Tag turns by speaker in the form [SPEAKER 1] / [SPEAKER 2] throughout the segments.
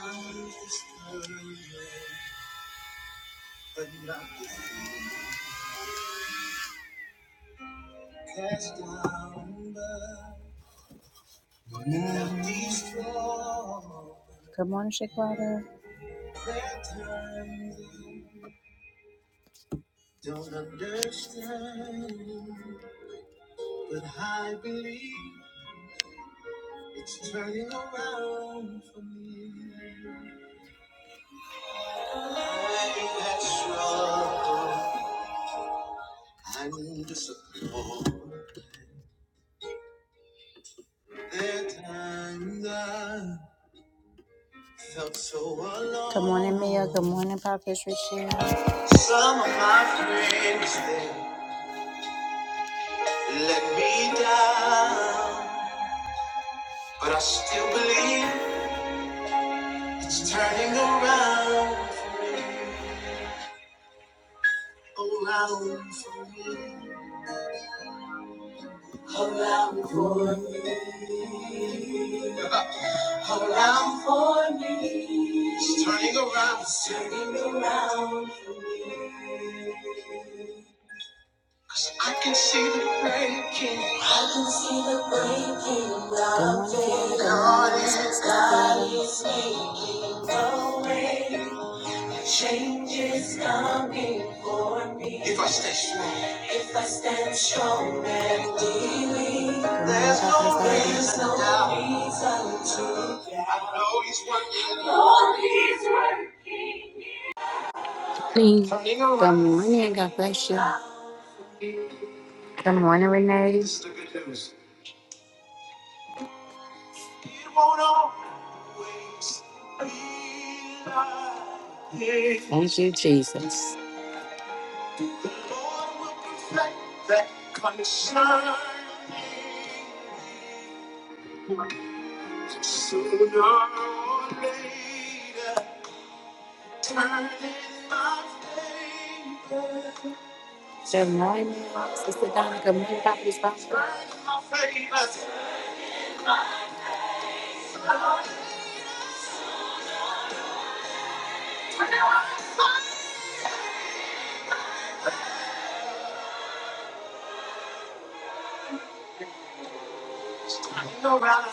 [SPEAKER 1] But not cast down, but not destroyed. Good morning, Shaquata. Don't understand, but I believe it's turning around for me. I had struggle and disappointment. There are times so Good morning, Mia. Good morning, Prophet Richelle. Some of my friends they let me down, but I still believe it's turning around, around, around for me, around for me. It's turning around, it's turning around. 'Cause I can see the breaking. I can see the breaking. of Good morning, God is God is making a way. Change is coming for me. If I stay strong. If I stand strong and believe. There's no no reason to doubt. I know he's working. Lord, he's working. Good morning. God bless you. Good morning, Renee. This is the good news. It won't always be like this. Thank you, Jesus. The Lord, will perfect that concern sooner or later. Turn in my favor. Good morning, Sister Donna. Good morning, Dr. Sponsor. Turn in my favor. Turn around.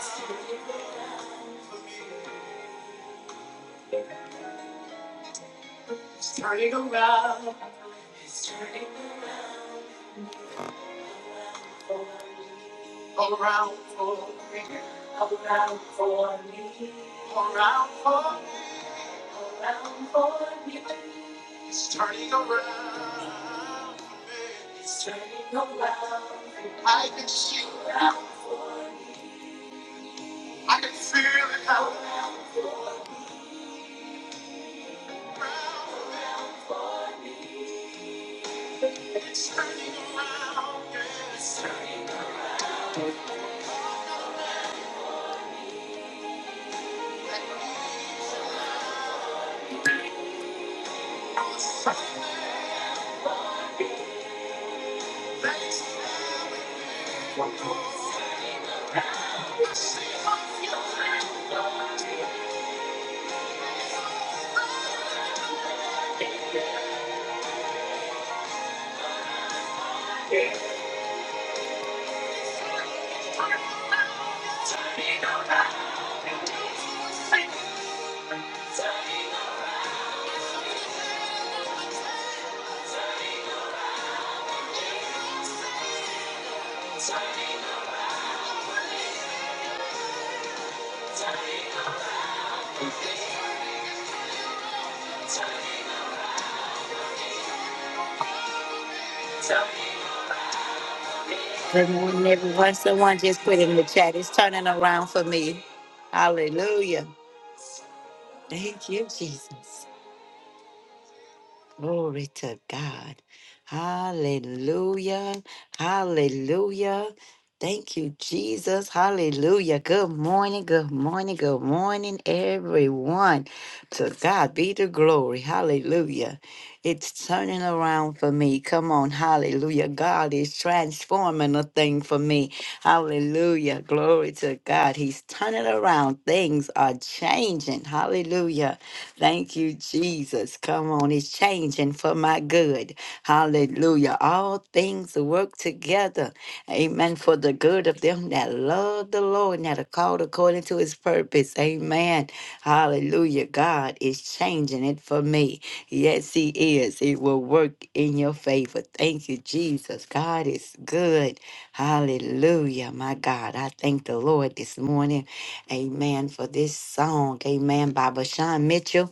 [SPEAKER 1] It's It's turning around. All around for me. All around for me. All around for me. All around for me. It's turning around for me. Around. I can see. I can feel it all around. It's turning around. yeah. It's turning around. I'm the same things I see my future. Good morning, everyone. Someone just put in the chat. It's turning around for me. Hallelujah. Thank you, Jesus. Glory to God. Hallelujah. Hallelujah. Thank you, Jesus. Hallelujah. Good morning. Good morning. Good morning, everyone. To God be the glory. Hallelujah. It's turning around for me. Come on. Hallelujah. God is transforming a thing for me. Hallelujah. Glory to God. He's turning around. Things are changing. Hallelujah. Thank you, Jesus. Come on. It's changing for my good. Hallelujah. Hallelujah. All things work together. Amen. For the good of them that love the Lord and that are called according to his purpose. Amen. Hallelujah. God is changing it for me. Yes, he is. It will work in your favor. Thank you, Jesus. God is good. Hallelujah. My God, I thank the Lord this morning. Amen. For this song. Amen. By Bashan Mitchell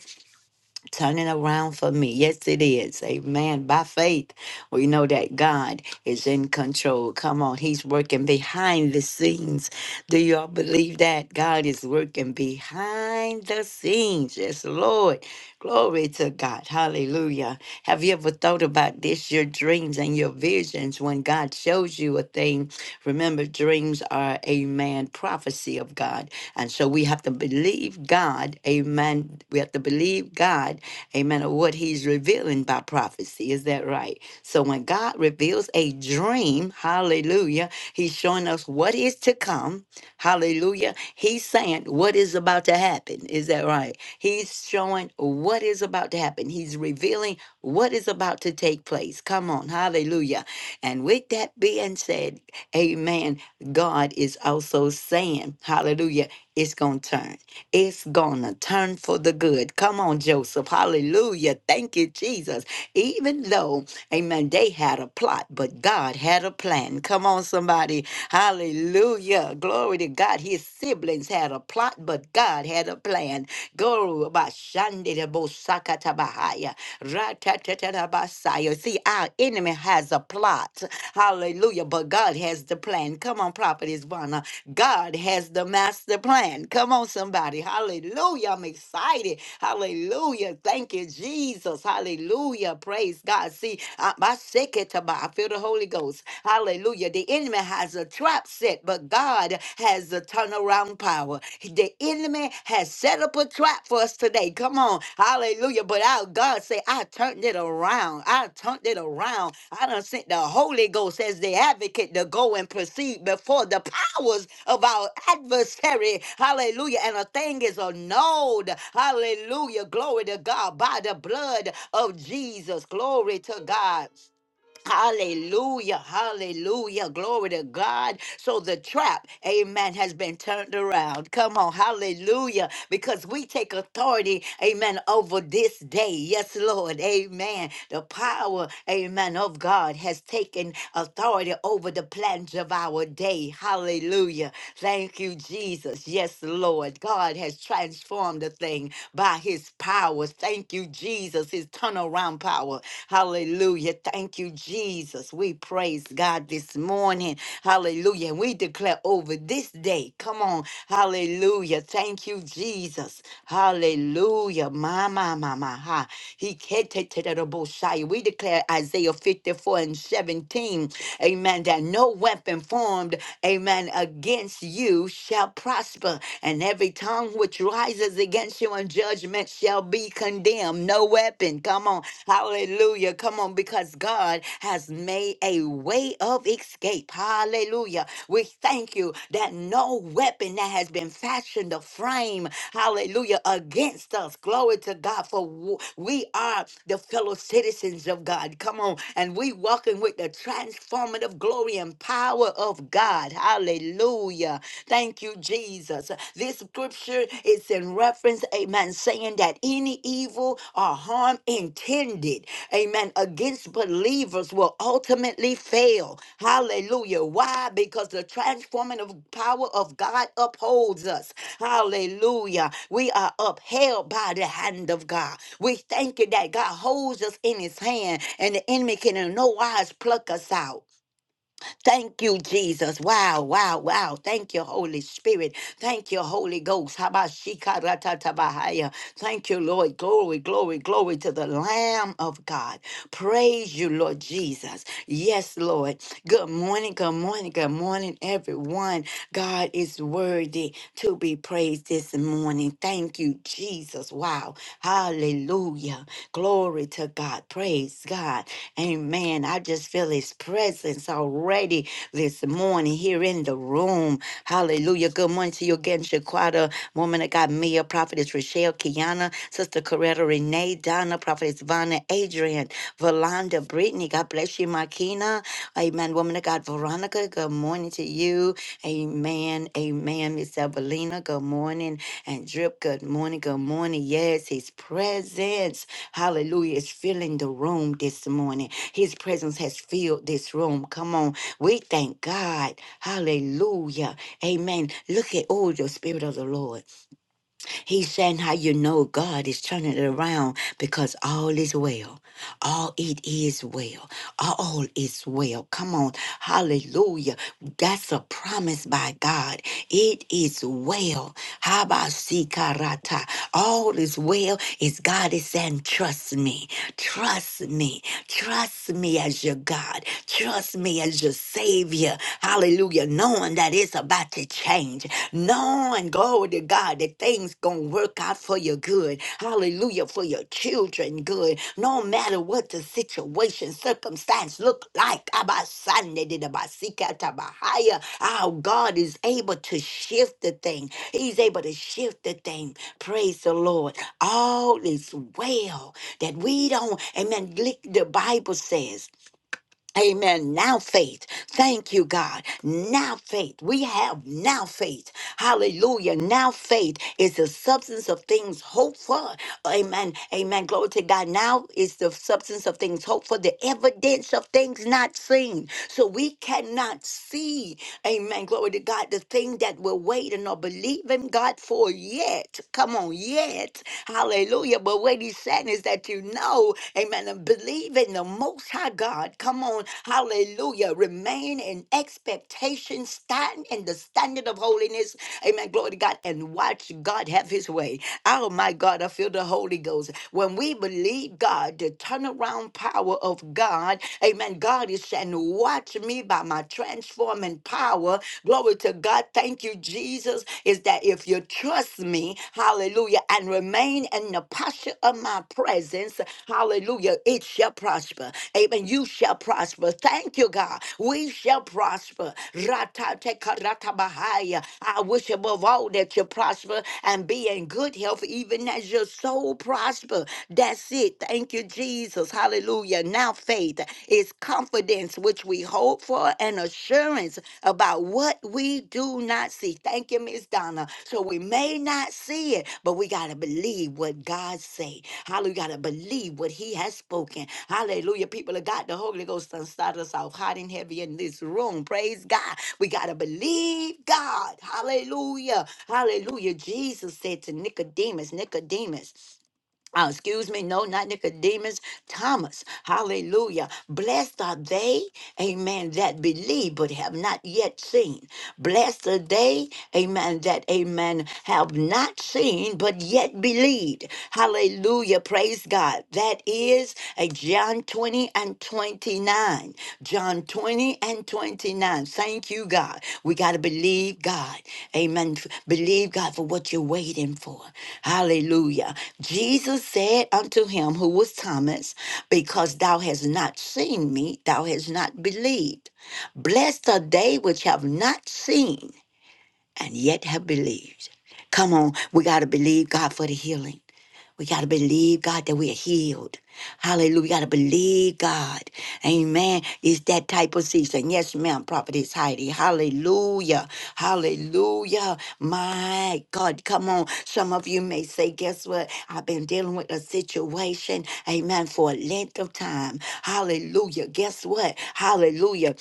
[SPEAKER 1] turning around for me. Yes, it is. Amen. By faith, we know that God is in control. Come on, He's working behind the scenes. Do you all believe that? God is working behind the scenes. Yes, Lord. Glory to God. Hallelujah. Have you ever thought about this? Your dreams and your visions when God shows you a thing. Remember, dreams are, amen, prophecy of God. And so we have to believe God, amen. We have to believe God amen, of what he's revealing by prophecy. Is that right? So when God reveals a dream, hallelujah, he's showing us what is to come, hallelujah. He's saying what is about to happen. Is that right? He's showing what is about to happen. He's revealing what is about to take place. Come on, hallelujah. And with that being said, amen, God is also saying, hallelujah, it's going to turn. It's gonna turn for the good. Come on, Joseph. Hallelujah. Thank you, Jesus. Even though, amen, they had a plot, but God had a plan. Come on, somebody. Hallelujah. Glory to God. His siblings had a plot, but God had a plan. Go Bashandidabosakatabahaya. Ratatatadabasaya. See, our enemy has a plot. Hallelujah. But God has the plan. Come on, prophetess Ivana. God has the master plan. Come on, somebody. Hallelujah. I'm excited. Hallelujah. Thank you, Jesus. Hallelujah. Praise God. See, I, my second time, I feel the Holy Ghost. Hallelujah. The enemy has a trap set, but God has a turnaround power. The enemy has set up a trap for us today. Come on. Hallelujah. But our God say, I turned it around. I turned it around. I done sent the Holy Ghost as the advocate to go and proceed before the powers of our adversary. Hallelujah. And a thing is annulled. Hallelujah. Glory to God by the blood of Jesus. Glory to God. Hallelujah, hallelujah, glory to God. So the trap, amen, has been turned around. Come on, hallelujah, because we take authority, amen, over this day. Yes, Lord, amen. The power, amen, of God has taken authority over the plans of our day. Hallelujah. Thank you, Jesus. Jesus. Yes, Lord. God has transformed the thing by his power. Thank you, Jesus, his turnaround power. Hallelujah. Thank you, Jesus. We praise God this morning. Hallelujah. And we declare over this day. Come on. Hallelujah. Thank you, Jesus. Hallelujah. My, my, my, my. Ha. He we declare Isaiah 54 and 17, amen, that no weapon formed, amen, against you shall prosper, and every tongue which rises against you in judgment shall be condemned. No weapon. Come on. Hallelujah. Come on, because God has made a way of escape. Hallelujah. We thank you that no weapon that has been fashioned to frame, hallelujah, against us, glory to God, for w- we are the fellow citizens of God. Come on, and we walking with the transformative glory and power of God. Hallelujah. Thank you, Jesus. This scripture is in reference, amen, saying that any evil or harm intended, amen, against believers will ultimately fail. Hallelujah. Why? Because the transformative power of God upholds us. Hallelujah. We are upheld by the hand of God. We thank you that God holds us in his hand and the enemy can in no wise pluck us out. Thank you, Jesus. Wow, wow, wow. Thank you, Holy Spirit. Thank you, Holy Ghost. Habashikaratabahaya. Thank you, Lord. Glory, glory, glory to the Lamb of God. Praise you, Lord Jesus. Yes, Lord. Good morning, good morning, good morning, everyone. God is worthy to be praised this morning. Thank you, Jesus. Wow. Hallelujah. Glory to God. Praise God. Amen. I just feel his presence already already this morning here in the room. Hallelujah. Good morning to you again, Shaquata, woman that got Mia, prophetess Rochelle, Kiana, sister Coretta, Renee, Donna, prophetess Vonna, Adrian, Valanda, Brittany. God bless you, Makina. Amen. Woman of God, Veronica, good morning to you. Amen. Amen. Miss Evelina, good morning. And Drip, good morning. Good morning. Yes, his presence, hallelujah, is filling the room this morning. His presence has filled this room. Come on. We thank God. Hallelujah. Amen. Look at all the Spirit of the Lord. He's saying how you know God is turning it around because all is well. All it is well. All is well. Come on. Hallelujah. That's a promise by God. It is well. Habasikarata. All is well is God is saying, trust me. Trust me. Trust me as your God. Trust me as your Savior. Hallelujah. Knowing that it's about to change. Knowing, glory to God, that things gonna work out for your good. Hallelujah. For your children good. No matter what the situation situation, circumstance look like. Abasandedidabasikatabaha. Our God is able to shift the thing. He's able to shift the thing. Praise the Lord. All is well that we don't, amen. like The Bible says. Amen. Now faith. Thank you, God. Now faith. We have now faith. Hallelujah. Now faith is the substance of things hoped for. Amen. Amen. Glory to God. Now is the substance of things hoped for, the evidence of things not seen. So we cannot see. Amen. Glory to God. The thing that we're waiting or believing God for yet. Come on, yet. Hallelujah. But what he's saying is that you know, amen, and believe in the most high. Hi, God. Come on. Hallelujah. Remain in expectation, stand in the standard of holiness. Amen. Glory to God. And watch God have his way. Oh, my God. I feel the Holy Ghost. When we believe God, the turnaround power of God, amen. God is saying, Watch me by my transforming power. Glory to God. Thank you, Jesus. Is that if you trust me, me, hallelujah, and remain in the posture of my presence, hallelujah, it shall prosper. Amen. You shall prosper. Thank you, God. We shall prosper. Ratatekaratabahaya. I wish above all that you prosper and be in good health, even as your soul prosper. That's it. Thank you, Jesus. Hallelujah. Now faith is confidence which we hold hope for and assurance about what we do not see. Thank you, Miss Donna. So we may not see it, but we gotta believe what God say. Hallelujah. We gotta believe what He has spoken. Hallelujah. People of God, the Holy Ghost done started us off hot and heavy in this room. Praise God. We gotta believe God. Hallelujah. Hallelujah. Jesus said to Nicodemus, Nicodemus uh, excuse me, no, not Nicodemus, Thomas. Hallelujah. Blessed are they, amen, that believe but have not yet seen. Blessed are they, amen, that, amen, have not seen but yet believed. Hallelujah. Praise God. That is a John 20 and 29. John 20 and 29. Thank you, God. We got to believe God. Amen. F- Believe God for what you're waiting for. Hallelujah. Jesus said unto him, who was Thomas, Because thou hast not seen me, thou hast not believed. Blessed are they which have not seen and yet have believed. Come on, we got to believe God for the healing. We got to believe, God, that we are healed. Hallelujah. We got to believe, God. Amen. It's that type of season. Yes, ma'am, Prophetess Heidi. Hallelujah. Hallelujah. My God, come on. Some of you may say, guess what? I've been dealing with a situation, amen, for a length of time. Hallelujah. Guess what? Hallelujah.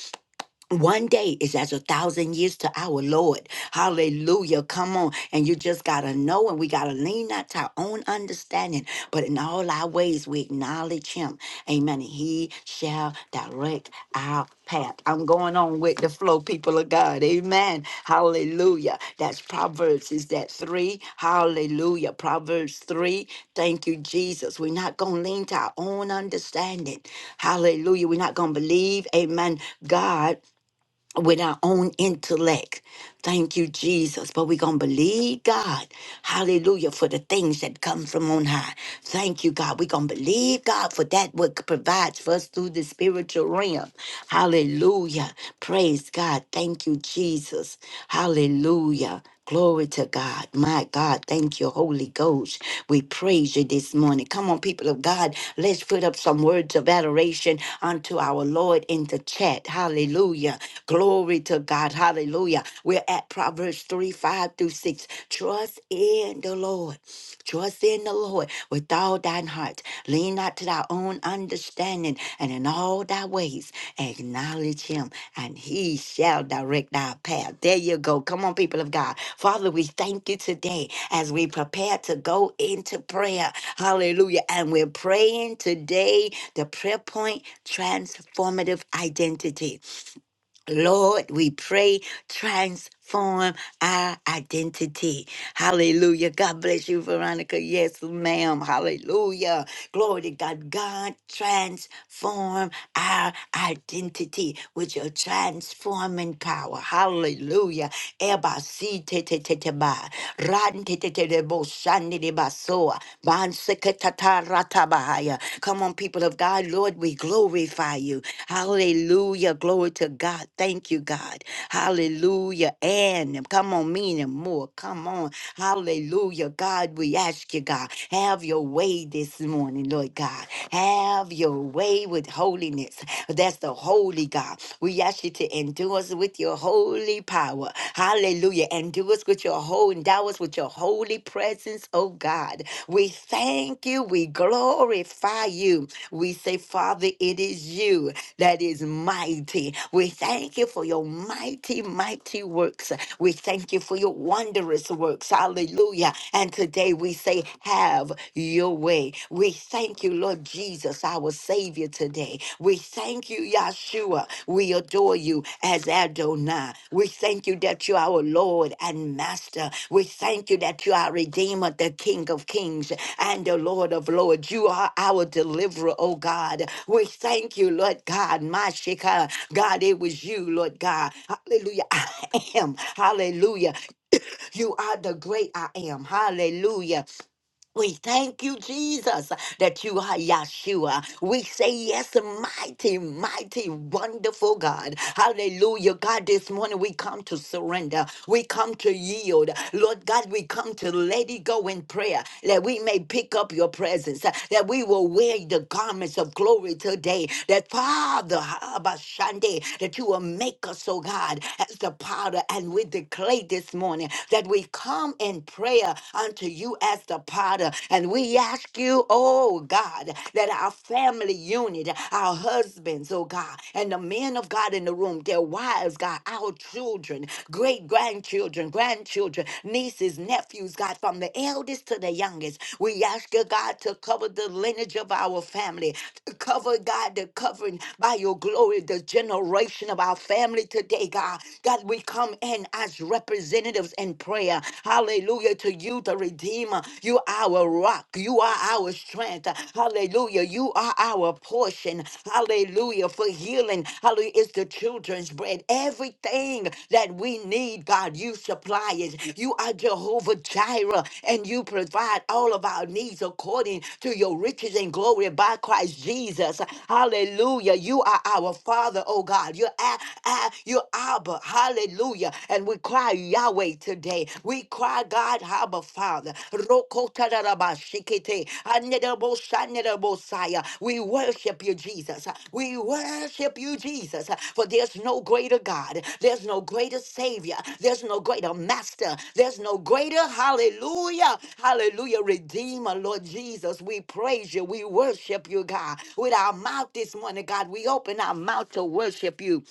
[SPEAKER 1] One day is as a thousand years to our Lord. Hallelujah. Come on. And you just got to know, and we got to lean not to our own understanding, but in all our ways, we acknowledge Him. Amen. And He shall direct our path. I'm going on with the flow, people of God. Amen. Hallelujah. That's Proverbs. Is that three? Hallelujah. Proverbs three. Thank you, Jesus. We're not going to lean to our own understanding. Hallelujah. We're not going to believe. Amen. God with our own intellect. Thank you, Jesus. But we're going to believe God. Hallelujah. For the things that come from on high. Thank you, God. We're going to believe God for that what provides for us through the spiritual realm. Hallelujah. Praise God. Thank you, Jesus. Hallelujah. Glory to God. My God, thank you, Holy Ghost. We praise you this morning. Come on, people of God, let's put up some words of adoration unto our Lord in the chat. Hallelujah. Glory to God. Hallelujah. We're at Proverbs 3 5 through 6. Trust in the Lord. Trust in the Lord with all thine heart. Lean not to thy own understanding, and in all thy ways acknowledge him, and he shall direct thy path. There you go. Come on, people of God. Father, we thank you today as we prepare to go into prayer. Hallelujah. And we're praying today the prayer point transformative identity. Lord, we pray, transform our identity. Hallelujah. God bless you, Veronica. Yes, ma'am. Hallelujah. Glory to God. God, transform our identity with your transforming power. Hallelujah. Eba si te te te te ba. Ran te te te de bo shan de de ba soa. Ban se ke ta ta ra ta Bahaya. Come on, people of God. Lord, we glorify you. Hallelujah. Glory to God. Thank you, God. Hallelujah. And come on, mean and more. Come on. Hallelujah. God, we ask you, God, have your way this morning, Lord God. Have your way with holiness. That's the holy God. We ask you to endure us with your holy power. Hallelujah. And do us with your whole, endow us with your holy presence, oh God. We thank you. We glorify you. We say, Father, it is you that is mighty. We thank you for your mighty, mighty works. We thank you for your wondrous works. Hallelujah. And today we say, Have your way. We thank you, Lord Jesus, our Savior, today. We thank Thank you, Yahshua. We adore you as Adonai. We thank you that you are our Lord and Master. We thank you that you are Redeemer, the King of Kings and the Lord of Lords. You are our deliverer, oh God. We thank you, Lord God, my Shekinah. God, it was you, Lord God. Hallelujah. I am. Hallelujah. You are the great I am. Hallelujah. We thank you, Jesus, that you are Yeshua. We say yes, mighty, mighty, wonderful God. Hallelujah. God, this morning we come to surrender. We come to yield. Lord God, we come to let it go in prayer that we may pick up your presence, that we will wear the garments of glory today. That Father, Abashande, that you will make us, oh God, as the powder. And we declare this morning that we come in prayer prayer unto you as the potter. And we ask you, oh God, that our family unit, our husbands, oh God, and the men of God in the room, their wives, God, our children, great grandchildren, grandchildren, nieces, nephews, God, from the eldest to the youngest. We ask you, God, to cover the lineage of our family, to cover, God, the covering by your glory, the generation of our family today, God. God, we come in as representatives representatives in prayer. Hallelujah to you, the Redeemer. You are our rock. You are our strength. Hallelujah. You are our portion. Hallelujah for healing. Hallelujah. It's the children's bread. Everything that we need, God, you supply it. You are Jehovah Jireh, and you provide all of our needs according to your riches and glory by Christ Jesus. Hallelujah. You are our Father, oh God. You're, a- a- you're Abba. Hallelujah. And we cry Yahweh today. We cry God, Abba Father. Rokotarabashikite, anedabosanerabosaya. We worship you, Jesus. We worship you, Jesus. For there's no greater God. There's no greater Savior. There's no greater Master. There's no greater, hallelujah, hallelujah, Redeemer, Lord Jesus. We praise you. We worship you, God. With our mouth this morning, God, we open our mouth to worship you.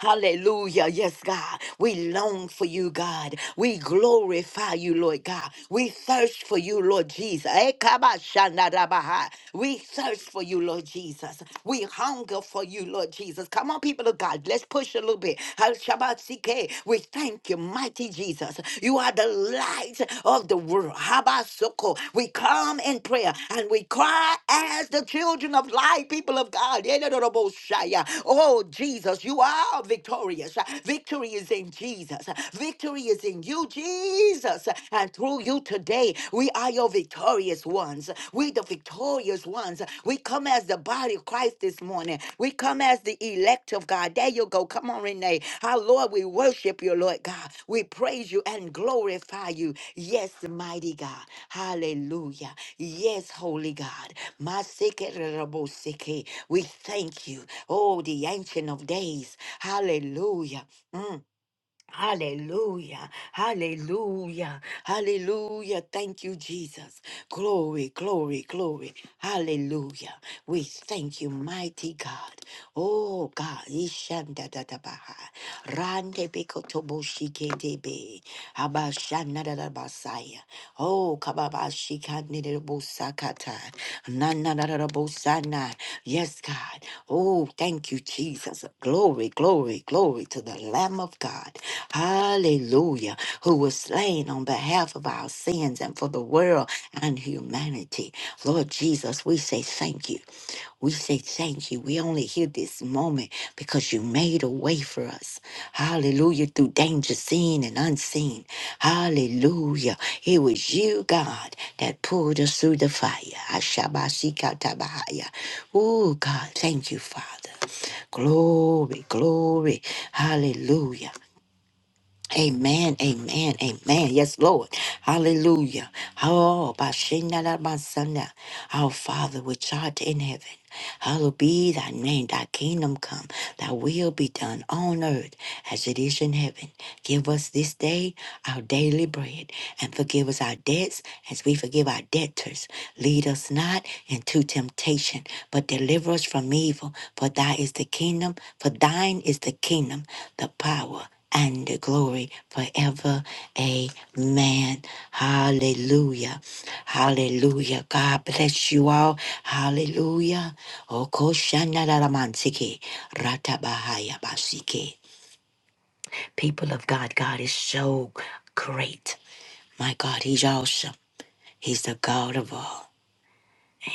[SPEAKER 1] Hallelujah. Yes, God. We long for you, God. We glorify you, Lord God. We thirst for you, Lord Jesus. Eh, kaba We thirst for you, Lord Jesus. We hunger for you, Lord Jesus. Come on, people of God. Let's push a little bit. Hal We thank you, mighty Jesus. You are the light of the world. Habasoko. We come in prayer and we cry as the children of light, people of God. Yedodoroboshaya. Oh, Jesus, you are victorious. Victory is in Jesus. Victory is in you, Jesus. And through you today, we are your victorious ones. We the victorious ones. We come as the body of Christ this morning. We come as the elect of God. There you go. Come on, Renee. Our Lord, we worship you, Lord God. We praise you and glorify you. Yes, mighty God. Hallelujah. Yes, holy God. Masekereroboseke. We thank you. Oh, the ancient of days. Hallelujah. Mm. Hallelujah. Hallelujah. Hallelujah. Thank you, Jesus. Glory, glory, glory. Hallelujah. We thank you, mighty God. Oh God. Ishanda da da baha. Rande bikotobo shike debe. Abashana da da basaya. Oh kababa shikande de bosakata. Nana da da bosana. Yes, God. Oh, thank you, Jesus. Glory, glory, glory to the Lamb of God. God, hallelujah, who was slain on behalf of our sins and for the world and humanity. Lord Jesus, we say thank you. We say thank you. We only hear this moment because you made a way for us. Hallelujah. Through danger seen and unseen. Hallelujah. It was you, God, that pulled us through the fire. Ashabashikatabahaya. Oh, God, thank you, Father. Glory, glory. Hallelujah. Amen, amen, amen. Yes, Lord. Hallelujah. Oh, Bashinalamasana. our Father, which art in heaven, hallowed be thy name, thy kingdom come, thy will be done on earth as it is in heaven. Give us this day our daily bread, and forgive us our debts as we forgive our debtors. Lead us not into temptation, but deliver us from evil. For thy is the kingdom, for thine is the kingdom, the power and the glory forever. Amen. Hallelujah. Hallelujah. God bless you all. Hallelujah. Okoshanaramansike, ratabahayabasike. People of God, God is so great. My God, He's awesome. He's the God of all.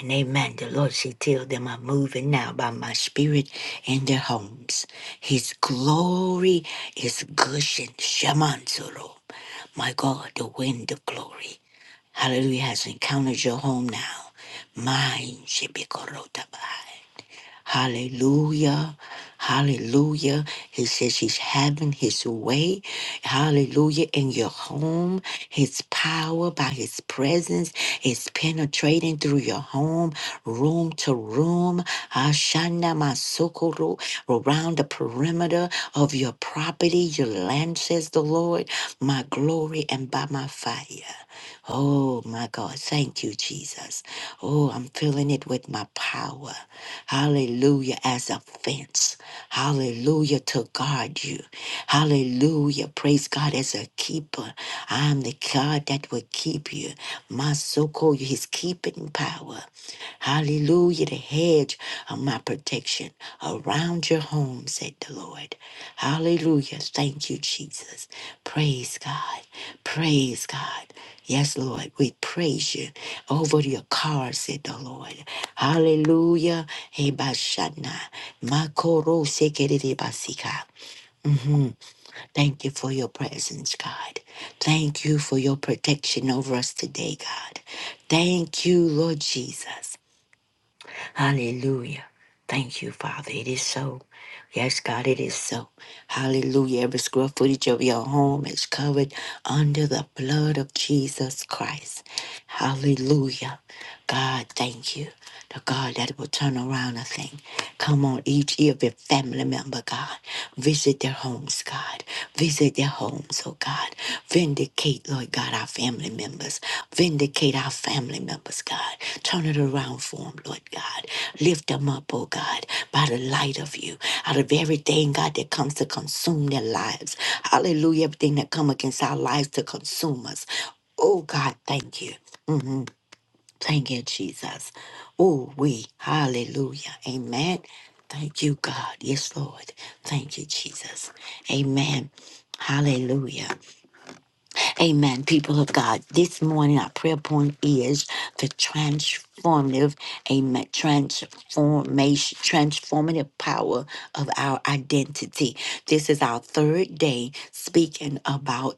[SPEAKER 1] And amen. The Lord said, Tell them I'm moving now by my spirit in their homes. His glory is gushing. Shemansoro. My God, the wind of glory. Hallelujah has encountered your home now. Mine should be korota by. Hallelujah. Hallelujah. He says he's having his way. Hallelujah. In your home, his power by his presence is penetrating through your home, room to room. Ashana masokoro, around the perimeter of your property, your land, says the Lord, my glory and by my fire. Oh my God. Thank you, Jesus. Oh, I'm filling it with my power. Hallelujah. As a fence. Hallelujah. To guard you. Hallelujah. Praise God as a keeper. I am the God that will keep you. My so called his keeping power. Hallelujah the hedge of my protection around your home, said the Lord. Hallelujah. Thank you, Jesus. Praise God. Praise God. Yes, Lord, we praise you over your car, said the Lord. Hallelujah. Hebashana. Makoro sekerere basika. Thank you for your presence, God. Thank you for your protection over us today, God. Thank you, Lord Jesus. Hallelujah. Thank you, Father. It is so. Yes, God, it is so. Hallelujah. Every square footage of your home is covered under the blood of Jesus Christ. Hallelujah. God, thank you. The God that will turn around a thing. Come on, each every family member, God. Visit their homes, God. Visit their homes, oh God. Vindicate, Lord God, our family members. Vindicate our family members, God. Turn it around for them, Lord God. Lift them up, oh God, by the light of you. Out of everything, God, that comes to consume their lives. Hallelujah. Everything that come against our lives to consume us. Oh God, thank you. Mhm. Thank you, Jesus. Oh, we. Hallelujah. Amen. Thank you, God. Yes, Lord. Thank you, Jesus. Amen. Hallelujah. Amen. People of God, this morning our prayer point is the transformative, amen, transformation, transformative power of our identity. This is our third day speaking about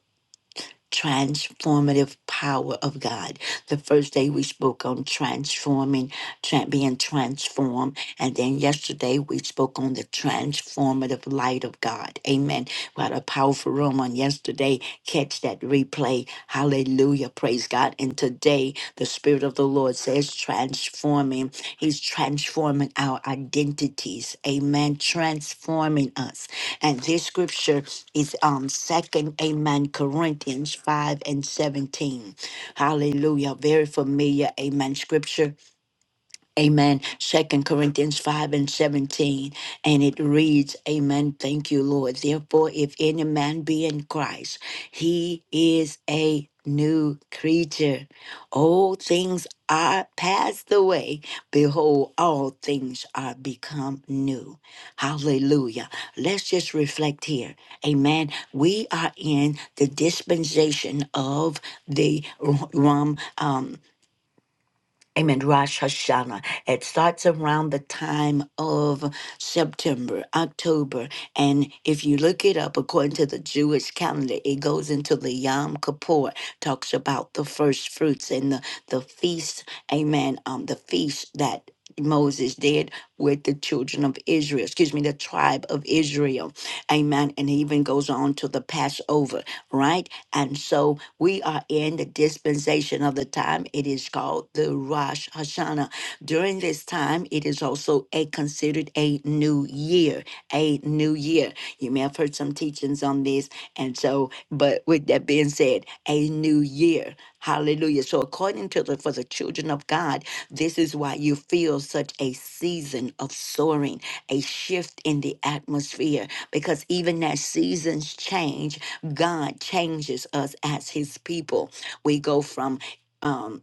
[SPEAKER 1] transformative power of God. The first day we spoke on transforming, tra- being transformed, and then yesterday we spoke on the transformative light of God. Amen. We had a powerful room on yesterday. Catch that replay. Hallelujah. Praise God. And today the Spirit of the Lord says transforming. He's transforming our identities. Amen. Transforming us. And this scripture is um second amen Corinthians 5 and 17. Hallelujah. Very familiar amen scripture Amen. Second Corinthians 5 and 17. And it reads, Amen. Thank you, Lord. Therefore, if any man be in Christ, he is a new creature. All things are passed away. Behold, all things are become new. Hallelujah. Let's just reflect here. Amen. We are in the dispensation of the Rom Amen. Rosh Hashanah. It starts around the time of September, October. And if you look it up according to the Jewish calendar, it goes into the Yom Kippur, talks about the first fruits and the, the feast. Amen. Um, the feast that Moses did with the children of Israel, excuse me, the tribe of Israel. Amen. And he even goes on to the Passover, right? And so we are in the dispensation of the time. It is called the Rosh Hashanah. During this time, it is also a considered a new year, a new year. You may have heard some teachings on this. And so, but with that being said, a new year. Hallelujah. So according to the for the children of God, this is why you feel such a season of soaring, a shift in the atmosphere, because even as seasons change God changes us as his people. We go from um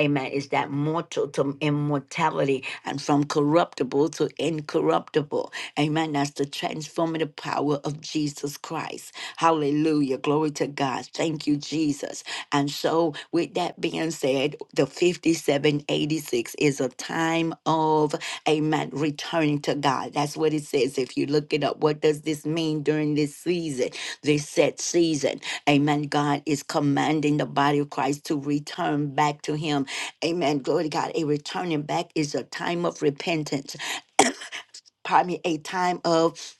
[SPEAKER 1] Amen. Is that mortal to immortality and from corruptible to incorruptible? Amen. That's the transformative power of Jesus Christ. Hallelujah. Glory to God. Thank you, Jesus. And so, with that being said, the 5786 is a time of, amen, returning to God. That's what it says. If you look it up, what does this mean during this season? this set season. Amen. God is commanding the body of Christ to return back to Him. Amen. Glory to God. A returning back is a time of repentance. Pardon me, a time of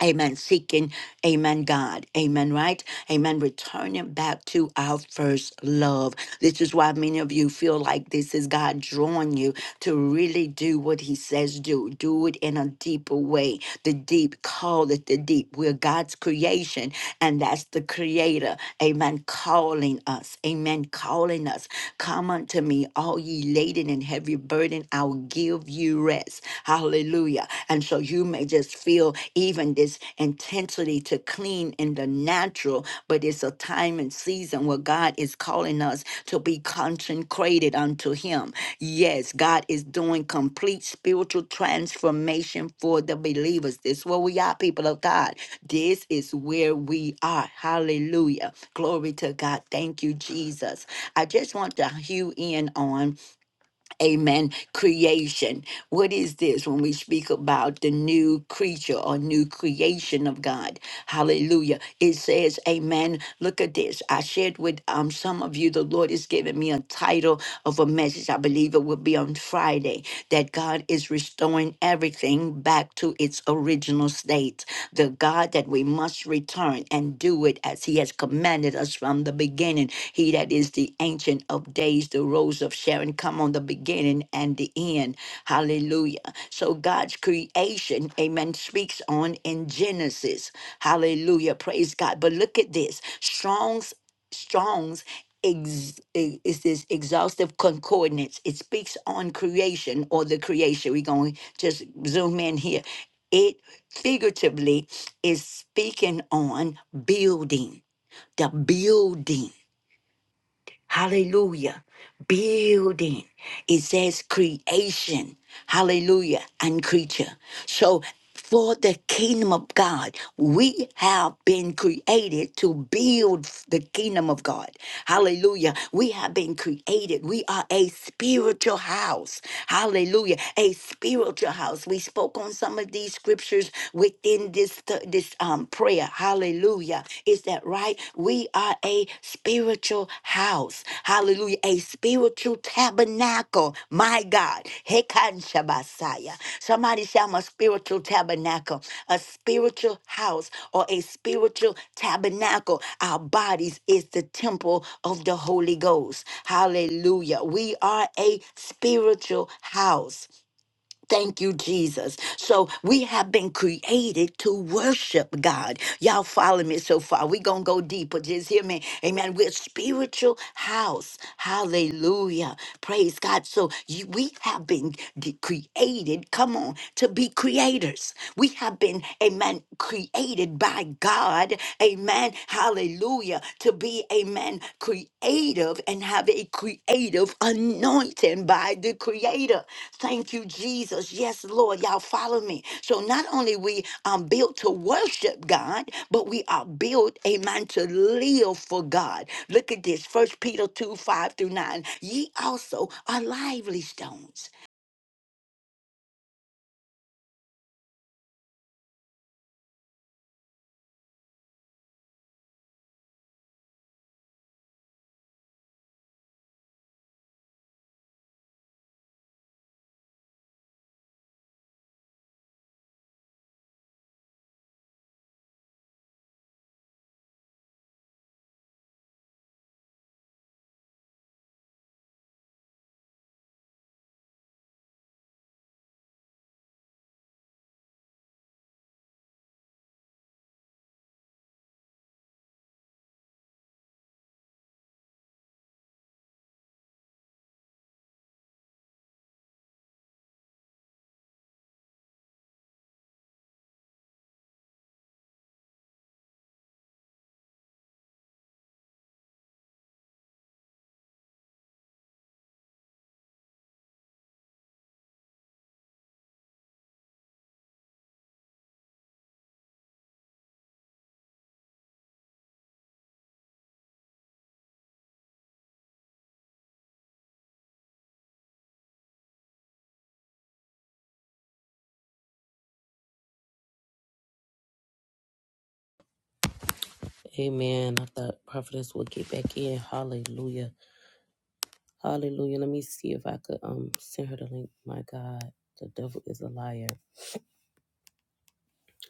[SPEAKER 1] Amen. Seeking, amen, God. Amen, right? Amen. Returning back to our first love. This is why many of you feel like this is God drawing you to really do what he says do. Do it in a deeper way. The deep call it the deep. We're God's creation, and that's the creator. Amen. Calling us. Amen. Calling us. Come unto me, all ye laden and heavy burden. I'll give you rest. Hallelujah. And so you may just feel even this intensity to clean clean in the natural, but it's a time and season where God is calling us to be consecrated unto Him. Yes, God is doing complete spiritual transformation for the believers. This is where we are, people of God. This is where we are. Hallelujah. Glory to God. Thank you, Jesus. I just want to hew in on Amen. Creation. What is this when we speak about the new creature or new creation of God? Hallelujah. It says, Amen. Look at this. I shared with um, some of you, the Lord has given me a title of a message. I believe it will be on Friday that God is restoring everything back to its original emotional state, the God that we must return and do it as He has commanded us from the beginning. He that is the Ancient of Days, the Rose of Sharon, come on the beginning and the end. Hallelujah. So God's creation, amen, speaks on in Genesis. Hallelujah. Praise God. But look at this Strong's, Strong's ex- i- is this exhaustive concordance. It speaks on creation or the creation. We're going to just zoom in here. It figuratively is speaking on building, the building Hallelujah. Building. It says creation. Hallelujah. And creature. So for the kingdom of God, we have been created to build the kingdom of God. Hallelujah. We have been created. We are a spiritual house. Hallelujah. A spiritual house. We spoke on some of these scriptures within this this um prayer. Hallelujah. Hallelujah. Is that right? We are a spiritual house. Hallelujah. A spiritual tabernacle. My God. Hekan Shabasaya. Somebody say, I'm a spiritual tabernacle, a spiritual house, or a spiritual tabernacle. Our bodies is the temple of the Holy Ghost. Hallelujah. We are a spiritual house. Thank you, Jesus. So we have been created to worship God. Y'all follow me so far. We're going to go deeper. Just hear me. Amen. We're a spiritual house. Hallelujah. Praise God. So you, we have been de- created, come on, to be creators. We have been, amen, created by God. Amen hallelujah, to be a man creative and have a creative anointing by the Creator. Thank you, Jesus. Yes, Lord, y'all follow me. So not only we are built to worship God, but we are built, amen, to live for God. Look at this, First Peter 2, 5 through 9. Ye also are lively stones
[SPEAKER 2] Amen. I thought prophetess would get back in. Hallelujah. Hallelujah. Let me see if I could um send her the link. My God, the devil is a liar.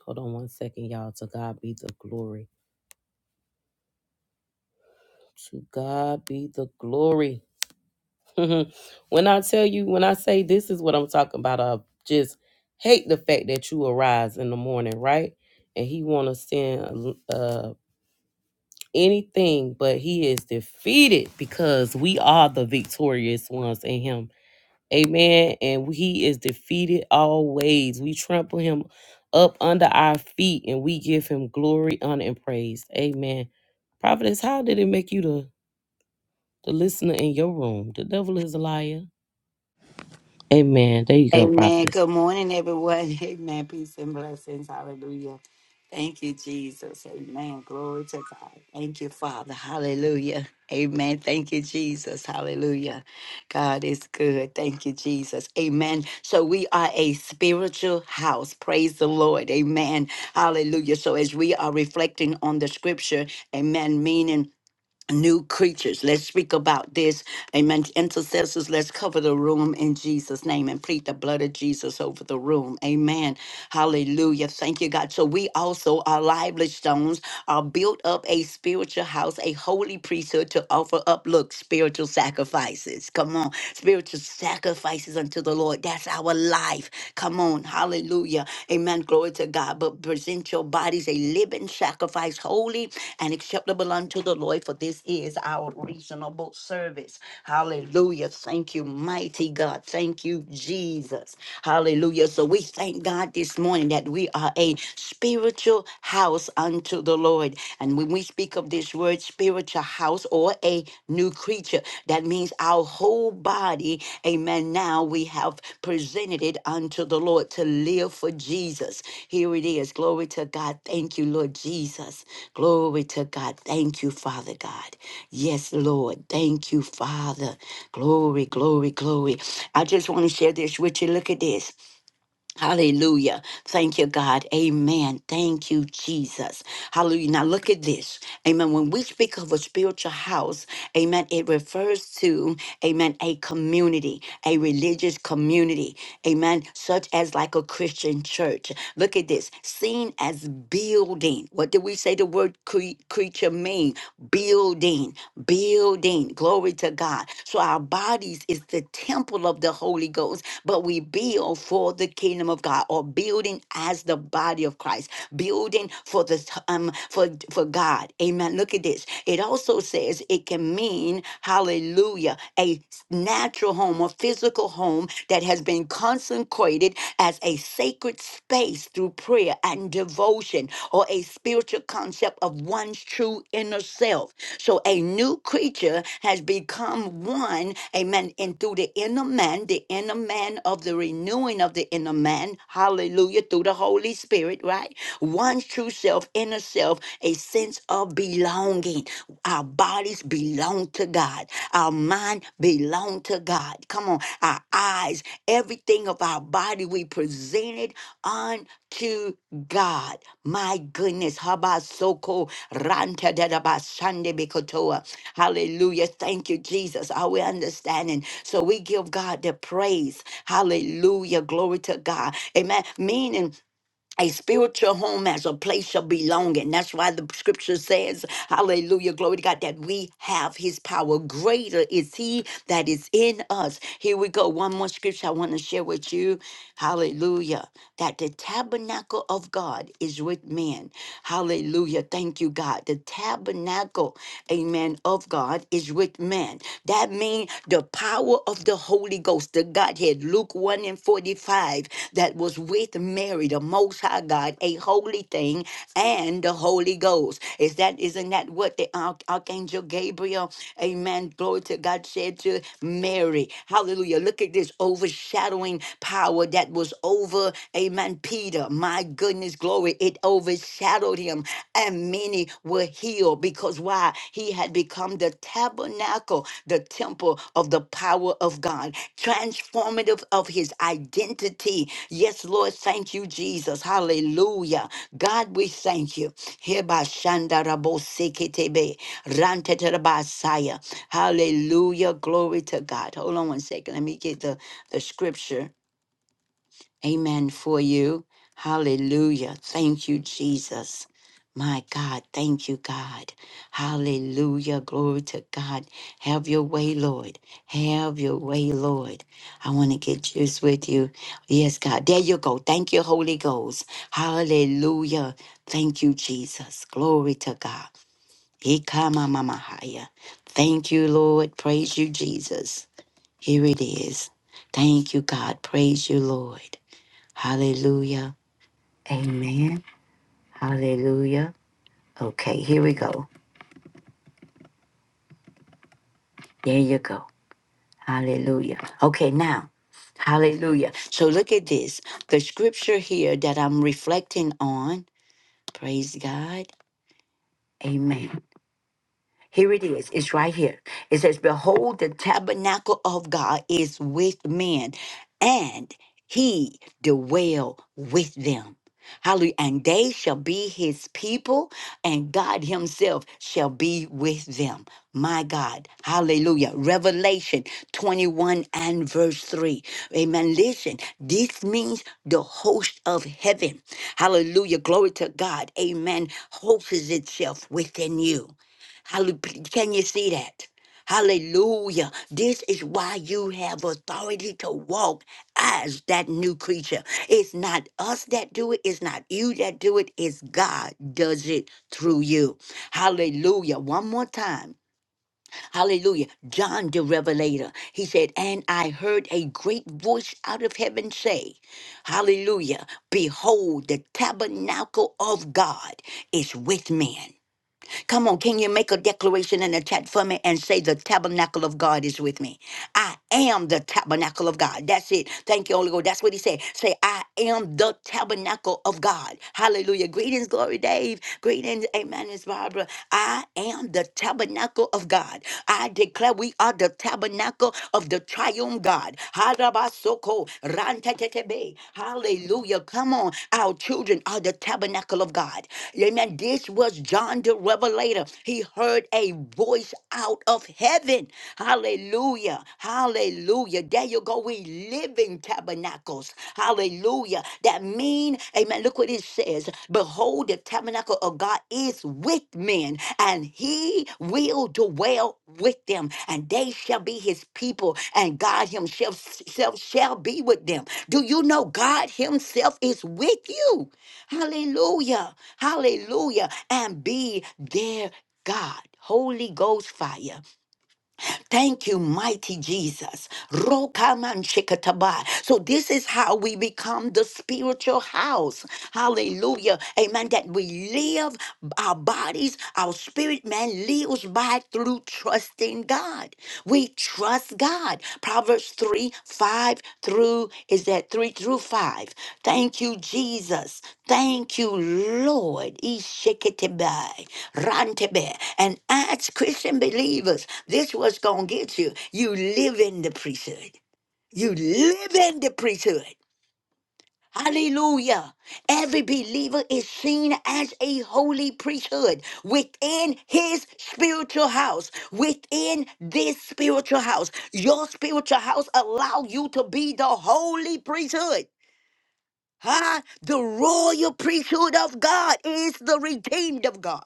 [SPEAKER 2] Hold on one second, y'all. To God be the glory. To God be the glory. when I tell you, when I say this is what I'm talking about, I just hate the fact that you arise in the morning, right? And he want to send uh, anything, but he is defeated because we are the victorious ones in him. Amen. And he is defeated always. We trample him up under our feet and we give him glory, honor, and praise. Amen. Prophetess, how did it make you the, the listener in your room? The devil is a liar. Amen. There you go,
[SPEAKER 1] Amen.
[SPEAKER 2] prophetess.
[SPEAKER 1] Good morning, everyone. Amen. Peace and blessings. Hallelujah. Thank you, Jesus. Amen. Glory to God. Thank you, Father. Hallelujah. Amen. Thank you, Jesus. Hallelujah. God is good. Thank you, Jesus. Amen. So we are a spiritual house. Praise the Lord. Amen. Hallelujah. So as we are reflecting on the scripture, amen, meaning new creatures. Let's speak about this. Amen. Intercessors, let's cover the room in Jesus' name and plead the blood of Jesus over the room. Amen. Hallelujah. Thank you, God. So we also, our lively stones, are built up a spiritual house, a holy priesthood to offer up, look, spiritual sacrifices. Come on. Spiritual sacrifices unto the Lord. That's our life. Come on. Hallelujah. Amen. Amen. Glory to God. But present your bodies a living sacrifice, holy and acceptable unto the Lord, for this is our reasonable service. Hallelujah. Thank you, mighty God. Thank you, Jesus. Hallelujah. So we thank God this morning that we are a spiritual house unto the Lord. And when we speak of this word, spiritual house or a new creature. That means our whole body, amen. Now we have presented it unto the Lord to live for Jesus. Here it is. Glory to God. Thank you, Lord Jesus. Glory to God. Thank you, Father God. Yes, Lord. Thank you, Father. Glory, glory, glory. I just want to share this with you. Look at this. Hallelujah. Thank you, God. Amen. Thank you, Jesus. Hallelujah. Now look at this. Amen. When we speak of a spiritual house, amen, it refers to, amen, a community, a religious community, amen, such as like a Christian church. Look at this. Seen as building. What did we say the word cre- creature mean? Building, building. Glory to God. So our bodies is the temple of the Holy Ghost but we build for the kingdom of God or building as the body of Christ, building for the um for for God. Amen. Look at this. It also says it can mean hallelujah, a natural home or physical home that has been consecrated as a sacred space through prayer and devotion or a spiritual concept of one's true inner self. So a new creature has become become one, amen. And through the inner man, the inner man of the renewing of the inner man, hallelujah, through the Holy Spirit, right? One true self, inner self, a sense of belonging. Our bodies belong to God, our mind belong to God. Come on, our eyes, everything of our body, we present it unto God. My goodness. Habasoko rantadadabashandebikotoa. Hallelujah. Thank you, Jesus. Are we understanding? So we give God the praise. Hallelujah. Glory to God. Amen. Meaning a spiritual home as a place of belonging. That's why the scripture says, Hallelujah, glory to God, that we have his power. Greater is he that is in us. Here we go. One more scripture I want to share with you. Hallelujah. That the tabernacle of God is with men. Hallelujah. Thank you, God. The tabernacle, amen, of God is with men. That means the power of the Holy Ghost, the Godhead, Luke 1 and 45, that was with Mary, the Most High God, a holy thing, and the Holy Ghost. Is that isn't that what the Arch- Archangel Gabriel, Amen, glory to God, said to Mary? Hallelujah! Look at this overshadowing power that was over, Amen. Peter, my goodness, glory, it overshadowed him and many were healed because why? He had become the tabernacle, the temple of the power of God, transformative of his identity. Yes, Lord, thank you, Jesus. Hallelujah. God, we thank you. Hereby shandarabo seketebe, ranteterabasaya. Hallelujah. Glory to God. Hold on one second. Let me get the, the scripture. Amen for you. Hallelujah. Thank you, Jesus. My God, thank you, God. Hallelujah. Glory to God. Have your way, Lord. Have your way, Lord. I want to get juice with you. Yes, God. There you go. Thank you, Holy Ghost. Hallelujah. Thank you, Jesus. Glory to God. Ikamamamahaya. Thank you, Lord. Praise you, Jesus. Here it is. Thank you, God. Praise you, Lord. Hallelujah. Amen. Hallelujah. Okay, here we go. There you go. Hallelujah. Okay, now, hallelujah. So look at this. The scripture here that I'm reflecting on, praise God. Amen. Here it is. It's right here. It says, Behold, the tabernacle of God is with men, and he dwell with them. Hallelujah. And they shall be his people, and God himself shall be with them. My God. Hallelujah. Revelation 21 and verse 3. Amen. Listen, this means the host of heaven. Hallelujah. Glory to God. Amen. Hosts itself within you. Hallelujah. Can you see that? Hallelujah. This is why you have authority to walk as that new creature. It's not us that do it. It's not you that do it. It's God does it through you. Hallelujah. One more time. Hallelujah. John the Revelator. He said, And I heard a great voice out of heaven say, Hallelujah. Behold, the tabernacle of God is with men. Come on, can you make a declaration in the chat for me and say, The tabernacle of God is with me? I am the tabernacle of God. That's it. Thank you, Holy Ghost. That's what he said. Say, I am the tabernacle of God. Hallelujah. Greetings, Glory Dave. Greetings, Amen, Miss Barbara. I am the tabernacle of God. I declare we are the tabernacle of the triumph God. Harabasoko, rantetetebe. Hallelujah. Come on. Our children are the tabernacle of God. Amen. This will was John the Revelator. He heard a voice out of heaven. Hallelujah. Hallelujah. There you go. We live in tabernacles. Hallelujah. That mean, amen. Look what it says. Behold, the tabernacle of God is with men, and he will dwell with them, and they shall be his people, and God himself self shall be with them. Do you know God himself is with you? Hallelujah. Hallelujah. And be their God. Holy Ghost fire. Thank you, mighty Jesus. Rokamanchikataba. So, this is how we become the spiritual house. Hallelujah. Amen. That we live our bodies, our spirit man lives by through trusting God. We trust God. Proverbs 3 5 through is that 3 through 5 thank you jesus thank you lord Ishikitibai, rantebe. and as christian believers this was gonna get you you live in the priesthood you live in the priesthood Hallelujah. Every believer is seen as a holy priesthood within his spiritual house, within this spiritual house. Your spiritual house allow you to be the holy priesthood. Huh? The royal priesthood of God is the redeemed of God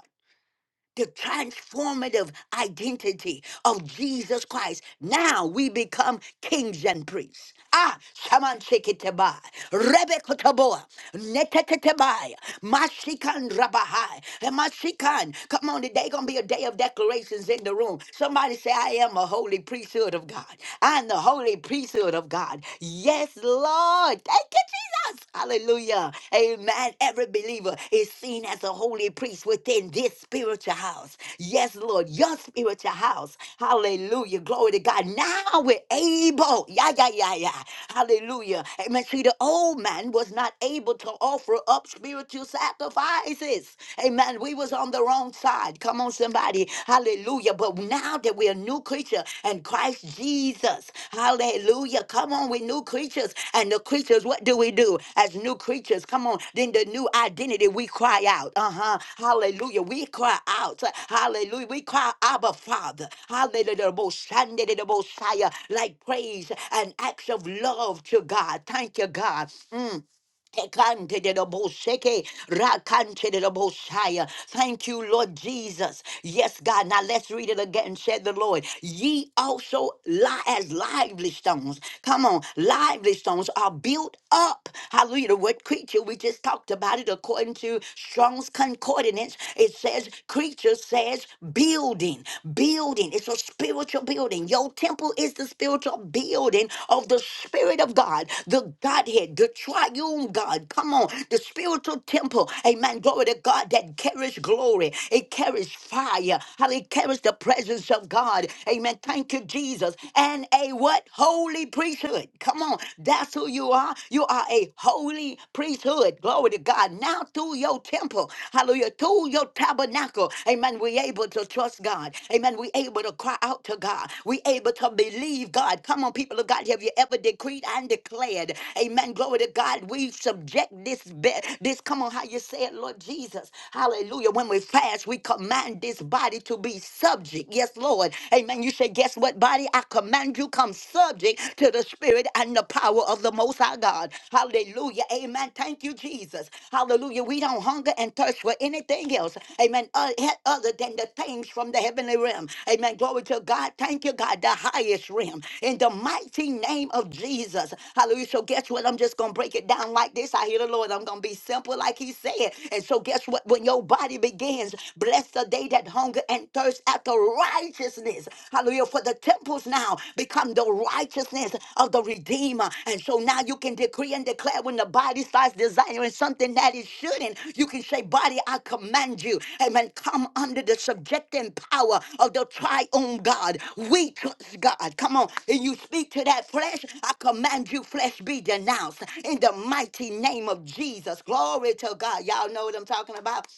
[SPEAKER 1] the transformative identity of Jesus Christ. Now we become kings and priests. Ah, shaman shekitabai, rebekutaboa, netetetabai, mashikan rabahai, and mashikan. Come on, today gonna be a day of declarations in the room. Somebody say, I am a holy priesthood of God. I am the holy priesthood of God. Yes, Lord. Lord. Thank you, Jesus. Hallelujah. Amen. Every believer is seen as a holy priest within this spiritual house. Yes, Lord, your spiritual house. Hallelujah. Glory to God. Now we're able. Yeah, yeah, yeah, yeah. Hallelujah. Amen. See, the old man was not able to offer up spiritual sacrifices. Amen. We was on the wrong side. Come on, somebody. Hallelujah. But now that we're a new creature and Christ Jesus, hallelujah. Come on, we're new creatures. And the creatures, what do we do as new creatures? Come on. Then the new identity, we cry out. Uh huh. Hallelujah. We cry out. Hallelujah. We cry, Abba, Father. Hallelujah. The Most Sunday, the Most High, Like praise and acts of love to God. Thank you, God. Mm. Tekante de dobo sheke, rakante de dobo shaya. Thank you, Lord Jesus. Yes, God. Now let's read it again. Said the Lord, ye also lie as lively stones. Come on, lively stones are built up. Hallelujah. The word creature, we just talked about it according to Strong's Concordance. It says, creature says building, building. It's a spiritual building. Your temple temple is the spiritual building of the Spirit of God, the Godhead, the triune God. Come on, the spiritual temple. Amen. Glory to God that carries glory. It carries fire. How it carries the presence of God. Amen. Thank you, Jesus. And a what? Holy priesthood. Come on. That's who you are. You are a holy priesthood. Glory to God. Now through your temple. Hallelujah. Through your tabernacle tabernacle, amen, we able to trust God. Amen. We able to cry out to God. We able to believe God. Come on, people of God. Have you ever decreed and declared? Amen. Glory to God. We subject this bed. This, come on, how you say it, Lord Jesus. Hallelujah. When we fast, we command this body to be subject. Yes, Lord. Amen. You say, guess what, body? I command you come subject to the spirit and the power of the most high God. Hallelujah. Amen. Thank you, Jesus. Hallelujah. We don't hunger and thirst for anything else. Amen. O- he- Other than the things from the heavenly realm. Amen. Glory to God. Thank you, God. The highest realm. In the mighty name of Jesus. Hallelujah. So guess what? I'm just going to break it down like this. I hear the Lord. I'm going to be simple like he said. And so guess what? When your body begins, bless the day that hunger and thirst after righteousness. Hallelujah. For for the temples now become the righteousness of the Redeemer. And so now you can decree and declare when the body starts desiring something that it shouldn't, you can say, Body, I command you, amen, come under the subjecting power of the triune God. We trust God. Come on. And you speak to that flesh, I command you, flesh, be denounced in the mighty name of Jesus. Glory to God. Y'all know what I'm talking about?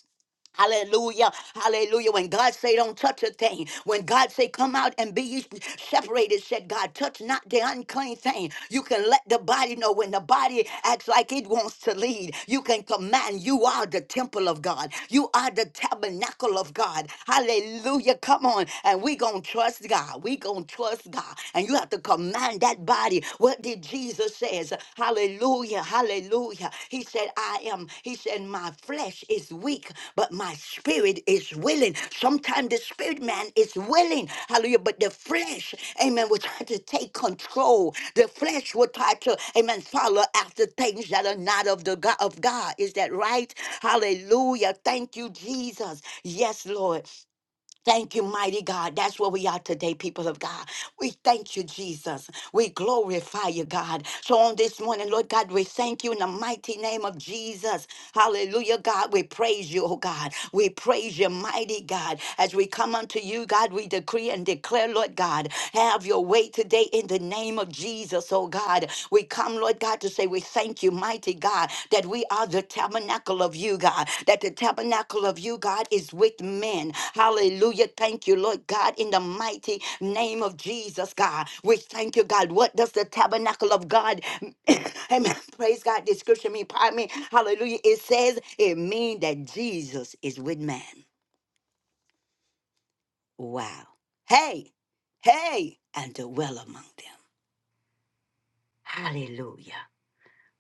[SPEAKER 1] Hallelujah. Hallelujah. When God say don't touch a thing, when God say come out and be ye separated, said God, touch not the unclean thing. You can let the body know when the body acts like it wants to lead. You can command. You are the temple of God. You are the tabernacle of God. Hallelujah. Come on. And we gonna trust God. We gonna trust God. And you have to command that body. What did did Jesus says, hallelujah, hallelujah. He said, I am, he said, my flesh is weak, but my spirit is willing. Sometimes the spirit man is willing, hallelujah, but the flesh, amen, will try to take control. The flesh will try to, amen, follow after things that are not of the God of God. Is that right? Hallelujah. Thank you, Jesus. Yes, Lord. Thank you, mighty God. That's where we are today, people of God. We thank you, Jesus. We glorify you, God. So on this morning, Lord God, we thank you in the mighty name of Jesus. Hallelujah, God. We praise you, oh God. We praise you, mighty God. As we come unto you, God, we decree and declare, Lord God, have your way today in the name of Jesus, oh God. We come come, Lord God, to say we thank you, mighty God, that we are the tabernacle of you, God, that the tabernacle of you, God, is with men. Hallelujah. Thank you, Lord God, in the mighty name of Jesus, God. We thank you, God. What does the tabernacle of God, amen, praise God, description mean, pardon me, hallelujah. It says it means that Jesus is with man. Wow. Hey, hey, and dwell among them. Hallelujah.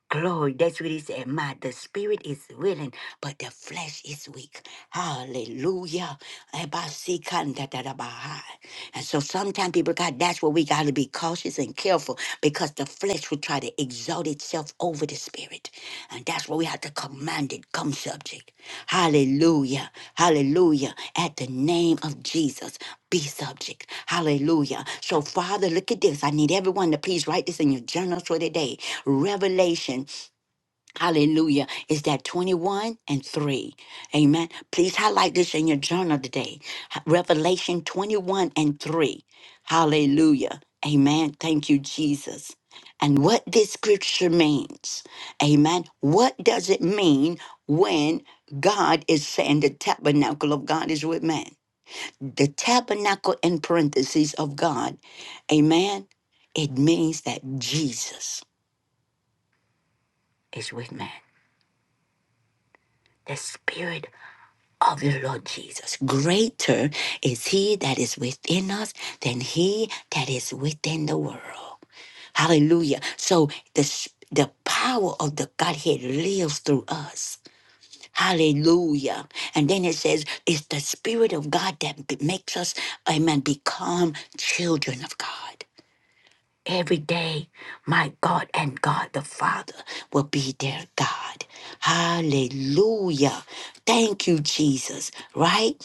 [SPEAKER 1] Glory, that's what he said. My the spirit is willing, but the flesh is weak. Hallelujah. Ebasikandadadabaha. And so sometimes people, of God, that's where we got to be cautious and careful because the flesh will try to exalt itself over the spirit. And that's where we have to command it, come subject. Hallelujah. Hallelujah. At the name of Jesus, be subject. Hallelujah. So, Father, look at this. I need everyone to please write this in your journal for today. Revelation Hallelujah. Is that 21 and 3? Amen. Please highlight this in your journal today. H- Revelation 21 and 3. Hallelujah. Amen. Thank you, Jesus. And what this scripture means. Amen. What does it mean when God is saying the tabernacle of God is with man? The tabernacle in parentheses of God. Amen. It means that Jesus is with man. The Spirit of the Lord Jesus. Greater is he that is within us than he that is within the world. Hallelujah. So the, s- the power of the Godhead lives through us. Hallelujah. And then it says, it's the Spirit of God that b- makes us, amen, become children of God. Every day, my God and God the Father will be their God. Hallelujah. Thank you, Jesus, right?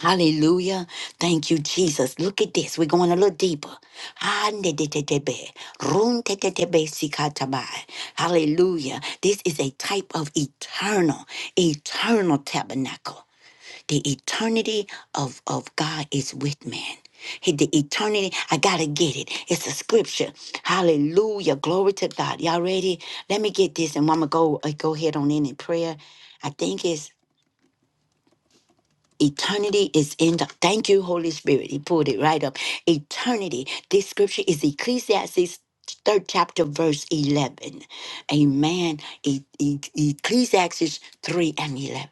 [SPEAKER 1] Hallelujah. Thank you, Jesus. Look at this. We're going a little deeper. Handedetebe, runtetetebe sikatabai. Hallelujah. This is a type of eternal, eternal tabernacle. The eternity of, of God is with man. Hey, The eternity, I gotta get it. It's a scripture. Hallelujah. Glory to God. Y'all ready? Let me get this and I'm gonna go, uh, go ahead on in in prayer. I think it's Eternity is in the. Thank you, Holy Spirit. He pulled it right up. Eternity. This scripture is Ecclesiastes. Third chapter, verse 11. Amen. E- E- Ecclesiastes 3 and 11.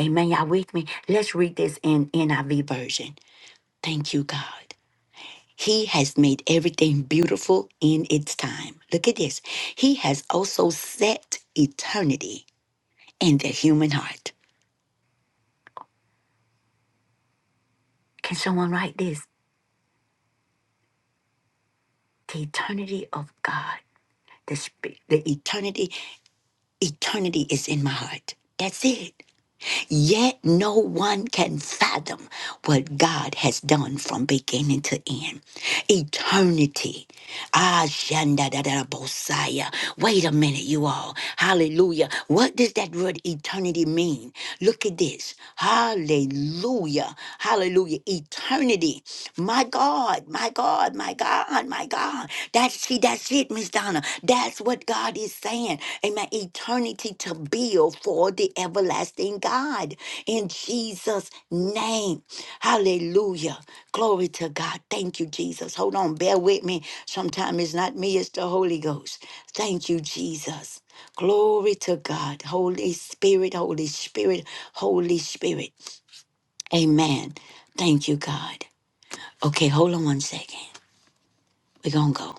[SPEAKER 1] Amen. Y'all with me? Let's read this in NIV version. Thank you, God. He has made everything beautiful in its time. Look at this. He has also set eternity in the human heart. Can someone write this? The eternity of God. the spirit, the eternity, eternity is in my heart. That's it. Yet no one can fathom what God has done from beginning to end. Eternity. Ah, shanda da da da bosaya. Wait a minute, you all. Hallelujah. What does that word eternity mean? Look at this. Hallelujah. Hallelujah. Eternity. My God, my God, my God, my God. That's. See, that's it, Miss Donna. That's what God is saying. Amen. Eternity to build for the everlasting God in Jesus' name. Hallelujah. Glory to God. Thank you, Jesus. Hold on. Bear with me. Sometimes it's not me, it's the Holy Ghost. Thank you, Jesus. Glory to God. Holy Spirit, Holy Spirit, Holy Spirit. Amen. Thank you, God. Okay, hold on one second. We're going to go.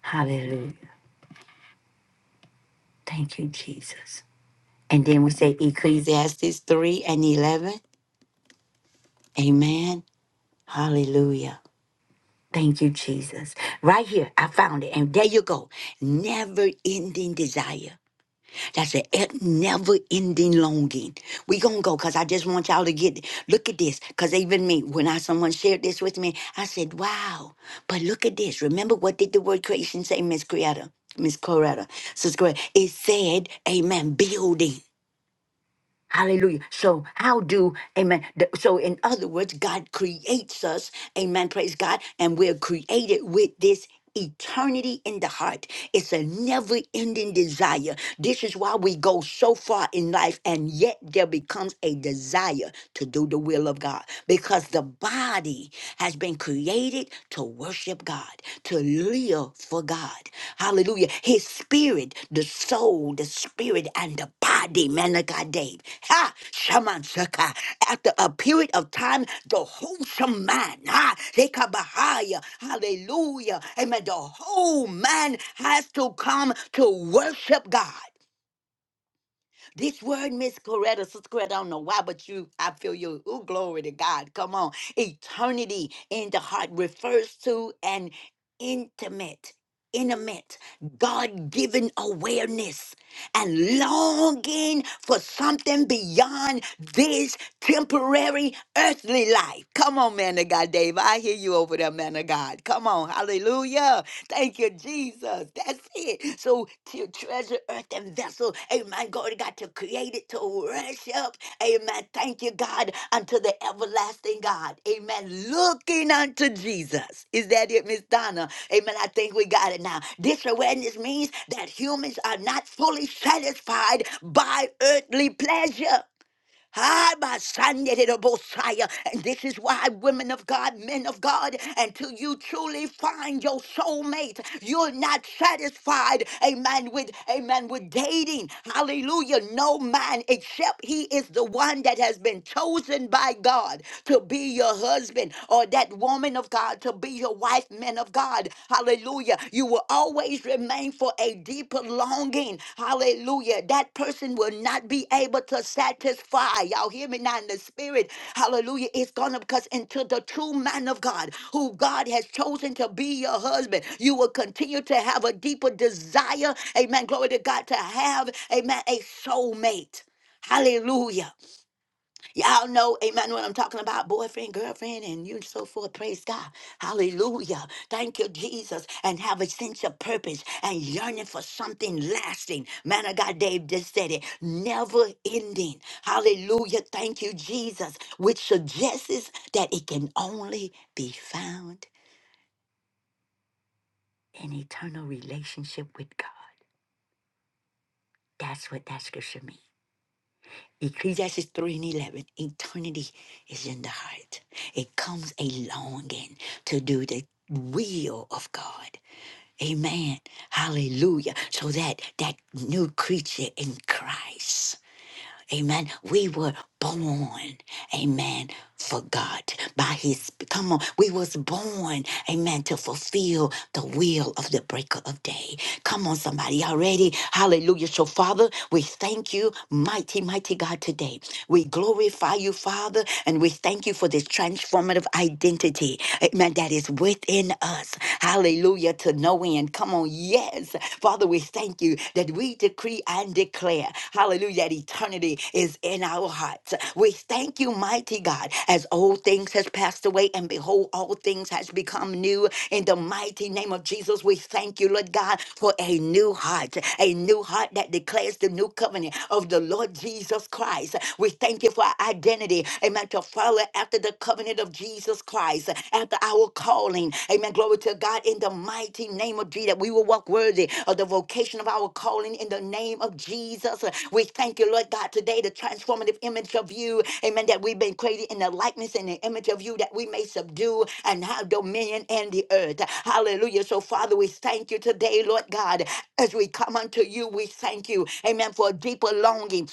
[SPEAKER 1] Hallelujah. Thank you, Jesus. And then we say Ecclesiastes 3 and 11. Amen. Hallelujah. Thank you, Jesus. Right here, I found it. And there you go. Never ending desire. That's a e, never ending longing. we going to go because I just want y'all to get Look at this. Because even me, when I someone shared this with me, I said, wow. But look at this. Remember what did the word creation say, Miss Coretta? Miss Coretta. Sister Coretta. It said, amen, building. Hallelujah. So, how do, amen. the- So, in other words, God creates us, amen. Praise God. And we're created with this eternity in the heart. It's a never ending desire. This is why we go so far in life, and yet there becomes a desire to do the will of God because the body has been created spirit to worship God, to live for God. Hallelujah. His spirit, the soul, the spirit, and the body, man of God, Dave. Ha! Shaman Saka. After a period of time, the wholesome man, ha! Lekabahaya. Hallelujah. Amen. The whole man has to come to worship God. This word, Miss Coretta, Sister Coretta, I don't know why, but you, I feel you. Ooh, glory to God. Come on. Eternity in the heart refers to an intimate, intimate, God given awareness and longing for something beyond this temporary earthly life. Come on, man of God, Dave. I hear you over there, man of God. Come on. Hallelujah. Thank you, Jesus. That's it. So to treasure earth and vessel. Amen. Glory to God created to worship. Amen. Thank you, God, unto the everlasting God. Amen. Looking unto Jesus. Is that it, Miss Donna? Amen. I think we got it now. This awareness means that humans are not fully satisfied by earthly pleasure. Ah, my son, did it, Abosai. And this is why, women of God, men of God, until you truly find your soulmate, you're not satisfied, amen, with, amen, with dating. Hallelujah. No man except he is the one that has been chosen by God to be your husband or that woman of God to be your wife, men of God. God. Hallelujah. You will always remain for a deeper longing. Hallelujah. That person will not be able to satisfy. Y'all hear me now in the spirit. Hallelujah. It's gonna because until the true man of God, who God has chosen to be your husband, you will continue to have a deeper desire. Amen. Glory to God to have, amen, a soulmate. Hallelujah. Y'all know, amen, what I'm talking about, boyfriend, girlfriend, and you and so forth. Praise God. Hallelujah. Thank you, Jesus. And have a sense of purpose and yearning for something lasting. Man of God, Dave just said it. Never ending. Hallelujah. Thank you, Jesus. Which suggests that it can only be found in eternal relationship with God. That's what that scripture means. Ecclesiastes 3 and 11, eternity is in the heart. It comes a longing to do the will of God. Amen. Hallelujah. So that that new creature in Christ. Amen. We were born, amen, for God. By his come on, we was born, amen, to fulfill the will of the breaker of day. Come on, somebody already. Hallelujah. So, Father, we thank you, mighty, mighty God, today. We glorify you, Father, and we thank you for this transformative identity, amen, that is within us. Hallelujah. To no end. Come on, yes. Father, we thank you that we decree and declare, hallelujah, that eternity is in our hearts. We thank you, mighty God, as old things has passed away and behold, all things has become new. In the mighty name of Jesus, we thank you, Lord God, for a new heart, a new heart that declares the new covenant of the Lord Jesus Christ. We thank you for our identity, amen, to follow after the covenant of Jesus. Jesus Christ, after our calling. Amen. Glory to God in the mighty name of Jesus. We will walk worthy of the vocation of our calling in the name of Jesus. We thank you, Lord God, today, the transformative image of you. Amen. That we've been created in the likeness and the image of you that we may subdue and have dominion in the earth. Hallelujah. So, Father, we thank you today, Lord God, as we come unto you. We thank you, amen, for a deeper longing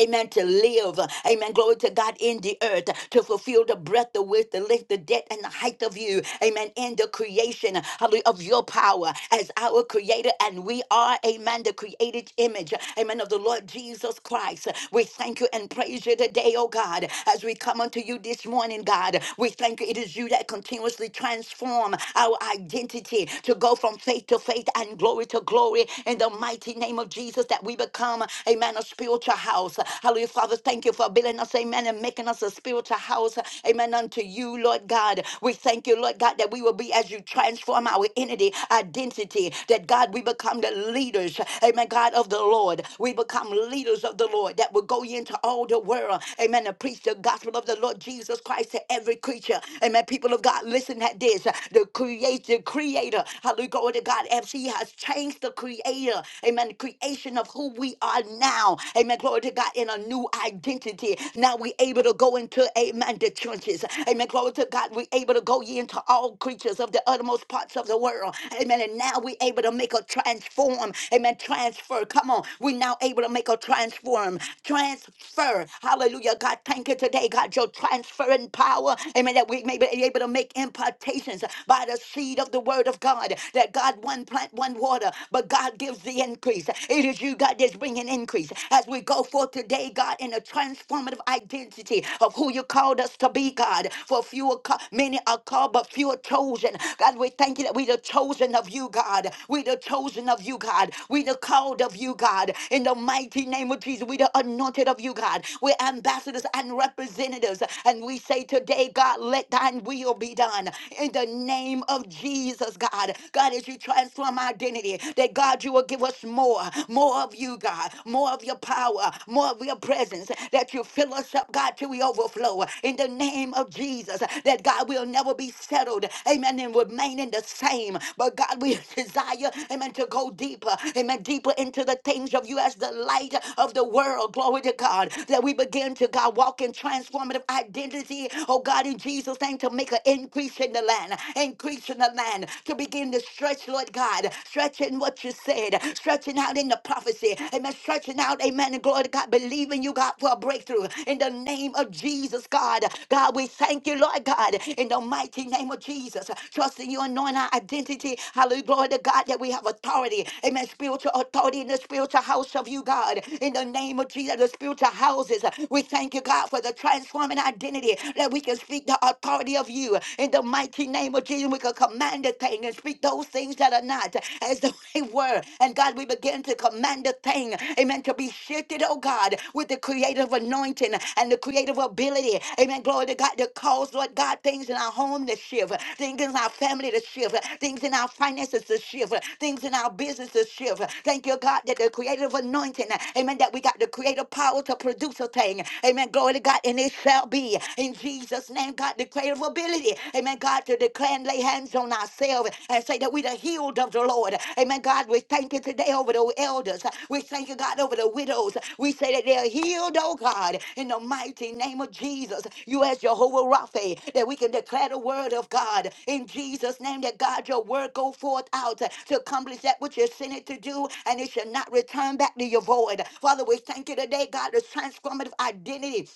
[SPEAKER 1] Amen. To live. Amen. Glory to God in the earth. To fulfill the breadth, the width, the length, the depth, and the height of you. Amen. In the creation hallelujah, of your power as our creator. And we are, amen, the created image. Amen. Of the Lord Jesus Christ. We thank you and praise you today, oh God. As we come unto you this morning, God, we thank you. It is you that continuously transform our identity to go from faith to faith and glory to glory in the mighty name of Jesus that we become become, amen, a spiritual house. Hallelujah. Father, thank you for building us, amen, and making us a spiritual house, amen, unto you, Lord God. We thank you, Lord God, that we will be as you transform our entity, identity, that God, we become the leaders, amen, God of the Lord. We become leaders of the Lord that will go into all the world, amen, to preach the gospel of the Lord Jesus Christ to every creature. Amen. People of God, listen at this. The creator, the creator, hallelujah, glory to God, as he has changed the creator. Amen. Amen. Creation of who we are now. Amen. Glory to God in a new identity. Now we able to go into, amen, the trenches. Amen. Glory to God. We able to go ye into all creatures of the uttermost parts of the world. Amen. And now we able to make a transform. Amen. Transfer. Come on. We now able to make a transform. Transfer. Hallelujah. God, thank you today. God, your transferring power. Amen. That we may be able to make impartations by the seed of the word of God. That God, one plant, one and water, but God gives the increase. It is you, God, that's bringing increase. As we go forth today, God, in a transformative identity of who you called us to be, God. For few are ca- many are called, but few are chosen. God, we thank you that we're the chosen of you, God. We're the chosen of you, God. We're the called of you, God. In the mighty name of Jesus, we're the anointed of you, God. We're ambassadors and representatives. And we say today, God, let thine will be done. In the name of Jesus, God. God. God, as you transform our identity, that God, you will give us more, more of you, God, more of your power, more of your presence, that you fill us up, God, till we overflow. In the name of Jesus, that God will never be settled, amen, and remaining the same. But God, we desire, amen, to go deeper, amen, deeper into the things of you as the light of the world. Glory to God, that we begin to, God, walk in transformative identity, oh God, in Jesus' name, to make an increase in the land increase in the land to begin to stretch, Lord God, stretching what you said, stretching out in the prophecy, amen, stretching out, amen, and glory to God, believing you, God, for a breakthrough in the name of Jesus, God. God, we thank you, Lord God, in the mighty name of Jesus, trusting you, anoint our identity, hallelujah, glory to God, that we have authority, amen, spiritual authority in the spiritual house of you, God, in the name of Jesus, the spiritual houses. We thank you, God, for the transforming identity that we can speak the authority of worthy of you. In the mighty name of Jesus, we can command a thing and speak those things that are not as though they were. And God, we begin to command a thing, amen, to be shifted, oh God, with the creative anointing and the creative ability. Amen. Glory to God to cause, Lord God, things in our home to shift, things in our family to shift, things in our finances to shift, things in our business to shift. Thank you, God, that the creative anointing, amen, that we got the creative power to produce a thing. Amen. Glory to God, and it shall be. in in Jesus' name, God, declare of ability. Amen. God, to declare and lay hands on ourselves and say that we the healed of the Lord. Amen. God, we thank you today over the elders. We thank you, God, over the widows. We say that they're healed, oh God, in the mighty name of Jesus. You as Jehovah Rapha, that we can declare the word of God in Jesus' name, that God, your word go forth out to accomplish that which you sent it to do, and it shall not return back to your void. Father, we thank you today, God, the transformative identity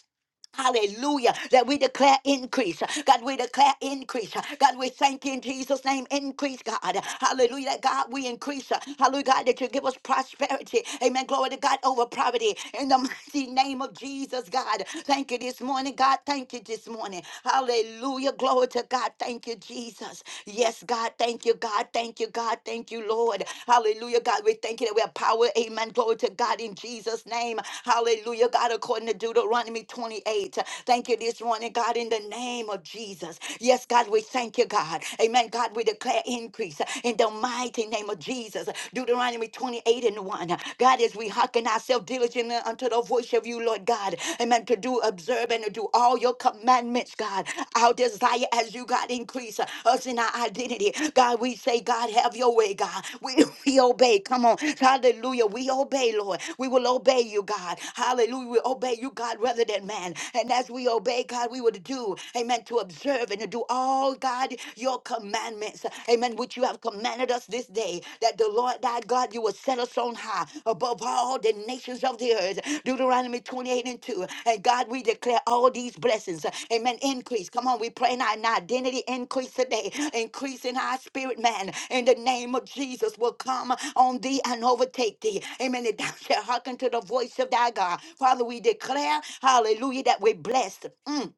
[SPEAKER 1] Hallelujah. That we declare increase. God, we declare increase. God, we thank you in Jesus' name. Increase, God. Hallelujah. That God, we increase. Hallelujah, God, that you give us prosperity. Amen. Glory to God over poverty. In the mighty name of Jesus, God. Thank you this morning, God. Thank you this morning. Hallelujah. Glory to God. Thank you, Jesus. Yes, God. Thank you, God. Thank you, God. Thank you, Lord. Lord. Hallelujah, God. We thank you that we have power. Amen. Glory to God in Jesus' name. Hallelujah, God, according to Deuteronomy 28. Thank you this morning, God, in the name of Jesus. Yes, God, we thank you, God. Amen. God, we declare increase in the mighty name of Jesus. Deuteronomy 28 and 1. God, as we hearken ourselves diligently unto the voice of you, Lord God. Amen. To do, observe, and to do do all your commandments, God. Our desire as you, God, increase uh, us in our identity. God, we say, God, have your way, God. We, we obey. Come on. Hallelujah. We obey, Lord. We will obey you, God. Hallelujah. We obey you, God, rather than man. And as we obey, God, we will do, amen, to observe and to do all, God, your commandments. Amen. Which you have commanded us this day, that the Lord thy God, you will set us on high above all the nations of the earth. Deuteronomy 28 and 2. And God, we declare all these blessings. Amen. Increase. Come on, we pray in our in our identity increase today. Increase in our spirit, man. In the name of Jesus will come on thee and overtake thee. Amen. And thou shalt hearken to the voice of thy God. Father, we declare, hallelujah, that we're blessed. Mm.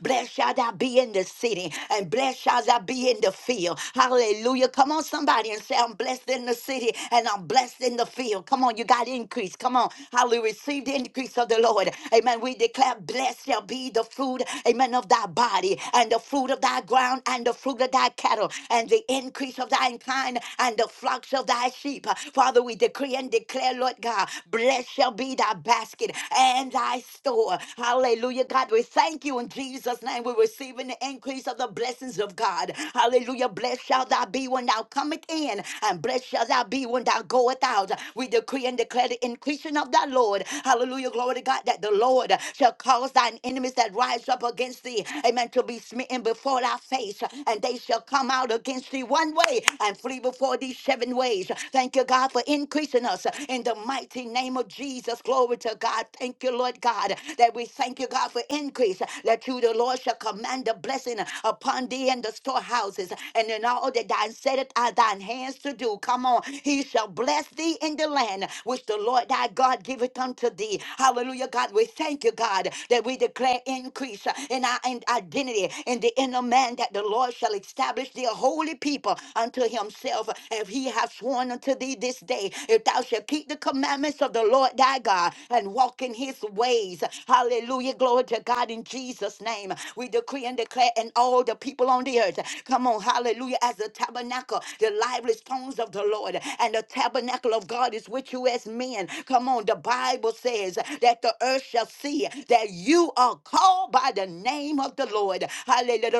[SPEAKER 1] Blessed shall thou be in the city, and blessed shall thou be in the field. Hallelujah. Come on, somebody, and say, I'm blessed in the city, and I'm blessed in the field. Come on, you got increase. Come on. Hallelujah. Receive the increase of the Lord. Amen. We declare, blessed shall be the fruit, amen, of thy body, and the fruit of thy ground, and the fruit of thy cattle, and the increase of thine kind, and the flocks of thy sheep. Father, we decree and declare, Lord God, blessed shall be thy basket and thy store. Hallelujah, God. We thank you in Jesus' name. We're receiving the increase of the blessings of God. Hallelujah. Blessed shall thou be when thou comest in, and blessed shall thou be when thou goest out. We decree and declare the increasing of thy Lord. Hallelujah. Glory to God that the Lord shall cause thine enemies that rise up against thee, amen, to be smitten before thy face, and they shall come out against thee one way and flee before thee seven ways. Thank you, God, for increasing us in the mighty name of Jesus. Glory to to God. Thank you, Lord God, that we thank you, God, for increase. That you, the Lord, shall command a blessing upon thee and the storehouses and in all that thine setteth are thine hands to do. Come on. He shall bless thee in the land which the Lord thy God giveth unto thee. Hallelujah, God. We thank you, God, that we declare increase in our in identity in the inner man that the Lord shall establish the holy people unto himself. If he have sworn unto thee this day, if thou shalt keep the the commandments of the Lord thy God and walk in his ways. Hallelujah. Glory to God in Jesus' name. We decree and declare, and all the people on the earth, come on, hallelujah, as the tabernacle, the lively stones of the Lord, and the tabernacle of God is with you as men. Come on, the Bible says that the earth shall see that you are called by the name of the Lord. Hallelujah.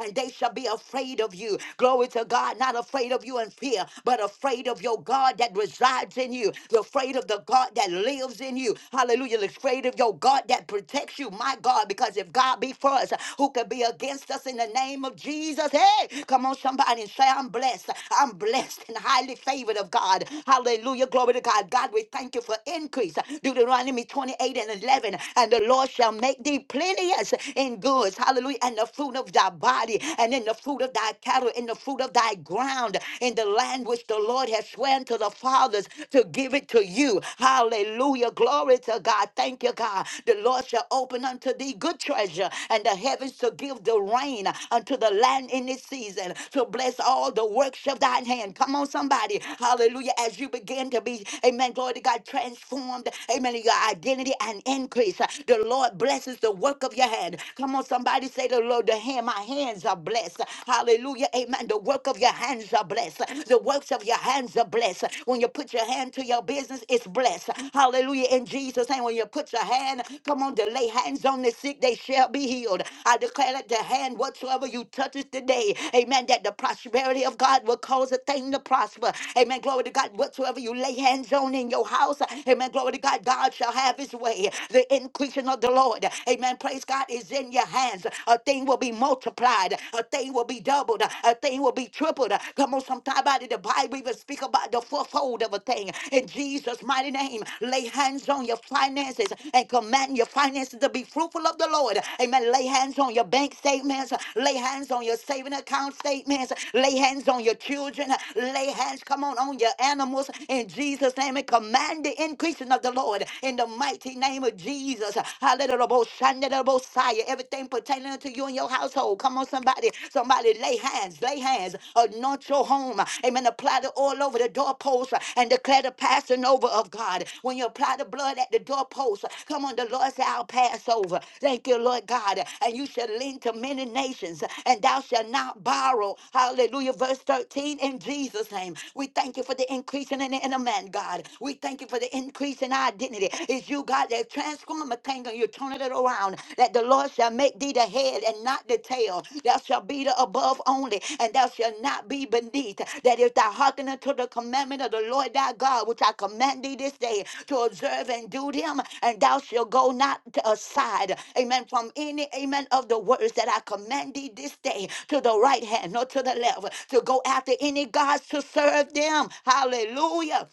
[SPEAKER 1] And they shall be afraid of you. Glory to God, not afraid of you and fear, but afraid of your God that resides in you, afraid of the God that lives in you. Hallelujah. Afraid of your God that protects you, my God, because if God be for us, who can be against us in the name of Jesus? Hey, come on, somebody and say, I'm blessed. I'm blessed and highly favored of God. Hallelujah. Glory to God. God, we thank you for increase. Deuteronomy 28 and 11. And the Lord shall make thee plenteous in goods. Hallelujah. And the fruit of thy body and in the fruit of thy cattle in the fruit of thy ground, in the land which the Lord has sworn to the fathers to give it to you. Hallelujah. Glory to God. Thank you, God. The Lord shall open unto thee good treasure and the heavens to give the rain unto the land in its season, to bless all the works of thine hand. Come on, somebody. Hallelujah. As you begin to be, amen, glory to God, transformed, amen, in your identity and increase. The Lord blesses the work of your hand. Come on, somebody say the Lord, the hand hand, my hands are blessed. Hallelujah. Amen. The work of your hands are blessed. The works of your hands are blessed. When you put your hand to your business, it's blessed. Hallelujah. In Jesus' name, when you put your hand, come on, to lay hands on the sick, they shall be healed. I declare that the hand whatsoever you touches today, amen, that the prosperity of God will cause a thing to prosper. Amen. Glory to God. Whatsoever you lay hands on in your house, amen. Glory to God. God shall have his way. The increasing of the Lord. Amen. Praise God. God, is in your hands. A thing will be multiplied. A thing will be doubled. A thing will be tripled. Come on, sometime out of the Bible even speak about the fourfold of a thing. In Jesus' mighty name, lay hands on your finances and command your finances to be fruitful of the Lord. Amen. Lay hands on your bank statements. Lay hands on your saving account statements. Lay hands on your children. Lay hands, come on, on your animals. In Jesus' name, and command the increasing of the Lord. In the mighty name of Jesus. Jesus. Hallelujah. Everything pertaining to you and your household. Come on, somebody. Somebody lay hands, lay hands. Anoint your home. Amen. Apply the oil over the doorpost and declare the passing over of God. When you apply the blood at the doorpost, come on, the Lord said, I'll pass over. Thank you, Lord God. And you shall lend to many nations, and thou shalt not borrow. Hallelujah. Verse 13 in Jesus' name. We thank you for the increasing in the inner man, God. We thank you for the increase in race and our identity. It's you, God, that transform a thing and you turn it around. That the Lord shall make thee the head and not the tail. Thou shalt be the above only, and thou shalt not be beneath. That if thou hearken unto the commandment of the Lord thy God, which I command thee this day to observe and do them, and thou shalt go not to aside, amen, from any, amen, of the words that I command thee this day to the right hand, nor to the left, to go after any gods to serve them. Hallelujah.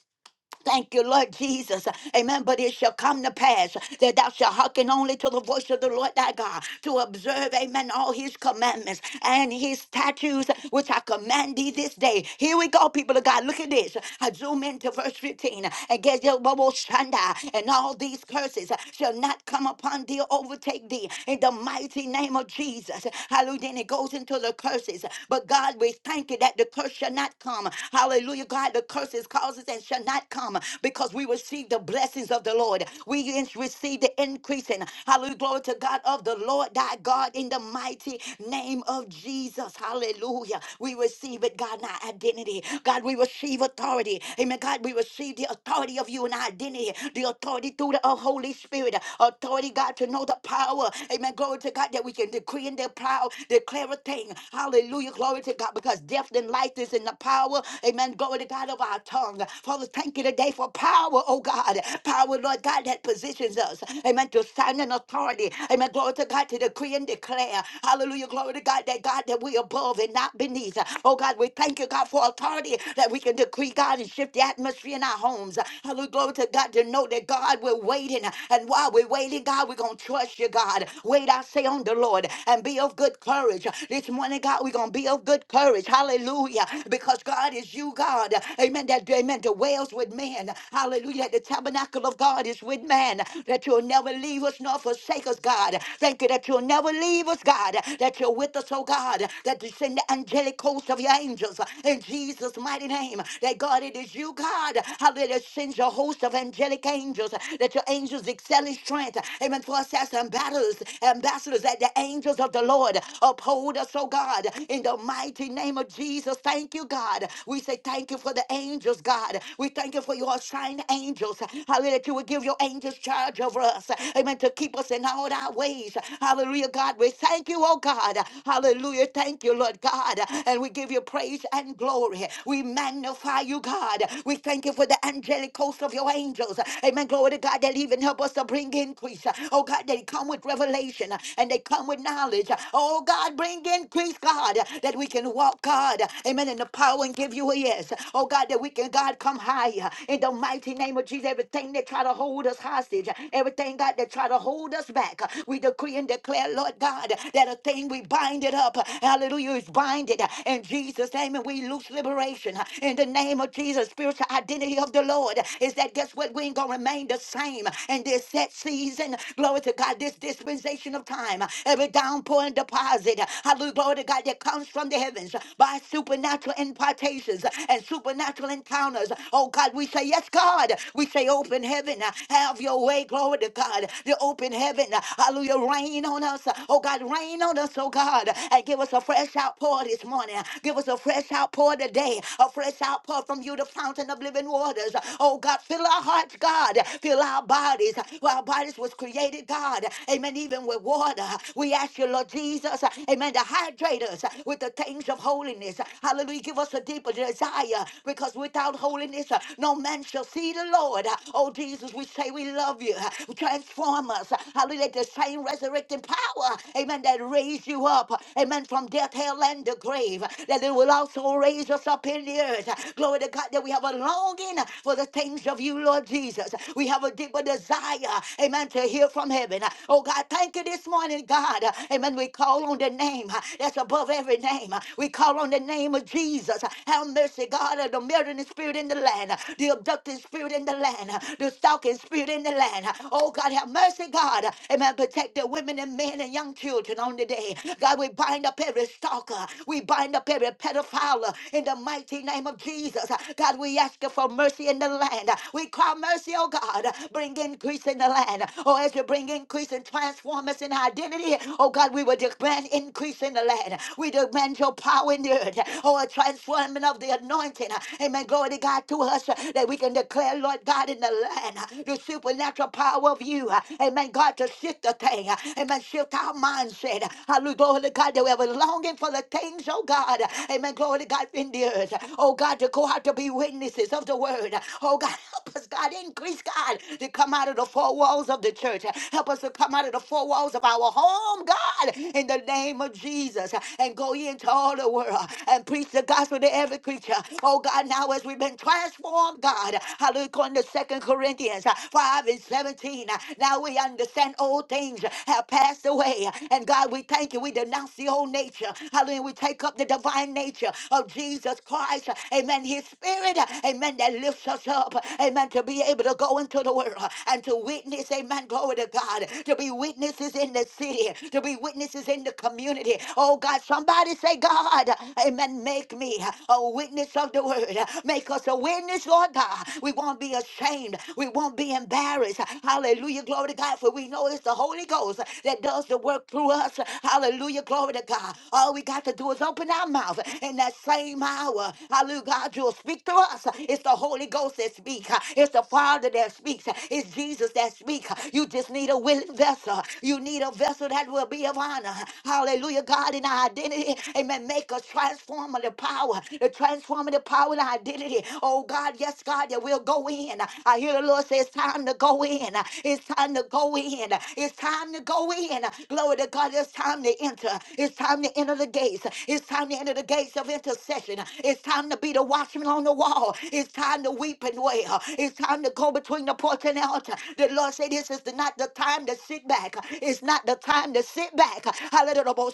[SPEAKER 1] Thank you, Lord Jesus. Amen. But it shall come to pass that thou shalt hearken only to the voice of the Lord thy God to observe, amen, all his commandments and his statutes, which I command thee this day. Here we go, people of God. Look at this. I zoom into verse 15. And get your bubble shanda, and all these curses shall not come upon thee or overtake thee in the mighty name of Jesus. Hallelujah. Then it goes into the curses. But God, we thank you that the curse shall not come. Hallelujah. God, the curses causes and shall not come because we received the blessings of the Lord. We in- received the increasing. Hallelujah. Glory to God of the Lord thy God in the mighty name of Jesus. Hallelujah. We receive it, God, in our identity. God, we receive authority. Amen. God, we receive the authority of you in our identity. The authority through the uh, Holy Spirit. Authority, God, to know the power. Amen. Glory to God that we can decree and declare, declare a thing. Hallelujah. Glory to God because death and life is in the power. Amen. Glory to God of our tongue. Father, thank you today for power, oh God. Power, Lord God, that positions us. Amen. To stand in authority. Amen. Glory to God to decree and declare. Hallelujah. Glory to God that God that we above and not beneath. Oh God, we thank you, God, for authority that we can decree, God, and shift the atmosphere in our homes. Hallelujah. Glory to God to know that God, we're waiting. And while we're waiting, God, we're going to trust you, God. Wait, I say, on the Lord and be of good courage. This morning, God, we're going to be of good courage. Hallelujah. Because God is you, God. Amen. That that amen dwells with man. Hallelujah. That the tabernacle of God is with man. That you'll never leave us nor forsake us, God. Thank you that you'll never leave us, God. That you're with us, oh God. That you send the angelic host of your angels in Jesus' mighty name. That God, it is you, God. Hallelujah. That sends your host of angelic angels. That your angels excel in strength. Amen. For us as ambassadors, ambassadors, that the angels of the Lord uphold us, oh God. In the mighty name of Jesus, thank you, God. We say thank you for the the angels, God. We thank you for your assigned angels. Hallelujah. That you would give your angels charge over us. Amen. To keep us in all our ways. Hallelujah, God. We thank you, oh God. Hallelujah. Thank you, Lord God. And we give you praise and glory. We magnify you, God. We thank you for the angelic host of your angels. Amen. Glory to God that even help us to bring increase. Oh God, they come with revelation and they come with knowledge. Oh God, bring increase, God, that we can walk, God. Amen. In the power and give you a yes purpose. Oh God, that we can, God, come higher in the mighty name of Jesus. Everything that try to hold us hostage, everything, God, that try to hold us back, we decree and declare, Lord God, that a thing we bind it up. Hallelujah, is binded in Jesus' name, and we loose liberation in the name of Jesus. Spiritual identity of the Lord is that guess what? We ain't gonna remain the same in this set season. Glory to God, this dispensation of time, every downpour and deposit, hallelujah, glory to God that comes from the heavens by supernatural impartation revelations and supernatural encounters. Oh God, we say, Yes, God. We say, Open heaven, have your way. Glory to God. The open heaven, hallelujah, rain on us. Oh God, rain on us, oh God, and give us a fresh outpour this morning. Give us a fresh outpour today, a fresh outpour from you, the fountain of living waters. Oh God, fill our hearts, God. Fill our bodies. Well, Our bodies was created, God. Amen. Even with water, we ask you, Lord Jesus, amen, to hydrate us with the things of holiness. Hallelujah. Give us a deeper desire because without holiness, uh, no man shall see the Lord. Uh, Oh, Jesus, we say we love you. Uh, Transform us. Uh, Hallelujah. The same resurrecting power, amen, that raised you up, uh, amen, from death, hell, and the grave, uh, that it will also raise us up in the earth. Uh, Glory to God that we have a longing uh, for the things of you, Lord Jesus. Uh, We have a deeper desire, amen, to hear from heaven. Uh, Oh, God, thank you this morning, God. Uh, Amen. We call on the name uh, that's above every name. Uh, We call on the name of Jesus. Jesus. Have mercy, God, of the murdering spirit in the land, the abducting spirit in the land, the stalking spirit in the land. Oh, God, have mercy, God. Amen. Protect the women and men and young children on the day. God, we bind up every stalker. We bind up every pedophile in the mighty name of Jesus. God, we ask you for mercy in the land. We cry mercy, oh God. Bring increase in the land. Oh, as you bring increase and transform us in identity, oh God, we will demand increase in the land. We demand your power in the earth spirit. Oh, a transforming of the anointing. Amen. Glory to God to us uh, that we can declare, Lord God, in the land uh, the supernatural power of you. uh, Amen. God, to shift the thing. uh, Amen. Shift our mindset. uh, Hallelujah. Glory to God that we have a longing for the things, oh God. uh, Amen. Glory to God in the earth. uh, Oh God, to go out to be witnesses of the word. uh, Oh God, help us, God. Increase, God, to come out of the four walls of the church. uh, Help us to come out of the four walls of our home, God, in the name of Jesus. uh, And go into all the world world and preach the gospel to every creature. Oh God, now as we've been transformed, God, hallelujah, according to Second Corinthians uh, 5 and 17, uh, now we understand old things have passed away. And God, we thank you. We denounce the old nature. Hallelujah. We take up the divine nature of Jesus Christ. Amen. His spirit, amen, that lifts us up. Amen. To be able to go into the world and to witness, amen, glory to God. To be witnesses in the city, to be witnesses in the community. Oh God, somebody say, God. God, amen, make me a witness of the word. Make us a witness, Lord God. We won't be ashamed. We won't be embarrassed. Hallelujah, glory to God, for we know it's the Holy Ghost that does the work through us. Hallelujah, glory to God. All we got to do is open our mouth in that same hour. Hallelujah, God, you'll speak through us. It's the Holy Ghost that speaks. It's the Father that speaks. It's Jesus that speaks. You just need a willing vessel. You need a vessel that will be of honor. Hallelujah, God, in our identity. Amen. Make us transformative power, the transformative power and identity. Oh God, yes, God, that we'll go in. I hear the Lord say it's time to go in. It's time to go in. It's time to go in. Glory to God, it's time to enter. It's time to enter the gates. It's time to enter the gates of intercession. It's time to be the watchman on the wall. It's time to weep and wail. It's time to go between the porch and the altar. The Lord said this is the- not the time to sit back. It's not the time to sit back. Hallelujah.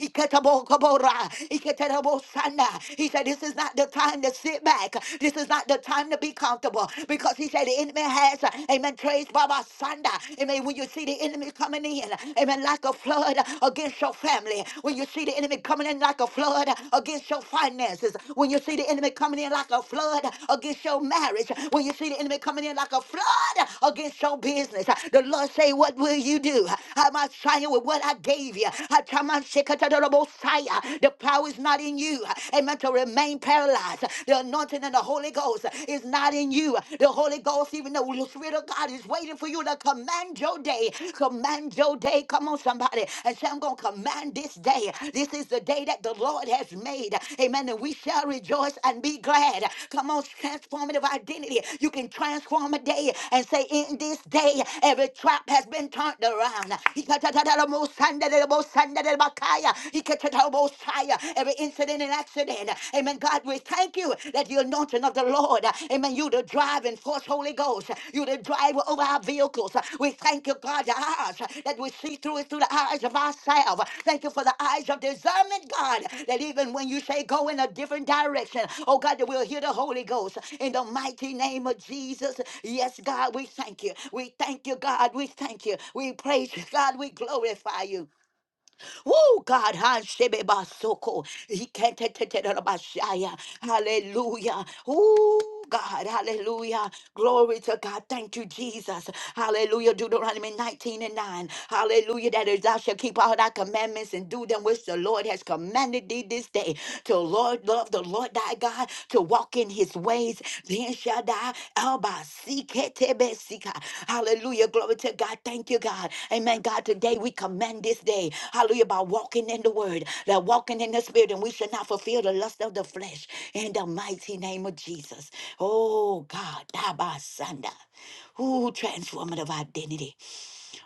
[SPEAKER 1] Iketabokobora, Iketabosana. He said, This is not the time to sit back. This is not the time to be comfortable. Because he said the enemy has, amen, praise Baba Sanda. Amen. When you see the enemy coming in, amen, like a flood against your family. When you see the enemy coming in like a flood against your finances. When you see the enemy coming in like a flood against your marriage. When you see the enemy coming in like a flood against your business. The Lord say, What will you do? I'm not trying with what I gave you. How the power is not in you. Amen. To remain paralyzed. The anointing and the Holy Ghost is not in you. The Holy Ghost, even though the Spirit of God is waiting for you to command your day. Command your day. Come on, somebody. And say, I'm going to command this day. This is the day that the Lord has made. Amen. And we shall rejoice and be glad. Come on, transformative identity. You can transform a day and say, In this day, every trap has been turned around. Every incident and accident. Amen. God, we thank you that the anointing of the Lord. Amen. You the driving force, Holy Ghost. You the driver over our vehicles. We thank you, God, the eyes that we see through it through the eyes of ourselves. Thank you for the eyes of discernment, God, that even when you say go in a different direction, oh God, that we'll hear the Holy Ghost in the mighty name of Jesus. Yes, God, we thank you. We thank you, God. We thank you. We praise you, God. We glorify you. Oh God, ha, shebe basoko. Iketeteterabashaya. hallelujah. Oh God, hallelujah. Glory to God. Thank you, Jesus. Hallelujah. Deuteronomy 19 and 9. Hallelujah. That is, thou shalt keep all thy commandments and do them which the Lord has commanded thee this day. To Lord, love the Lord thy God, to walk in walk in his ways. Then Shaddai, Alba, Siketebesika. Hallelujah. Glory to God. Thank you, God. Amen. God, today we commend this day. Hallelujah. By walking in the word, that walking in the spirit, and we should not fulfill the lust of the flesh in the mighty name of Jesus. Oh God, Abba Sanda. transformative identity.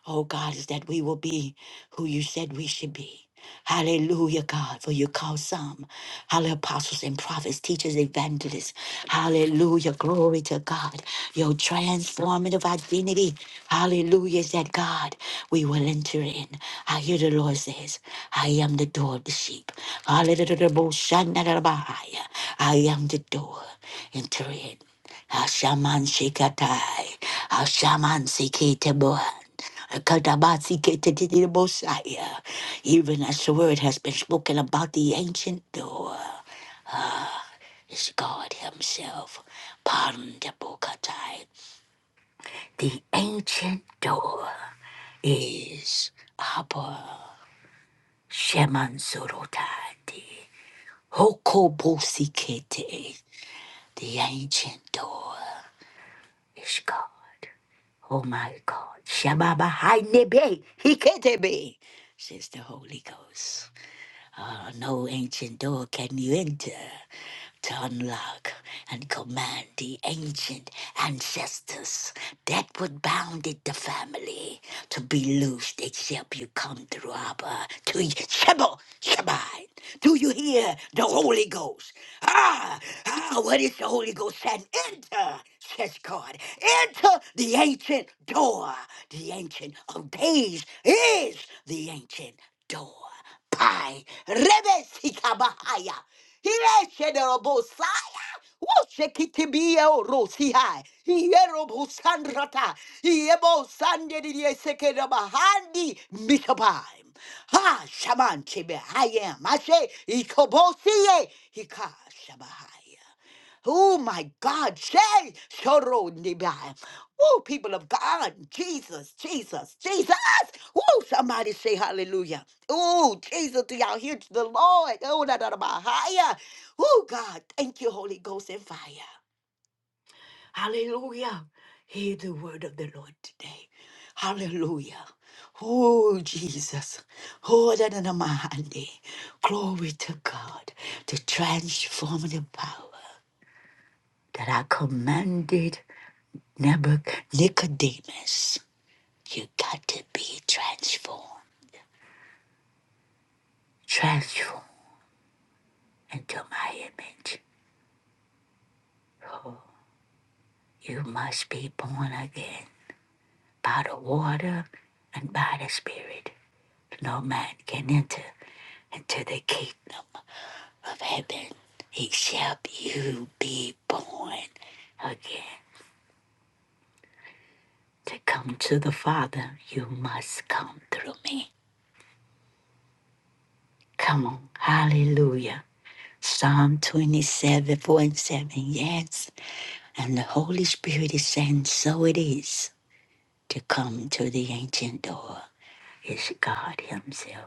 [SPEAKER 1] Oh God, is that we will be who you said we should be. Hallelujah, God, for you call some, hallelujah, apostles and prophets, teachers, evangelists. Hallelujah, glory to God. Your transformative identity, hallelujah, is that God, we will enter in. I hear the Lord says, I am the door of the sheep. Hallelujah, I am the door. Enter in. Ashaman Shikatai, Ashaman Sikitebohan, Kadabatsikitibosaya. Even as the word has been spoken about the ancient door, is God Himself, Pandabukatai. The ancient door is Abba Shemansurotati, Hokobosikete. The ancient door is God. Oh my God. Shababa Hainebe Hiketebe, says the Holy Ghost door, no ancient door can you enter to unlock and command the ancient ancestors that would bounded the family to be loosed except you come through Abba to Shebo Shabbat. Do you hear the Holy Ghost? Ah, ah, what is the Holy Ghost saying? Enter, says God. Enter the ancient door. The ancient of days is the ancient door. Pai. Rebe sikabahaya. Hire shederobosaya. Woshekitibie orosihai. Hierobosandrata. Hiebosandediriesekerabahandi. Mikabai. Ha shaman chebe hayem. Ashe ikobosie. Hika shabahaya. Oh my God, Shay Shoro Nibai. Oh, people of God, Jesus, Jesus, Jesus. Oh, somebody say hallelujah. Oh, Jesus, do y'all hear the Lord? Oh, da da da ba, higher. Oh, God, thank you, Holy Ghost and fire. Hallelujah. Hear the word of the Lord today. Hallelujah. Oh, Jesus. Oh, da da da ma, hande. Glory to God, the transformative power that I commanded Nebuchadnezzar, you got to be transformed, transformed into my image. You must be born again by the water and by the Spirit. No man can enter into the kingdom of heaven except you be born again. To come to the Father, you must come through me. Come on, hallelujah. Psalm 27, 4 and 7. Yes. And the Holy Spirit is saying, so it is to come to the ancient door. It's God Himself,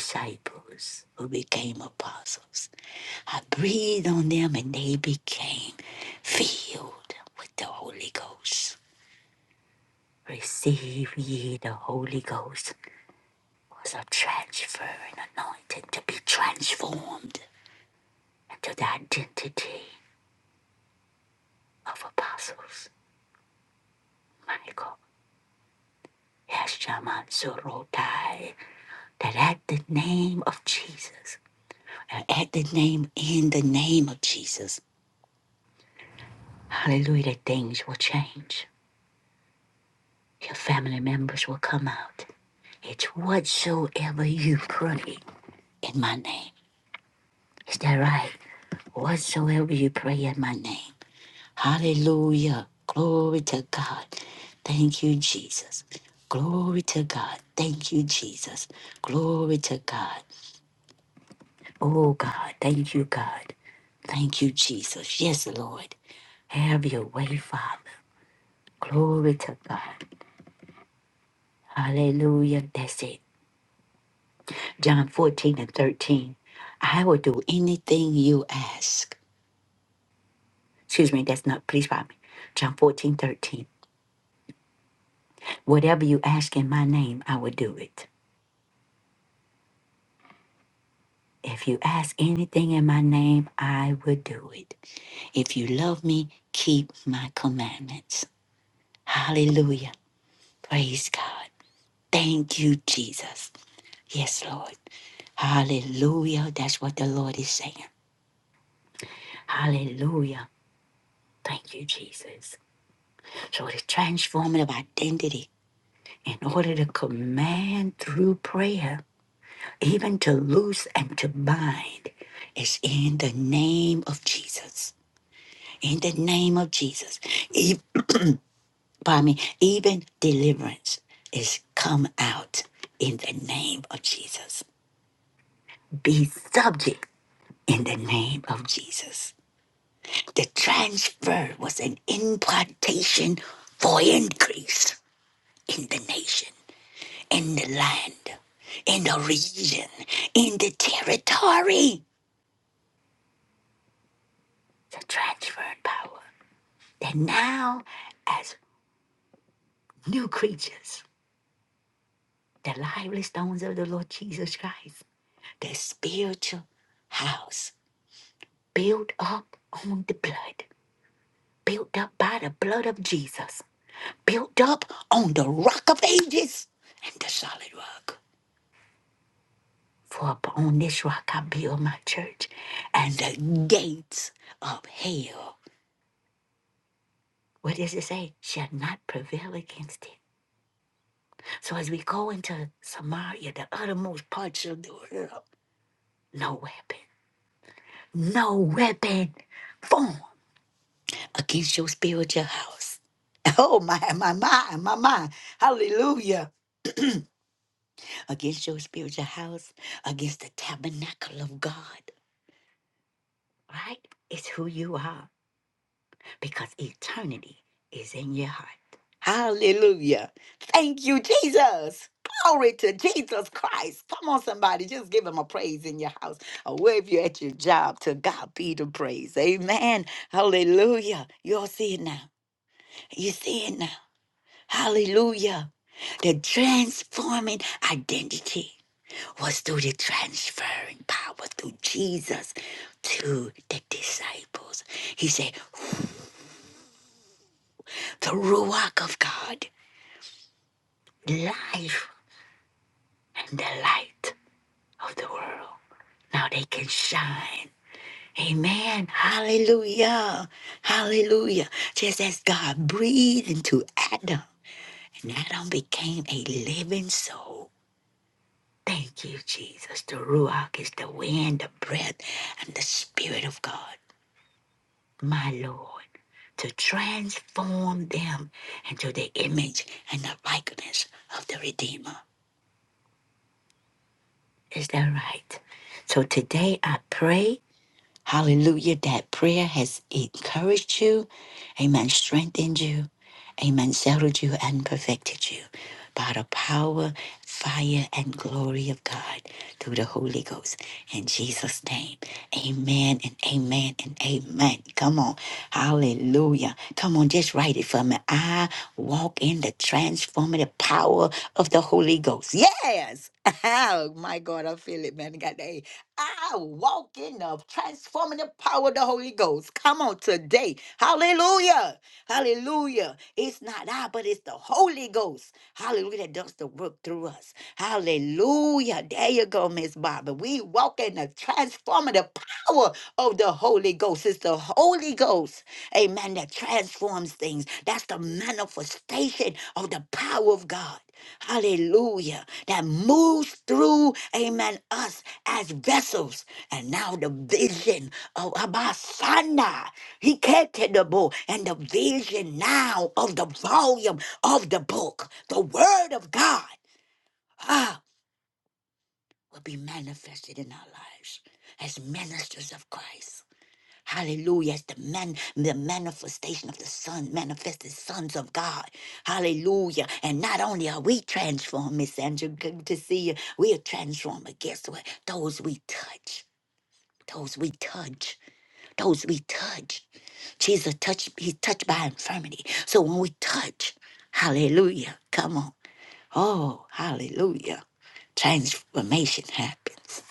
[SPEAKER 1] disciples who became apostles. I breathed on them and they became filled with the Holy Ghost. Receive ye the Holy Ghost was a transfer and anointing to be transformed into the identity of apostles. Michael. Yes, Yashamansurotai. That at the name of Jesus, at the name, in the name of Jesus, things will change. That Whatso you pray, name. Thank you, Jesus. Glory to God. Thank you, Jesus. Glory to God. Oh, God. Thank you, God. Thank you, Jesus. Yes, Lord. Have your way, Father. Glory to God. Hallelujah. That's it. John 14 and 13. I will do anything you ask. Excuse me, that's not, please pardon me. John 14 13, Whatever you ask in my name, I will do it. If you ask anything in my name, I will do it. If you love me, keep my commandments. Hallelujah. Praise God. Thank you, Jesus. Yes, Lord. Hallelujah. That's what the Lord is saying. Hallelujah. Thank you, Jesus. So the transformative identity in order to command through prayer, even to loose and to bind, is in the name of Jesus. In the name of Jesus. Even, pardon me, even deliverance is come out in the name of Jesus. Be subject in the name of Jesus. The transfer was an impartation for increase in the nation. in the land, in the region, in the territory, the transferred power. That now, as new creatures, the lively stones of the Lord Jesus Christ, the spiritual house built up on the blood, built up by the blood of Jesus, built up on the rock of ages and the solid rock. For upon this rock I build my church, and the gates of hell What does it say? Shall not prevail against it. So as we go into Samaria, the uttermost parts of the world, no weapon, no weapon formed against your spiritual house. Oh my, my, my, my, my, hallelujah. Against your spiritual house, against the tabernacle of God, right? It's who you are. because eternity is in your heart. Hallelujah. Thank you, Jesus. Glory to Jesus Christ. Come on, somebody, just give him a praise in your house or wherever you're at your job. To God be the praise. Amen. Hallelujah. you all see it now. You see it now. Hallelujah. The transforming identity was through the transferring power through Jesus to the disciples. He said, The Ruach of God. the life and the light of the world. Now they can shine. Amen. Hallelujah. Hallelujah. Just as God breathed into Adam, and Adam became a living soul. Thank you, Jesus. The Ruach is the wind, the breath, and the Spirit of God, my Lord, to transform them into the image and the likeness of the Redeemer. Is that right? So today I pray Hallelujah. That prayer has encouraged you. Amen. Strengthened you. Amen. Settled you and perfected you by the power, fire, and glory of God through the Holy Ghost. In Jesus' name. Amen and amen and amen. Come on. Hallelujah. Come on, just write it for me. I walk in the transformative power of the Holy Ghost. Yes. Oh my God, I feel it, man. God, hey, I walk in the transformative power of the Holy Ghost. Come on today. Hallelujah. Hallelujah. It's not I, but it's the Holy Ghost. Hallelujah. That does the work through us. Hallelujah. There you go, Miss Barbara. We walk in the transformative power of the Holy Ghost. It's the Holy Ghost, amen, that transforms things. That's the manifestation of the power of God hallelujah, that moves through, amen, us as vessels. And now the vision of Abasana, he kept the book, and the vision now of the volume of the book, the word of God, ah, will be manifested in our lives as ministers of Christ. Hallelujah. It's the man, the manifestation of the Son, manifested sons of God. Hallelujah. And not only are we transformed, Miss Sandra, good to see you. We are transformed, but guess what? Those we touch. Those we touch. Those we touch. Jesus touched, he's touched by infirmity. So when we touch, hallelujah. Come on. Oh, hallelujah. Transformation happens.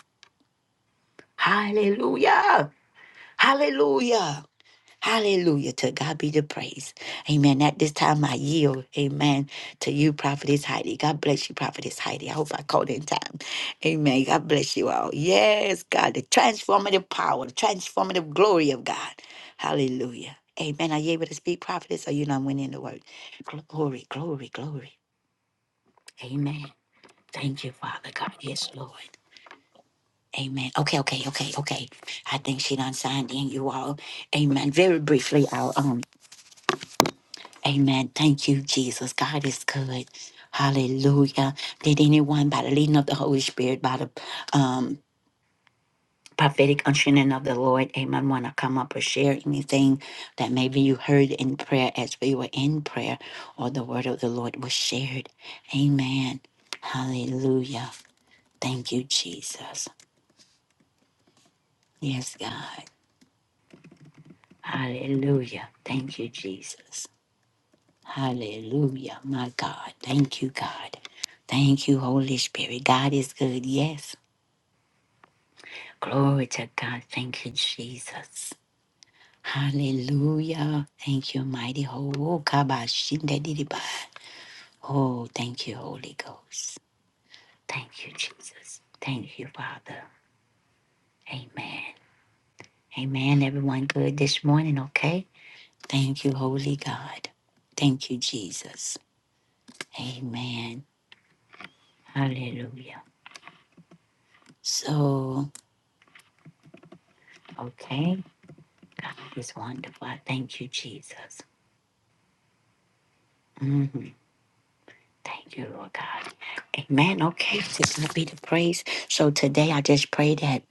[SPEAKER 1] Hallelujah. Hallelujah. Hallelujah. To God be the praise. Amen. At this time, I yield. Amen. To you, Prophetess Heidi. God bless you, Prophetess Heidi. I hope I called in time. Amen. God bless you all. Yes, God, the transformative power, the transformative glory of God. Hallelujah. Amen. Are you able to speak, Prophetess? Or you not winning the word? Glory, glory, glory. Amen. Thank you, Father God. Yes, Lord. Amen. Okay, okay, okay, okay. I think she done signed in you all. Amen. Very briefly, I'll um Amen. Thank you, Jesus. God is good. Hallelujah. Did anyone by the leading of the Holy Spirit, by the um, prophetic unctioning of the Lord, amen, want to come up or share anything that maybe you heard in prayer as we were in prayer or the word of the Lord was shared? Amen. Hallelujah. Thank you, Jesus. Yes, God. Hallelujah. Thank you, Jesus. Hallelujah, my God. Thank you, God. Thank you, Holy Spirit. God is good, yes. Glory to God. Thank you, Jesus. Hallelujah. Thank you, mighty Ho- Kabashindadidiba. Oh, thank you, Holy Ghost. Thank you, Jesus. Thank you, Father. Amen. Amen. Everyone good this morning, okay? Thank you, Holy God. Thank you, Jesus. Amen. Hallelujah. So, okay. God is wonderful. I thank you, Jesus. Mhm. Thank you, Lord God. Amen. Okay, to God be the praise. So today I just pray that,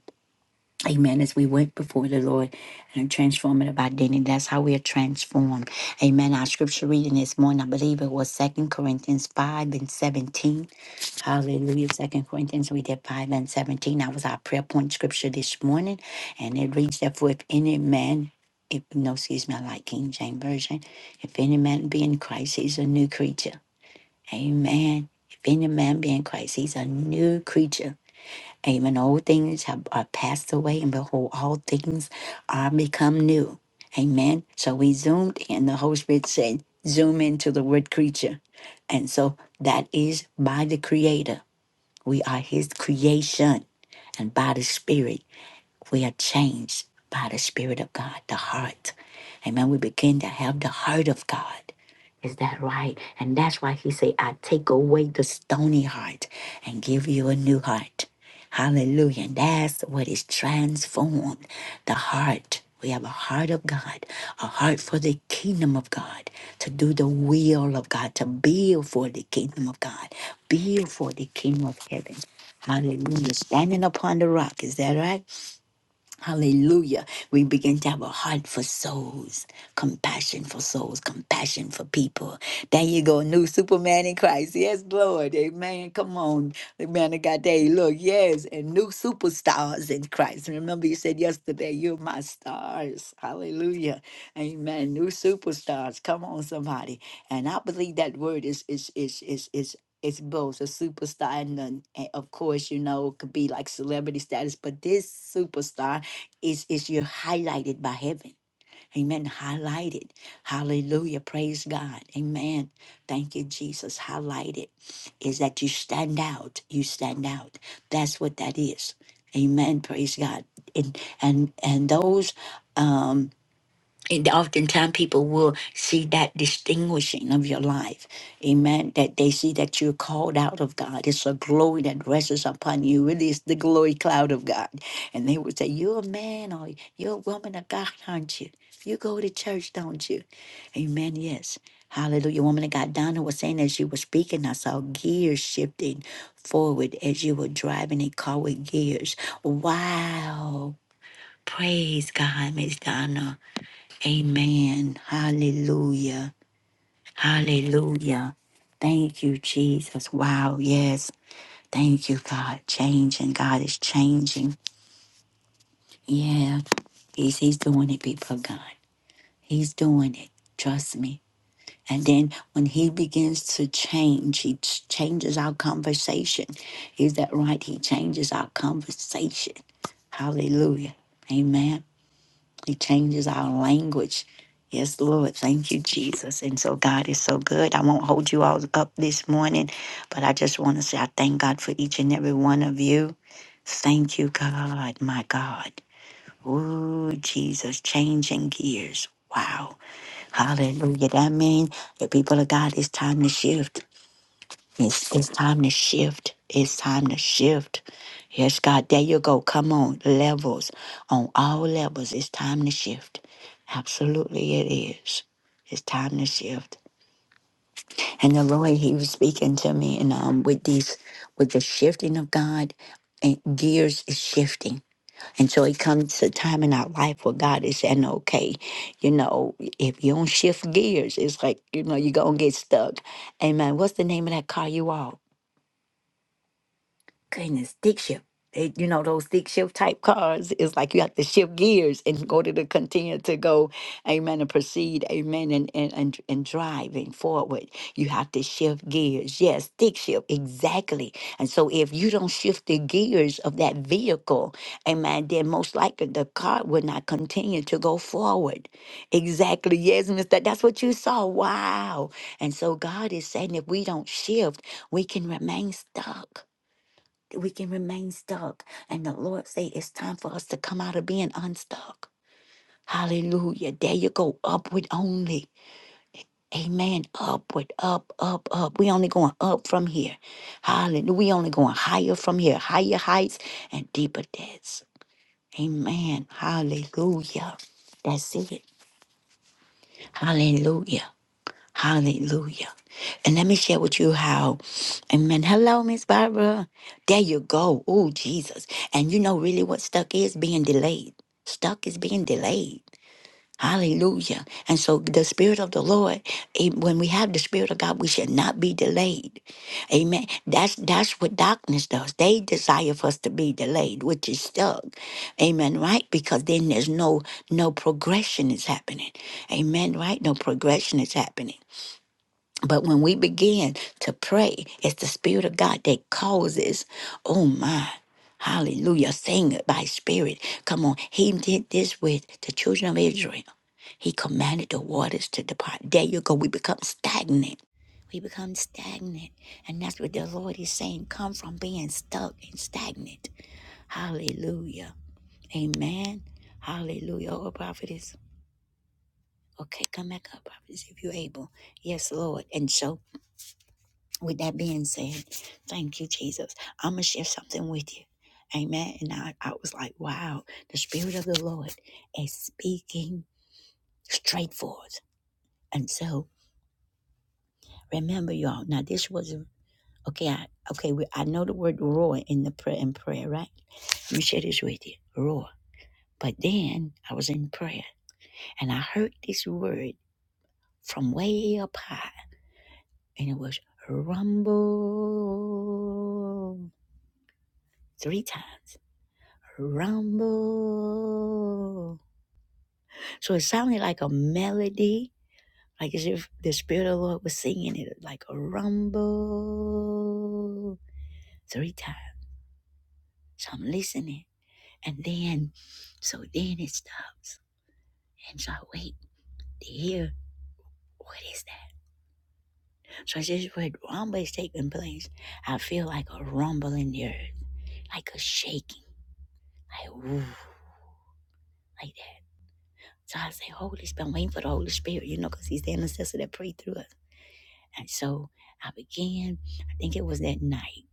[SPEAKER 1] amen, as we went before the Lord and transforming transformative identity, that's how we are transformed. Amen. Our scripture reading this morning, I believe it was Second Corinthians 5 and 17. Hallelujah. Second Corinthians, we did five and seventeen. That was our prayer point scripture this morning. And it reads, therefore, if any man, if no, excuse me, I like King James Version. If any man be in Christ, he's a new creature. Amen. If any man be in Christ, he's a new creature. Amen. Old things have are passed away, and behold, all things are become new. Amen. So we zoomed in. The Holy Spirit said, zoom into the word creature. And so that is by the Creator. We are His creation. And by the Spirit, we are changed by the Spirit of God, the heart. Amen. We begin to have the heart of God. Is that right? And that's why he say, I take away the stony heart and give you a new heart. Hallelujah. And that's what is transformed. The heart. We have a heart of God, a heart for the kingdom of God, to do the will of God, to build for the kingdom of God, build for the kingdom of heaven. Hallelujah. Standing upon the rock. Is that right? Hallelujah. We begin to have a heart for souls, compassion for souls, compassion for people. There you go, new Superman in Christ. Yes, Lord. Amen. Come on. Amen. I got that. Look, yes, and new superstars in Christ. Remember, you said yesterday, you're my stars. Hallelujah. Amen. New superstars. Come on, somebody. And I believe that word is is is is is it's both a superstar and, then, eh, of course you know it could be like celebrity status but this superstar is is you're highlighted by heaven. Amen. Highlighted. Hallelujah. Praise God. Amen. Thank you, Jesus. Highlighted is that you stand out. You stand out. That's what that is. Amen. Praise God. And and and those um, and oftentimes people will see that distinguishing of your life. Amen. That they see that you're called out of God. It's a glory that rests upon you. Really, it's the glory cloud of God. And they would say, You're a man or you're a woman of God, aren't you? You go to church, don't you? Amen. Yes. Hallelujah. Woman of God, Donna was saying as you were speaking, I saw gears shifting forward as you were driving a car with gears. Wow. Praise God, Miss Donna. Amen. Hallelujah. Hallelujah. Thank you, Jesus. Wow. Yes. Thank you, God. Changing. God is changing. Yeah. He's, he's doing it, people of God. He's doing it. Trust me. And then when he begins to change, he ch- changes our conversation. Is that right? He changes our conversation. Hallelujah. Amen. He changes our language. Yes, Lord. Thank you, Jesus. And so God is so good. I won't hold you all up this morning, but I just want to say I thank God for each and every one of you. Thank you, God, my God. Ooh, Jesus, changing gears. Wow. Hallelujah. That means the people of God, it's time to shift. It's, it's time to shift. It's time to shift. Yes, God, there you go. Come on, levels, on all levels. It's time to shift. Absolutely, it is. It's time to shift. And the Lord, He was speaking to me, and um, with these, with the shifting of God, and gears is shifting. And so it comes a time in our life where God is saying, okay, you know, if you don't shift gears, it's like, you know, you're going to get stuck. Amen. What's the name of that car you own? Goodness, stick shift. They, you know, those stick shift type cars It's like you have to shift gears and go to the continue to go, amen, and proceed, amen, and and and, and driving forward. You have to shift gears. Yes, stick shift, exactly. And so if you don't shift the gears of that vehicle, amen, then most likely the car will not continue to go forward. Exactly. Yes, Mr. That's what you saw. Wow. And so God is saying if we don't shift, we can remain stuck we can remain stuck. And the Lord say it's time for us to come out of being unstuck. Hallelujah. There you go. Upward only. Amen. Upward, up, up, up. We only going up from here. Hallelujah. We only going higher from here. Higher heights and deeper depths. Amen. Hallelujah. That's it. Hallelujah. Hallelujah. And let me share with you how, amen. Hello, Miss Barbara. There you go. Oh, Jesus. And you know really what stuck is? Being delayed. Stuck is being delayed. Hallelujah. And so the Spirit of the Lord, eh, when we have the Spirit of God, we should not be delayed. Amen. That's that's what darkness does. They desire for us to be delayed, which is stuck. Amen. Right? Because then there's no no progression is happening. Amen. Right? No progression is happening. But when we begin to pray, it's the Spirit of God that causes, oh my, hallelujah, sing it by Spirit. Come on, He did this with the children of Israel. He commanded the waters to depart. There you go, we become stagnant. We become stagnant. And that's what the Lord is saying come from being stuck and stagnant. Hallelujah. Amen. Hallelujah. Oh, prophetess. Okay, come back up, prophetess, if you're able. Yes, Lord. And so with that being said, thank you, Jesus. I'm going to share something with you. Amen. And I, I was like, wow, the Spirit of the Lord is speaking straight forth. And so remember, y'all, now this was, okay, I, okay, we, I know the word roar in the prayer, in prayer, right? Let me share this with you, roar. But then I was in prayer and I heard this word from way up high and it was rumble three times. rumble. So it sounded like a melody, like as if the Spirit of the Lord was singing it, like a rumble three times. So I'm listening. And then, so then it stops. And so I wait to hear what is that. So I just what rumble is taking place. I feel like a rumble in the earth, like a shaking, like woo, like that. So I say, Holy Spirit, I'm waiting for the Holy Spirit, you know, because He's the intercessor that prayed through us. And so I began, I think it was that night.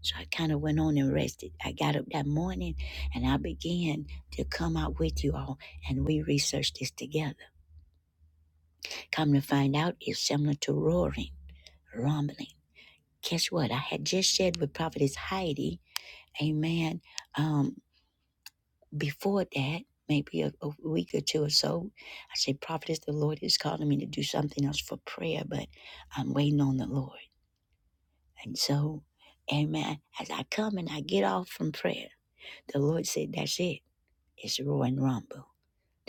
[SPEAKER 1] So I kind of went on and rested. I got up that morning and I began to come out with you all and we researched this together. Come to find out, it's similar to roaring, rumbling. Guess what? I had just shared with Prophetess Heidi, amen. Um, before that, maybe a, a week or two or so, I said, Prophetess, the Lord is calling me to do something else for prayer, but I'm waiting on the Lord. And so, amen. As I come and I get off from prayer, the Lord said, That's it. It's Roy and Rumble,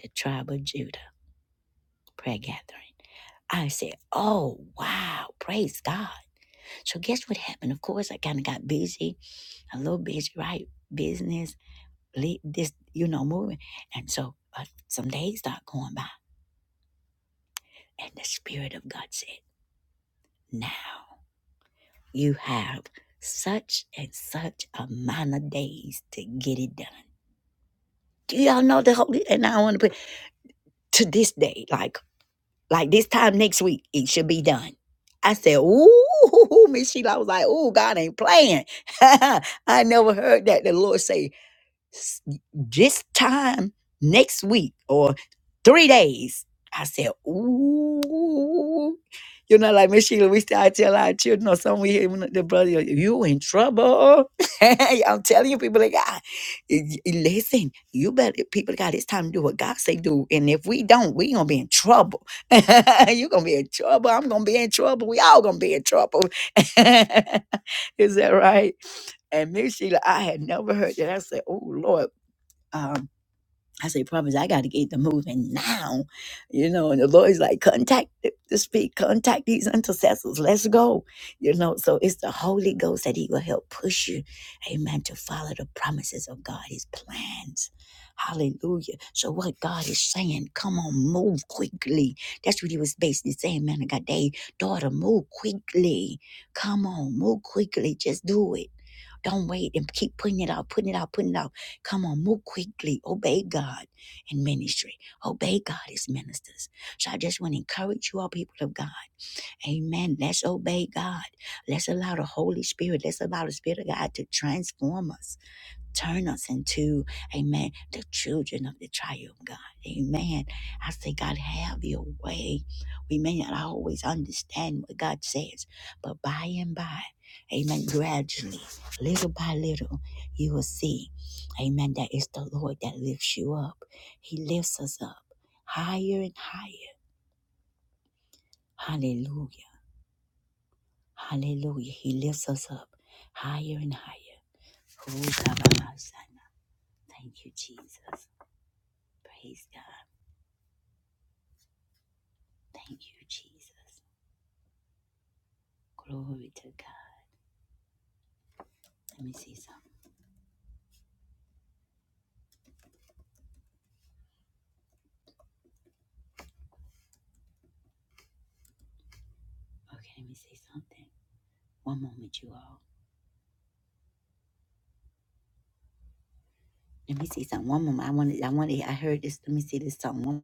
[SPEAKER 1] the tribe of Judah prayer gathering. I said, Oh, wow. Praise God. So, guess what happened? Of course, I kind of got busy, a little busy, right? Business, lead this, you know, moving. And so, uh, some days start going by. And the Spirit of God said, Now you have such and such amount of days to get it done. Do y'all know the holy? And I want to put to this day, like like this time next week, it should be done. I said, "Ooh, Miss Sheila." I was like, "Ooh, God ain't playing." I never heard that the Lord say s- this time next week or three days. I said, ooh, you know, like Miss Sheila, we still I tell our children or something we hear when the brother, you in trouble. I'm telling you, people like God, y- y- listen, you better people of God, it's time to do what God say do. And if we don't, we gonna be in trouble. you gonna be in trouble. I'm gonna be in trouble. We all gonna be in trouble. Is that right? And Miss Sheila, I had never heard that. I said, Oh Lord, um, I say, prophets, I got to get them moving now. You know, and the Lord's like, contact the the speak, contact these intercessors. Let's go. You know, so it's the Holy Ghost that He will help push you, amen, to follow the promises of God, His plans. Hallelujah. So what God is saying, come on, move quickly. That's what he was basically saying, man. I got day, daughter, move quickly. Come on, move quickly. Just do it. Don't wait and keep putting it out, putting it out, putting it out. Come on, move quickly. Obey God in ministry. Obey God as ministers. So I just want to encourage you all, people of God. Amen. Let's obey God. Let's allow the Holy Spirit, let's allow the Spirit of God to transform us Turn us into, amen, the children of the triumph, God. Amen. I say, God, have your way. We may not always understand what God says, but by and by, amen, gradually, little by little, you will see, amen, that it's the Lord that lifts you up. He lifts us up higher and higher. Hallelujah. Hallelujah. He lifts us up higher and higher. Oh, God, my son. Thank you, Jesus. Praise God. Thank you, Jesus. Glory to God. Let me see something. Okay, let me see something. One moment, you all. Let me see something. One moment. I wanted. I wanted. I heard this. Let me see this song. One,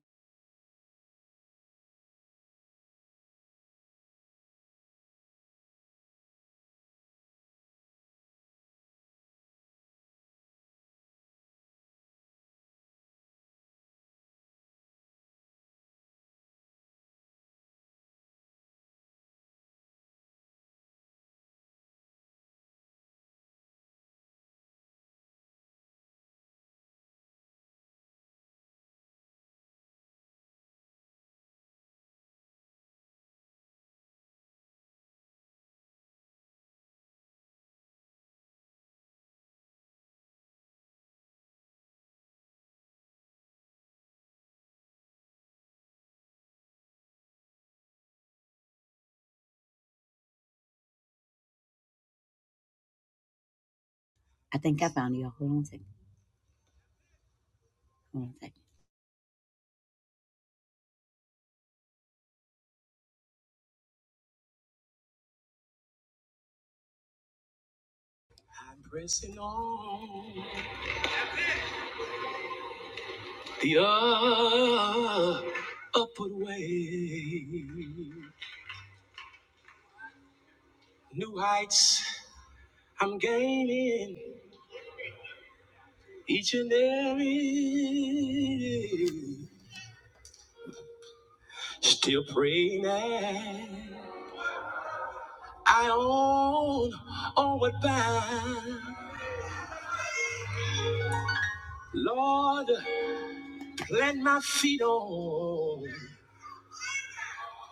[SPEAKER 1] I think I found it. y'all. Hold on a second. Hold on a second. I'm pressing on the uh, upward way. New heights I'm gaining each and every. Still praying that I own on what bound. Lord, plant my feet on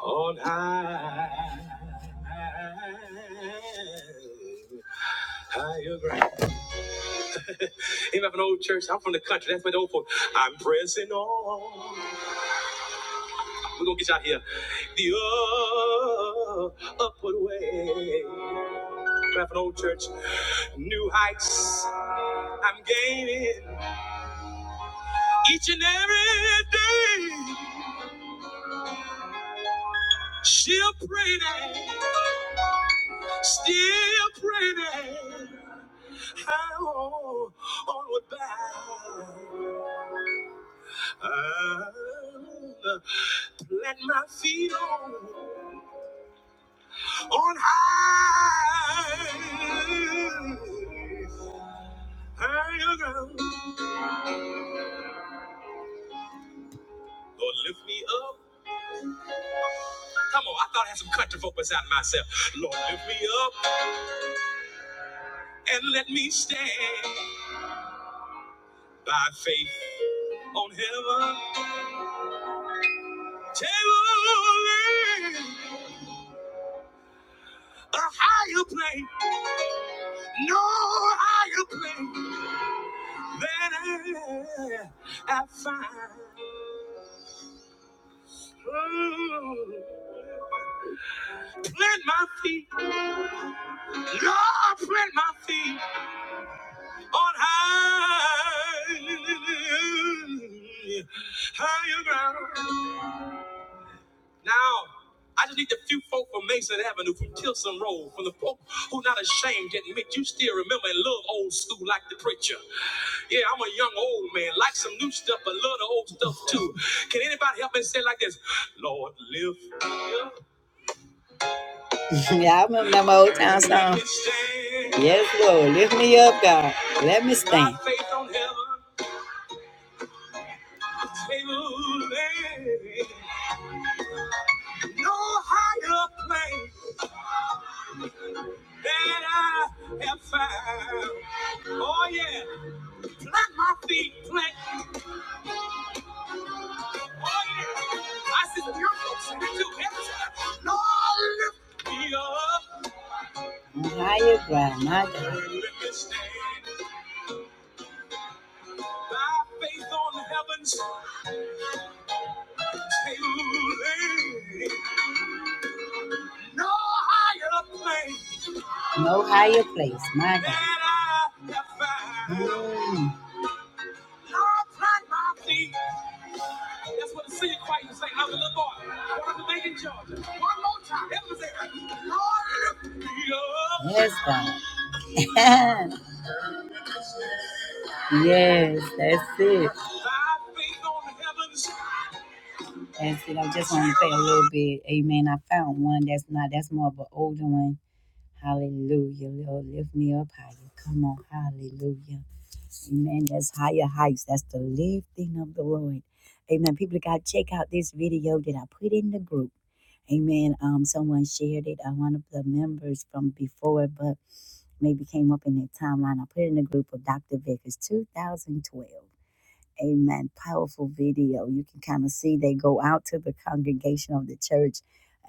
[SPEAKER 1] on high. Higher ground. Even from an old church, I'm from the country. That's where the old folk. I'm pressing on. We're gonna get you out here. The uh, upward way. Even from an old church, new heights. I'm gaining each and every day. Still praying, still praying. How onward bound? I'll Plant my feet on on high, higher ground. Lord, lift me up. Come on, I thought I had some country folk beside myself. Lord, lift me up and let me stand by faith on heaven. Table A higher plane, no higher plane than I, I find. Mm. Plant my feet, Lord, plant my feet on high, higher ground. Now, I just need the few folk from Mason Avenue, from Tilson Road, from the folk who not ashamed to admit you still remember and love old school like the preacher. Yeah, I'm a young old man, like some new stuff, but love the old stuff too. Can anybody help me say it like this? Lord, lift me up. It's our Yes, Thy thank. you. faith on heaven. may move. No higher place that I have found. Oh yeah, plant my feet, plant I Higher ground, my God. No higher place. No my God. Mm. That's what the singing choir was saying. I was a little boy. Born in Georgia. One more time. It was there. Lord, lift me up. Yes, God. Yes, that's it. That's it. I just want to play a little bit. Amen. I found one that's not, that's more of an older one. Hallelujah. Lord, lift me up higher. Come on. Hallelujah. Amen. That's higher heights. That's the lifting of the Lord. Amen. People of God, check out this video that I put in the group. Amen. Um, someone shared it. Uh, one of the members from before, but maybe came up in their timeline. I put it in the group of Dr. Vickers 2012. Amen. Powerful video. You can kind of see they go out to the congregation of the church,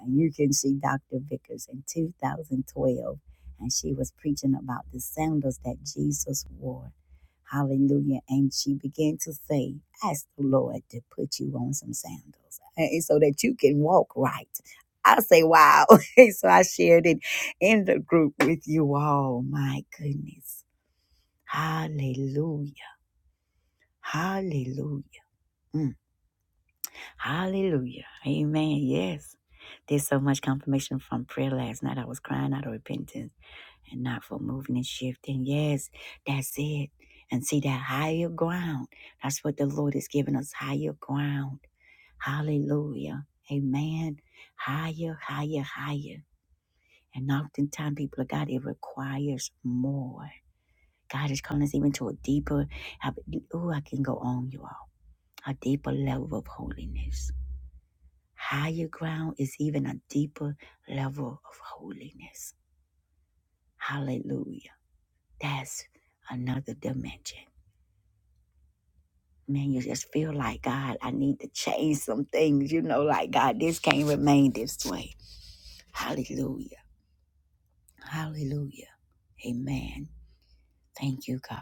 [SPEAKER 1] and you can see Dr. Vickers in 2012. And she was preaching about the sandals that Jesus wore. Hallelujah. And she began to say, Ask the Lord to put you on some sandals and so that you can walk right. I say, Wow. so I shared it in the group with you all. My goodness. Hallelujah. Hallelujah. Mm. Hallelujah. Amen. Yes. There's so much confirmation from prayer last night. I was crying out of repentance and not for moving and shifting. Yes, that's it. And see that higher ground. That's what the Lord is giving us higher ground. Hallelujah. Amen. Higher, higher, higher. And oftentimes, people of God, it requires more. God is calling us even to a deeper, oh, I can go on, you all, a deeper level of holiness. Higher ground is even a deeper level of holiness. Hallelujah. That's another dimension. Man, you just feel like, God, I need to change some things. You know, like, God, this can't remain this way. Hallelujah. Hallelujah. Amen. Thank you, God.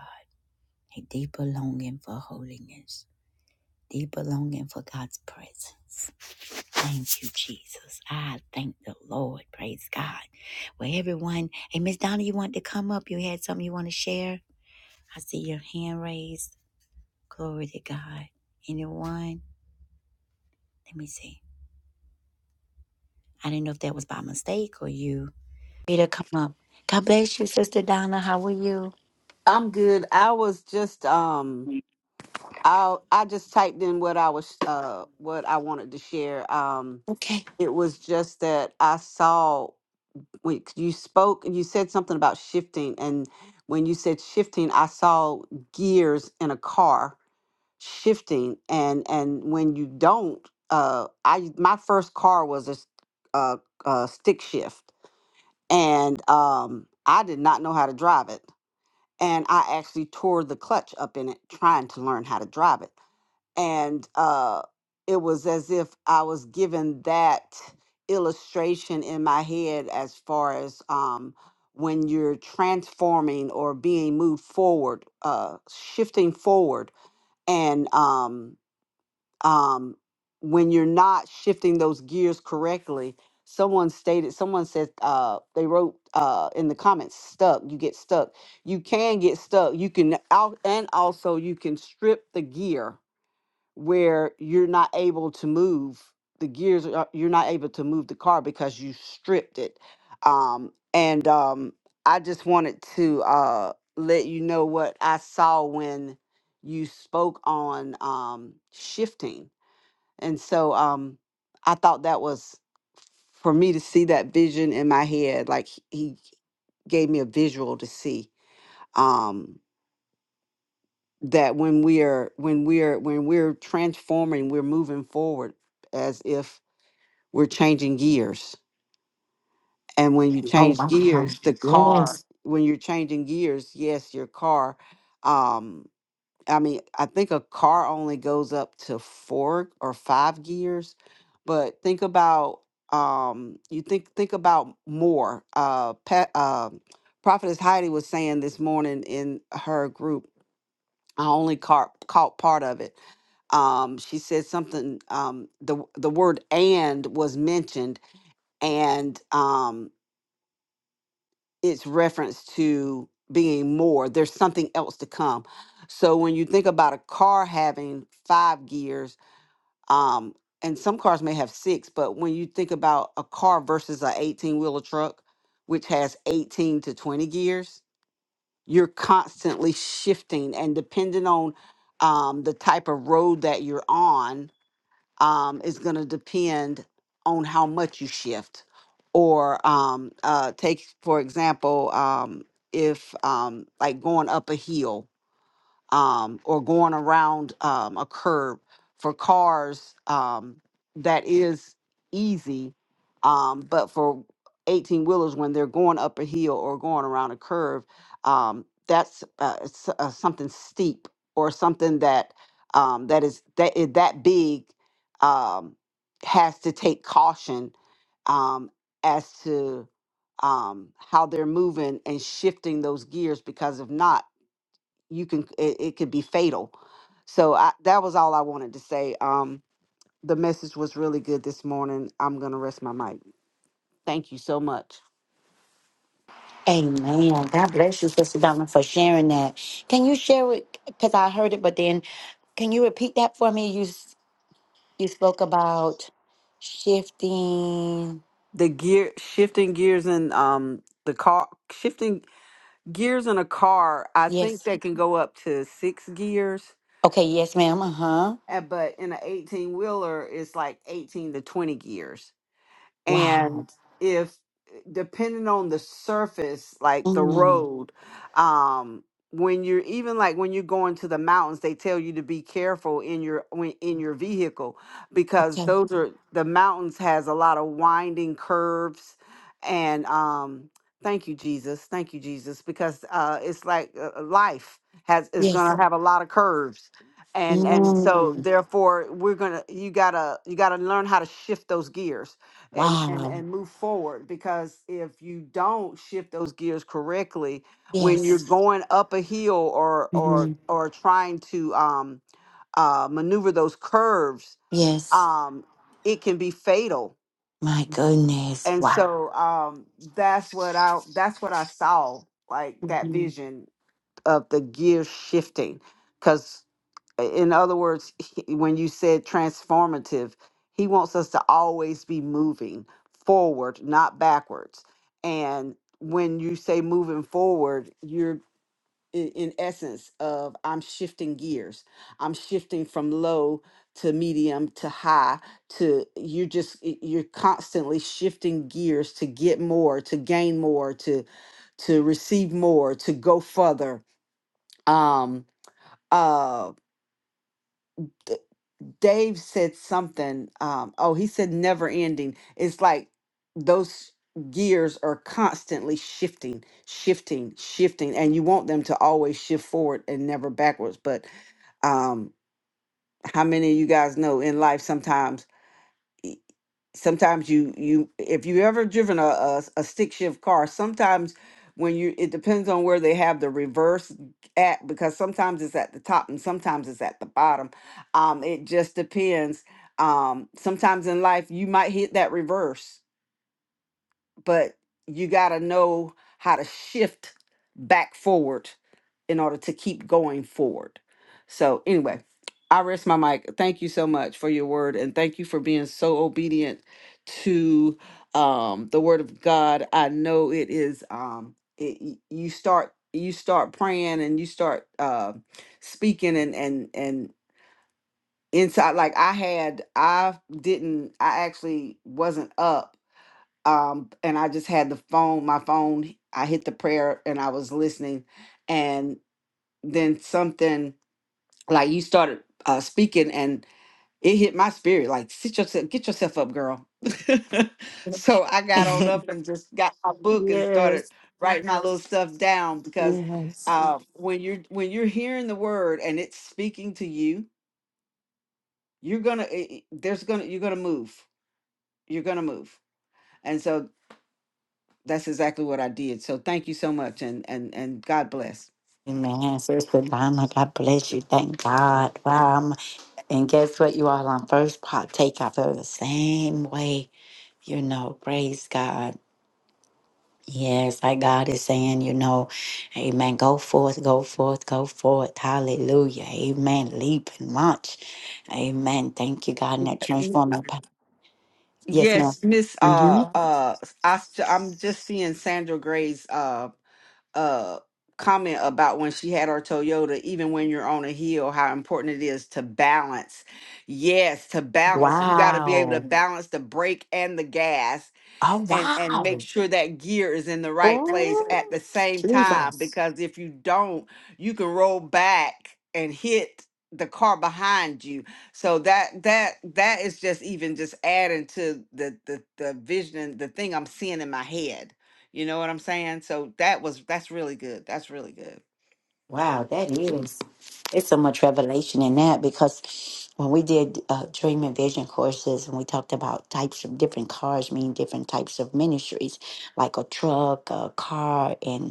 [SPEAKER 1] A deeper longing for holiness, deeper longing for God's presence. Thank you, Jesus. I thank the Lord. Praise God. Well, everyone, hey, Miss Donna, you want to come up? You had something you want to share? I see your hand raised. Glory to God. Anyone? Let me see. I didn't know if that was by mistake or you. Peter, come up. God bless you, Sister Donna. How are you?
[SPEAKER 3] I'm good. I was just um I I just typed in what I was uh what I wanted to share. Um
[SPEAKER 1] Okay.
[SPEAKER 3] it was just that I saw when you spoke and you said something about shifting and when you said shifting I saw gears in a car shifting and and when you don't uh I my first car was a s- uh, uh stick shift and um I did not know how to drive it and I actually tore the clutch up in it trying to learn how to drive it. And uh, it was as if I was given that illustration in my head as far as um, when you're transforming or being moved forward, uh, shifting forward. And um, um, when you're not shifting those gears correctly. Someone stated, someone said, uh, they wrote uh, in the comments, stuck, you get stuck. You can get stuck. You can out, and also you can strip the gear where you're not able to move the gears, are- uh, you're not able to move the car because you stripped it. Um, and um, I just wanted to uh, let you know what I saw when you spoke on um, shifting and so um I thought that was for me to see that vision in my head, like he he gave me a visual to see. Um that when we're when we're when we're transforming, we're moving forward as if we're changing gears. And when you
[SPEAKER 1] Oh,
[SPEAKER 3] change
[SPEAKER 1] wow.
[SPEAKER 3] gears, the car
[SPEAKER 1] Yes.
[SPEAKER 3] when you're changing gears, yes, your car. Um, I mean, I think a car only goes up to four or five gears, but think about um, you think think about more. Uh, Pat, uh, Prophetess Heidi was saying this morning in her group. I only caught caught part of it. Um, she said something. Um, the the word "and" was mentioned, and um, it's reference to being more. There's something else to come. So when you think about a car having five gears, um, and some cars may have six, but when you think about a car versus a 18 wheeler truck, which has 18 to 20 gears, you're constantly shifting and depending on um, the type of road that you're on, um, is going to depend on how much you shift. Or um, uh, take, for example, um, if um, like going up a hill, um, or going around um, a curb for cars um, that is easy um, but for 18 wheelers when they're going up a hill or going around a curve um, that's uh, s- uh, something steep or something that um, that is that is that big um, has to take caution um, as to um, how they're moving and shifting those gears because if not you can it, it could be fatal so I, that was all i wanted to say um the message was really good this morning i'm gonna rest my mic thank you so much
[SPEAKER 1] Amen. God bless you, Sister Donna, for sharing that. Can you share it? Because I heard it, but then can you repeat that for me? You You spoke about shifting.
[SPEAKER 3] the gear shifting gears in um the car shifting gears in a car i think
[SPEAKER 1] Yes.
[SPEAKER 3] they can go up to six gears
[SPEAKER 1] Okay. Yes, ma'am. Uh huh.
[SPEAKER 3] uh, but in an 18 wheeler it's like 18 to 20 gears
[SPEAKER 1] Wow.
[SPEAKER 3] and if depending on the surface like the
[SPEAKER 1] Mm.
[SPEAKER 3] road um when you're even like when you're going to the mountains they tell you to be careful in your when in your vehicle because
[SPEAKER 1] Okay.
[SPEAKER 3] those are the mountains has a lot of winding curves and um thank you jesus thank you jesus because uh it's like uh, uh, life has is going
[SPEAKER 1] Yes.
[SPEAKER 3] to have a lot of curves and and so
[SPEAKER 1] Mm.
[SPEAKER 3] therefore we're going to you got to you got to learn how to shift those gears and and
[SPEAKER 1] Wow.
[SPEAKER 3] and move forward because if you don't shift those gears correctly when you're
[SPEAKER 1] Yes.
[SPEAKER 3] Yes. going up a hill or or Mhm.
[SPEAKER 1] hmm
[SPEAKER 3] or trying to um uh maneuver those curves
[SPEAKER 1] Yes.
[SPEAKER 3] um it can be fatal
[SPEAKER 1] My goodness.
[SPEAKER 3] and
[SPEAKER 1] Wow.
[SPEAKER 3] so um that's what i that's what i saw like that
[SPEAKER 1] hmm
[SPEAKER 3] vision of the gear shifting because in other words, he- when you said transformative, he wants us to always be moving forward, not backwards. And when you say moving forward, you're i- in essence of I'm shifting gears. I'm shifting from low to medium to high to you're just y- you're constantly shifting gears to get more, to gain more, to to receive more, to go further. Um uh Dave said something. Um, oh, he said never ending. It's like those gears are constantly shifting, shifting, shifting, and you want them to always shift forward and never backwards. But um, how many of you guys know in life sometimes? sometimes you you if you ever driven a a a stick shift car sometimes when you it depends on where they have the reverse at because sometimes it's at the top and sometimes it's at the bottom um it just depends um sometimes in life you might hit that reverse but you got to know how to shift back forward in order to keep going forward. So, anyway, I rest my mic. Thank you so much for your word and thank you for being so obedient to um the word of God. I know it is um it, y- you start you start praying and you start uh speaking and and and inside like I had I didn't I actually wasn't up um and i just had the phone my phone i hit the prayer and i was listening and then something like you started uh speaking and it hit my spirit like sit yourself get yourself up girl so i got on up and just got my book and started
[SPEAKER 1] yes.
[SPEAKER 3] writing my little stuff down because
[SPEAKER 1] Yes.
[SPEAKER 3] uh when you're when you're hearing the word and it's speaking to you you're gonna it, it- there's gonna you're gonna move you're gonna move and so. That's exactly what I did. So thank you so much, and and and God bless.
[SPEAKER 1] Amen. Sister Donna, God bless you. Thank God. Wow. And guess what, you all? on am first partaker. I feel the same way. You know, praise God. Yes, like God is saying, you know, amen. Go forth, go forth, go forth. Hallelujah. Amen. Leap and launch. Amen. Thank you, God, in that
[SPEAKER 3] Mm,
[SPEAKER 1] transforming power. Yes, madam
[SPEAKER 3] Yes, Miss.
[SPEAKER 1] hmm
[SPEAKER 3] Uh, uh, I, am just seeing Sandra Gray's uh uh comment about when she had her Toyota. Even when you're on a hill, how important it is to balance. Yes, to balance. You got to be able to
[SPEAKER 1] Wow.
[SPEAKER 3] balance the brake and the gas
[SPEAKER 1] Oh,
[SPEAKER 3] and and make
[SPEAKER 1] wow.
[SPEAKER 3] sure that gear is in the right place at
[SPEAKER 1] Oh,
[SPEAKER 3] the same time
[SPEAKER 1] Jesus.
[SPEAKER 3] because if you don't you can roll back and hit the car behind you so that that that is just even just adding to the the, the vision and the thing i'm seeing in my head you know what i'm saying so that was that's really good that's really good
[SPEAKER 1] Wow, that is. It's so much revelation in that because when we did uh, dream and vision courses and we talked about types of different cars, meaning different types of ministries, like a truck, a car, and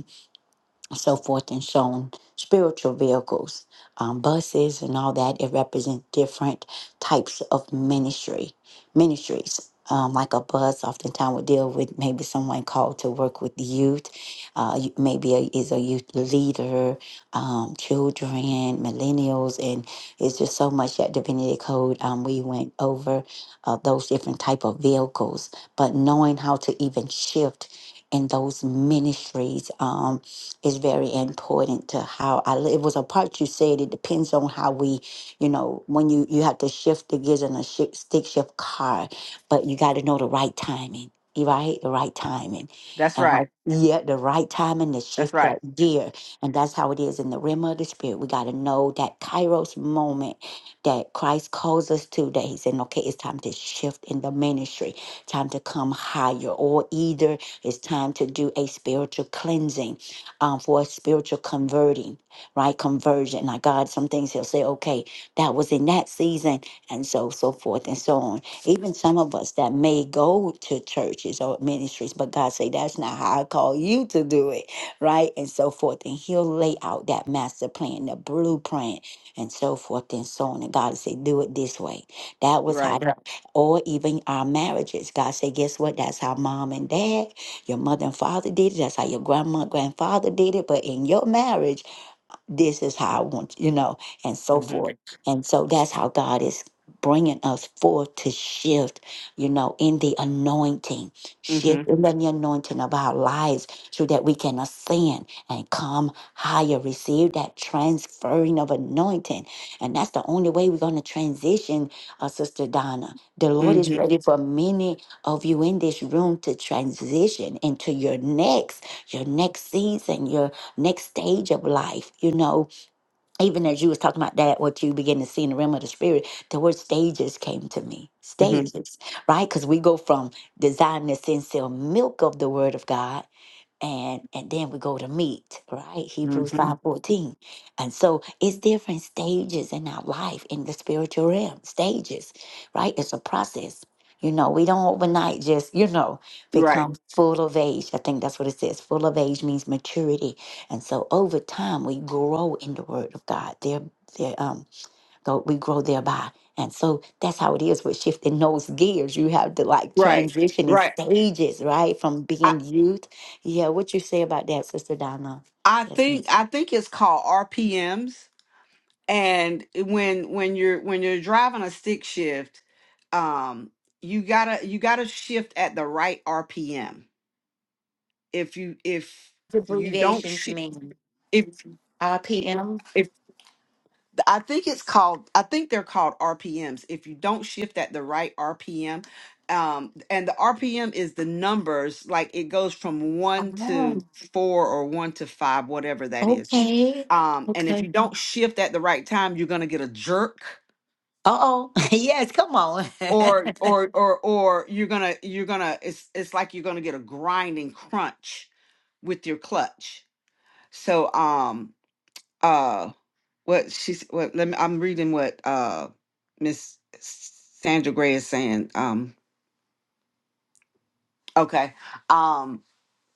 [SPEAKER 1] so forth and shown spiritual vehicles um, buses and all that it represents different types of ministry ministries um, like a bus oftentimes would deal with maybe someone called to work with youth uh, you- maybe a, is a youth leader um, children millennials and it's just so much that divinity code um, we went over uh, those different type of vehicles but knowing how to even shift in those ministries um is very important to how I live. It was a part you said it depends on how we, you know, when you you have to shift the gears in a shi stick shift car, but you got to know the right timing. you Right, the right timing,
[SPEAKER 3] that's
[SPEAKER 1] and
[SPEAKER 3] right.
[SPEAKER 1] like yeah, the right timing to
[SPEAKER 3] That's
[SPEAKER 1] shift
[SPEAKER 3] right.
[SPEAKER 1] that gear, and that's how it is in the realm of the spirit. We got to know that Kairos moment that Christ calls us to. That He said, okay, it's time to shift in the ministry, time to come higher, or either it's time to do a spiritual cleansing um, for a spiritual converting, right? Conversion. Like God, some things He'll say, okay, that was in that season, and so so forth and so on. Even some of us that may go to churches or ministries, but God say that's not how I call you to do it, right? And so forth. And He'll lay out that master plan, the blueprint, and so forth and so on. And God will say, do it this way. That was
[SPEAKER 3] Right.
[SPEAKER 1] how. Yeah. Or even our marriages. God say, guess what? That's how mom and dad. Your mother and father did it. That's how your grandma, grandfather did it. But in your marriage, this is how I want, you know, and so
[SPEAKER 3] Mhm.
[SPEAKER 1] forth. And so that's how God is bringing us forth to shift, you know, in the anointing, shift
[SPEAKER 3] Mhm.
[SPEAKER 1] in the anointing of our lives so that we can ascend and come higher, receive that transferring of anointing. And that's the only way we're going to transition, uh, Sister Donna. The Lord is
[SPEAKER 3] Mhm.
[SPEAKER 1] ready for many of you in this room to transition into your next, your next season, your next stage of life you know even as you was talking about that what you begin to see in the realm of the spirit the word stages came to me
[SPEAKER 3] Mhm.
[SPEAKER 1] stages right because we go from desiring the sincere milk of the word of god and and then we go to meat right hebrews
[SPEAKER 3] Mhm.
[SPEAKER 1] 5.14 and so it's different stages in our life in the spiritual realm stages right it's a process you know we don't overnight just you know
[SPEAKER 3] Right.
[SPEAKER 1] become full of age i think that's what it says full of age means maturity and so over time we grow in the word of god there there um though we grow thereby and so that's how it is with shifting those gears you have to like
[SPEAKER 3] Right.
[SPEAKER 1] transition in
[SPEAKER 3] Right.
[SPEAKER 1] stages right from
[SPEAKER 3] I
[SPEAKER 1] youth
[SPEAKER 3] I think I think it's called RPMs and when when you're when you're driving a stick shift um you got to you got to shift at the right RPM if you if you don't shi if if I think it's called I think they're called RPMs. If you don't shift at the right RPM, um, and the RPM is the numbers like it goes from one to four or one to five, whatever that is. Um, and if you don't shift at the right time, you're gonna get a jerk.
[SPEAKER 1] yes, come on.
[SPEAKER 3] Or or or or you're gonna you're gonna it's it's like you're gonna get a grinding crunch with your clutch. So um uh. what she's what let me I'm reading what uh Miss Sandra Gray is saying. Um okay. Um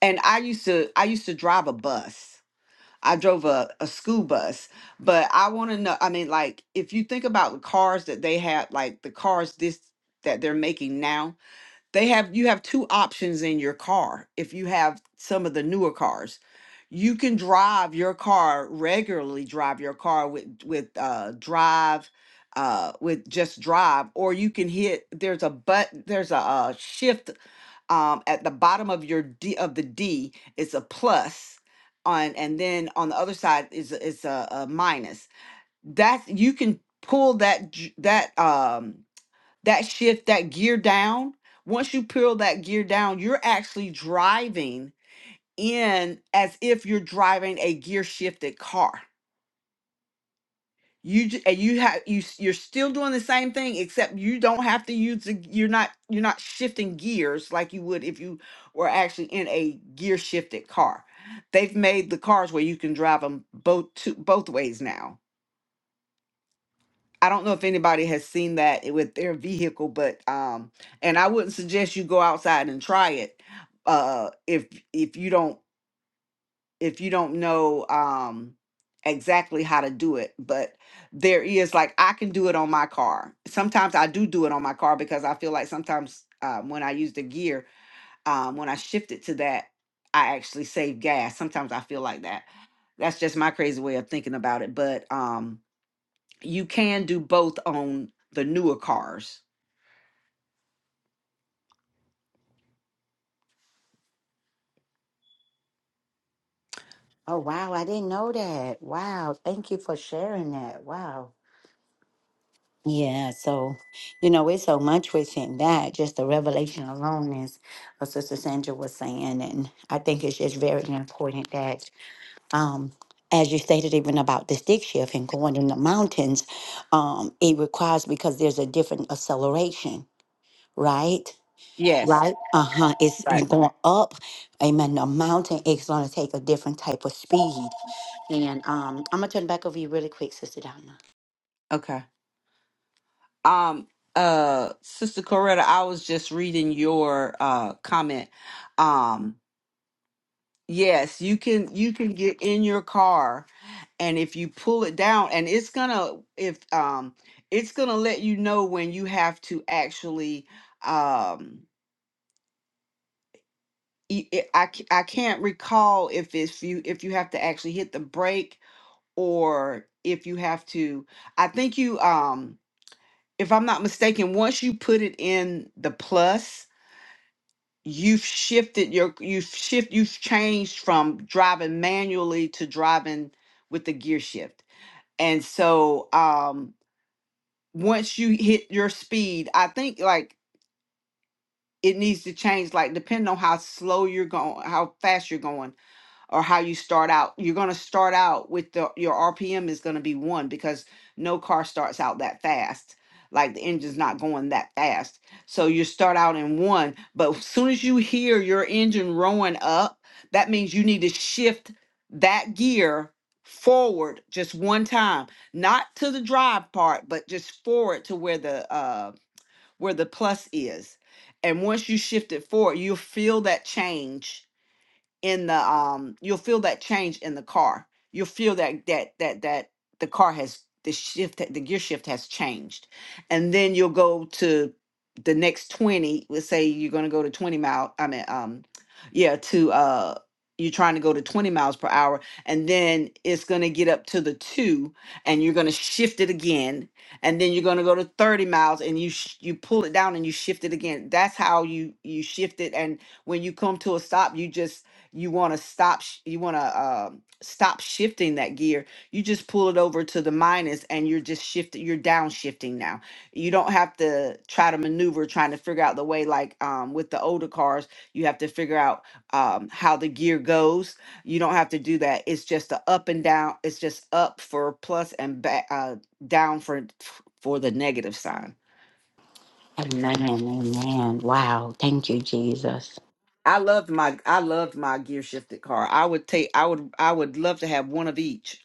[SPEAKER 3] and I used to I used to drive a bus. I drove a, a school bus, but I want to know I mean like if you think about the cars that they have like the cars this that they're making now they have you have two options in your car if you have some of the newer cars you can drive your car regularly drive your car with with uh drive uh with just drive or you can hit there's a but there's a, uh shift um at the bottom of your d of the d it's a plus on and then on the other side is a- it's a, a minus that's you can pull that dr- that um that shift that gear down once you peel that gear down you're actually driving in as if you're driving a gear shifted car you ju- and you have you s- you're still doing the same thing except you don't have to use the g- you're not you're not shifting gears like you would if you were actually in a gear shifted car they've made the cars where you can drive them both to both ways now I don't know if anybody has seen that i- with their vehicle, but um, and I wouldn't suggest you go outside and try it, uh, if if you don't if you don't know um exactly how to do it. But there is like I can do it on my car. Sometimes I do do it on my car because I feel like sometimes um, when I use the gear, um, when I shift it to that, I actually save gas. Sometimes I feel like that. That's just my crazy way of thinking about it, but um you can do both on the newer cars.
[SPEAKER 1] Oh, wow. I didn't know that. Wow. Thank you for sharing that. Wow. Yeah. So, you know, it's so much within that. Just the revelation alone is what Sister Sandra was saying. And I think it's just very important that, um, as you stated, even about the stick shift and going in the mountains, um, it requires because there's a different acceleration, right?
[SPEAKER 3] Yes.
[SPEAKER 1] Right? Uh huh. It's
[SPEAKER 3] Right.
[SPEAKER 1] you're going up. Amen. A mountain is going to take a different type of speed. And um, I'm going to turn back over you really quick, Sister Donna.
[SPEAKER 3] Okay. Um uh Sister Coretta, I was just reading your uh comment. Um yes, you can you can get in your car and if you pull it down and it's going to if um it's going to let you know when you have to actually um e- it- I, c- I can't recall if it's you if you have to actually hit the brake or if you have to i think you um if i'm not mistaken once you put it in the plus you've shifted your you've shift you've changed from driving manually to driving with the gear shift and so um once you hit your speed i think like it needs to change like depending on how slow you're going how fast you're going or how you start out. You're going to start out with the, your RPM is going to be one because no car starts out that fast. Like the engine's not going that fast. So you start out in one, but as soon as you hear your engine rolling up, that means you need to shift that gear forward just one time, not to the drive part, but just forward to where the uh where the plus is. And once you shift it forward, you'll feel that change in the um you'll feel that change in the car you'll feel that that that that the car has the shift the gear shift has changed and then you'll go to the next 20 let's say you're going to go to 20 mile i mean um yeah to uh you're trying to go to 20 miles per hour and then it's going to get up to the 2 and you're going to shift it again and then you're going to go to 30 miles and you sh- you pull it down and you shift it again that's how you you shift it and when you come to a stop you just you want to stop sh- you want to uh, stop shifting that gear you just pull it over to the minus and you're just shifting you're downshifting now you don't have to try to maneuver trying to figure out the way like um, with the older cars you have to figure out um, how the gear goes you don't have to do that it's just a up and down it's just up for plus and back uh, down for for the negative sign
[SPEAKER 1] Amen. Amen. Wow. Thank you, Jesus.
[SPEAKER 3] I loved my I loved my gear shifted car. I would take I would I would love to have one of each.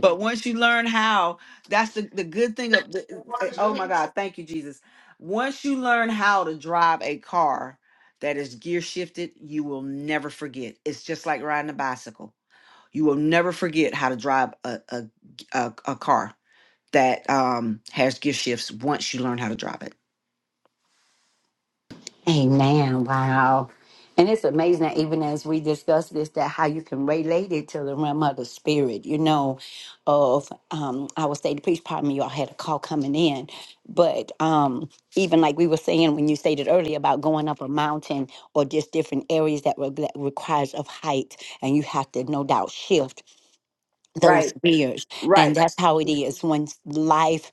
[SPEAKER 3] But once you learn how, that's the, the good thing of the eh, eh, oh my God, thank you, Jesus. Once you learn how to drive a car that is gear shifted, you will never forget. It's just like riding a bicycle. You will never forget how to drive a a, a, a car that um has gear shifts once you learn how to drive it.
[SPEAKER 1] Amen. Wow. And it's amazing that even as we discuss this, that how you can relate it to the realm of the spirit, you know, of um I would say the police pardon me, y'all had a call coming in. But um even like we were saying when you stated earlier about going up a mountain or just different areas that, re- that requires of height and you have to no doubt shift those
[SPEAKER 3] Right,
[SPEAKER 1] years and
[SPEAKER 3] right,
[SPEAKER 1] that's how it is when life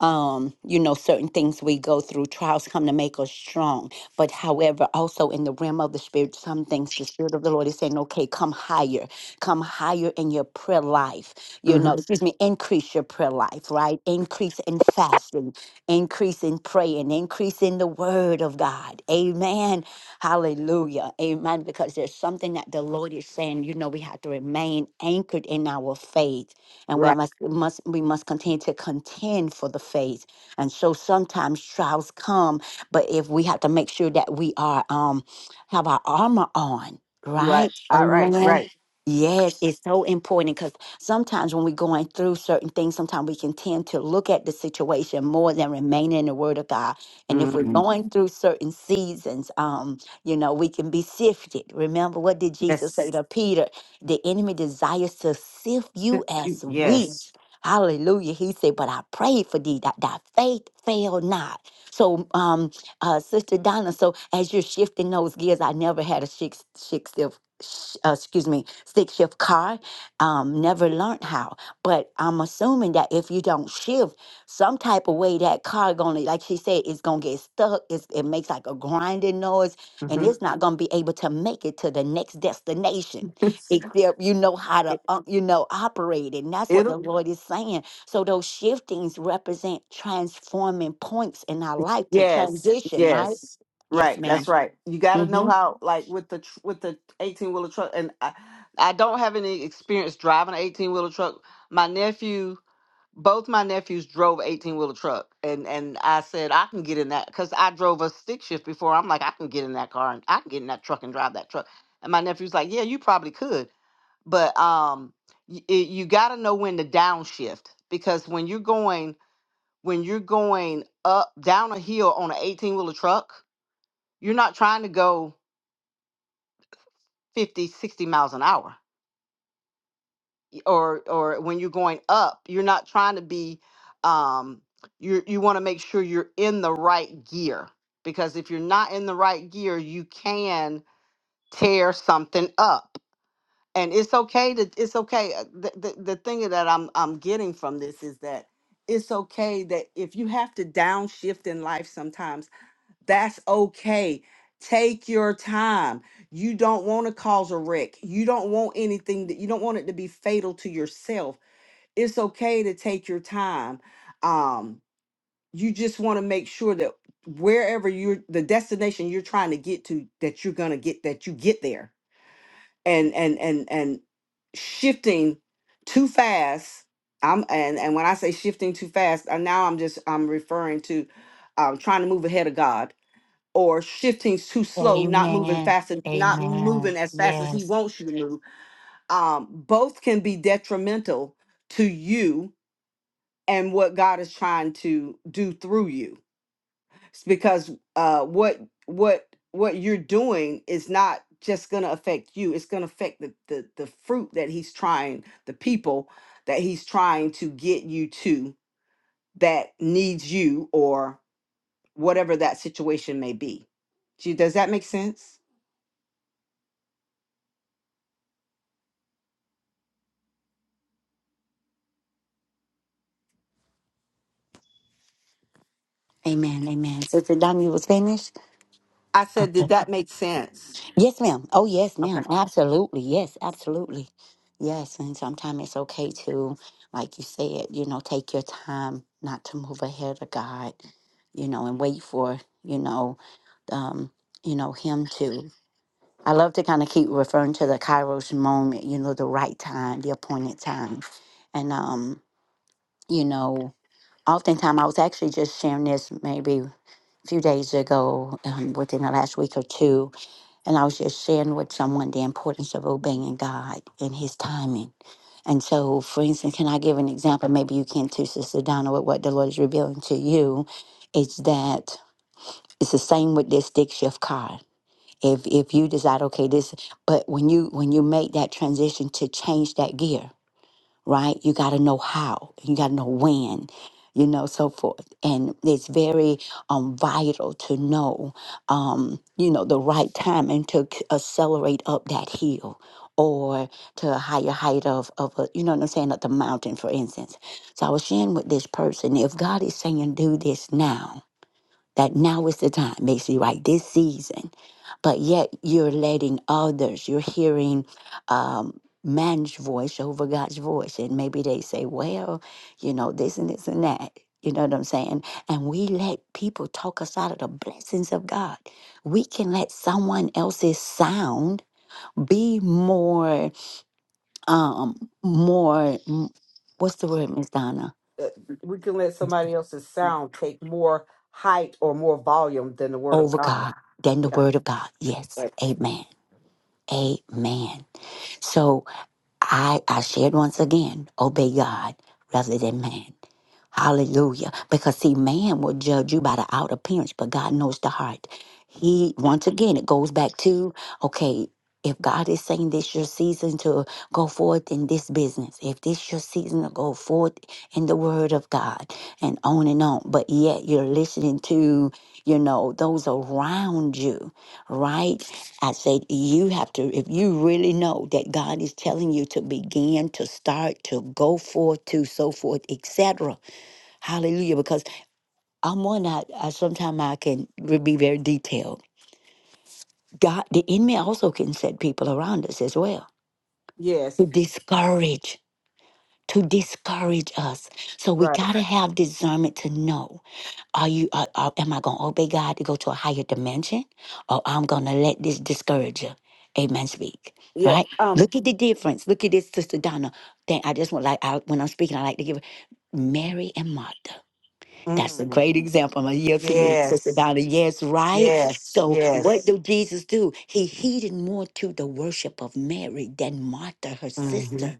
[SPEAKER 1] um you know certain things we go through trials come to make us strong but however also in the realm of the spirit some things the spirit of the lord is saying okay come higher come higher in your prayer life you know
[SPEAKER 3] mhm,
[SPEAKER 1] excuse me increase your prayer life right increase in fasting increase in praying increase in the word of god amen Hallelujah. Amen. Because there's something that the Lord is saying, you know, we have to remain anchored in our faith. And we
[SPEAKER 3] right,
[SPEAKER 1] must, must we must continue to contend for the faith. And so sometimes trials come, but if we have to make sure that we are um have our armor on,
[SPEAKER 3] right,
[SPEAKER 1] right?
[SPEAKER 3] all right,
[SPEAKER 1] Amen.
[SPEAKER 3] right.
[SPEAKER 1] Yes, it's so important because sometimes when we're going through certain things, sometimes we can tend to look at the situation more than remaining in the Word of God. And if we're Mhm.
[SPEAKER 3] Mhm,
[SPEAKER 1] going through certain seasons, um. You know, we can be sifted. Remember, what did Jesus say
[SPEAKER 3] Yes,
[SPEAKER 1] to Peter? The enemy desires to sift you as
[SPEAKER 3] yes.
[SPEAKER 1] wheat. Hallelujah. He said, But I prayed for thee that thy faith fail not. So, um, uh, Sister Donna, so as you're shifting those gears, I never had a six, six shift, sh- uh, excuse me, stick shift car. Um, never learned how. But I'm assuming that if you don't shift some type of way, that car gonna, like she said, it's gonna get stuck. It's, it makes like a grinding noise and
[SPEAKER 3] hmm
[SPEAKER 1] it's not going to be able to make it to the next destination except you know how to uh, you know operate and that's what the Yeah. lord is saying so those shiftings represent transforming points in our life to
[SPEAKER 3] Yes,
[SPEAKER 1] transition right
[SPEAKER 3] yes,
[SPEAKER 1] yes
[SPEAKER 3] right. That's
[SPEAKER 1] ma'am
[SPEAKER 3] right. You got to know
[SPEAKER 1] mm-hmm.
[SPEAKER 3] how, like with the tr- with the eighteen wheeler truck. And I, I don't have any experience driving an eighteen wheeler truck. My nephew, both my nephews drove eighteen wheeler truck, and and I said I can get in that because I drove a stick shift before. I'm like I can get in that car and I can get in that truck and drive that truck. And my nephew's like, yeah, you probably could, but um, y- it, you got to know when to downshift because when you're going when you're going up down a hill on an 18 wheeler truck, you're not trying to go 50, 60 miles an hour. Y- Or or when you're going up, you're not trying to be um you you want to make sure you're in the right gear because if you're not in the right gear, you can tear something up. And it's okay to it's okay. uh, The, the, the thing that I'm I'm getting from this is that it's okay that if you have to downshift in life sometimes That's okay. Take your time. You don't want to cause a wreck. You don't want anything that you don't want it to be fatal to yourself. It's okay to take your time. Um, you just want to make sure that wherever you're the destination you're trying to get to, that you're gonna get that you get there. And and and and shifting too fast. I'm and and when I say shifting too fast, uh, now I'm just I'm referring to um, trying to move ahead of God or shifting too slow, not moving
[SPEAKER 1] Amen.
[SPEAKER 3] fast and not moving
[SPEAKER 1] Amen.
[SPEAKER 3] as fast as he
[SPEAKER 1] Yes.
[SPEAKER 3] wants you to move. Um, both can be detrimental to you and what God is trying to do through you. It's because uh, what what what you're doing is not just going to affect you. It's going to affect the, the the fruit that he's trying, the people that he's trying to get you to that needs you or whatever that situation may be. Gee, Does that make sense?
[SPEAKER 1] ma'am sister Donish?
[SPEAKER 3] I said, did that make sense?
[SPEAKER 1] yes ma'am oh yes ma'am absolutely yes absolutely yes and sometimes it's okay to like you said you know take your time not to move ahead of god you know, and wait for, you know, um, you know, him to. I love to kind of keep referring to the Kairos moment, you know, the right time, the appointed time. And, um, you know, oftentimes I was actually just sharing this maybe a few days ago, um, within the last week or two. And I was just sharing with someone the importance of obeying God and his timing. And so, for instance, can I give an example? Maybe you can too, Sister Donna, with what the Lord is revealing to you. It's that it's the same with this stick shift car if if you decide okay this but when you when you make that transition to change that gear right you got to know how you got to know when you know so forth and it's very um vital to know um you know the right time and to c- accelerate up that hill or to a higher height of of a, you know what I'm saying of the mountain for instance so I was sharing with this person if God is saying do this now that now is the time, basically, right? This season. But yet you're letting others, you're hearing um, man's voice over God's voice. And maybe they say, well, you know, this and this and that. You know what I'm saying? And we let people talk us out of the blessings of God. We can let someone else's sound be more, um, more, mm, what's the word, Miss Donna?
[SPEAKER 3] Uh, We can let somebody else's sound take more height or more volume than the word of
[SPEAKER 1] Over
[SPEAKER 3] God.
[SPEAKER 1] God than the
[SPEAKER 3] Yeah.
[SPEAKER 1] word of God. Yes.
[SPEAKER 3] Right.
[SPEAKER 1] Amen. Amen. So I I shared once again, obey God rather than man. Hallelujah. Because see, man will judge you by the outer appearance, but God knows the heart. He once again it goes back to, okay, if God is saying this your season to go forth in this business, if this your season to go forth in the word of God and on and on, but yet you're listening to, you know, those around you, right? I said, you have to, if you really know that God is telling you to begin, to start, to go forth, to so forth, etc. Hallelujah. Because I'm one that I, sometimes I can re- be very detailed. God, the enemy also can set people around us as well
[SPEAKER 3] Yes.
[SPEAKER 1] to discourage, to discourage us. So we
[SPEAKER 3] Right.
[SPEAKER 1] got to have discernment to know. Are you? Are, are, am I going to obey God to go to a higher dimension, or I'm going to let this discourager, Amen. Speak
[SPEAKER 3] Yeah.
[SPEAKER 1] right.
[SPEAKER 3] Um.
[SPEAKER 1] Look at the difference. Look at this, Sister Donna. Thing I just want like I, when I'm speaking, I like to give it. Mary and Martha. That's a
[SPEAKER 3] mm,
[SPEAKER 1] great example. I'm going to yield to you, Sister
[SPEAKER 3] yes.
[SPEAKER 1] Donna. Yes, right?
[SPEAKER 3] Yes.
[SPEAKER 1] So, what
[SPEAKER 3] Yes.
[SPEAKER 1] do Jesus do? He heeded more to the worship of Mary than Martha, her
[SPEAKER 3] Mm-hmm.
[SPEAKER 1] sister.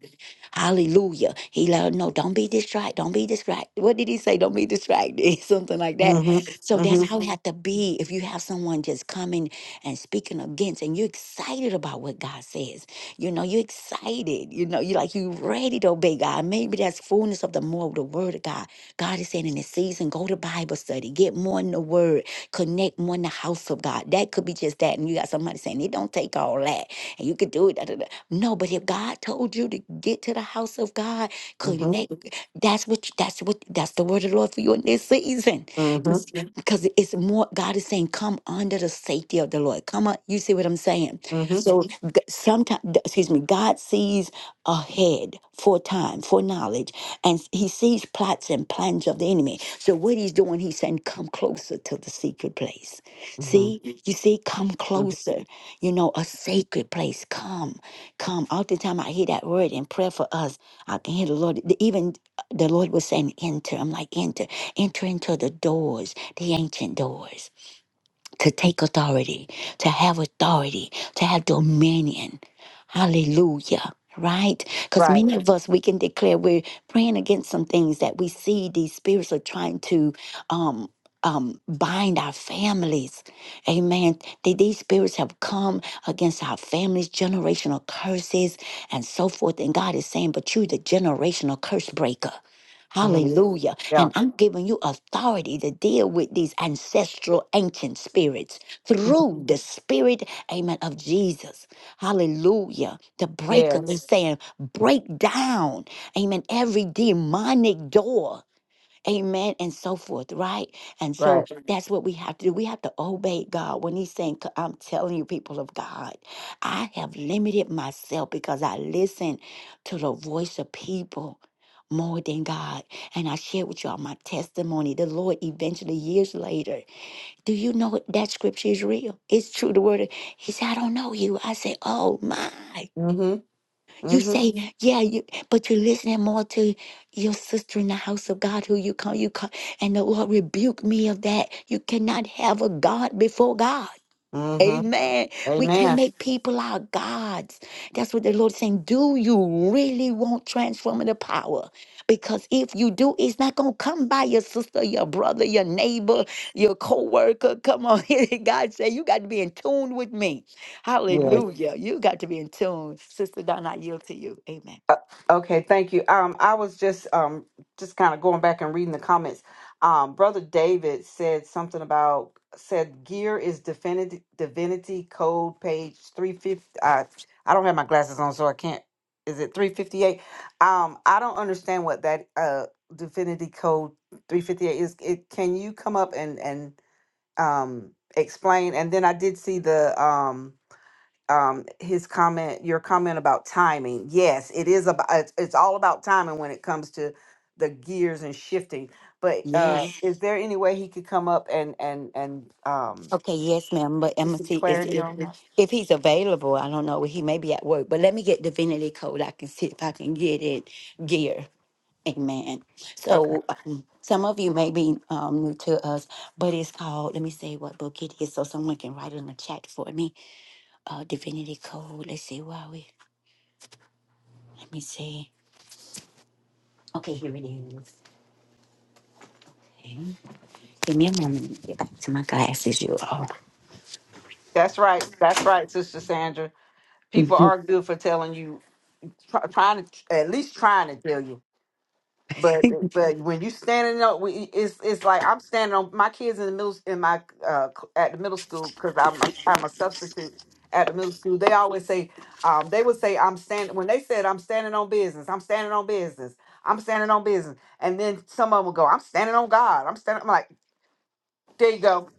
[SPEAKER 1] Hallelujah. He let her know, don't be distracted. Don't be distracted. What did he say? Don't be distracted. Something like that.
[SPEAKER 3] Mm-hmm.
[SPEAKER 1] So, that's
[SPEAKER 3] Mm-hmm.
[SPEAKER 1] how it had to be if you have someone just coming and speaking against, and you're excited about what God says. You know, you're excited. You know, you're like, you're ready to obey God. Maybe that's fullness of the more of the word of God God is saying in this season, go to Bible study, get more in the word, connect more in the house of God. That could be just that. And you got somebody saying, it don't take all that. And you could do it. da, da, da." No, but if God told you to get to the house of God,
[SPEAKER 3] Mm-hmm.
[SPEAKER 1] connect. That's what. That's what. That's the word of the Lord for you in this season,
[SPEAKER 3] Mm-hmm.
[SPEAKER 1] because it's more. God is saying, "Come under the safety of the Lord." Come on, you see what I'm saying? So sometimes, excuse me, God sees ahead for time, for knowledge, and He sees plots and plans of the enemy. So what He's doing, He's saying, "Come closer to the secret place."
[SPEAKER 3] Mm-hmm.
[SPEAKER 1] See, you see, come
[SPEAKER 3] Mm-hmm.
[SPEAKER 1] closer. You know, a sacred place. Come come. Oftentimes I hear that word in prayer for us. I can hear the Lord. the- Even uh, the Lord was saying, enter. I'm like, enter. Enter into the doors, the ancient doors to take authority, to have authority, to have dominion. Hallelujah. Right? Because
[SPEAKER 3] Right.
[SPEAKER 1] many of us, we can declare we're praying against some things that we see these spirits are trying to um, um, bind our families. Amen. Th- These spirits have come against our families, generational curses, and so forth. And God is saying, but you're the generational curse breaker.
[SPEAKER 3] Mm-hmm.
[SPEAKER 1] Hallelujah.
[SPEAKER 3] Yeah.
[SPEAKER 1] And I'm giving you authority to deal with these ancestral ancient spirits
[SPEAKER 3] Mhm.
[SPEAKER 1] through the spirit, amen, of Jesus. Hallelujah. The breaker
[SPEAKER 3] Yes.
[SPEAKER 1] is saying, break down, amen, every demonic door. Amen. And so forth, right? And so
[SPEAKER 3] Right.
[SPEAKER 1] Sure. that's what we have to do. We have to obey God when He's saying, "C- I'm telling you, people of God, I have limited myself because I listen to the voice of people more than God. And I shared with y'all my testimony. The Lord eventually, years later, do you know that scripture is real? It's true. The word, of- He said, I don't know you. I said, Oh my.
[SPEAKER 3] Mm-hmm.
[SPEAKER 1] You
[SPEAKER 3] Mm-hmm.
[SPEAKER 1] say, yeah, yeah, you, but you're listening more to your sister in the house of God who you call, you call, and the Lord rebuked me of that. You cannot have a God before God.
[SPEAKER 3] Mm-hmm.
[SPEAKER 1] Amen. We can
[SPEAKER 3] Amen.
[SPEAKER 1] make people our gods. That's what the Lord is saying. Do you really want transformative power? Because if you do, it's not going to come by your sister, your brother, your neighbor, your co-worker. Come on. God said, you got to be in tune with me. Hallelujah. You got to be in tune. Sister Donna, I yield to you. Amen.
[SPEAKER 3] Uh, Okay, thank you. Um, I was just um just kind of going back and reading the comments. Um, Brother David said something about said gear is divinity divinity code page three fifty. I I don't have my glasses on, so I can't. Is it three fifty eight? Um, I don't understand what that uh divinity code three fifty eight is. It can you come up and and um explain? And then I did see the um um his comment your comment about timing yes it is about it's, it's all about timing when it comes to the gears and shifting but uh Mhm.
[SPEAKER 1] Yes.
[SPEAKER 3] is there any way he could come up and and and um
[SPEAKER 1] Okay. Yes, ma'am. But
[SPEAKER 3] get
[SPEAKER 1] Emma,
[SPEAKER 3] some
[SPEAKER 1] see, it's,
[SPEAKER 3] clarity
[SPEAKER 1] if,
[SPEAKER 3] on that
[SPEAKER 1] if he's available, I don't know. He may be at work. But let me get divinity code. I can see if I can get it gear. Amen.
[SPEAKER 3] okay
[SPEAKER 1] So um, some of you may be um, new to us, but it's called, let me say what book it is so someone can write it in the chat for me. Uh, Divinity Code. Let's see, where are we? Let me see. Okay, here it is. Okay. Give me a moment to get back to my glasses, you all.
[SPEAKER 3] that's right that's right sister sandra people are good for telling you try, trying to at least trying to tell you But uh, but when you standing up, we- it's it's like I'm standing on my kids in the middle in my uh c- at the middle school because I'm a, I'm a substitute at the middle school. They always say um they would say I'm standing when they said I'm standing on business. I'm standing on business. I'm standing on business, and then some of them would go I'm standing on God. I'm standing. I'm like there you go.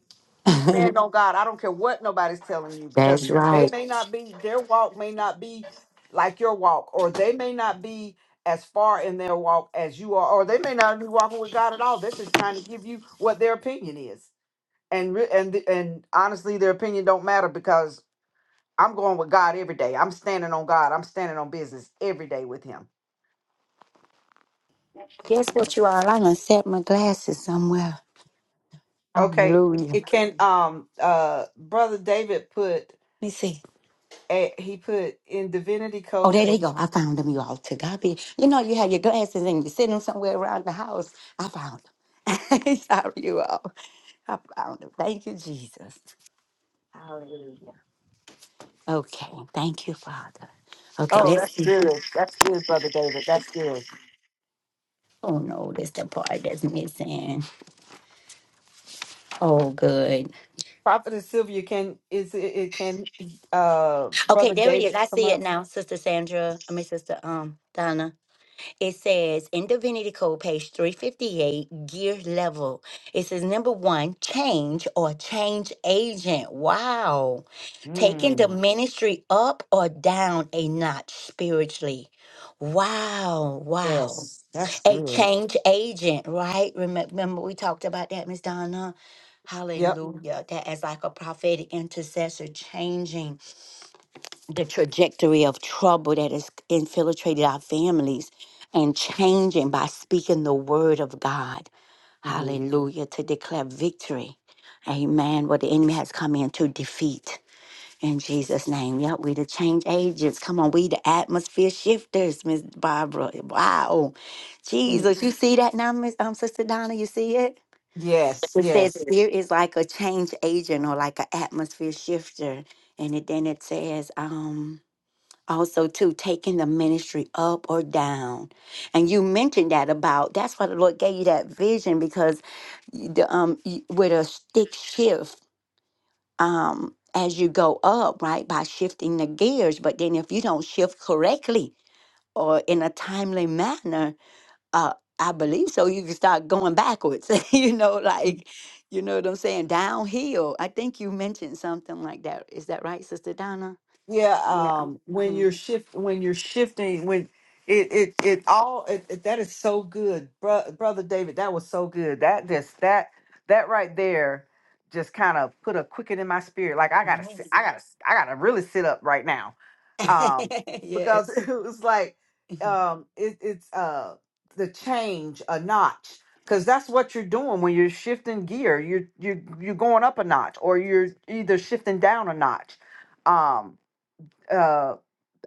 [SPEAKER 3] You stand on God. I don't care what nobody's telling you because
[SPEAKER 1] That's
[SPEAKER 3] they
[SPEAKER 1] right.
[SPEAKER 3] may not be, their walk may not be like your walk, or they may not be as far in their walk as you are, or they may not be walking with God at all. They're just trying to give you what their opinion is. And re- and th- and honestly, their opinion don't matter because I'm going with God every day. I'm standing on God. I'm standing on business every day with Him.
[SPEAKER 1] Guess what, you all? I'm going to set my glasses somewhere.
[SPEAKER 3] Okay.
[SPEAKER 1] Hallelujah.
[SPEAKER 3] It can um uh brother David put
[SPEAKER 1] Let me see.
[SPEAKER 3] eh, he put in divinity
[SPEAKER 1] Oh,
[SPEAKER 3] code
[SPEAKER 1] there they
[SPEAKER 3] page
[SPEAKER 1] go. I found them, you all. To God be. You know, you have your glasses and you sit them somewhere around the house. I found them. Sorry, you all. I found it. Thank you, Jesus. Okay, thank you, Father. Okay,
[SPEAKER 3] Oh,
[SPEAKER 1] let's
[SPEAKER 3] that's
[SPEAKER 1] see.
[SPEAKER 3] good. That's good, Brother David. That's good.
[SPEAKER 1] Oh no, that's the part that's missing. Oh, good.
[SPEAKER 3] Prophetess Sylvia, can is it, it can uh
[SPEAKER 1] Okay,
[SPEAKER 3] Brother
[SPEAKER 1] there it is.
[SPEAKER 3] David
[SPEAKER 1] I
[SPEAKER 3] come
[SPEAKER 1] see
[SPEAKER 3] up?
[SPEAKER 1] it now, Sister Sandra. I mean, Sister um Donna. It says in Divinity Code, page three fifty eight, gear level. It says number one, change or change agent. Wow, taking the
[SPEAKER 3] Mm,
[SPEAKER 1] ministry up or down a notch spiritually. Wow, wow.
[SPEAKER 3] yes, that's
[SPEAKER 1] a
[SPEAKER 3] good.
[SPEAKER 1] change agent, right? Remem- Remember, we talked about that, Miss Donna.
[SPEAKER 3] Yep.
[SPEAKER 1] Hallelujah. That as like a prophetic intercessor, changing the trajectory of trouble that has infiltrated our families and changing by speaking the word of God.
[SPEAKER 3] hmm
[SPEAKER 1] Hallelujah. To declare victory. Amen. What the enemy has come in to defeat. In Jesus' name. Yep, we the change agents. Come on, we the atmosphere shifters, Miss Barbara. Wow.
[SPEAKER 3] Mhm.
[SPEAKER 1] Jesus, you see that now, Miss um, Sister Donna? You see it?
[SPEAKER 3] Yes,
[SPEAKER 1] It says
[SPEAKER 3] yes.
[SPEAKER 1] here is like a change agent, like a, and it, then it says um also too taking the minister down, and you mentioned that about that's why the Lord gave you that vision because y- the um y- with a stick shift um as you go up right by shifting the gears, but then if you don't shift correctly or in a timely manner, Uh, I believe so. You can start going backwards, you know, like, you know what I'm saying? Downhill. I think you mentioned something like that. Is that right, Sister Donna?
[SPEAKER 3] Yeah,
[SPEAKER 1] Yeah.
[SPEAKER 3] um when
[SPEAKER 1] hmm
[SPEAKER 3] you're shift when you're shifting when it it it all it, it- that is so good. Bro, brother David, that was so good. That just that that right there just kind of put a quicken in my spirit. Like I got to
[SPEAKER 1] Yes.
[SPEAKER 3] I got to I got to really sit up right now. um because it
[SPEAKER 1] yes.
[SPEAKER 3] was like um it, it's uh the change a notch because that's what you're doing when you're shifting gear you're you're you're going up a notch or you're either shifting down a notch um uh.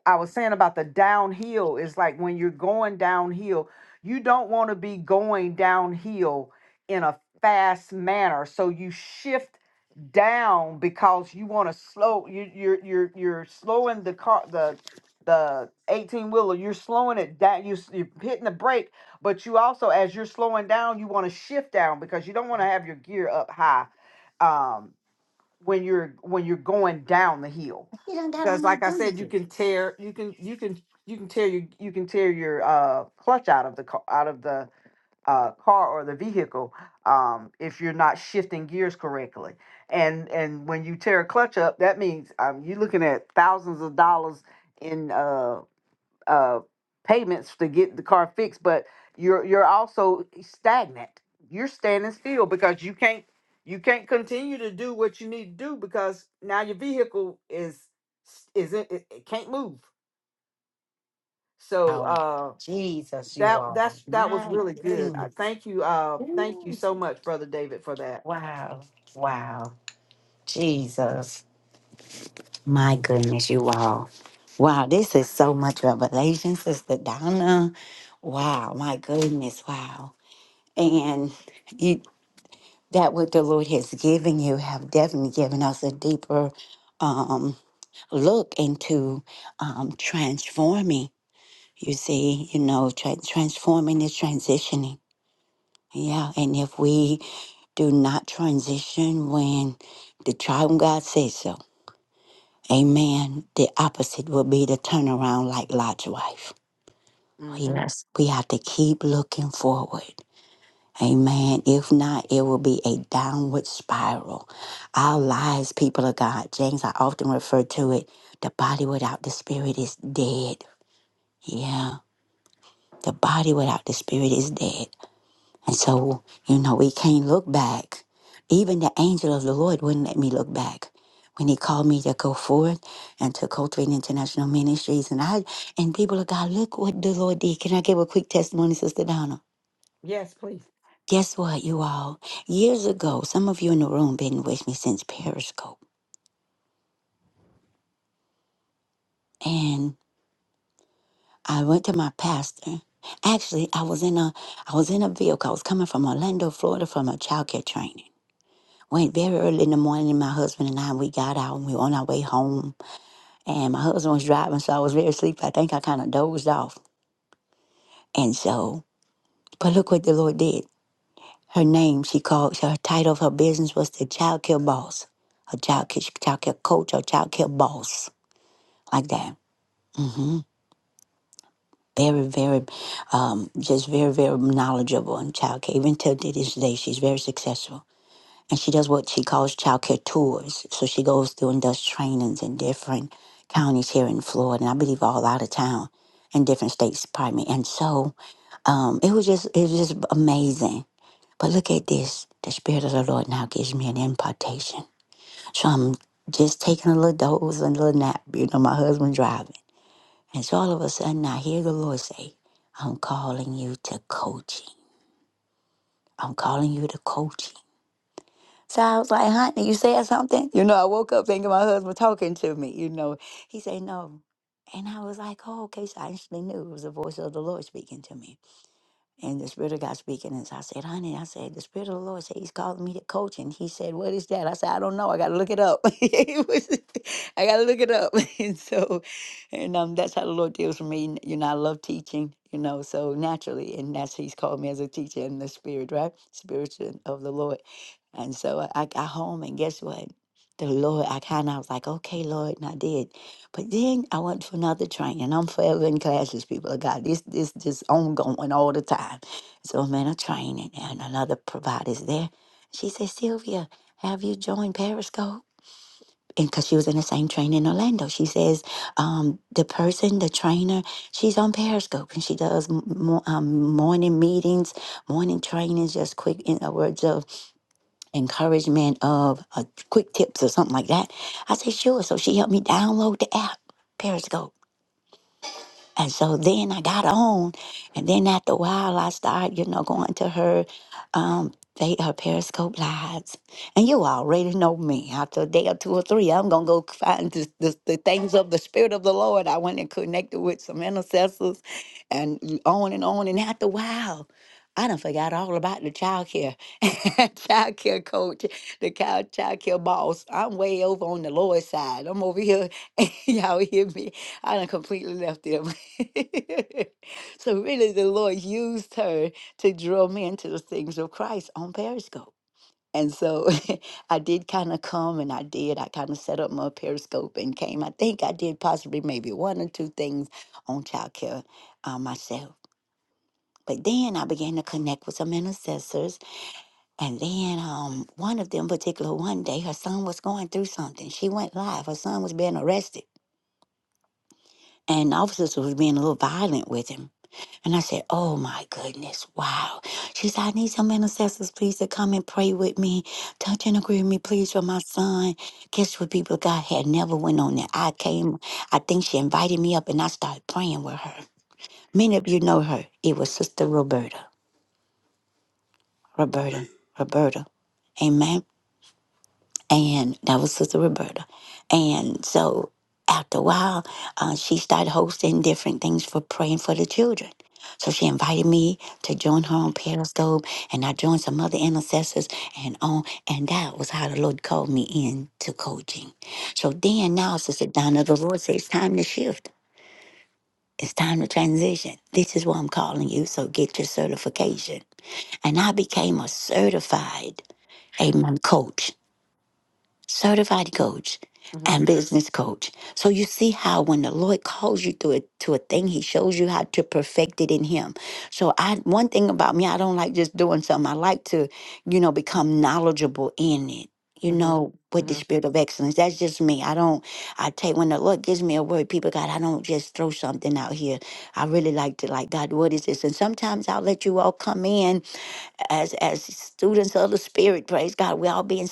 [SPEAKER 3] I was saying about the downhill is like when you're going downhill, you don't want to be going downhill in a fast manner. So you shift down because you want to slow you you're you're you're slowing the car the the 18 wheeler you're slowing it down you, s- you're hitting the brake but you also as you're slowing down you want to shift down because you don't want to have your gear up high Um when you're when you're going down the hill because like i said you can tear you can you can you can tear you you can tear your uh clutch out of the car out of the uh car or the vehicle um if you're not shifting gears correctly and and when you tear a clutch up that means um you're looking at thousands of dollars in uh uh, payments to get the car fixed, but you're you're also stagnant. You're standing still because you can't you can't continue to do what you need to do because now your vehicle is is it, it, it can't move. So uh, that that's that was really good. I thank you. Uh, thank you so much, brother David, for that.
[SPEAKER 1] My goodness, you all. Wow, this is so much revelation, Sister Donna. Wow, my goodness, wow. And you, that what the Lord has given you have definitely given us a deeper um, look into um, transforming. You see, you know, tra- transforming is transitioning. Yeah, and if we do not transition when the trial of God says so, amen, the opposite will be the turnaround like Lot's wife.
[SPEAKER 3] hmm
[SPEAKER 1] Yes, we have to keep looking forward. Amen. If not, it will be a downward spiral. Our lives, people of God, James, I often refer to it the body without the spirit is dead. Yeah. The body without the spirit is dead. And so, you know, we can't look back. Even the angel of the Lord wouldn't let me look back. When he called me to go forth and to cultivate international ministries, and I and people of God, look what the Lord did. Can I give a quick testimony, Sister Donna?
[SPEAKER 3] Yes, please.
[SPEAKER 1] Guess what, you all? Years ago, some of you in the room been with me since Periscope, and I went to my pastor. Actually, I was in a I was in a vehicle. I was coming from Orlando, Florida, from a childcare training. went very early in the morning. My husband and I, we got out and we were on our way home. And my husband was driving, so I was very asleep. I think I kind of dozed off. And so, but look what the Lord did. Her name, she called, her title of her business was the child care boss, a child care, child care coach, or child care boss, like that. hmm Very, very, um, just very, very knowledgeable in child care. Even till this day, she's very successful. and she does what she calls childcare tours. So she goes through and does trainings in different counties here in Florida, and I believe all out of town, in different states, pardon me. And so um, it was just it was just amazing. But look at this. The Spirit of the Lord now gives me an impartation. So I'm just taking a little doze and a little nap. You know, my husband driving. And so all of a sudden I hear the Lord say, I'm calling you to coaching. I'm calling you to coaching. So I was like, honey, you said something? You know, I woke up thinking my husband talking to me, you know. He said, no. And I was like, oh, okay. So I actually knew it was the voice of the Lord speaking to me and the Spirit of God speaking. And so I said, honey, I said, the Spirit of the Lord said he's calling me to coach. And he said, what is that? I said, I don't know. I got to look it up. It was- I got to look it up. And so, and um, that's how the Lord deals with me. You know, I love teaching, you know, so naturally. And that's, he's called me as a teacher in the Spirit, right? Spirit of the Lord. And so uh, I got home, and guess what? The Lord, I kind of was like, okay, Lord, and I did. But then I went to another training. I'm forever in classes, people of God. This this just ongoing all the time. So I'm in a training, and another provider's there. She said, Sylvia, have you joined Periscope? And because she was in the same training in Orlando, she says, um, the person, the trainer, she's on Periscope and she does m- mo- um, morning meetings, morning trainings, just quick in the words of encouragement of uh, quick tips or something like that. I said, sure. So she helped me download the app, Periscope. And so then I got on, and then after a while, I started, you know, going to her, um, they her Periscope lives, and you already know me. After a day or two or three, I'm gonna go find the, the, the things of the Spirit of the Lord. I went and connected with some intercessors, and on and on. And after a while, I done forgot all about the child care, child care coach, the child child care boss. I'm way over on the Lord's side. I'm over here, y'all hear me? I done completely left them. so really the Lord used her to draw me into the things of Christ on Periscope. And so I did kind of come and I did. I kind of set up my Periscope and came. I think I did possibly maybe one or two things on childcare uh, myself. But then I began to connect with some intercessors. And then um, one of them, particular one day, her son was going through something. She went live. Her son was being arrested. And officers was being a little violent with him. And I said, Oh my goodness, wow. She said, I need some intercessors, please, to come and pray with me. Touch and agree with me, please, for my son. Guess what, people? God had never went on there. I came, I think she invited me up and I started praying with her. Many of you know her. It was Sister Roberta. Roberta. Roberta. Amen. and that was Sister Roberta. And so after a while, uh, she started hosting different things for praying for the children. So she invited me to join her on Periscope, and I joined some other intercessors, and on and that was how the Lord called me in to coaching. So then now, Sister Donna, the Lord says, "It's time to shift. It's time to transition. This is what I'm calling you. So get your certification." And I became a certified amen coach certified coach
[SPEAKER 3] hmm
[SPEAKER 1] and business coach. So you see how when the Lord calls you to a, to a thing, he shows you how to perfect it in him. So I one thing about me, I don't like just doing something. I like to, you know, become knowledgeable in it. You
[SPEAKER 3] hmm
[SPEAKER 1] know, with the
[SPEAKER 3] hmm
[SPEAKER 1] spirit of excellence. That's just me. I don't I take when the Lord gives me a word, people God, I don't just throw something out here. I really like to like God, what is this? And sometimes I'll let you all come in as as students of the spirit. Praise God. We all be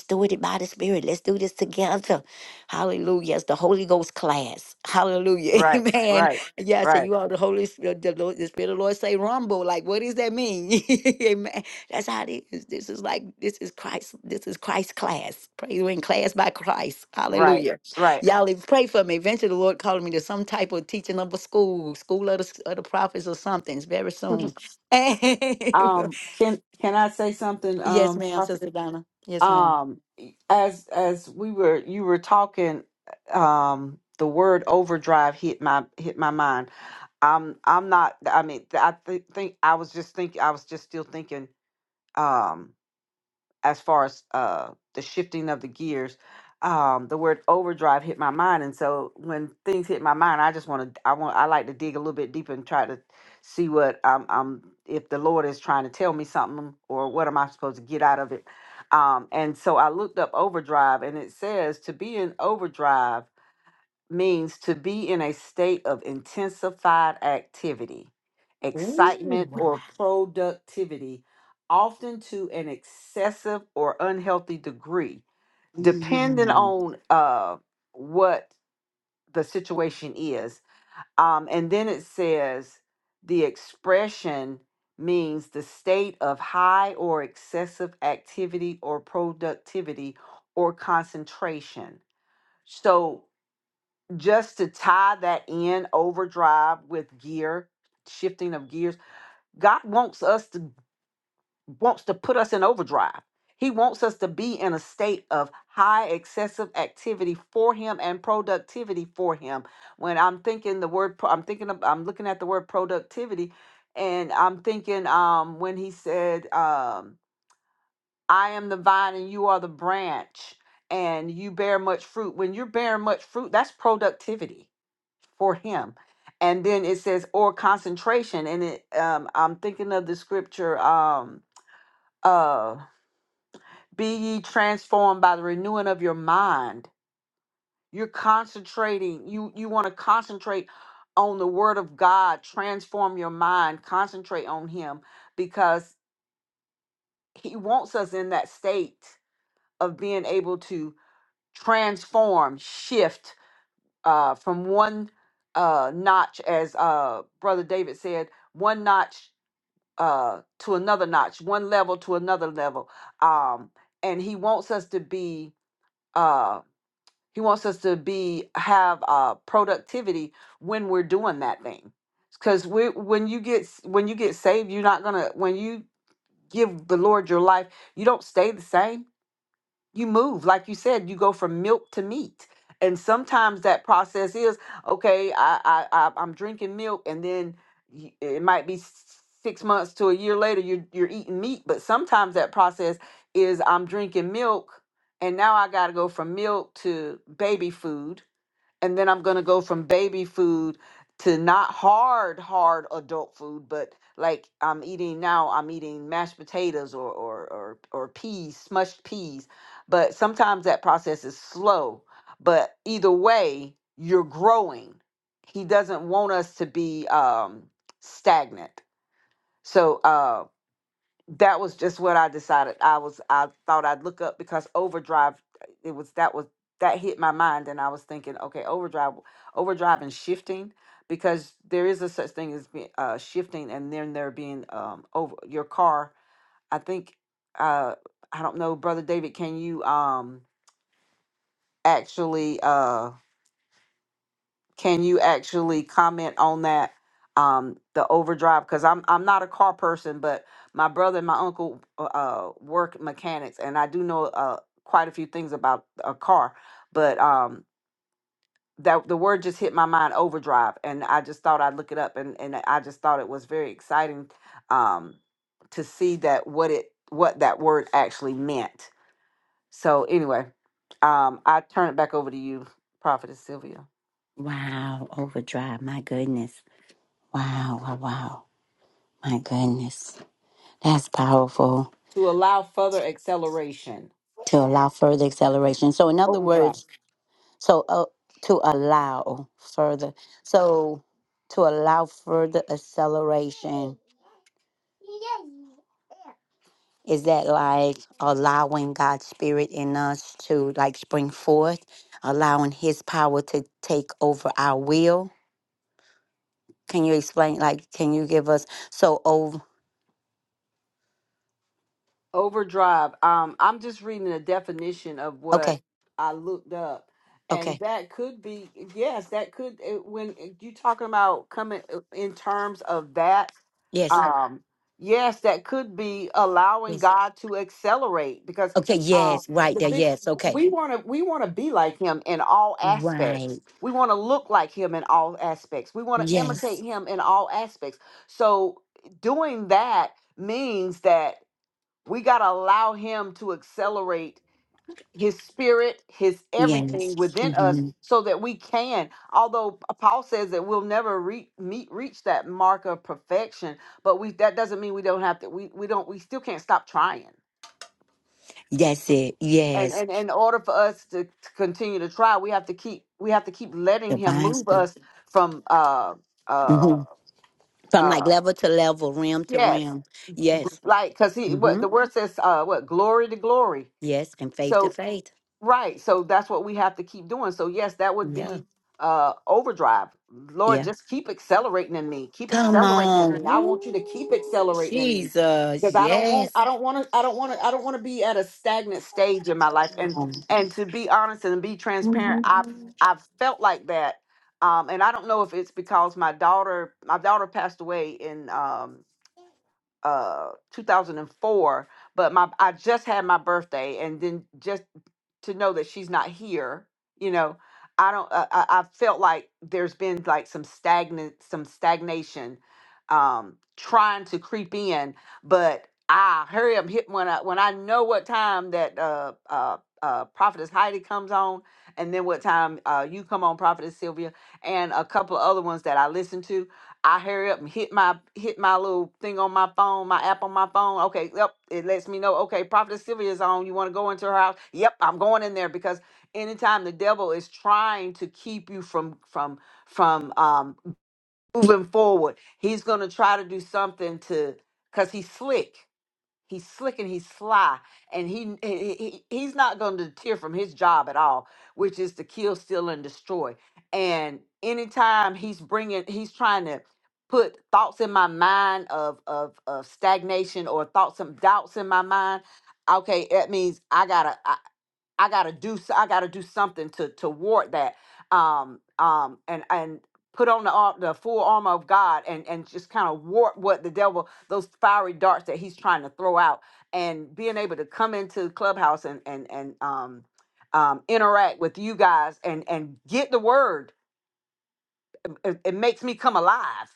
[SPEAKER 1] Holy Spirit, let's do this together. Hallelujah, Ghost class. Hallelujah,
[SPEAKER 3] Right,
[SPEAKER 1] man.
[SPEAKER 3] right,
[SPEAKER 1] Yeah, so
[SPEAKER 3] right,
[SPEAKER 1] you all the Spirit of the Lord say rumble. Like, what does that mean? That's how it is. This is like, this is Christ. This is Christ class. Praise that's by Christ.
[SPEAKER 3] right,
[SPEAKER 1] Hallelujah.
[SPEAKER 3] right.
[SPEAKER 1] Y'all if- pray for me. Eventually, the Lord called me to some type of teaching of a school, school of the office or something. It's very soon.
[SPEAKER 3] Um, can can I say something,
[SPEAKER 1] yes,
[SPEAKER 3] um,
[SPEAKER 1] ma'am,
[SPEAKER 3] Prophet?
[SPEAKER 1] Sister Donna. Yes, ma'am.
[SPEAKER 3] um as as we were you were talking um the word overdrive hit my hit my mind i'm i'm not i mean i th- think i was just thinking i was just still thinking Um as far as uh, the shifting of the gears, um, the word overdrive hit my mind, and so when things hit my mind, I just want to, I want, I like to dig a little bit deeper and try to see what I'm, I'm, if the Lord is trying to tell me something, or what am I supposed to get out of it? Um, and so I looked up overdrive, and it says to be in overdrive means to be in a state of intensified activity,
[SPEAKER 1] Ooh.
[SPEAKER 3] excitement, or productivity, often to an excessive or unhealthy degree, depending on uh, what the situation is. Um, and then it says the expression means the state of high or excessive activity or productivity or concentration. So just to tie that in overdrive with gear shifting of gears god wants us to wants to put us in overdrive he wants us to be in a state of high excessive activity for him and productivity for him when i'm thinking the word pro- i'm thinking of, i'm looking at the word productivity and i'm thinking um when he said um i am the vine and you are the branch and you bear much fruit when you're bearing much fruit that's productivity for him. And then it says or concentration, and it um, I'm thinking of the scripture um uh be ye transformed by the renewing of your mind. You're concentrating. You you want to concentrate on the word of God. Transform your mind. Concentrate on Him because He wants us in that state of being able to transform, shift uh, from one uh, notch, as uh, Brother David said, one notch uh to another notch one level to another level um and he wants us to be uh he wants us to be have uh productivity when we're doing that thing because we when you get s- when you get saved you're not gonna when you give the lord your life you don't stay the same you move like you said you go from milk to meat and sometimes that process is okay i i, I i'm drinking milk and then y- it might be s- six months to a year later you're you're eating meat but sometimes that process is i'm drinking milk and now i gotta go from milk to baby food and then I'm gonna go from baby food to not hard, hard adult food, but like I'm eating now, I'm eating mashed potatoes or or or, or peas, smushed peas. But sometimes that process is slow. But either way, you're growing. He doesn't want us to be um, stagnant. So uh, that was just what I decided. I was I thought I'd look up because Overdrive it was that was that hit my mind and I was thinking, okay, Overdrive Overdrive and shifting because there is a such thing as being uh shifting and then there being um over your car. I think uh I don't know, brother David, can you um actually uh can you actually comment on that? Um, the overdrive because I'm I'm not a car person, but my brother and my uncle uh, uh, work mechanics, and I do know uh, quite a few things about a car. But um, that the word just hit my mind, overdrive, and I just thought I'd look it up, and and I just thought it was very exciting um, to see that what it what that word actually meant. So anyway, um, I turn it back over to you, Prophetess Sylvia.
[SPEAKER 1] Oh,
[SPEAKER 3] to allow further acceleration. Overdrive.
[SPEAKER 1] is that like allowing God's spirit in us to like spring forth, allowing his power to take over our will? Can you explain like can you give us so over
[SPEAKER 3] Overdrive. Um, I'm just reading the definition of what
[SPEAKER 1] okay,
[SPEAKER 3] I looked up, and
[SPEAKER 1] okay,
[SPEAKER 3] that could be yes, that could it- when eh, you talking about coming eh, in terms of that. um yes that could be allowing god to accelerate because um the big
[SPEAKER 1] okay.
[SPEAKER 3] we want to we want to be like him in all aspects we want to look like him in all aspects we want to imitate him in all aspects so doing that means that we got to allow him to accelerate his spirit, his everything
[SPEAKER 1] Yes.
[SPEAKER 3] within
[SPEAKER 1] Mhm.
[SPEAKER 3] us so that we can. Although Paul says that we'll never re- meet reach that mark of perfection, but we that doesn't mean we don't have to we we don't we still can't stop trying. And and in order for us to, to continue to try, we have to keep we have to keep letting him move us from uh uh uh yes, like cuz he what the word says uh what glory to glory. So. Right. So that's what we have to keep doing. So yes, that would
[SPEAKER 1] Yeah.
[SPEAKER 3] be uh overdrive. Lord,
[SPEAKER 1] Yeah.
[SPEAKER 3] just keep accelerating in me. Keep
[SPEAKER 1] Come
[SPEAKER 3] accelerating in me.
[SPEAKER 1] on.
[SPEAKER 3] I want you to keep
[SPEAKER 1] Ooh,
[SPEAKER 3] accelerating in me.
[SPEAKER 1] Jesus.
[SPEAKER 3] Because I don't want I
[SPEAKER 1] Yes.
[SPEAKER 3] don't want to I don't want to I don't want to be at a stagnant stage in my life. And
[SPEAKER 1] Um,
[SPEAKER 3] and to be honest and be transparent, I've I've felt like that. Um and I don't know if it's because my daughter my daughter passed away in um uh 2004 but my I just had my birthday and then just to know that she's not here you know i don't uh, i i I felt like there's been like some stagnant some stagnation um trying to creep in but i hurry up hit when i when i know what time that uh uh uh prophetess heidi comes on and then what time uh you come on prophetess sylvia and a couple of other ones that i listen to I hurry up and hit my hit my little thing on my phone, my app on my phone. Okay, yep, it lets me know. Okay, Prophet Sylvia is on. You want to go into her house? Yep, I'm going in there because anytime the devil is trying to keep you from from from um moving forward, he's gonna try to do something to because he's slick. He's slick and he's sly, and he, he he- he's not going to deter from his job at all, which is to kill, steal, and destroy. And anytime he's bringing, he's trying to put thoughts in my mind of of of stagnation or thoughts and doubts in my mind. Okay, that means I gotta. I gotta do s- I gotta do something to to ward that um um and and put on the ar- the full armor of God and and just kind of ward what the devil those fiery darts that he's trying to throw out and being able to come into clubhouse and and and um um interact with you guys and and get the word it, it makes me come alive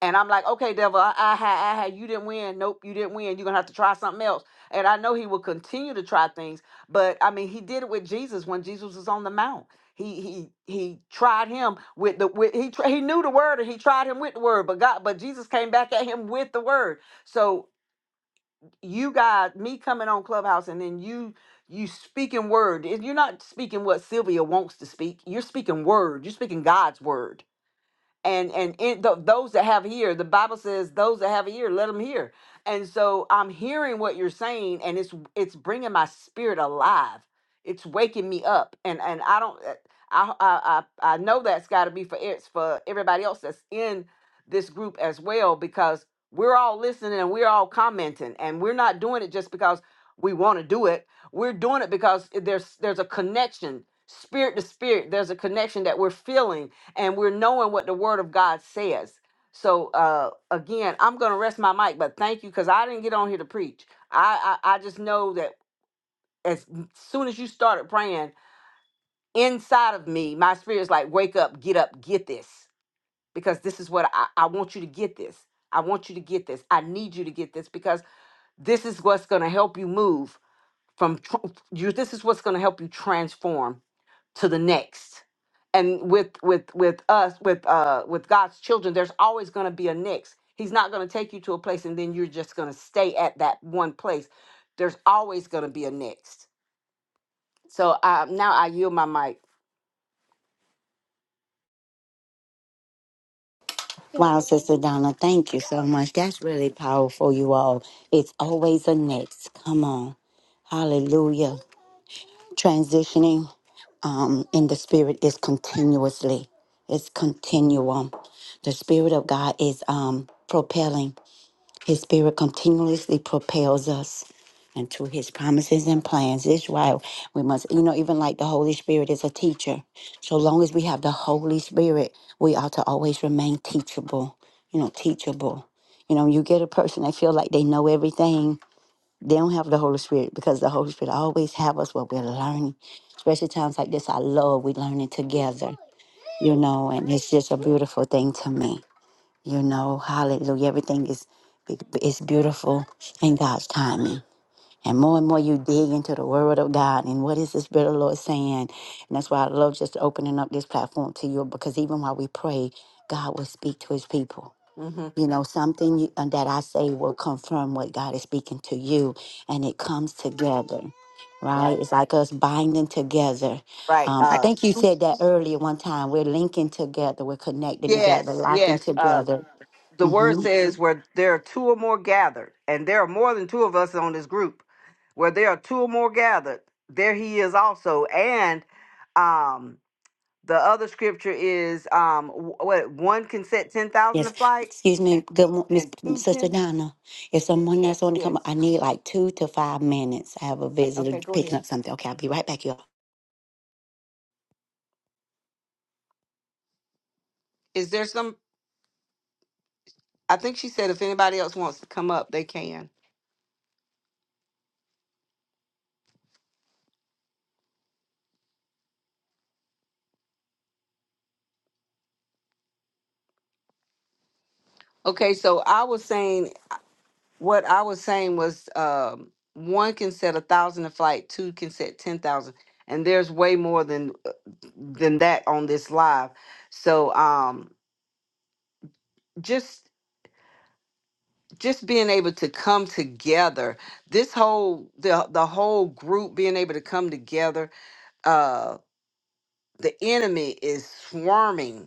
[SPEAKER 3] and I'm like, okay, devil, I, I had, I had, you didn't win. Nope, you didn't win. You're gonna have to try something else. And I know he will continue to try things, but I mean, he did it with Jesus when Jesus was on the mount. He he he tried him with the with he tr- he knew the word and he tried him with the word, but God, but Jesus came back at him with the word. So you guys, me coming on Clubhouse and then you you speaking word. If You're not speaking what Sylvia wants to speak. You're speaking word. You're speaking God's word and and in th- those that have ear the bible says those that have ear let them hear and so i'm hearing what you're saying and it's it's bringing my spirit alive it's waking me up and and i don't uh, i i i I know that's got to be for it's for everybody else that's in this group as well because we're all listening and we're all commenting and we're not doing it just because we want to do it we're doing it because there's there's a connection spirit to spirit there's a connection that we're feeling and we're knowing what the word of God says. So uh again, I'm gonna rest my mic, but thank you because I didn't get on here to preach. I, I I just know that as mm, soon as you started praying, inside of me, my spirit is like, wake up, get up, get this. Because this is what I, I want you to get this. I want you to get this. I need you to get this because this is what's gonna help you move from tr- you this is what's gonna help you transform to the next and with with with us with uh with god's children there's always going to be a next he's not going to take you to a place and then you're just going to stay at that one place there's always going to be a next so uh, now i yield my mic
[SPEAKER 1] Wow, Sister Donna, thank you so much. That's really powerful, you all. It's always a next. Come on. Hallelujah. Transitioning And the spirit is continuously, it's continuum. The spirit of God is um propelling. His spirit continuously propels us into his promises and plans. This is why we must, you know, even like the Holy Spirit is a teacher. So long as we have the Holy Spirit, we ought to always remain teachable, you know, teachable. You know, you get a person that feel like they know everything. They don't have the Holy Spirit because the Holy Spirit always have us what we're learning. Especially times like this, I love we learning together you know, and it's just a beautiful thing to me. You know, hallelujah. Everything is is beautiful in God's timing. And more and more you dig into the word of God and what is the Spirit of the Lord saying. And that's why I love just opening up this platform to you because even while we pray, God will speak to his people.
[SPEAKER 3] hmm
[SPEAKER 1] You know, something you, uh, that I say will confirm what God is speaking to you, and it comes together, right?
[SPEAKER 3] right
[SPEAKER 1] It's like us binding together.
[SPEAKER 3] right
[SPEAKER 1] Um, I
[SPEAKER 3] uh
[SPEAKER 1] think you said that earlier one time. We're linking together, we're connecting together,
[SPEAKER 3] yes
[SPEAKER 1] locking
[SPEAKER 3] yes uh
[SPEAKER 1] together.
[SPEAKER 3] the word
[SPEAKER 1] Mm-hmm.
[SPEAKER 3] says where there are two or more gathered and there are more than two of us on this group where there are two or more gathered there he is also and um The other scripture is um w- what one can set ten thousand to flight and two ten.
[SPEAKER 1] No, it's
[SPEAKER 3] Yes. Okay, go ahead. Is there some? I think she said if anybody else wants to come up, they can. Okay, so I was saying what I was saying was um one can set a thousand to flight, two can set ten thousand, and there's way more than than that on this live. So um just just being able to come together this whole the the whole group being able to come together uh the enemy is swarming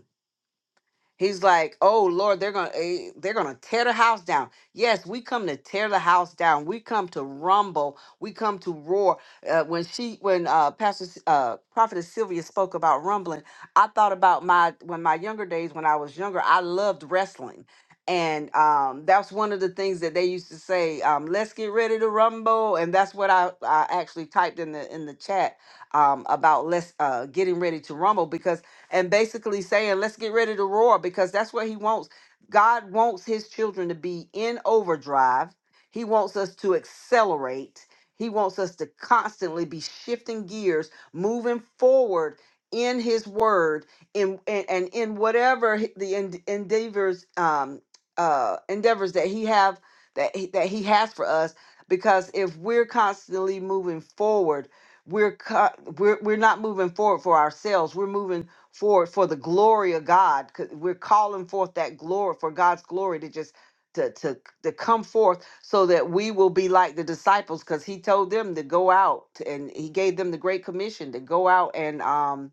[SPEAKER 3] He's like, "Oh Lord, they're gonna eh, they're gonna tear the house down." Yes, we come to tear the house down. We come to rumble. We come to roar. Uh, when she, when uh, Pastor S- uh, Prophetess Sylvia spoke about rumbling, I thought about my when my younger days when I was younger. I loved wrestling, and um, that's one of the things that they used to say. Um, Let's get ready to rumble, and that's what I, I actually typed in the in the chat um, about let's uh, getting ready to rumble because and basically saying, let's get ready to roar because that's what he wants. God wants his children to be in overdrive. He wants us to accelerate. He wants us to constantly be shifting gears, moving forward in his word in and, and in whatever he- the en- endeavors um uh endeavors that he have that he, that he has for us because if we're constantly moving forward we're, co- we're we're not moving forward for ourselves we're moving for for the glory of God. 'cause We're calling forth that glory for God's glory to just to to to come forth so that we will be like the disciples because he told them to go out and he gave them the great commission to go out and um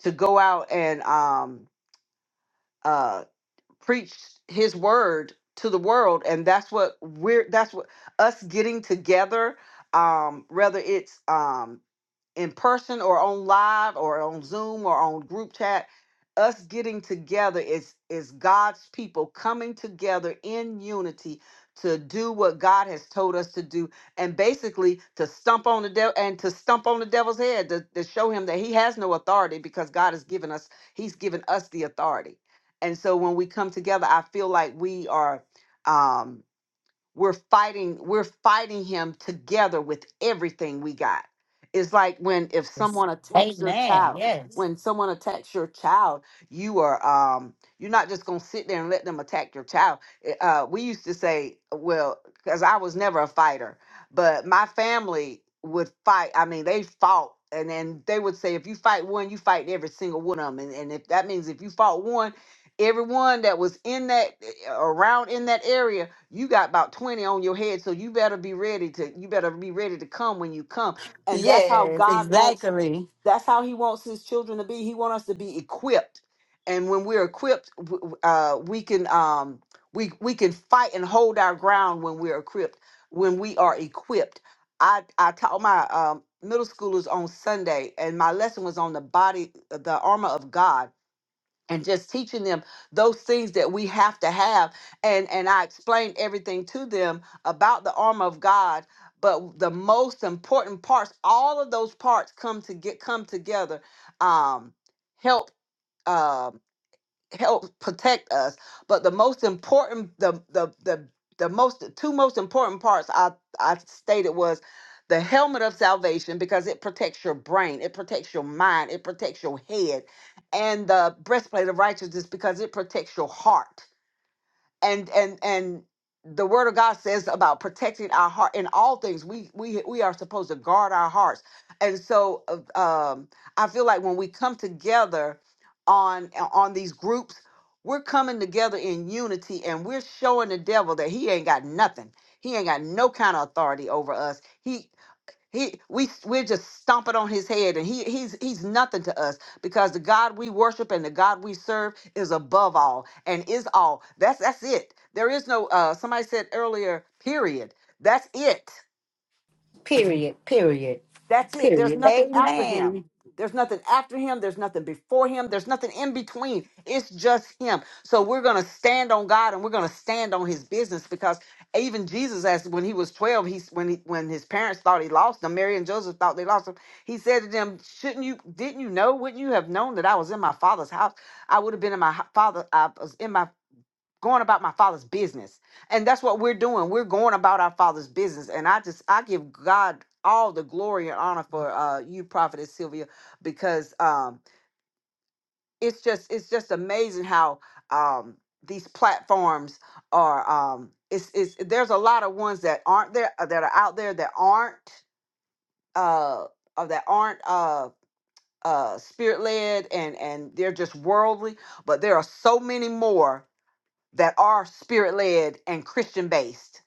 [SPEAKER 3] to go out and um uh preach his word to the world and that's what we're that's what us getting together um whether it's um in person or on live or on Zoom or on group chat, us getting together is is God's people coming together in unity to do what God has told us to do and basically to stump on the devil and to stump on the devil's head to, to show him that he has no authority because God has given us he's given us the authority. And so when we come together, I feel like we are um we're fighting we're fighting him together with everything we got it's like when if
[SPEAKER 1] a,
[SPEAKER 3] someone attacks your
[SPEAKER 1] amen.
[SPEAKER 3] child
[SPEAKER 1] Yes,
[SPEAKER 3] when someone attacks your child you are um you're not just gonna sit there and let them attack your child Eh, uh we used to say well because i was never a fighter but my family would fight i mean they fought and then they would say if you fight one you fight every single one of them and, and if that means if you fought one everyone that was in that eh, around in that area you got about 20 on your head so you better be ready to you better be ready to come when you come and that's how
[SPEAKER 1] yes,
[SPEAKER 3] god wants
[SPEAKER 1] exactly.
[SPEAKER 3] that's how he wants his children to be he wants us to be equipped and when we're equipped w- w- uh, we can um we we can fight and hold our ground when we're equipped when we are equipped i i taught my um middle schoolers on sunday and my lesson was on the body the armor of god and just teaching them those things that we have to have and and i explained everything to them about the armor of god but the most important parts all of those parts come to get come together um help um help protect us. But the most important, the the the the most two most important parts I I stated was the helmet of salvation because it protects your brain, it protects your mind, it protects your head, and the breastplate of righteousness because it protects your heart and and and the word of god says about protecting our heart in all things we we we are supposed to guard our hearts and so uh, um i feel like when we come together on on these groups we're coming together in unity and we're showing the devil that he ain't got nothing he ain't got no kind of authority over us He. He we we're just stomping on his head and he he's he's nothing to us because the God we worship and the God we serve is above all and is all. That's that's it. There is no uh somebody said earlier, period. That's it.
[SPEAKER 1] Period, period,
[SPEAKER 3] That's it. There's
[SPEAKER 1] period.
[SPEAKER 3] nothing after
[SPEAKER 1] Amen.
[SPEAKER 3] him. There's nothing after him. There's nothing before him. There's nothing in between. It's just him. So we're going to stand on God and we're going to stand on his business because even Jesus asked when he was 12, he, when, he, when his parents thought he lost him, Mary and Joseph thought they lost him. He said to them, shouldn't you, didn't you know, wouldn't you have known that I was in my father's house? I would have been in my ho- father. I was in my going about my father's business. And that's what we're doing. We're going about our father's business. And I just I give God all the glory and honor for uh you, Prophetess Sylvia, because um it's just it's just amazing how um these platforms are um it's it's there's a lot of ones that aren't there uh, that are out there that aren't uh or that aren't uh uh spirit led and and they're just worldly but there are so many more that are spirit led and Christian based.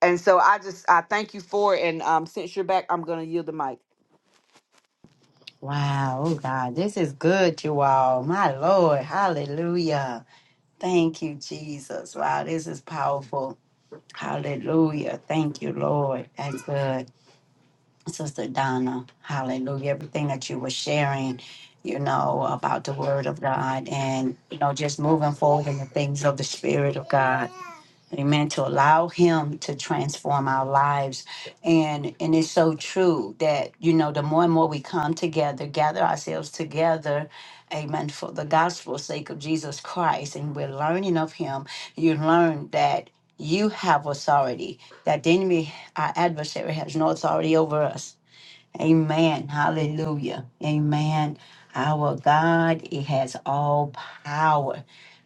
[SPEAKER 3] And so I just I thank you for it. And um, since you're back, I'm gonna yield the mic.
[SPEAKER 1] Wow, oh God, this is good, you all. My Lord, hallelujah. Thank you, Jesus. Wow, this is powerful. Hallelujah. Thank you, Lord. That's good. Sister Donna, hallelujah. Everything that you were sharing, you know, about the word of God and, you know, just moving forward in the things of the Spirit of God. Amen. To allow him to transform our lives. And and it's so true that, you know, the more and more we come together, gather ourselves together, amen, for the gospel's sake of Jesus Christ, and we're learning of him, you learn that you have authority, that the enemy, our adversary, has no authority over us. Amen. Hallelujah. Amen. Our God, it has all power.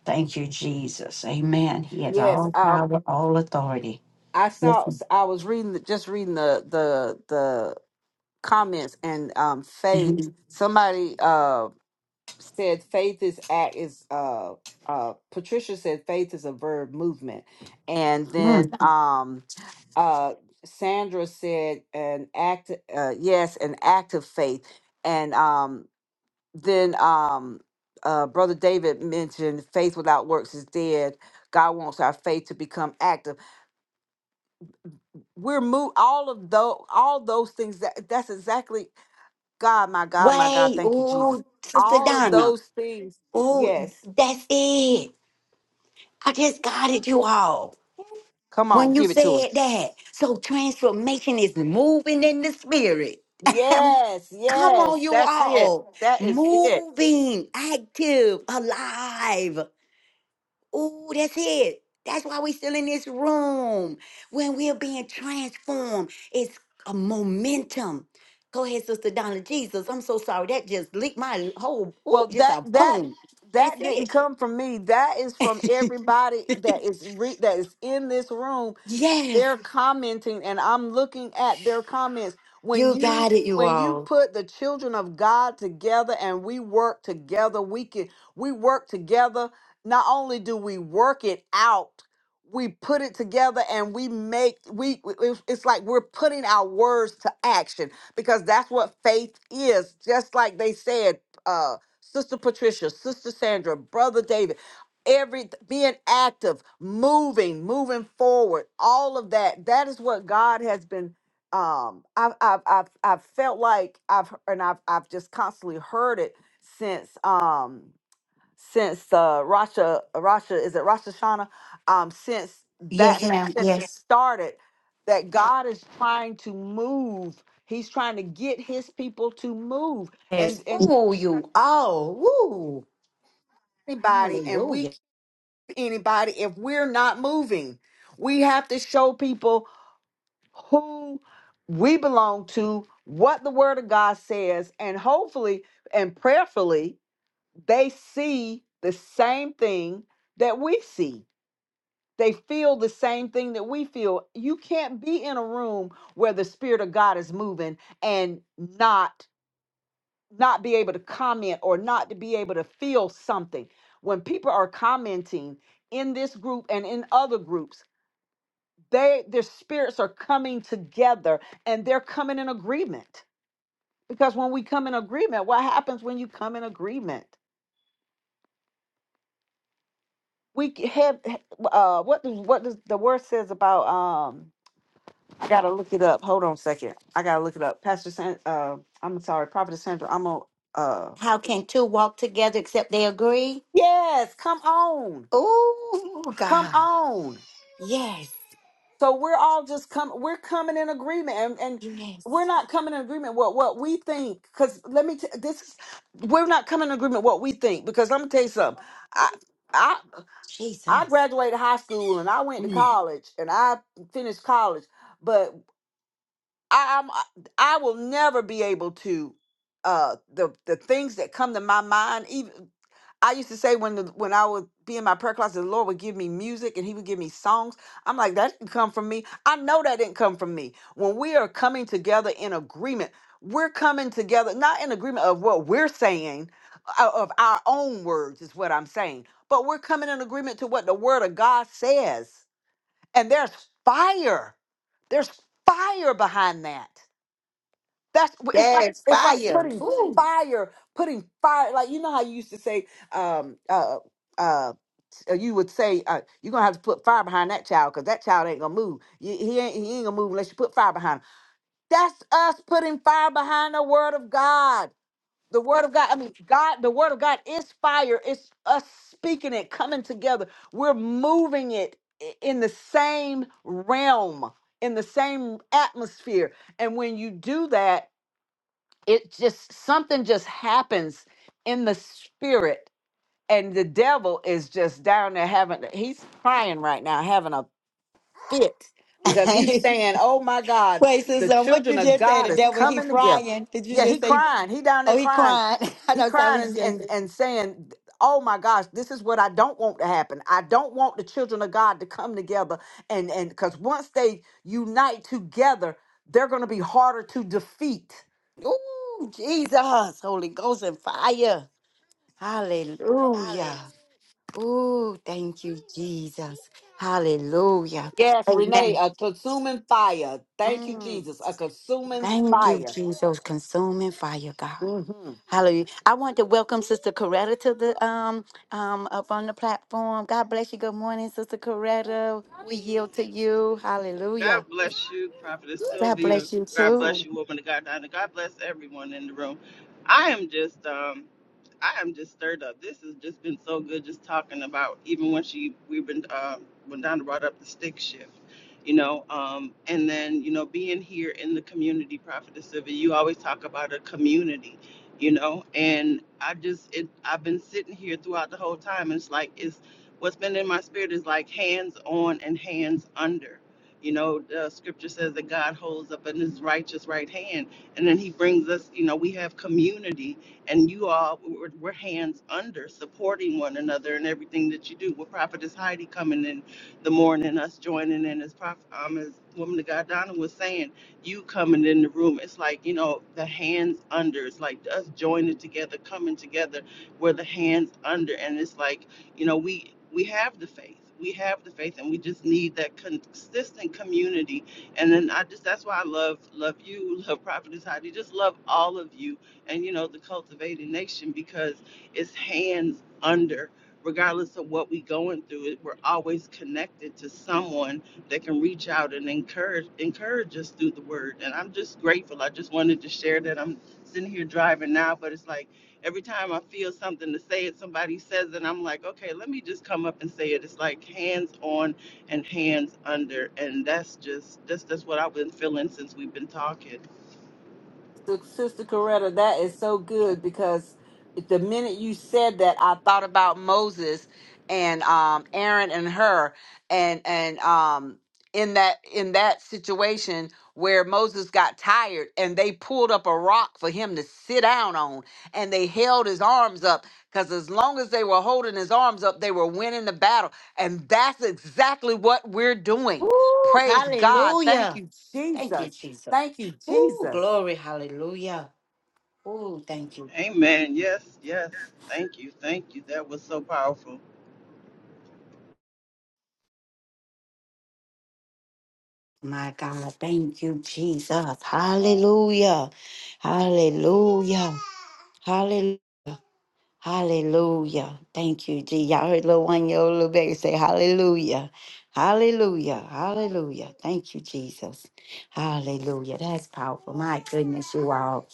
[SPEAKER 1] Thank you, Jesus. Amen. He has
[SPEAKER 3] Yes.
[SPEAKER 1] all
[SPEAKER 3] Um,
[SPEAKER 1] power, all authority.
[SPEAKER 3] I
[SPEAKER 1] Yes.
[SPEAKER 3] saw I was reading the- just reading the the the comments and um faith.
[SPEAKER 1] Mhm.
[SPEAKER 3] Mhm. Somebody uh said faith is act is uh uh Patricia said faith is a verb movement, and then
[SPEAKER 1] Mm.
[SPEAKER 3] Mhm. um uh Sandra said an act uh yes an act of faith and um then um uh brother david mentioned faith without works is dead god wants our faith to become active we're moved all of those all those things that that's exactly god my god my god
[SPEAKER 1] Wait,
[SPEAKER 3] thank you jesus
[SPEAKER 1] oh, Sister
[SPEAKER 3] all of
[SPEAKER 1] Donna,
[SPEAKER 3] those things
[SPEAKER 1] oh,
[SPEAKER 3] yes
[SPEAKER 1] that's it. I just got it, you all.
[SPEAKER 3] come on
[SPEAKER 1] When you
[SPEAKER 3] give it to us
[SPEAKER 1] said that, so transformation is moving in the spirit.
[SPEAKER 3] yes
[SPEAKER 1] Come on,
[SPEAKER 3] yes
[SPEAKER 1] you
[SPEAKER 3] that's it
[SPEAKER 1] all,
[SPEAKER 3] that is it
[SPEAKER 1] moving, active, alive. Ooh, that's it. That's why we're still in this room. When we're being transformed, it's a momentum. Go ahead, Sister Donna. Jesus, I'm so sorry. That just leaked my whole, ooh,
[SPEAKER 3] well
[SPEAKER 1] just
[SPEAKER 3] that
[SPEAKER 1] a
[SPEAKER 3] that
[SPEAKER 1] boom. That's
[SPEAKER 3] that didn't
[SPEAKER 1] it.
[SPEAKER 3] come from me that is from everybody that is re- that is in this room
[SPEAKER 1] Yes,
[SPEAKER 3] They're commenting and I'm looking at their comments. When
[SPEAKER 1] you
[SPEAKER 3] you
[SPEAKER 1] got it, you
[SPEAKER 3] when you
[SPEAKER 1] all.
[SPEAKER 3] put the children of God together and we work together, we can we work together. Not only do we work it out, we put it together and we make we we- it's it's like we're putting our words to action because that's what faith is. Just like they said, uh Sister Patricia, Sister Sandra, Brother David every being active moving moving forward all of that that is what god has been um i've i've i've, I've felt like i've and i've i've just constantly heard it since um since uh rasha rasha is it rasha shana um since that Yeah. since it started that god is trying to move he's trying to get his people to move and
[SPEAKER 1] Yes,
[SPEAKER 3] and
[SPEAKER 1] you all. Woo.
[SPEAKER 3] anybody and we anybody if we're not moving. We have to show people who we belong to, what the word of God says, and hopefully and prayerfully they see the same thing that we see. They feel the same thing that we feel. You can't be in a room where the spirit of God is moving and not not be able to comment or not to be able to feel something. When people are commenting in this group and in other groups, they their spirits are coming together and they're coming in agreement because when we come in agreement what happens when you come in agreement we c- have uh what does what does the word says about um i gotta look it up hold on a second i gotta look it up pastor San, uh i'm sorry prophet sandra i'm a uh
[SPEAKER 1] How can two walk together except they agree?
[SPEAKER 3] yes come on
[SPEAKER 1] Ooh,
[SPEAKER 3] come
[SPEAKER 1] God.
[SPEAKER 3] on
[SPEAKER 1] Yes,
[SPEAKER 3] So we're all just come we're coming in agreement and, and
[SPEAKER 1] yes.
[SPEAKER 3] we're not coming in agreement what what we think cuz let me t- this is we're not coming in agreement what we think because let me tell you something. I I I
[SPEAKER 1] Jesus.
[SPEAKER 3] graduated high school and I went to college and I finished college, but I, I'm I will never be able to uh the the things that come to my mind even I used to say when the, when I would be in my prayer closet, the Lord would give me music and He would give me songs. I'm like, that didn't come from me. I know that didn't come from me. When we are coming together in agreement, we're coming together not in agreement of what we're saying, o- of our own words is what I'm saying, but we're coming in agreement to what the Word of God says. And there's fire. There's fire behind that. That's it's like
[SPEAKER 1] Yes,
[SPEAKER 3] it's like
[SPEAKER 1] fire.
[SPEAKER 3] putting
[SPEAKER 1] Ooh.
[SPEAKER 3] fire, putting fire. Like you know how you used to say, um, uh, uh, uh, you would say uh, you're gonna have to put fire behind that child because that child ain't gonna move. He, he ain't he ain't gonna move unless you put fire behind him. That's us putting fire behind the word of God. The word of God. I mean, God. The word of God is fire. It's us speaking it, coming together. We're moving it i- in the same realm, in the same atmosphere. And when you do that it just something just happens in the spirit and the devil is just down there having he's crying right now having a fit because he's saying oh my god
[SPEAKER 1] Wait,
[SPEAKER 3] the
[SPEAKER 1] sister, what
[SPEAKER 3] children
[SPEAKER 1] you
[SPEAKER 3] of
[SPEAKER 1] just say?
[SPEAKER 3] god
[SPEAKER 1] The
[SPEAKER 3] is
[SPEAKER 1] devil, he
[SPEAKER 3] coming together
[SPEAKER 1] crying. Did you
[SPEAKER 3] yeah he
[SPEAKER 1] just say,
[SPEAKER 3] crying he down there
[SPEAKER 1] oh, he
[SPEAKER 3] crying
[SPEAKER 1] crying? I
[SPEAKER 3] he
[SPEAKER 1] know somebody
[SPEAKER 3] crying and,
[SPEAKER 1] said,
[SPEAKER 3] and and saying oh my gosh this is what i don't want to happen i don't want the children of god to come together and and because once they unite together they're going to be harder to defeat
[SPEAKER 1] ooh, Jesus, Holy Ghost and fire. Hallelujah. Ooh, thank you, Jesus. Hallelujah.
[SPEAKER 3] Yes, Renee,
[SPEAKER 1] Amen.
[SPEAKER 3] a consuming fire. Thank you,
[SPEAKER 1] Mm,
[SPEAKER 3] Jesus. A consuming
[SPEAKER 1] thank you,
[SPEAKER 3] fire.
[SPEAKER 1] Jesus. Consuming fire, God.
[SPEAKER 3] Mhm.
[SPEAKER 1] Hallelujah. I want to welcome Sister Coretta to the um um up on the platform. God bless you. Good morning, Sister Coretta. We yield to you. Hallelujah.
[SPEAKER 4] God bless you, Prophetess
[SPEAKER 1] God
[SPEAKER 4] Sylvia.
[SPEAKER 1] bless you
[SPEAKER 4] God bless
[SPEAKER 1] too.
[SPEAKER 4] you, woman of God, Donna. God bless everyone in the room. I am just, um, I am just stirred up. This has just been so good, just talking about even when she, we've been, um, when Donna brought up the stick shift, you know, um, and then you know being here in the community, Prophetess Sylvia. You always talk about a community, you know, and I just, it, I've been sitting here throughout the whole time. And it's like it's what's been in my spirit is like hands on and hands under you know, the scripture says that God holds up in his righteous right hand. And then he brings us, you know, we have community and you all, we're, we're hands under supporting one another in everything that you do. With Prophetess Heidi coming in the morning, us joining in as, prophet, um, as Woman of God Donna was saying, you coming in the room, it's like, you know, the hands under. It's like us joining together, coming together, we're the hands under. And it's like, you know, we we have the faith. We have the faith, and we just need that consistent community. And then I just that's why I love love you, love Prophetess Heidi, just love all of you, and you know the Cultivated Nation because it's hands under. Regardless of what we going through, it- we're always connected to someone that can reach out and encourage encourage us through the word. And I'm just grateful. I just wanted to share that I'm sitting here driving now, but it's like every time I feel something to say it, somebody says it, I'm like, okay, let me just come up and say it. It's like hands on and hands under, and that's just that's that's what I've been feeling since we've been talking.
[SPEAKER 3] Sister Sister Coretta, that is so good because the minute you said that, I thought about Moses and um, Aaron and her, and and um, in that in that situation where Moses got tired and they pulled up a rock for him to sit down on, and they held his arms up because as long as they were holding his arms up, they were winning the battle, and that's exactly what we're doing.
[SPEAKER 1] Ooh,
[SPEAKER 3] Praise God! Thank
[SPEAKER 1] hallelujah.
[SPEAKER 3] you,
[SPEAKER 1] Thank you,
[SPEAKER 3] Jesus.
[SPEAKER 1] Jesus.
[SPEAKER 3] Thank you,
[SPEAKER 1] Ooh,
[SPEAKER 3] Jesus.
[SPEAKER 1] glory, hallelujah. Ooh, thank you.
[SPEAKER 4] Amen. Yes, yes. Thank you, thank you. That was so powerful.
[SPEAKER 1] Goodness, you all.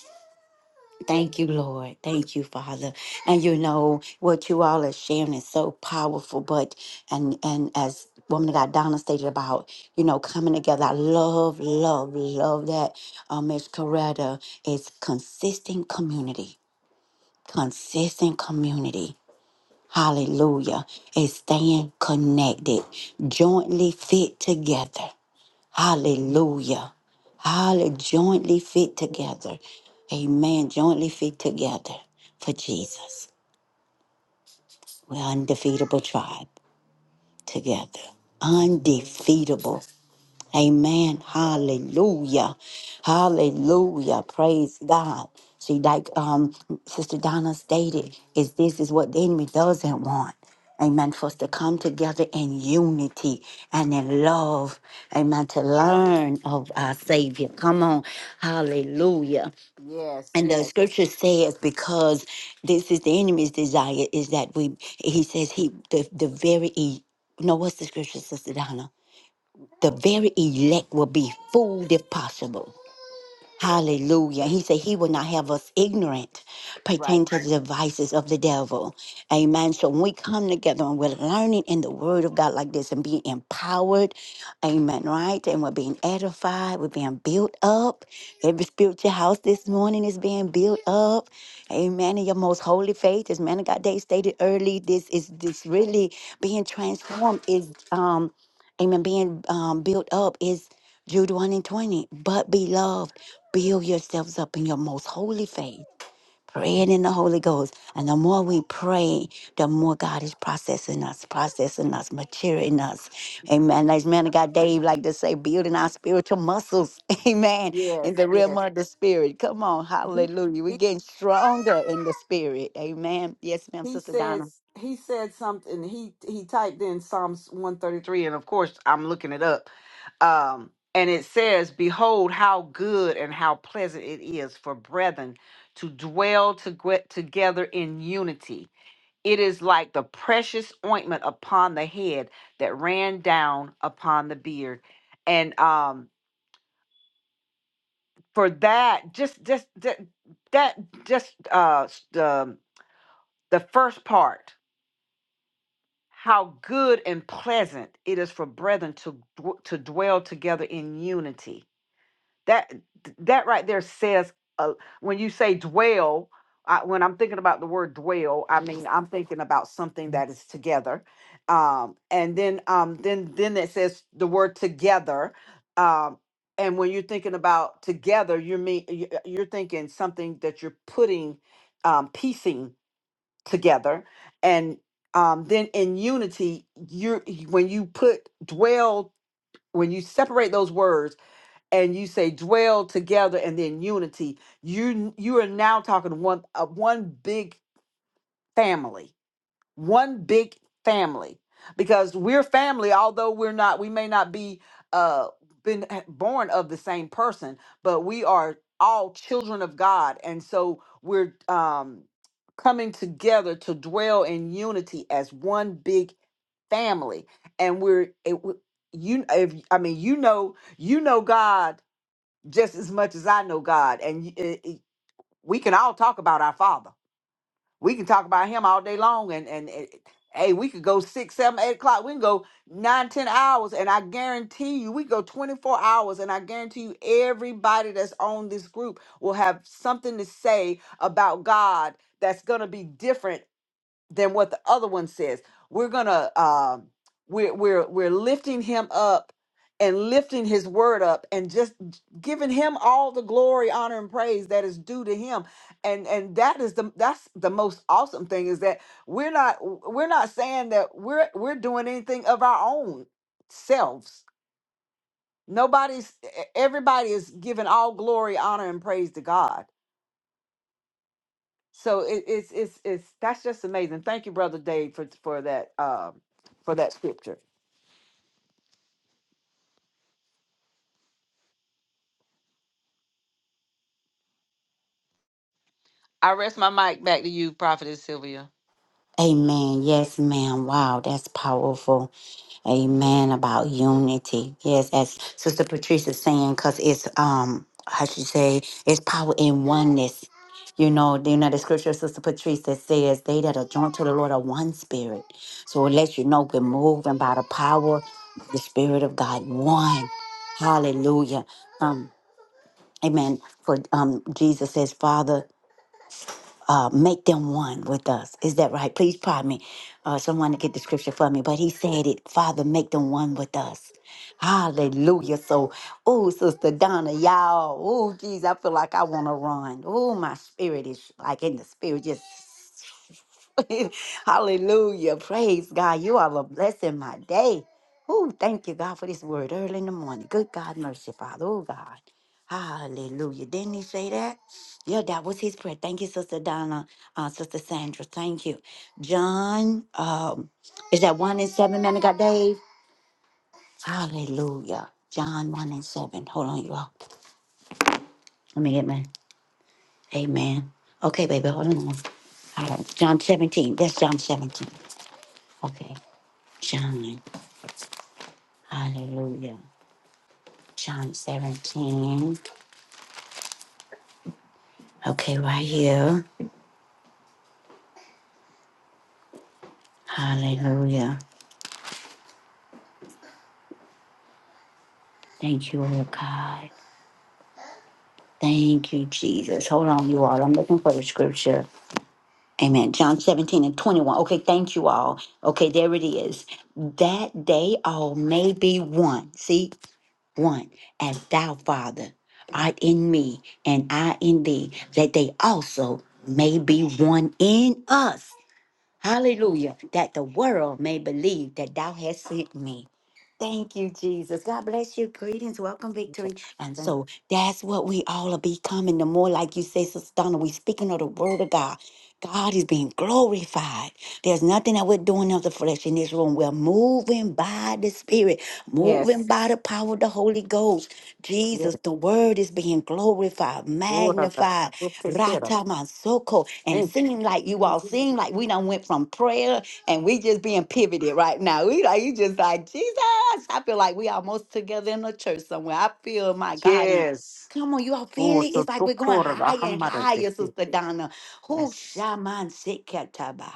[SPEAKER 1] Thank you, Lord. Thank you, Father. And you know what you all are sharing is so powerful. But and and as woman of God Donna stated about, you know, coming together. I love, love, love that uh, Miss Coretta is consistent community. Consistent community. Hallelujah. And staying connected, jointly fit together. Hallelujah. Hallelujah. Jointly fit together. Amen. Jointly fit together for Jesus. God. And yeah, and in love, amen, to learn of our Savior. Come on, hallelujah.
[SPEAKER 3] Yes,
[SPEAKER 1] and the
[SPEAKER 3] yes,
[SPEAKER 1] scripture says because this is the enemy's desire is that we he says he the, the very e- no what's the scripture sister donna the very elect will be fooled if possible Hallelujah. He said he will not have us ignorant
[SPEAKER 3] right.
[SPEAKER 1] pertaining to the devices of the devil. Amen. So when we come together and we're learning in the word of God like this and being empowered, amen, right? And we're being edified, we're being built up. Every spiritual house this morning is being built up. Amen. In your most holy faith, as man of God Day stated early, this is this really being transformed is um amen being um built up is Jude 1 and 20. But beloved build yourselves up in your most holy faith, praying in the Holy Ghost. And I
[SPEAKER 3] Yes, yes. He he he says he said something. He he typed in Psalms 133 and of course I'm looking it up. Um and it says, "Behold, how good and how pleasant it is for brethren to dwell to together in unity. It is like the precious ointment upon the head that ran down upon the beard." And um for that just just that, that just uh s- the the first part how good and pleasant it is for brethren to dw- to dwell together in unity that that right there says uh, when you say dwell I, when i'm thinking about the word dwell i mean i'm thinking about something that is together um and then um then then it says the word together um and when you're thinking about together you mean you- uh, you're thinking something that you're putting um piecing together and um then in unity you're when you put dwell when you separate those words and you say dwell together and then unity you you are now talking one uh, one big family one big family because we're family although we're not we may not be uh been h- born of the same person but we are all children of god and so we're um coming together to dwell in unity as one big family and we're it, w- you if i mean you know you know god just as much as I know God. And y- it, it- we can all talk about our Father. We can talk about Him all day long. And and it, hey, we could go six, seven, eight o'clock. We can go nine, ten hours, and I guarantee you, we go twenty four hours, and I guarantee you, everybody that's on this group will have something to say about God. That's gonna be different than what the other one says. We're gonna um we're we're we're lifting him up and lifting his word up and just giving him all the glory, honor, and praise that is due to him. And and that is the that's the most awesome thing is that we're not we're not saying that we're we're doing anything of our own selves. Nobody's e, everybody is giving all glory, honor, and praise to God so it, it's it's it's that's just amazing. Thank you, brother Dave, for for that um for that scripture. I rest my mic back to you, prophetess Sylvia.
[SPEAKER 1] say it's power in oneness. You know, you know the Scripture, Sister Patrice, that says, They that are joined to the Lord are one spirit. So it lets you know we're moving by the power of the Spirit of God, one. Hallelujah. Um, amen. For um, Jesus says, Father, uh, make them one with us. Is that right? Please pardon me. Uh, someone to get the scripture for me. But he said it, Father, make them one with us. Hallelujah. So, hallelujah. John 1 and 7. Hold on, you all. Let me get my amen. Okay, baby, hold on. All right, John 17. That's John 17. Okay, John. Hallelujah. John 17. Okay, right here. Hallelujah. Thank you, Lord God. Thank you, Jesus. Amen. John 17 and 21. Okay, thank you all. Okay, there it is. That day one, see, one, thou Father art in me and I in thee, that they also may one in us. Hallelujah. That the world may believe that thou hast sent me. Thank you, Jesus. God bless you. Greetings. Welcome, Victory. And
[SPEAKER 3] Thank
[SPEAKER 1] so that's what we all are becoming. The more, like you say, Sister Donna, we speaking of the word of God. God is being glorified. There's nothing that we're doing of the flesh in this room. We're moving by the Spirit, moving
[SPEAKER 3] Yes,
[SPEAKER 1] by the power of the Holy Ghost.
[SPEAKER 3] yes.
[SPEAKER 1] Jesus, the word is being glorified,
[SPEAKER 3] Lord, I got to
[SPEAKER 1] magnified.
[SPEAKER 3] look this bit
[SPEAKER 1] Rata Masoko. And
[SPEAKER 3] Thank
[SPEAKER 1] seem like you all seem
[SPEAKER 3] you.
[SPEAKER 1] like we done went from prayer and we just being pivoted right now. We like you just like Jesus. I feel like we almost together in the church somewhere. I feel my God and
[SPEAKER 3] Yes.
[SPEAKER 1] come on, you all
[SPEAKER 3] Oh,
[SPEAKER 1] feel it?
[SPEAKER 3] so
[SPEAKER 1] It's like
[SPEAKER 3] to
[SPEAKER 1] we're going
[SPEAKER 3] quarter, the
[SPEAKER 1] higher and
[SPEAKER 3] hammer,
[SPEAKER 1] higher,
[SPEAKER 3] the-
[SPEAKER 1] Sister Donna. Who
[SPEAKER 3] yes,
[SPEAKER 1] shaman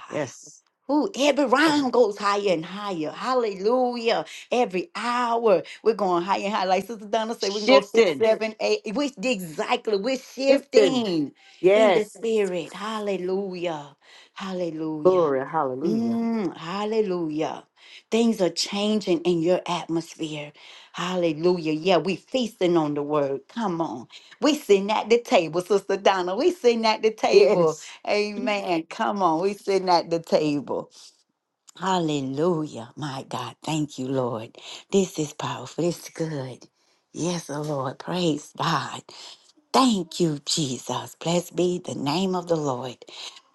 [SPEAKER 3] yes.
[SPEAKER 1] Ooh, every
[SPEAKER 3] Oh,
[SPEAKER 1] round goes higher and higher. Hallelujah. Every hour we're going higher and higher. Like Sister Donna said, we can go six,
[SPEAKER 3] Shifting.
[SPEAKER 1] seven, eight. We exactly we're
[SPEAKER 3] Listen.
[SPEAKER 1] shifting in the
[SPEAKER 3] Yes.
[SPEAKER 1] spirit. Hallelujah. Hallelujah.
[SPEAKER 3] Glory. Hallelujah.
[SPEAKER 1] Mm, hallelujah. Things are changing in your atmosphere. Hallelujah. Yeah, we feasting on the word. Come on. We sitting at the table, Sister Donna. We sitting at the table.
[SPEAKER 3] Yes.
[SPEAKER 1] Amen. Come on. We sitting at the table. Hallelujah. My God. Thank you, Lord. This is powerful. This is good. Yes, oh Lord. Praise God. Thank you, Jesus. Blessed be the name of the Lord.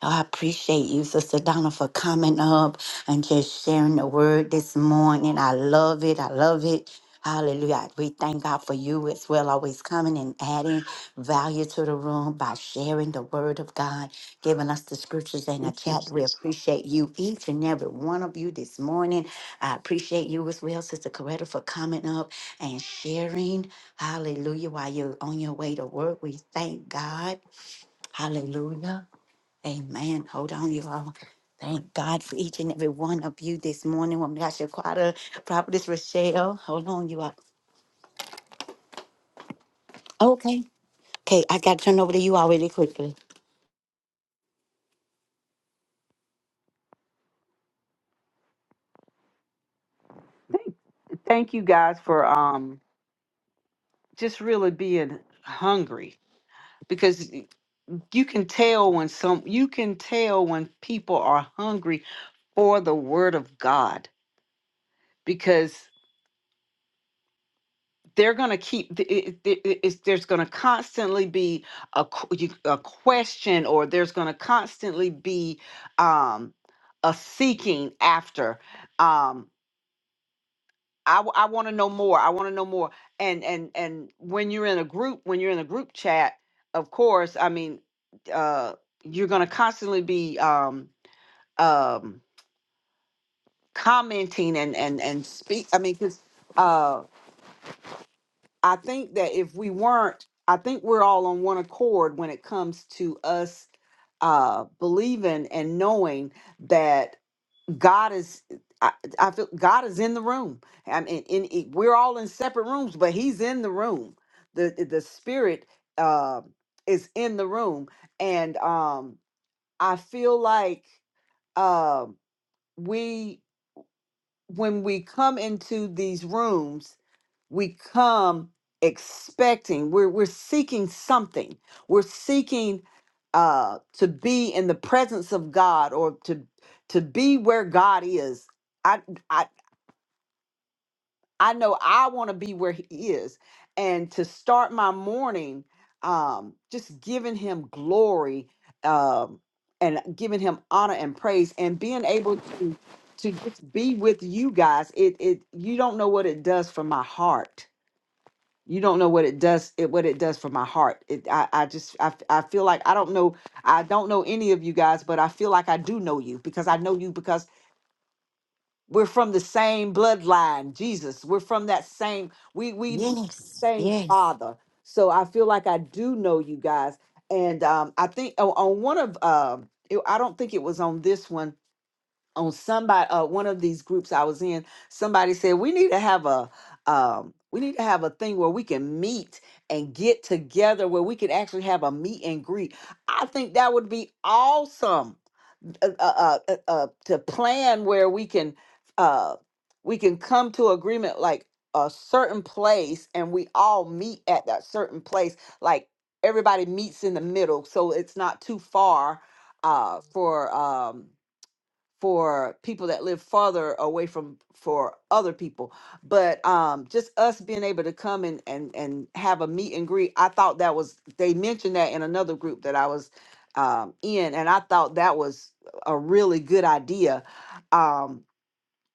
[SPEAKER 1] Oh, I appreciate you, Sister Donna, for coming up and just sharing the word this morning. I love it. I love it. Hallelujah. We thank God for you as well, always coming and adding value to the room by sharing the word of God, giving us the scriptures and the chat. We appreciate you, each and every one of you this morning. I appreciate you as well, Sister Coretta, for coming up and sharing. Hallelujah. While you're on your way to work, we thank God. Hallelujah. Amen. Hold on, you all. Thank God for each and every one of you this morning. Woman of God, Shaquata, Prophetess Rochelle. Hold on, you all. Okay. Okay, I got to turn over to you all really quickly.
[SPEAKER 3] Thank, thank you guys for um just really being hungry because you can tell when some you can tell when people are hungry for the word of God because they're going to keep th- it, it, it- it's, there's going to constantly be a, qu- you- a question or there's going to constantly be um a seeking after um. I, w- I want to know more. I want to know more. And and and when you're in a group, when you're in a group chat, of course, I mean, uh, you're going to constantly be um, um, commenting and and and speak. I mean, because uh, I think that if we weren't, I think we're all on one accord when it comes to us uh, believing and knowing that. God is I, I feel God is in the room. I mean, in, in- we're all in separate rooms, but He's in the room. The the Spirit uh, is in the room, and um, I feel like uh, we when we come into these rooms, we come expecting we're we're seeking something. We're seeking uh, to be in the presence of God or to to be where God is. I. I I know I want to be where he is. And to start my morning, um, just giving him glory um, and giving him honor and praise and being able to to just be with you guys. It it you don't know what it does for my heart. You don't know what it does it what it does for my heart. It I, I just I, f- I feel like I don't know I don't know any of you guys, but I feel like I do know you because I know you because we're from the same bloodline, Jesus. We're from that same, we we we have the
[SPEAKER 1] Yes.
[SPEAKER 3] same
[SPEAKER 1] Yes.
[SPEAKER 3] father. So I feel like I do know you guys. And um, I think oh, on one of um it- I don't think it was on this one, on somebody uh one of these groups I was in, somebody said we need to have a um we need to have a thing where we can meet and get together where we can actually have a meet and greet. I think that would be awesome uh, uh, uh, uh, to plan where we can uh, we can come to agreement like a certain place and we all meet at that certain place like everybody meets in the middle so it's not too far uh, for um, for people that live farther away from for other people but um just us being able to come and and and have a meet and greet i thought that was they mentioned that in another group that i was um in and i thought that was a really good idea um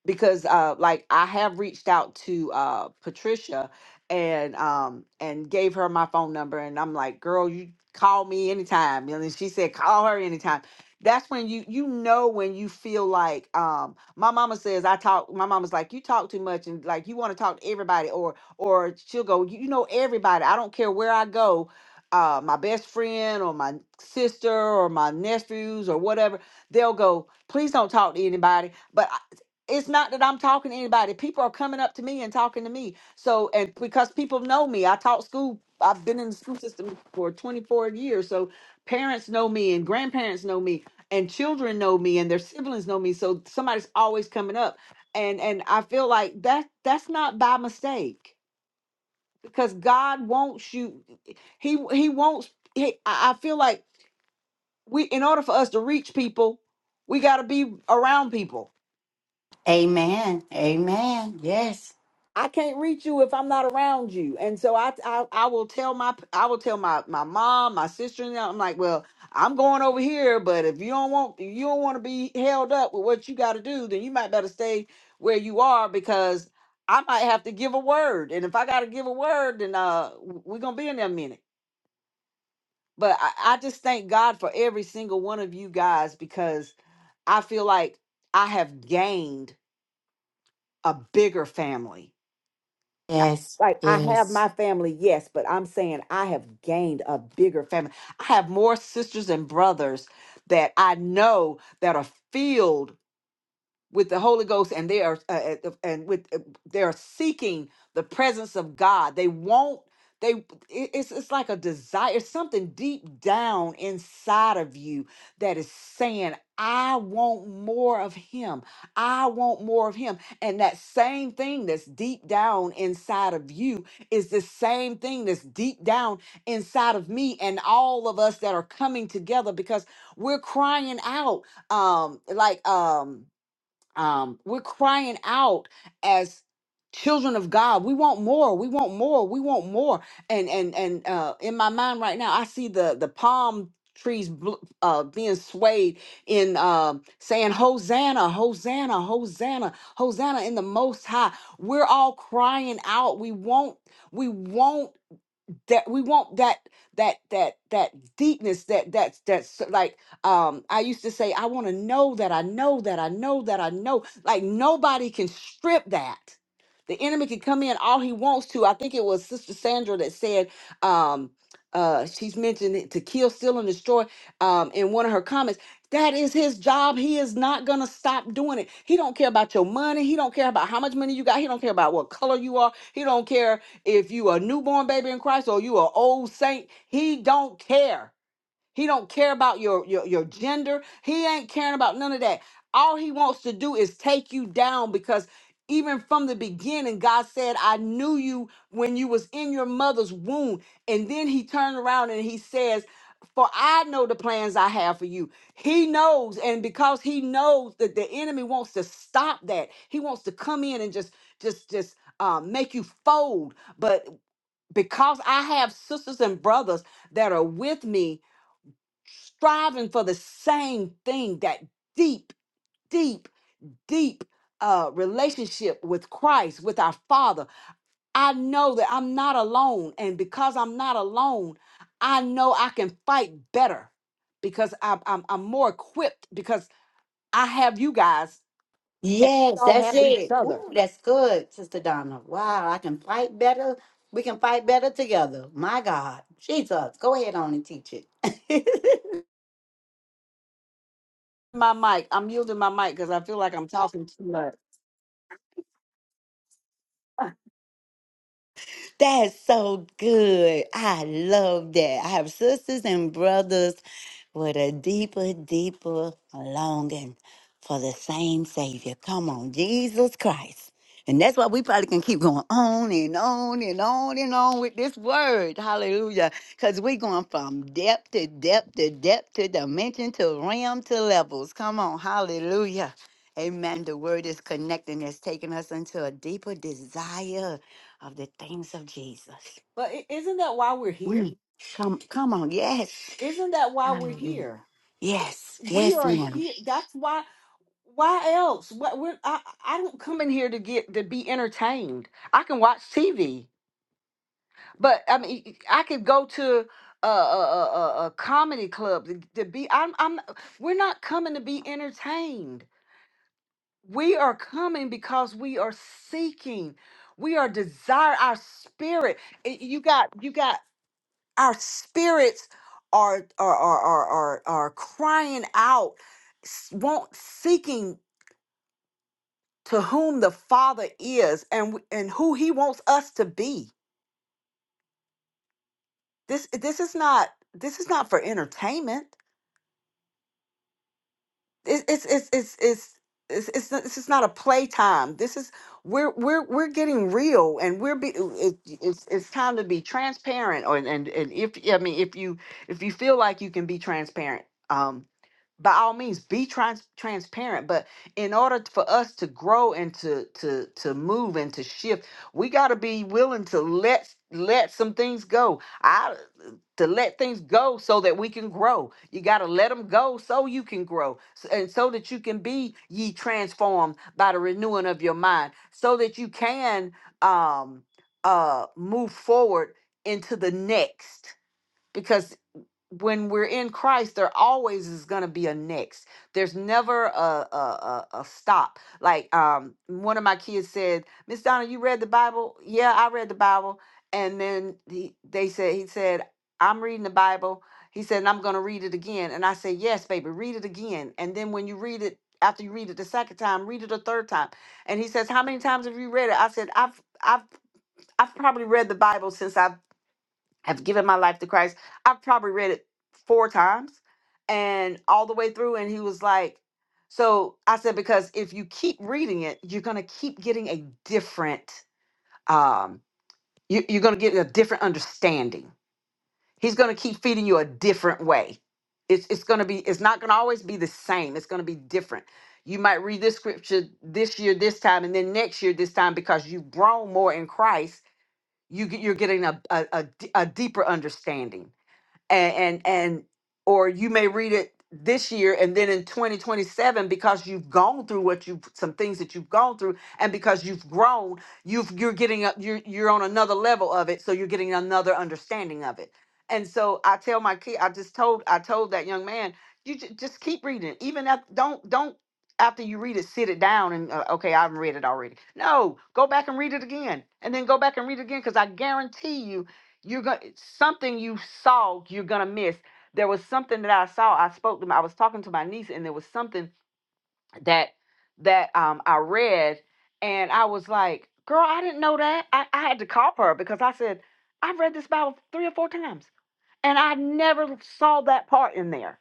[SPEAKER 3] because uh like I have reached out to uh Patricia and um and gave her my phone number and I'm like, girl, you call me anytime. And then she said, call her anytime. That's when you you know when you feel like um my mama says I talk my mama's like you talk too much and like you want to talk to everybody or or she'll go you, you know everybody I don't care where I go uh my best friend or my sister or my nephews or whatever they'll go please don't talk to anybody but it's not that I'm talking to anybody. People are coming up to me and talking to me. So, and because people know me, I taught school. I've been in the school system for 24 years. So, parents know me and grandparents know me and children know me and their siblings know me. So, somebody's always coming up. And and I feel like that that's not by mistake because God wants you he he wants he, I I feel like we in order for us to reach people, we got to be around people
[SPEAKER 1] Amen. Amen. Yes.
[SPEAKER 3] I can't reach you if I'm not around you. And so I I, I will tell my I will tell my my mom, my sister, and I'm like, well, I'm going over here, but if you don't want if you don't want to be held up with what you got to do, then you might better stay where you are because I might have to give a word. And if I got to give a word, then uh w- we're going to be in there a minute. But I, I just thank God for every single one of you guys because I feel like I have gained a bigger family
[SPEAKER 1] Yes.
[SPEAKER 3] Like I have
[SPEAKER 1] Yes.
[SPEAKER 3] my family, yes, but I'm saying I have gained a bigger family. I have more sisters and brothers that I know that are filled with the Holy Ghost, and they are uh, uh, and with uh, they are seeking the presence of God. They won't. They it- it's it's like a desire, something deep down inside of you that is saying, "I want more of Him. I want more of Him." And that same thing that's deep down inside of you is the same thing that's deep down inside of me and all of us that are coming together because we're crying out, um, like um um, we're crying out as children of God. We want more. We want more. We want more. And and and uh, in my mind right now, I see the the palm trees bl- uh, being swayed in um saying Hosanna, Hosanna, Hosanna, Hosanna in the Most High. We're all crying out. We want. We want that we want that that that that deepness that that's that's like um i used to say i want to know that i know that i know that i know like nobody can strip that the enemy can come in all he wants to i think it was sister sandra that said um uh she's mentioned it, to kill steal and destroy um in one of her comments that is his job he is not gonna stop doing it he don't care about your money he don't care about how much money you got he don't care about what color you are he don't care if you a newborn baby in Christ or you a old saint, he don't care. He don't care about your, your your gender. He ain't caring about none of that. All he wants to do is take you down because even from the beginning, God said, I knew you when you was in your mother's womb. And then he turned around and he says, For I know the plans I have for you. He knows, and because he knows that the enemy wants to stop that, he wants to come in and just just just um, make you fold. But because I have sisters and brothers that are with me, striving for the same thing that deep, deep, deep uh, relationship with Christ, with our Father. I know that I'm not alone. And because I'm not alone, I know I can fight better because I'm, I'm, I'm more equipped because I have you guys. We
[SPEAKER 1] Yes,
[SPEAKER 3] all
[SPEAKER 1] that's
[SPEAKER 3] have each
[SPEAKER 1] it.
[SPEAKER 3] other.
[SPEAKER 1] Ooh, that's good, Sister Donna. Wow, I can fight better. We can fight better together. My God. Jesus. Go ahead on and teach it.
[SPEAKER 3] My mic, I'm yielding my mic because I feel like I'm talking too much.
[SPEAKER 1] That is so good. I love that. I have sisters and brothers with a deeper, deeper longing for the same Savior. Come on, Jesus Christ. And that's why we probably can keep going on and on and on and on with this word. Hallelujah. Because we're going from depth to depth to depth to dimension to realm to levels. Come on. Hallelujah. Amen. The word is connecting, it's taking us into a deeper desire of the things of Jesus.
[SPEAKER 3] But i- isn't that why we're here?
[SPEAKER 1] Mm. Come, come on. Yes.
[SPEAKER 3] Isn't that why we're
[SPEAKER 1] Mm.
[SPEAKER 3] here?
[SPEAKER 1] Yes.
[SPEAKER 3] We
[SPEAKER 1] Yes,
[SPEAKER 3] are
[SPEAKER 1] ma'am.
[SPEAKER 3] here. That's why. Why else? What we're, I I don't come in here to get to be entertained. I can watch TV, but I mean I could go to a a, a, a a comedy club to, to be. I'm I'm. We're not coming to be entertained. We are coming because we are seeking. We are desire our spirit. i- You got you got our spirits are are are are are, are crying out, s- want seeking. to whom the father is and and who he wants us to be this this is not this is not for entertainment it's it's it's it's it's it's, it's not, this is not a playtime. This is we're we're we're getting real, and we're be, it, it's it's time to be transparent. Or, and and if I mean if you if you feel like you can be transparent, um, by all means be trans- transparent. But in order t- for us to grow and to to to move and to shift, we got to be willing to let let some things go to let things go so that we can grow. You got to let them go so you can grow s- and so that you can be ye transformed by the renewing of your mind so that you can um uh move forward into the next Because when we're in Christ, there always is going to be a next. There's never a, a a a stop. Like um, one of my kids said, "Miss Donna, you read the Bible?" Yeah, I read the Bible. And then he, they said, he said, "I'm reading the Bible." He said, "And I'm going to read it again." And I said, "Yes, baby, read it again." And then when you read it, after you read it the second time, read it a third time. And he says, "How many times have you read it?" I said, "I've I've I've probably read the Bible since I've have given my life to Christ. I've probably read it four times and all the way through. And he was like, so I said, because if you keep reading it, you're going to keep getting a different, um, you, you're going to get a different understanding. He's going to keep feeding you a different way. It's, it's going to be, it's not going to always be the same. It's going to be different. You might read this scripture this year, this time, and then next year, this time, because you've grown more in Christ, you, get- you're getting a, a, a d- a deeper understanding and and, and or you may read it this year and then in 2027 because you've gone through what you have some things that you've gone through and because you've grown you've you're getting up you're you're on another level of it so you're getting another understanding of it and so i tell my kid i just told i told that young man you ju- just keep reading it even at don't don't after you read it sit it down and uh, okay i've read it already no go back and read it again and then go back and read it again because i guarantee you you're going to something you saw you're gonna miss there was something that i saw i spoke to my, i was talking to my niece and there was something that that um i read and i was like girl i didn't know that i, I had to call her because i said i've read this bible three or four times and i never saw that part in there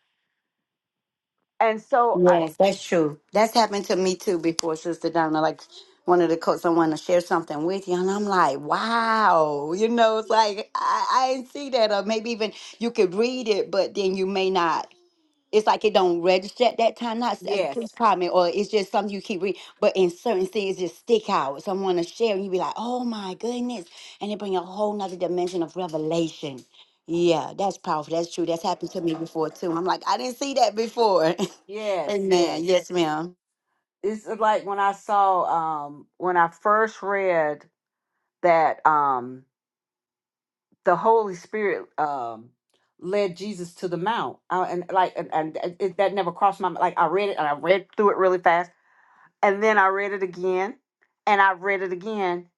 [SPEAKER 3] and so I,
[SPEAKER 1] Yes, that's true. That's happened to me too before, Sister Donna. Like one of the coaches, I want to share something with you, and I'm like, wow. You know, it's like I, I didn't see that, or maybe even you could read it, but then you may not. it's like it don't register at that time. Not s- uh,
[SPEAKER 3] yes
[SPEAKER 1] please comment, or it's just something you keep reading. But in certain things, just stick out. Someone to share, and you be like, "Oh my goodness!" And it bring a whole nother dimension of revelation. Yeah, that's powerful. That's true. That's happened to me before too. I'm like, I didn't see that before.
[SPEAKER 3] yes
[SPEAKER 1] amen.
[SPEAKER 3] yes
[SPEAKER 1] Yes, ma'am.
[SPEAKER 3] this is like when i saw um when i first read that um. the Holy Spirit um led Jesus to the mount. Uh, and like and, and it, that never crossed my mind. Like I read it and I read through it really fast. And then I read it again and I read it again.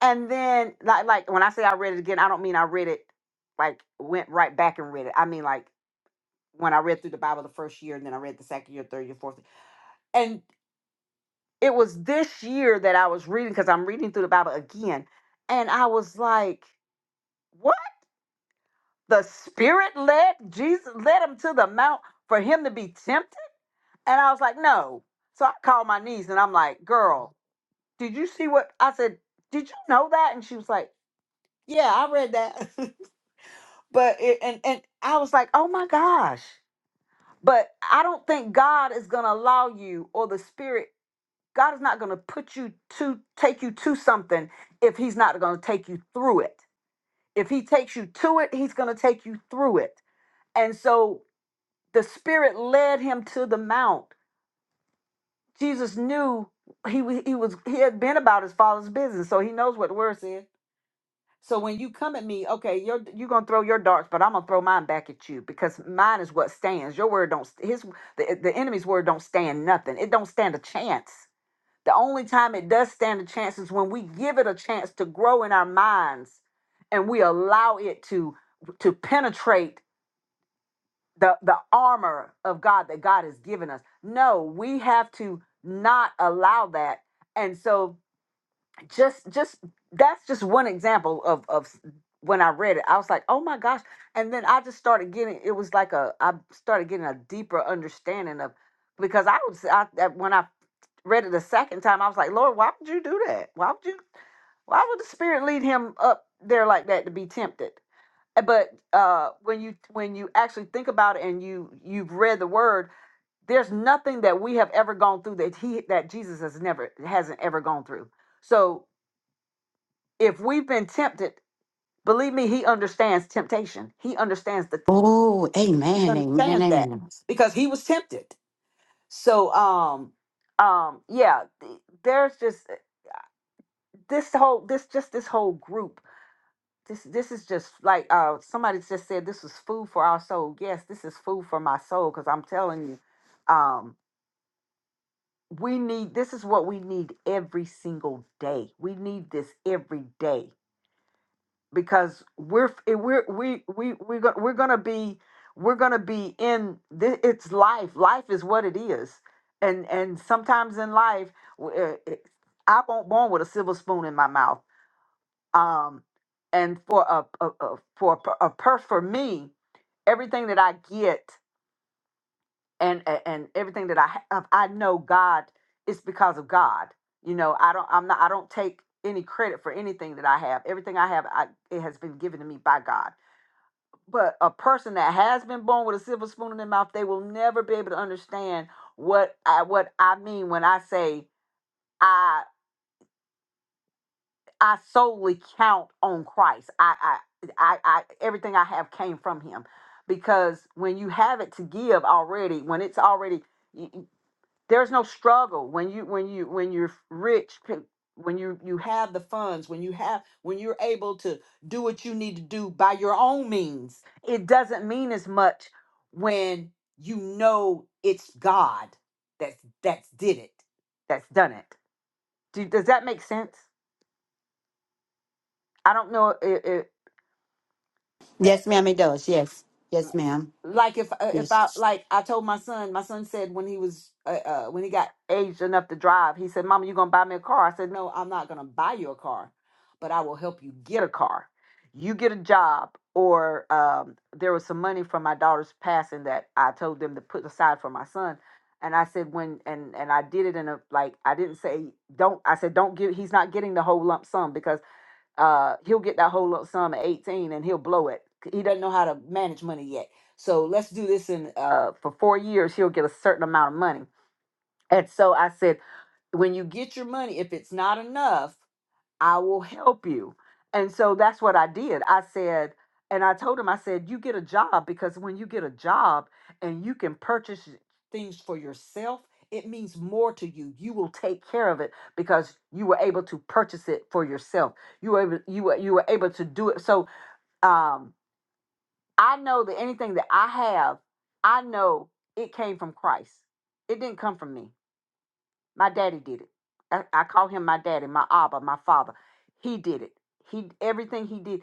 [SPEAKER 3] And then like like when I say I read it again, I don't mean I read it like went right back and read it. I mean like when I read through the Bible the first year and then I read the second year, third year, fourth. year. And it was this year that I was reading because I'm reading through the Bible again. And I was like, the spirit led jesus led him to the mount for him to be tempted and i was like no so i called my niece and i'm like girl did you see what i said did you know that and she was like yeah i read that but it, and and i was like oh my gosh but i don't think god is going to allow you or the spirit god is not going to put you to take you to something if he's not going to take you through it if he takes you to it he's going to take you through it and so the spirit led him to the mount jesus knew he wa- he was he had been about his father's business so he knows what the word said so when you come at me okay you're you're gonna throw your darts but i'm gonna throw mine back at you because mine is what stands your word don't st- his the, the enemy's word don't stand nothing it don't stand a chance the only time it does stand a chance is when we give it a chance to grow in our minds and we allow it to to penetrate the the armor of God that God has given us. No, we have to not allow that. And so just just that's just one example of of s- when I read it. I was like, "Oh my gosh." And then I just started getting it was like a I started getting a deeper understanding of because I was I, that when I read it the second time, I was like, "Lord, why would you do that? Why would you why would the spirit lead him up there like that to be tempted?" Uh, but uh, when you when you actually think about it and you you've read the word there's nothing that we have ever gone through that he that jesus has never hasn't ever gone through so if we've been tempted believe me he understands temptation he understands the
[SPEAKER 1] Oh,
[SPEAKER 3] he
[SPEAKER 1] amen. Amen.
[SPEAKER 3] understands that
[SPEAKER 1] Amen.
[SPEAKER 3] because he was tempted so um um yeah th- there's just this whole this just this whole group this this is just like uh somebody just said this was food for our soul. Yes, this is food for my soul because I'm telling you, um, we need this is what we need every single day. We need this every day because we're f- eh, we're we we we're gonna we're gonna be we're gonna be in this, it's life. Life is what it is, and and sometimes in life. w- eh, eh, I won't born with a silver spoon in my mouth um, and for a, a, a for a, per- a per for me, everything that I get and a- and everything that I have, I know God is because of God. You know, I don't I'm not I don't take any credit for anything that I have. Everything I have, I, it has been given to me by God. But a person that has been born with a silver spoon in their mouth, they will never be able to understand what I what I mean when I say I. I solely count on Christ. I, I, I, I, everything I have came from Him, because when you have it to give already, when it's already, y- y- there's no struggle. When you, when you, when you're rich, p- when you you have the funds, when you have, when you're able to do what you need to do by your own means, it doesn't mean as much when you know it's God that's that's did it, that's done it. Do, does that make sense? I don't know
[SPEAKER 1] Yes, ma'am. It does. Yes. Yes, ma'am.
[SPEAKER 3] like if uh, if I
[SPEAKER 1] Yes.
[SPEAKER 3] like I told my son, my son said when he was uh, uh when he got aged enough to drive, he said, "Mama, you gonna buy me a car?" I said, "No, I'm not gonna buy you a car, but I will help you get a car. You get a job." Or um, there was some money from my daughter's passing that I told them to put aside for my son, and I said when and and I did it in a like I didn't say don't I said don't give he's not getting the whole lump sum because uh, he'll get that whole lump sum at 18 and he'll blow it. He doesn't know how to manage money yet. So let's do this in uh, for four years, he'll get a certain amount of money. And so I said, when you get your money, if it's not enough, I will help you. And so that's what I did. I said, and I told him, I said, you get a job because when you get a job and you can purchase things for yourself, it means more to you. You will take care of it because you were able to purchase it for yourself. You were able, you were, you were able to do it. So um, I know that anything that I have, I know it came from Christ. It didn't come from me. My daddy did it. I, I call him my daddy, my Abba, my father. He did it. He everything he did,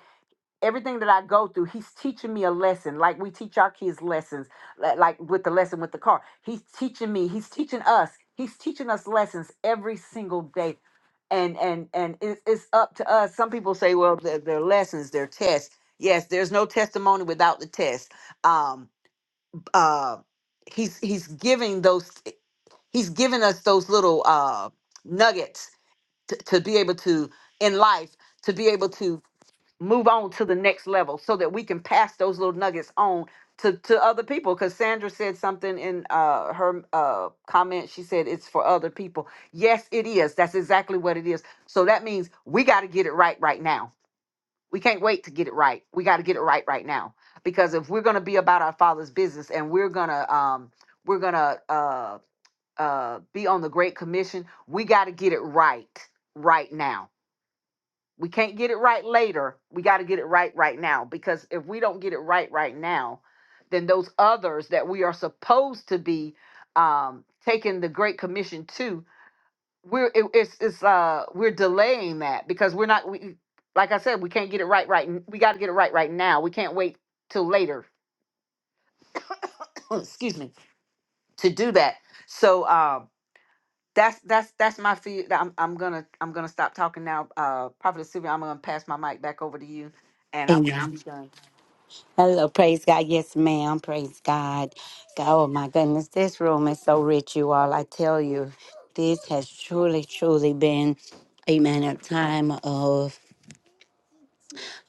[SPEAKER 3] everything that I go through, he's teaching me a lesson. Like we teach our kids lessons, li- like with the lesson with the car. He's teaching me. He's teaching us. He's teaching us lessons every single day. And and and it's, it's up to us. Some people say, well, their, their lessons, their tests. Yes, there's no testimony without the test. Um, uh, he's he's giving those. He's given us those little uh, nuggets to, to be able to, in life, to be able to move on to the next level so that we can pass those little nuggets on to, to other people. Because Sandra said something in uh, her uh, comment. She said, It's for other people. Yes, it is. That's exactly what it is. So that means we got to get it right right now. We can't wait to get it right. We got to get it right right now. Because if we're going to be about our Father's business and we're going to, um, we're going to, uh, uh be on the great commission we got to get it right right now we can't get it right later we got to get it right right now because if we don't get it right right now then those others that we are supposed to be um taking the great commission to we're it, it's it's uh we're delaying that because we're not we like i said we can't get it right right n- we got to get it right right now we can't wait till later excuse me to do that so um that's that's that's my fear. I'm I'm gonna I'm gonna stop talking now. Uh, Prophet Sylvia, I'm gonna pass my mic back over to you, and I'm gonna
[SPEAKER 1] Amen.
[SPEAKER 3] be done.
[SPEAKER 1] Hello, praise God. Yes, ma'am. Praise God. God, Oh my goodness, this room is so rich, you all. I tell you, this has truly, truly been, amen, a time of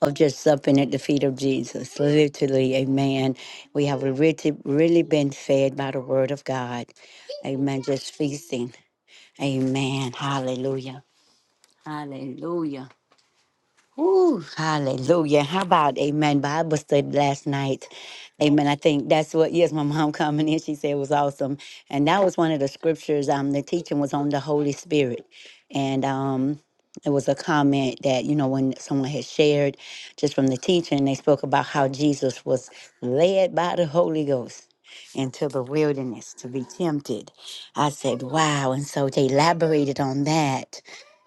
[SPEAKER 1] of just supping at the feet of Jesus. Literally, amen. We have really, really been fed by the word of God. Amen. Just feasting. Amen. Hallelujah. Hallelujah. Whew, hallelujah. How about amen? Bible study last night. Amen. I think that's what, yes, my mom coming in, she said it was awesome. And that was one of the scriptures. Um, the teaching was on the Holy Spirit. And um, it was a comment that, you know, when someone had shared just from the teaching, they spoke about how Jesus was led by the Holy Ghost into the wilderness to be tempted. I said, wow. And so they elaborated on that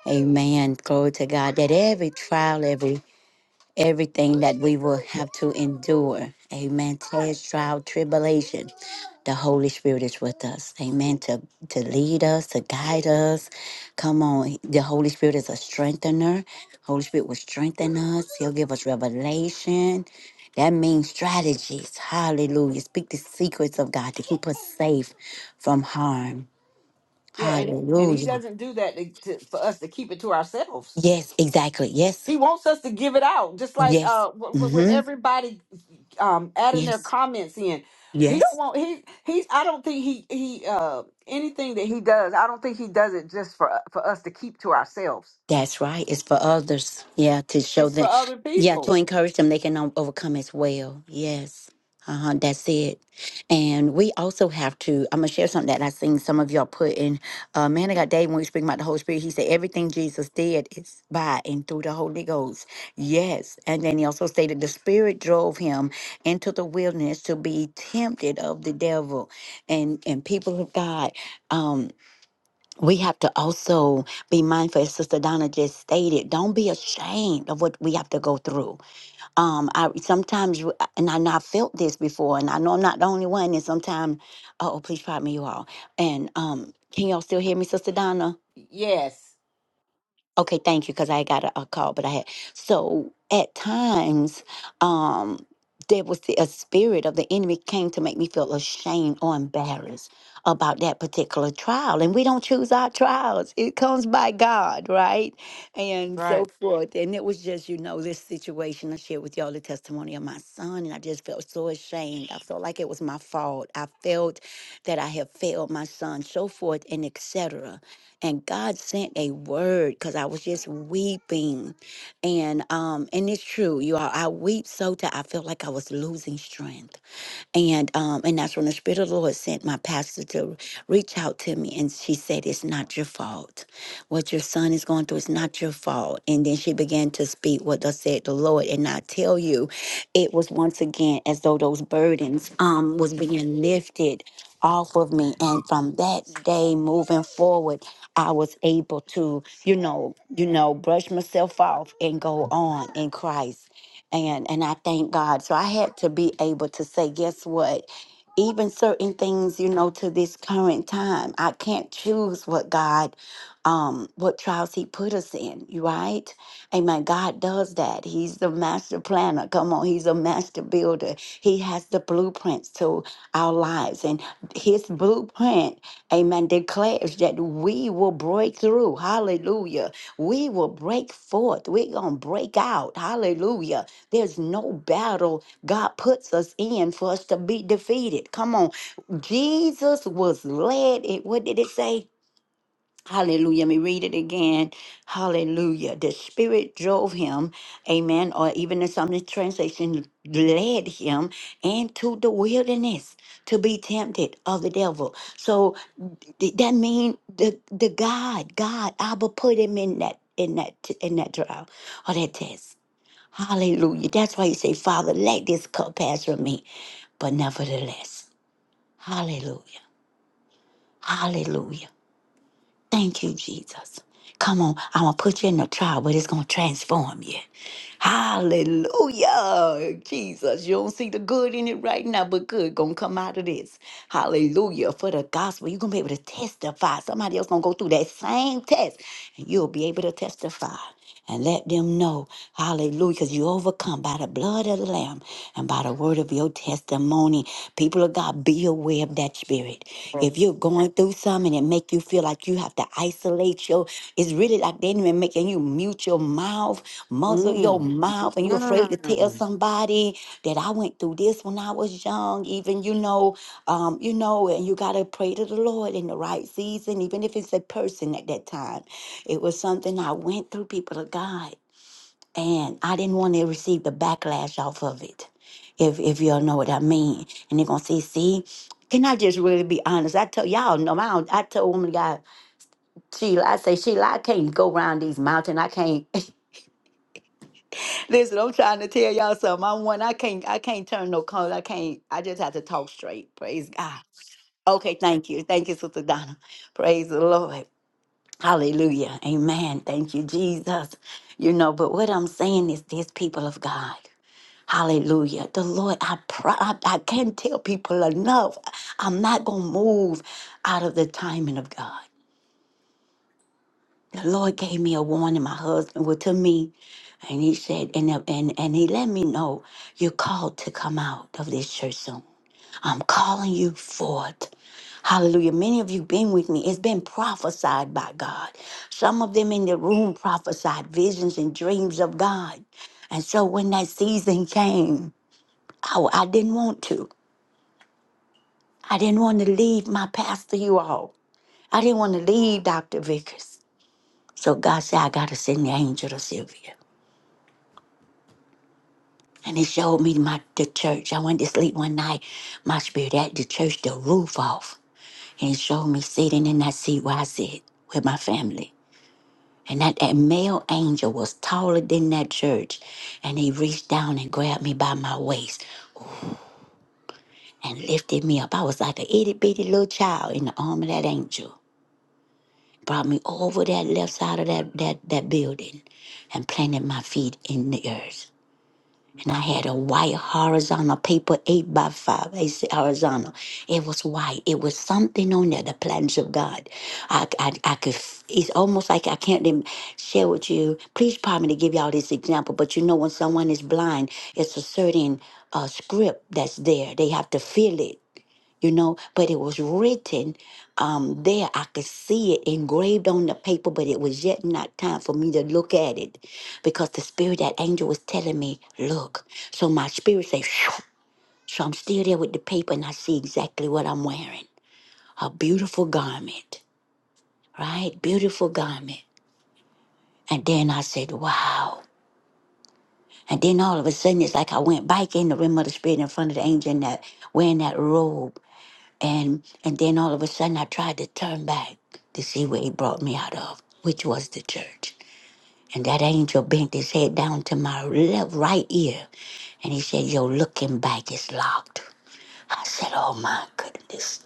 [SPEAKER 1] Amen. Glory to God that every trial, every everything that we will have to endure, amen. Test, trial, tribulation. The Holy Spirit is with us. Amen. To to lead us, to guide us. Come on. The Holy Spirit is a strengthener. Holy Spirit will strengthen us. He'll give us revelation. That means strategies. Hallelujah. Speak the secrets of God to keep us safe from harm.
[SPEAKER 3] Yeah, and and he
[SPEAKER 1] Hallelujah.
[SPEAKER 3] doesn't do that to, to, for us to keep it to ourselves.
[SPEAKER 1] Yes, exactly. Yes,
[SPEAKER 3] He wants us to give it out, just like
[SPEAKER 1] Yes.
[SPEAKER 3] uh, wh- wh- with
[SPEAKER 1] Mm-hmm.
[SPEAKER 3] everybody um adding their
[SPEAKER 1] Yes.
[SPEAKER 3] comments in. He don't
[SPEAKER 1] Yes.
[SPEAKER 3] want he he. I don't think he he uh anything that he does. I don't think he does it just for for us to keep to ourselves.
[SPEAKER 1] That's right. It's for others. Yeah, to show
[SPEAKER 3] It's for
[SPEAKER 1] them.
[SPEAKER 3] other
[SPEAKER 1] Yeah, to
[SPEAKER 3] people.
[SPEAKER 1] encourage them they can o- overcome as well. Yes. Uh-huh. That's it. And we also have to, I'm gonna share something that I seen some of y'all put in. Uh man I got Dave, when we speak about the Holy Spirit, he said everything Jesus did is by and through the Holy Ghost. Yes. And then he also stated the spirit drove him into the wilderness to be tempted of the devil. And and people of God. Um we have to also be mindful, as Sister Donna just stated. Don't be ashamed of what we have to go through. Um, I sometimes, you- and I know I felt this before, and I know I'm not the only one. And sometimes, oh, please pardon me, you all. And um, can y'all still hear me, Sister Donna?
[SPEAKER 3] Yes.
[SPEAKER 1] Okay, thank you, because I got a, a call, but I had so at times, um, there was the, a spirit of the enemy came to make me feel ashamed or embarrassed about that particular trial, and we don't choose our trials; it comes by God, right? And
[SPEAKER 3] Right.
[SPEAKER 1] so forth. And it was just, you know, this situation. I shared with y'all the testimony of my son, and I just felt so ashamed. I felt like it was my fault. I felt that I had failed my son, so forth, and etc and God sent a word because I was just weeping, and um, and it's true, you all. I weep so that I felt like I was losing strength and um, and that's when the Spirit of the Lord sent my pastor to reach out to me, and she said, "It's not your fault. What your son is going through is not your fault." And then she began to speak what thus said the Lord, and I tell you, it was once again as though those burdens um was being lifted off of me, and from that day moving forward, I was able to, you know, you know, brush myself off and go on in Christ and and I thank God. So I had to be able to say, guess what? Even certain things, you know, to this current time, I can't choose what God, um, what trials He put us in, you right? Amen. God does that. He's the master planner. Come on, He's a master builder. He has the blueprints to our lives, and His blueprint, Amen, declares that we will break through. Hallelujah. We will break forth. We're gonna break out. Hallelujah there's no battle God puts us in for us to be defeated. Come on. Jesus was led. It, what did it say? Hallelujah. Let me read it again. Hallelujah. The Spirit drove him, amen, or even in some translation, led him into the wilderness to be tempted of the devil. So th- that means the, the God, God, Abba put him in that in that in that trial or that test. Hallelujah. You say, Father, let this cup pass from me. But yes, thank you, Jesus. Hallelujah, Jesus. You don't see the good in it right now, but good gonna come out of this. Hallelujah for the gospel. you'll be able to testify and let them know, hallelujah, because you overcome by the blood of the Lamb and by the word of your testimony. People of God, be aware of that spirit. If
[SPEAKER 3] Yes.
[SPEAKER 1] you're going through something and it make you feel like you have to isolate your, it's really like the enemy making you mute your mouth, muzzle your
[SPEAKER 3] Mm.
[SPEAKER 1] mouth, and you're afraid to tell
[SPEAKER 3] Mm.
[SPEAKER 1] somebody that I went through this when I was young, even, you know, um, you know, and you got to pray to the Lord in the right season, even if it's a person at that time. It was something I went through, people of God, and I didn't want to receive the backlash off of it, if if y'all know what I mean. And they're gonna say, see, can I just really be honest? I tell y'all, no, I, don't- I tell woman of God, Sheila, I say, Sheila, I can't go around these mountains. I can't. Listen, I'm trying to tell y'all something. I'm one. I can't. I can't turn no color. I can't. I just have to talk straight. Praise God. Okay, thank you, thank you, Sister Donna. Praise the Lord. Hallelujah. Amen. Thank you, Jesus. You know, but what I'm saying is this, people of God. Hallelujah. The Lord, I, pr- I, I can't tell people enough. I'm not going to move out of the timing of God. The Lord gave me a warning. My husband was to me, and he said, and, and, and he let me know, you're called to come out of this church soon. I'm calling you forth. Hallelujah. Many of you been with me. It's been prophesied by God. Some of them in the room prophesied visions and dreams of God. And so when that season came, oh, I didn't want to. I didn't want to leave my pastor, you all. I didn't want to leave Dr. Vickers. So God said, I got to send the angel to Sylvia. And he showed me my the church. I went to sleep one night. My spirit had the church, the roof off. and showed me sitting in that seat where I sit with my family. And that, that male angel was taller than that church. And he reached down and grabbed me by my waist and lifted me up. I was like an itty bitty little child in the arm of that angel. Brought me over that left side of that, that, that building and planted my feet in the earth. and I had a white horizontal paper, eight by five, eight si- horizontal. It was white. It was something on there, the plans of God. I, I, I could, f- it's almost like I can't even share with you. Please pardon me to give y'all this example, but you know, when someone is blind, it's a certain uh, script that's there. They have to feel it you know but it was written um there i could see it engraved on the paper but it was yet not time for me to look at it because the spirit that angel was telling me look so my spirit says so i'm still there with the paper and i see exactly what i'm wearing a beautiful garment right beautiful garment and then i said wow and then all of a sudden it's like i went back in the realm of the spirit in front of the angel and that wearing that robe and and then all of a sudden I tried to turn back to see where he brought me out of, which was the church. And that angel bent his head down to my left right ear and he said, "Yo, looking back is locked. I said, Oh my goodness.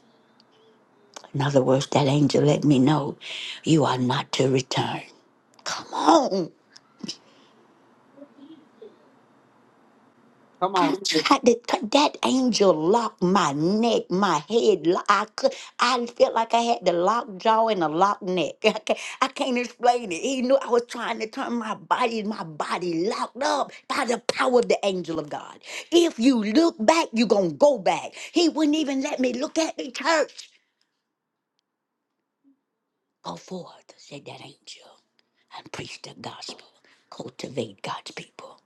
[SPEAKER 1] In other words, that angel let me know you are not to return. Come on.
[SPEAKER 3] Come on.
[SPEAKER 1] I did, that angel locked my neck, my head. lo- I could, I felt like I had the locked jaw and a locked neck. I can't, I can't explain it. He knew I was trying to turn my body, my body locked up by the power of the angel of God. If you look back, you're going to go back. He wouldn't even let me look at the church. Go forth, said that angel and preach the gospel, cultivate God's people.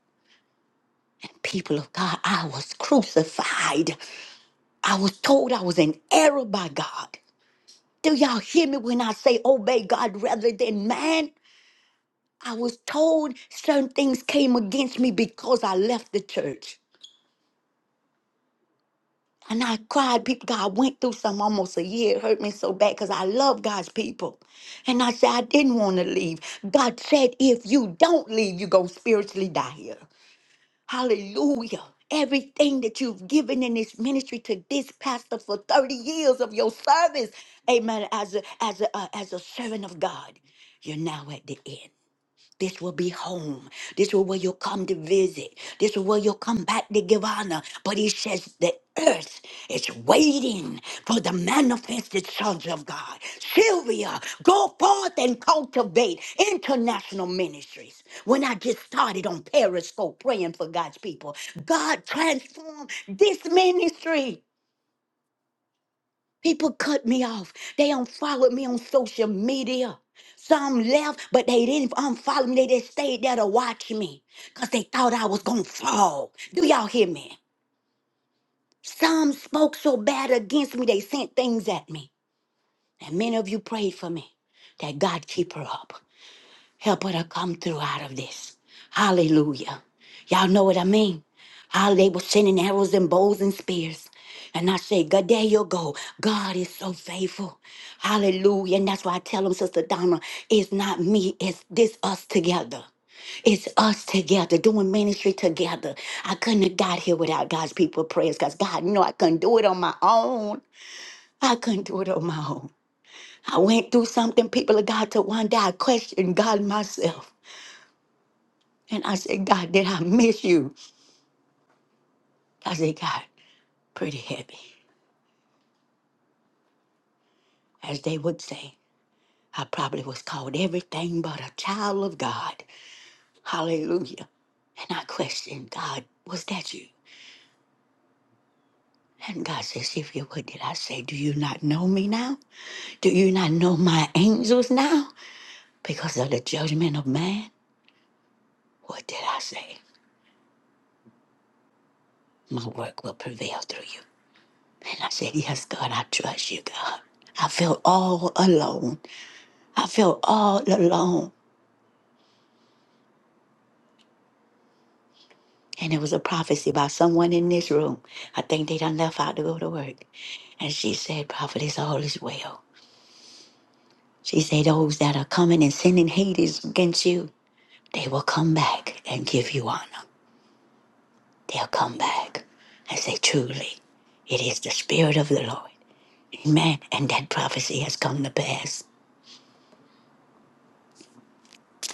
[SPEAKER 1] And people of God, I was crucified. I was told I was in error by God. Do y'all hear me when I say obey God rather than man? I was told certain things came against me because I left the church. And I cried, people, God, I went through some almost a year. It hurt me so bad because I love God's people. And I said, I didn't want to leave. God said, if you don't leave, you're going to spiritually die here. Hallelujah. Everything that you've given in this ministry to this pastor for 30 years of your service, amen, as a, as a, uh, as a servant of God, you're now at the end. This will be home. This will where you'll come to visit. This will where you'll come back to give honor. But he says the earth is waiting for the manifested sons of God. Sylvia, go forth and cultivate international ministries. When I just started on Periscope praying for God's people, God transformed this ministry. People cut me off. They unfollowed me on social media. Some left, but they didn't unfollow me. They just stayed there to watch me because they thought I was going to fall. Do y'all hear me? Some spoke so bad against me, they sent things at me. And many of you prayed for me that God keep her up. Help her to come through out of this. Hallelujah. Y'all know what I mean? How they were sending arrows and bows and spears. And I say, God, there you go. God is so faithful. Hallelujah. And that's why I tell them, Sister Donna, it's not me, it's this us together. It's us together doing ministry together. I couldn't have got here without God's people prayers because God knew I couldn't do it on my own. I couldn't do it on my own. I went through something, people of God, to one day I questioned God myself. And I said, God, did I miss you? I said, God, pretty heavy. As they would say, I probably was called everything but a child of God. Hallelujah. And I questioned, God, was that you? And God says, if you would, did I say, do you not know me now? Do you not know my angels now? Because of the judgment of man? What did I say? My work will prevail through you. And I said, yes, God, I trust you, God. I felt all alone. I felt all alone. And it was a prophecy by someone in this room. I think they done left out to go to work. And she said, Prophetess, all is well. She said, Those that are coming and sending Hades against you, they will come back and give you honor. They'll come back and say, Truly, it is the Spirit of the Lord. Amen. And that prophecy has come to pass.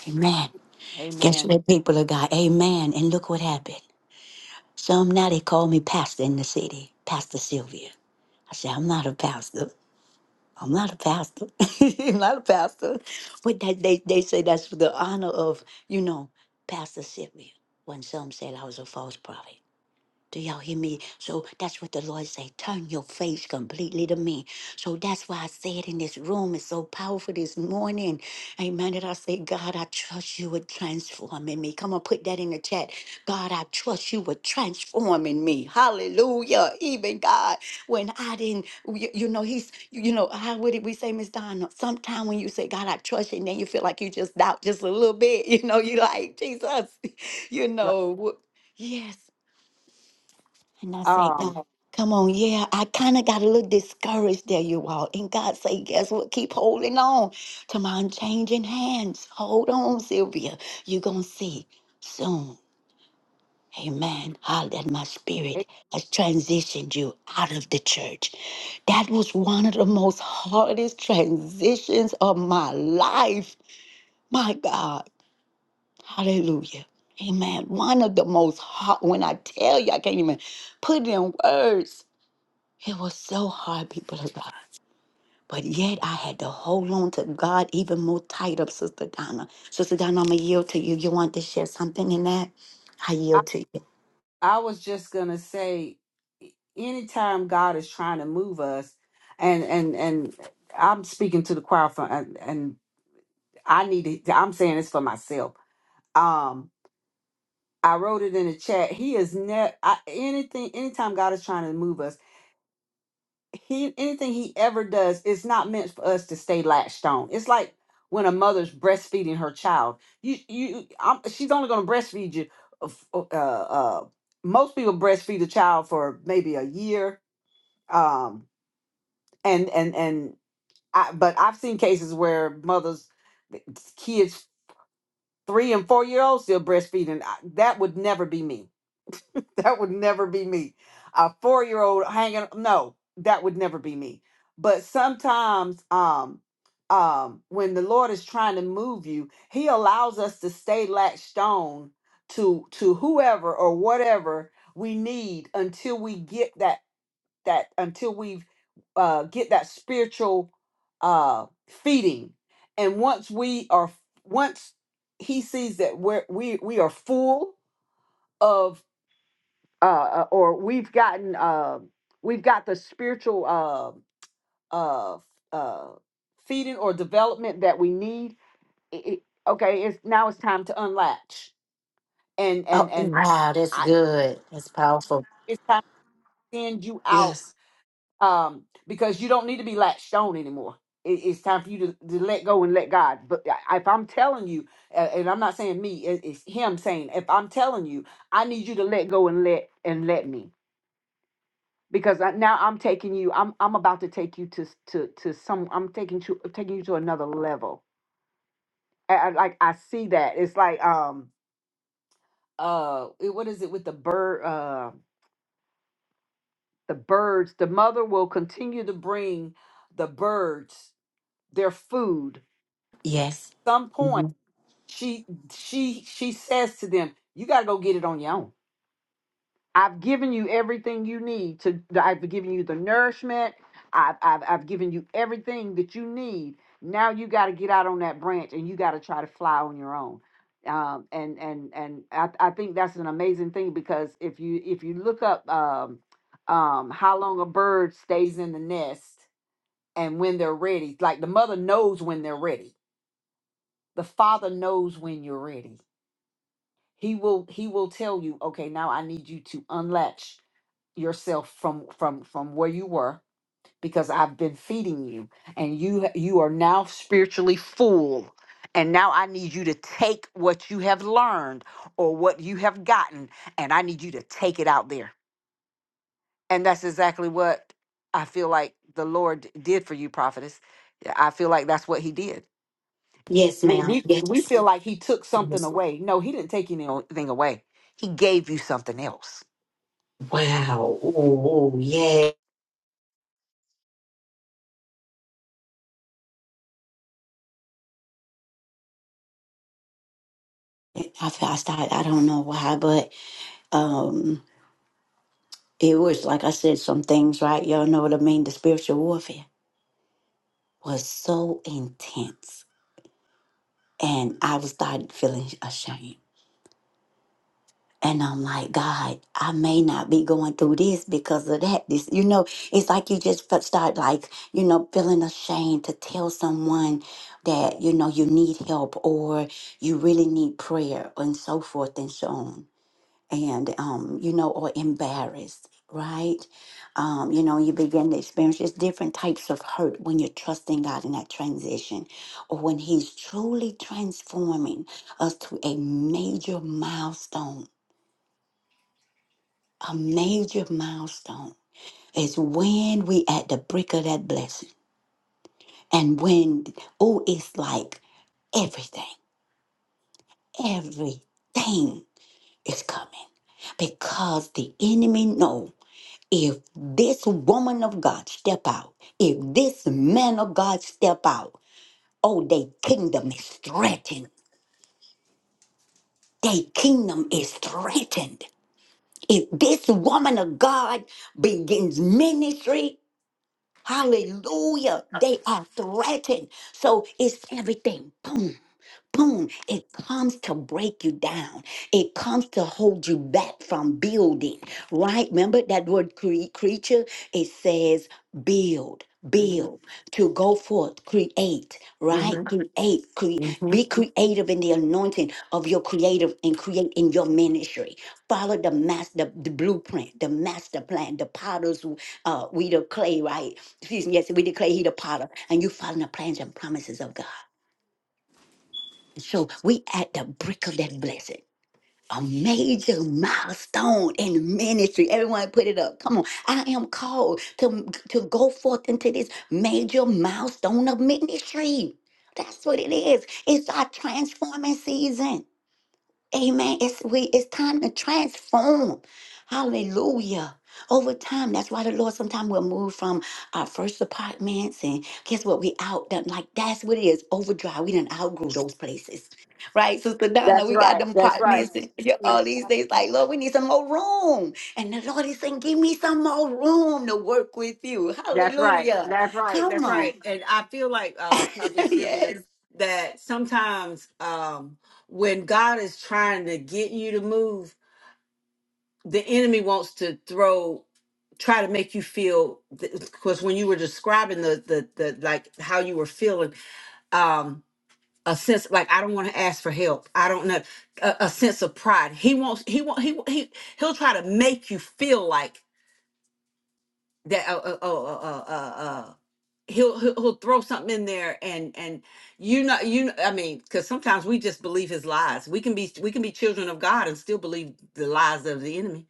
[SPEAKER 1] Amen. Guess
[SPEAKER 3] Amen.
[SPEAKER 1] what, people of God? Amen. And look what happened. Some now they call me pastor in the city, Pastor Sylvia. I said, I'm not a pastor. I'm not a pastor. I'm not a pastor. But that they, they say that's for the honor of, you know, pastorship. When some said I was a false prophet. Do y'all hear me? So that's what the Lord say. Turn your face completely to me. So that's why I said in this room, it's so powerful this morning. Amen. That I say, God, I trust you with transforming me. Come on, put that in the chat. God, I trust you with transforming me. Hallelujah. Even God, when I didn't, you, you know, he's, you know, how would it we say, Miss Donna? Sometimes when you say, God, I trust you, and then you feel like you just doubt just a little bit. You know, you like, Jesus, you
[SPEAKER 3] Right.
[SPEAKER 1] know, wh- Yes, and I say,
[SPEAKER 3] Um,
[SPEAKER 1] God, come on, yeah, I kind of got a little discouraged there, you all. And God say, guess what? Keep holding on to my unchanging hands. Hold on, Sylvia. You're going to see soon. Amen. How that my spirit
[SPEAKER 3] it-
[SPEAKER 1] has transitioned you out of the church. That was one of the most hardest transitions of my life. My God. Hallelujah. Amen. One of the most hard, when I tell you, I can't even put it in words it was so hard, people of God. But yet I had to hold on to God even more tight up, Sister Donna. Sister Donna, I'm going to yield to you. You want to share something in that? I
[SPEAKER 3] I,
[SPEAKER 1] yield to you.
[SPEAKER 3] I was just gonna say, e, anytime God is trying to move us, and and and I'm speaking to the choir for, and, and I need to. I'm saying this for myself. Um, I wrote it in the chat. He is ne I, anything. Anytime God is trying to move us. he anything he ever does is not meant for us to stay latched on. It's like when a mother's breastfeeding her child. You you, I'm, she's only going to breastfeed you. Uh, f- uh, uh, most people breastfeed a child for maybe a year. Um, and and and I, but I've seen cases where mothers, eh, kids, three and four year olds still breastfeeding. I, that would never be me That would never be me. A four year old hanging no, that would never be me. But sometimes um um when the Lord is trying to move you, he allows us to stay latched on to to whoever or whatever we need until we get that that until we uh get that spiritual uh feeding. And once we are once he sees that we're we we are full, of uh, uh, or we've gotten uh, we've got the spiritual uh, uh, uh, feeding or development that we need. i- i- okay, it's now it's time to unlatch and and
[SPEAKER 1] Oh,
[SPEAKER 3] and
[SPEAKER 1] wow, that's
[SPEAKER 3] I,
[SPEAKER 1] good. That's powerful.
[SPEAKER 3] it's time to send you out
[SPEAKER 1] Yes.
[SPEAKER 3] um, because you don't need to be latched on anymore. It, it's time for you to, to let go and let God. But I- if I'm telling you, uh, and I'm not saying me, it, it's Him saying, if I'm telling you, I need you to let go and let and let me. because I, now I'm taking you. I'm I'm about to take you to s- to to some. I'm taking you taking you to another level. I, I, like I see that it's like um uh it- what is it with the bird uh the birds the mother will continue to bring the birds their food.
[SPEAKER 1] Yes.
[SPEAKER 3] Some point
[SPEAKER 1] Mhm.
[SPEAKER 3] she she she says to them, you gotta go get it on your own I've given you everything you need to I've given you the nourishment. I've I've, I've given you everything that you need. Now you got to get out on that branch and you got to try to fly on your own. Um, and and and I, I think that's an amazing thing because if you if you look up um, um, how long a bird stays in the nest and when they're ready, like the mother knows when they're ready. The father knows when you're ready. He will he will tell you, okay, now I need you to unlatch yourself from from from where you were because I've been feeding you and you you are now spiritually full and now I need you to take what you have learned or what you have gotten and I need you to take it out there. And that's exactly what I feel like the Lord did for you prophetess. Yeah, I feel like that's what he did.
[SPEAKER 1] Yes,
[SPEAKER 3] We
[SPEAKER 1] ma'am.
[SPEAKER 3] we,
[SPEAKER 1] Yes.
[SPEAKER 3] we feel like he took something
[SPEAKER 1] yes.
[SPEAKER 3] away. No, he didn't take anything away. He gave you something else.
[SPEAKER 1] Wow. Oh, yeah. I, fe- I started, I don't know why, but um, it was like I said, some things, right? Y'all know what I mean? The spiritual warfare was so intense And I was started feeling ashamed. And I'm like, God, I may not be going through this because of that. This, you know, it's like you just fe- start like, you know, feeling ashamed to tell someone that, you know, you need help or you really need prayer and so forth and so on and um, you know, or embarrassed, right? Um, you know, you begin to experience just different types of hurt when you're trusting God in that transition, or when He's truly transforming us to a major milestone. A major milestone is when we at the brink of that blessing, and when oh, it's like everything, everything is coming because the enemy knows. if this woman of God step out, if this man of God step out, oh, their kingdom is threatened. Their kingdom is threatened. If this woman of God begins ministry, hallelujah, they are threatened. So it's everything. Boom boom, it comes to break you down. It comes to hold you back from building, right? Remember that word cre- creature? It says build,
[SPEAKER 3] Mhm.
[SPEAKER 1] build, to go forth, create, right?
[SPEAKER 3] Mhm.
[SPEAKER 1] Create, cre-
[SPEAKER 3] Mhm.
[SPEAKER 1] be creative in the anointing of your creative and create in your ministry. Follow the master, the blueprint, the master plan, the potter's, uh, we the clay, right? Excuse me, yes, we the clay, he the potter, and you follow the plans and promises of God. So we at the brink of that blessing. A major milestone in ministry. Everyone put it up. Come on. I am called to, to go forth into this major milestone of ministry. That's what it is. It's our transforming season. Amen. It's we it's time to transform. Hallelujah. Over time, that's why the Lord sometimes will move from our first apartments and guess what? We out done like that's what it is. Overdrive. We done outgrew those places. Right, Sister
[SPEAKER 3] That's
[SPEAKER 1] Donna, we got them
[SPEAKER 3] right.
[SPEAKER 1] apartments and you know, all these things. Like, Lord, we need some more room. And the Lord is saying, Give me some more room to work with you.
[SPEAKER 3] That's right.
[SPEAKER 1] Hallelujah.
[SPEAKER 3] That's right.
[SPEAKER 1] Come
[SPEAKER 3] That's
[SPEAKER 1] on.
[SPEAKER 3] right. And I feel like uh Prophet Sylvia
[SPEAKER 1] yes.
[SPEAKER 3] that sometimes um when God is trying to get you to move, the enemy wants to throw try to make you feel because when you were describing the, the the like how you were feeling um a sense like I don't want to ask for help. I don't know a, a sense of pride. He wants he want he he he'll try to make you feel like that uh, uh, uh, uh, uh, he'll he'll, he'll throw something in there and and you know you know, i mean because sometimes we just believe his lies we can be we can be children of god and still believe the lies of the enemy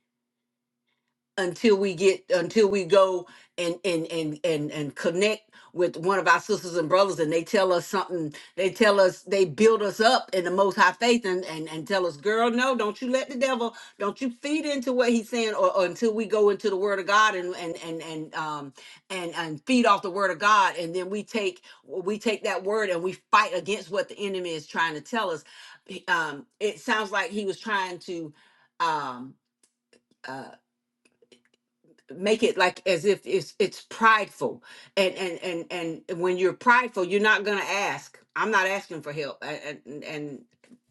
[SPEAKER 3] until we get until we go and and and and and connect with one of our sisters and brothers and they tell us something they tell us they build us up in the most high faith and and, and tell us girl no don't you let the devil don't you feed into what he's saying or, or until we go into the word of god and and and and um and and feed off the word of god and then we take we take that word and we fight against what the enemy is trying to tell us He- um it sounds like he was trying to um uh, make it like as if it's it's prideful and and and and when you're prideful you're not gonna ask i'm not asking for help and and, and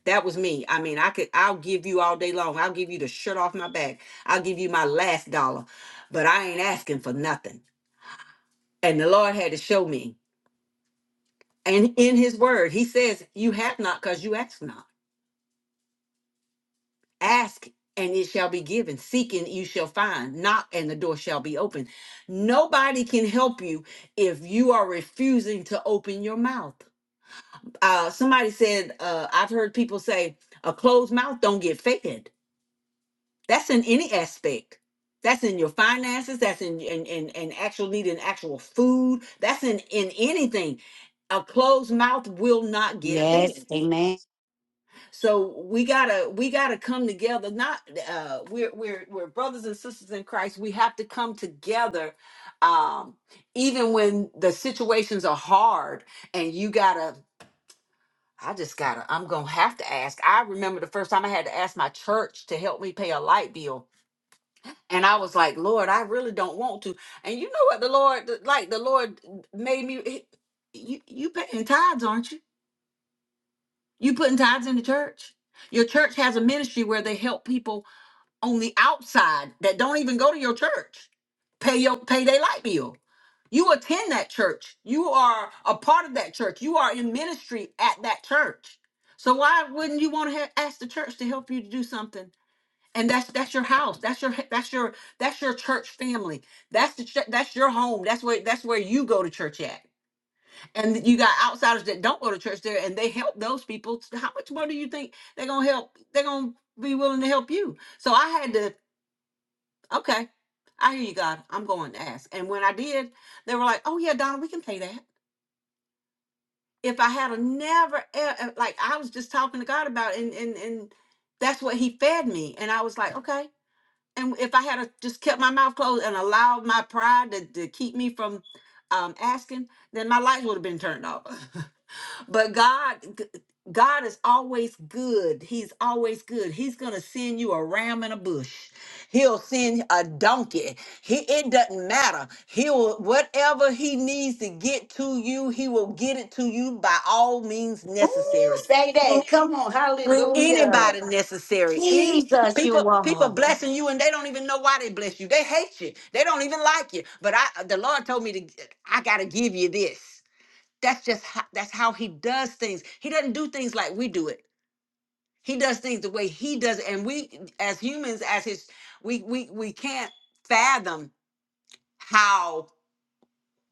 [SPEAKER 3] that was me i mean i could i'll give you all day long i'll give you the shirt off my back i'll give you my last dollar but i ain't asking for nothing and the lord had to show me and in his word he says you have not because you ask not Ask and it shall be given. Seek and you shall find. Knock and the door shall be open. Nobody can help you if you are refusing to open your mouth. Uh, somebody said, uh, I've heard people say, a closed mouth don't get fed. That's in any aspect. That's in your finances. That's in in, in, in actual needing actual food. That's in in anything. A closed mouth will not get
[SPEAKER 1] Yes.
[SPEAKER 3] fed
[SPEAKER 1] Amen.
[SPEAKER 3] so we gotta we gotta come together not uh we're we're we're brothers and sisters in christ we have to come together um even when the situations are hard and you gotta i just gotta i'm gonna have to ask i remember the first time i had to ask my church to help me pay a light bill and i was like lord i really don't want to and you know what the lord like the lord made me you you paying tithes aren't you you putting tithes in the church your church has a ministry where they help people on the outside that don't even go to your church pay your pay their light bill. You attend that church. You are a part of that church. You are in ministry at that church. So why wouldn't you want to ha- ask the church to help you to do something? And that's that's your house. That's your that's your that's your church family. That's the ch- that's your home. That's where that's where you go to church at. And you got outsiders that don't go to church there, and they help those people. How much more do you think they're gonna help? They're gonna be willing to help you. So I had to. Okay. I hear you, God. I'm going to ask. And when I did, they were like, oh, yeah, Donna, we can pay that. If I had a never, e- e- like, I was just talking to God about it, and, and, and that's what he fed me. And I was like, okay. And if I had a, just kept my mouth closed and allowed my pride to, to keep me from um, asking, then my lights would have been turned off. But God, God is always good. He's always good. He's gonna send you a ram in a bush. He'll send a donkey. He it doesn't matter. He'll whatever he needs to get to you, he will get it to you by all means
[SPEAKER 1] Ooh,
[SPEAKER 3] necessary.
[SPEAKER 1] say
[SPEAKER 3] Through
[SPEAKER 1] that. Come on.
[SPEAKER 3] through
[SPEAKER 1] Hallelujah.
[SPEAKER 3] anybody necessary. Any
[SPEAKER 1] Jesus,
[SPEAKER 3] people
[SPEAKER 1] you
[SPEAKER 3] people
[SPEAKER 1] all.
[SPEAKER 3] blessing you and they don't even know why they bless you. They hate you. They don't even like you. But I the Lord told me to I gotta give you this. That's just how, that's how he does things. He doesn't do things like we do it. He does things the way he does it, and we as humans, as his, we we we can't fathom how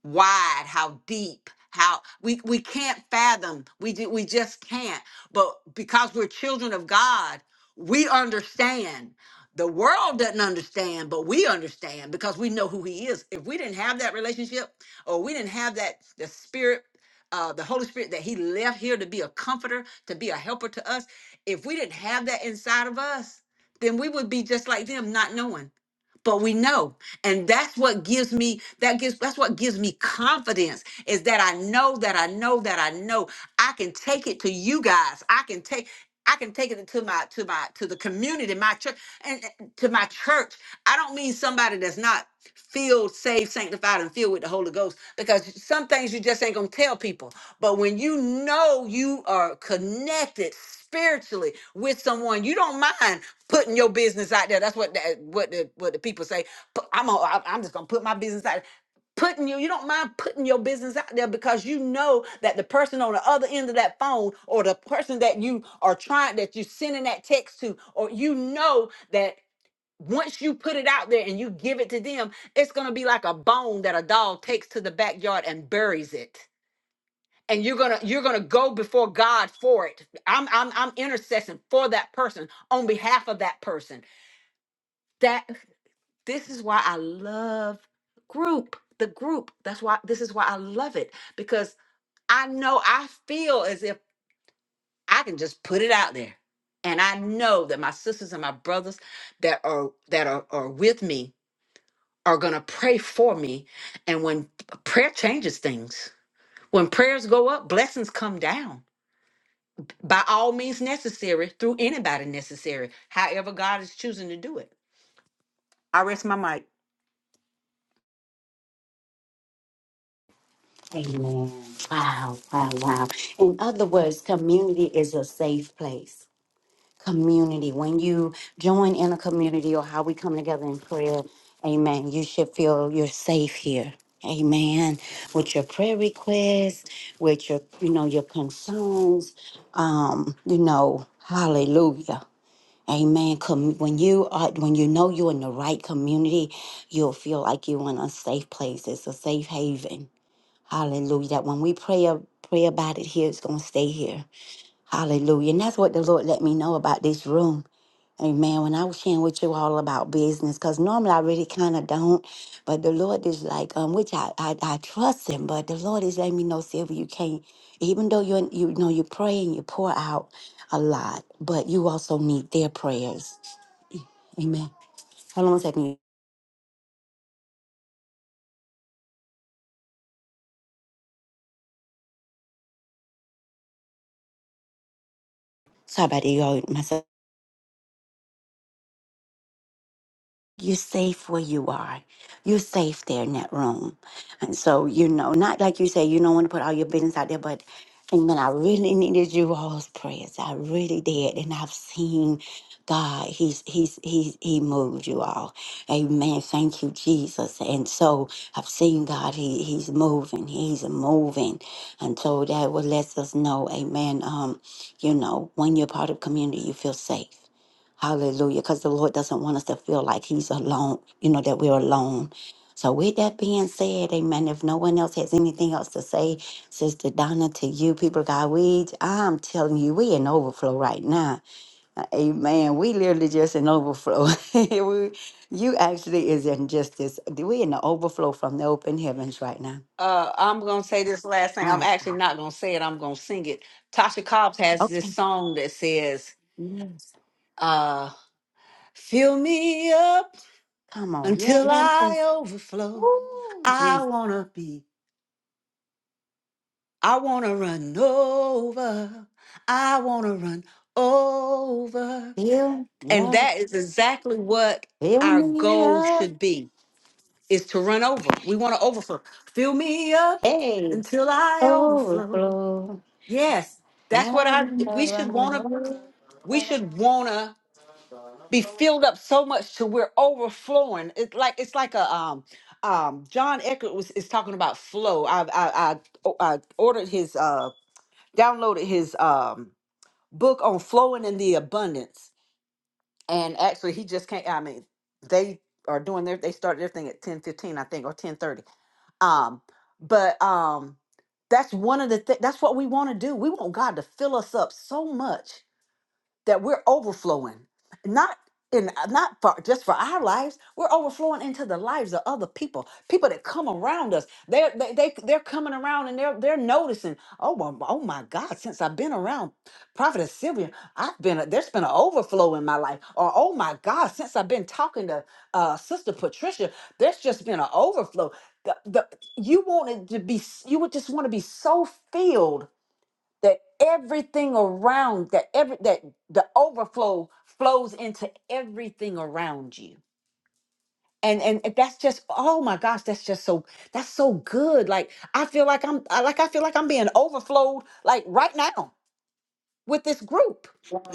[SPEAKER 3] wide, how deep, how we we can't fathom. We ju- we just can't. But because we're children of God, we understand. The world doesn't understand, but we understand because we know who He is. If we didn't have that relationship, or we didn't have that the Spirit, uh, the Holy Spirit that He left here to be a comforter, to be a helper to us, if we didn't have that inside of us, then we would be just like them, not knowing but we know and that's what gives me that gives that's what gives me confidence is that i know that i know that i know i can take it to you guys i can take i can take it to my to my to the community my church and and to my church i don't mean somebody that's not filled saved sanctified and filled with the holy ghost because some things you just ain't gonna tell people but when you know you are connected spiritually with someone you don't mind putting your business out there. That's what the, what the what the people say. Pu- I'm a, I'm I'm just gonna put my business out. there. Putting you, you don't mind putting your business out there because you know that the person on the other end of that phone, or the person that you are trying that you're sending that text to, or you know that once you put it out there and you give it to them, it's gonna be like a bone that a dog takes to the backyard and buries it. And you're gonna you're gonna go before God for it. I'm I'm I'm intercessing for that person on behalf of that person that this is why I love group, the group. That's why this is why I love it because I know I feel as if I can just put it out there. And I know that my sisters and my brothers that are that are, are with me are gonna pray for me. And when prayer changes things, when prayers go up, blessings come down by all means necessary through anybody necessary, however God is choosing to do it. I rest my mic.
[SPEAKER 1] Amen. Wow, wow, wow. In other words, community is a safe place. Community. When you join in a community or how we come together in prayer, amen, you should feel you're safe here. Amen. With your prayer requests, with your, you know, your concerns, um, you know, hallelujah. Amen. Com- when you are, when you know you're in the right community, you'll feel like you're in a safe place. It's a safe haven. Hallelujah. That when we pray, a- pray about it here, it's going to stay here. Hallelujah. And that's what the Lord let me know about this room. Amen. When I was sharing with you all about business, because normally I really kind of don't, but the Lord is like, um, which I, I I trust Him, but the Lord is letting me know, Sylvia, you can't, even though you you know you pray and you pour out a lot, but you also need their prayers. Amen. Hold on a second. Sorry about that, y'all. Myself. You're safe where you are. You're safe there in that room. And so, you know, not like you say, you don't want to put all your business out there, but amen. I really needed you all's prayers. I really did. And I've seen God. He's He's He's He moved you all. Amen. Thank you, Jesus. And so I've seen God. He He's moving. He's moving. And so that what lets us know, Amen. Um, you know, when you're part of community, you feel safe. Hallelujah. Because the Lord doesn't want us to feel like He's alone, you know, that we're alone. So, with that being said, amen. If no one else has anything else to say, Sister Donna, to you, people, of God, we, I'm telling you, we in overflow right now. Amen. We literally just in overflow. we, you actually is in just this, we in the overflow from the open heavens right now.
[SPEAKER 3] Uh, I'm gonna say this last thing. I'm
[SPEAKER 1] My God.
[SPEAKER 3] actually not gonna say it. I'm gonna sing it. Tasha Cobbs has this
[SPEAKER 1] Okay.
[SPEAKER 3] song that says,
[SPEAKER 1] Yes.
[SPEAKER 3] uh, "Fill me up
[SPEAKER 1] Come on.
[SPEAKER 3] until
[SPEAKER 1] Yeah.
[SPEAKER 3] I overflow.
[SPEAKER 1] Ooh,
[SPEAKER 3] I
[SPEAKER 1] Jesus.
[SPEAKER 3] wanna be. I wanna run over. I wanna run over."
[SPEAKER 1] Fill,
[SPEAKER 3] And
[SPEAKER 1] yeah.
[SPEAKER 3] that is exactly what
[SPEAKER 1] Fill
[SPEAKER 3] our
[SPEAKER 1] me
[SPEAKER 3] goal
[SPEAKER 1] up.
[SPEAKER 3] should be: is to run over. We want to overflow. Fill me up
[SPEAKER 1] Hey.
[SPEAKER 3] until I overflow.
[SPEAKER 1] overflow.
[SPEAKER 3] Yes, that's what
[SPEAKER 1] I
[SPEAKER 3] I.
[SPEAKER 1] will
[SPEAKER 3] We
[SPEAKER 1] never
[SPEAKER 3] should wanna.
[SPEAKER 1] know.
[SPEAKER 3] We should wanna be filled up so much to we're overflowing. It's like it's like a um um John Eckert was is talking about flow. I I I, o- I ordered his uh downloaded his um book on flowing in the abundance, and actually he just can't. I mean, they are doing their they started their thing at ten fifteen I think or ten thirty. Um, but um. That's one of the things. That's what we want to do. We want God to fill us up so much that we're overflowing not in not for just for our lives we're overflowing into the lives of other people people that come around us they're they, they they're coming around and they're they're noticing oh my, oh my god since i've been around prophet sylvia i've been a, there's been an overflow in my life or oh my god since i've been talking to uh sister patricia there's just been an overflow the, the you wanted to be s- you would just want to be so filled that everything around that every that the overflow flows into everything around you and and that's just oh my gosh that's just so that's so good like i feel like i'm I- like i feel like i'm being overflowed like right now with this group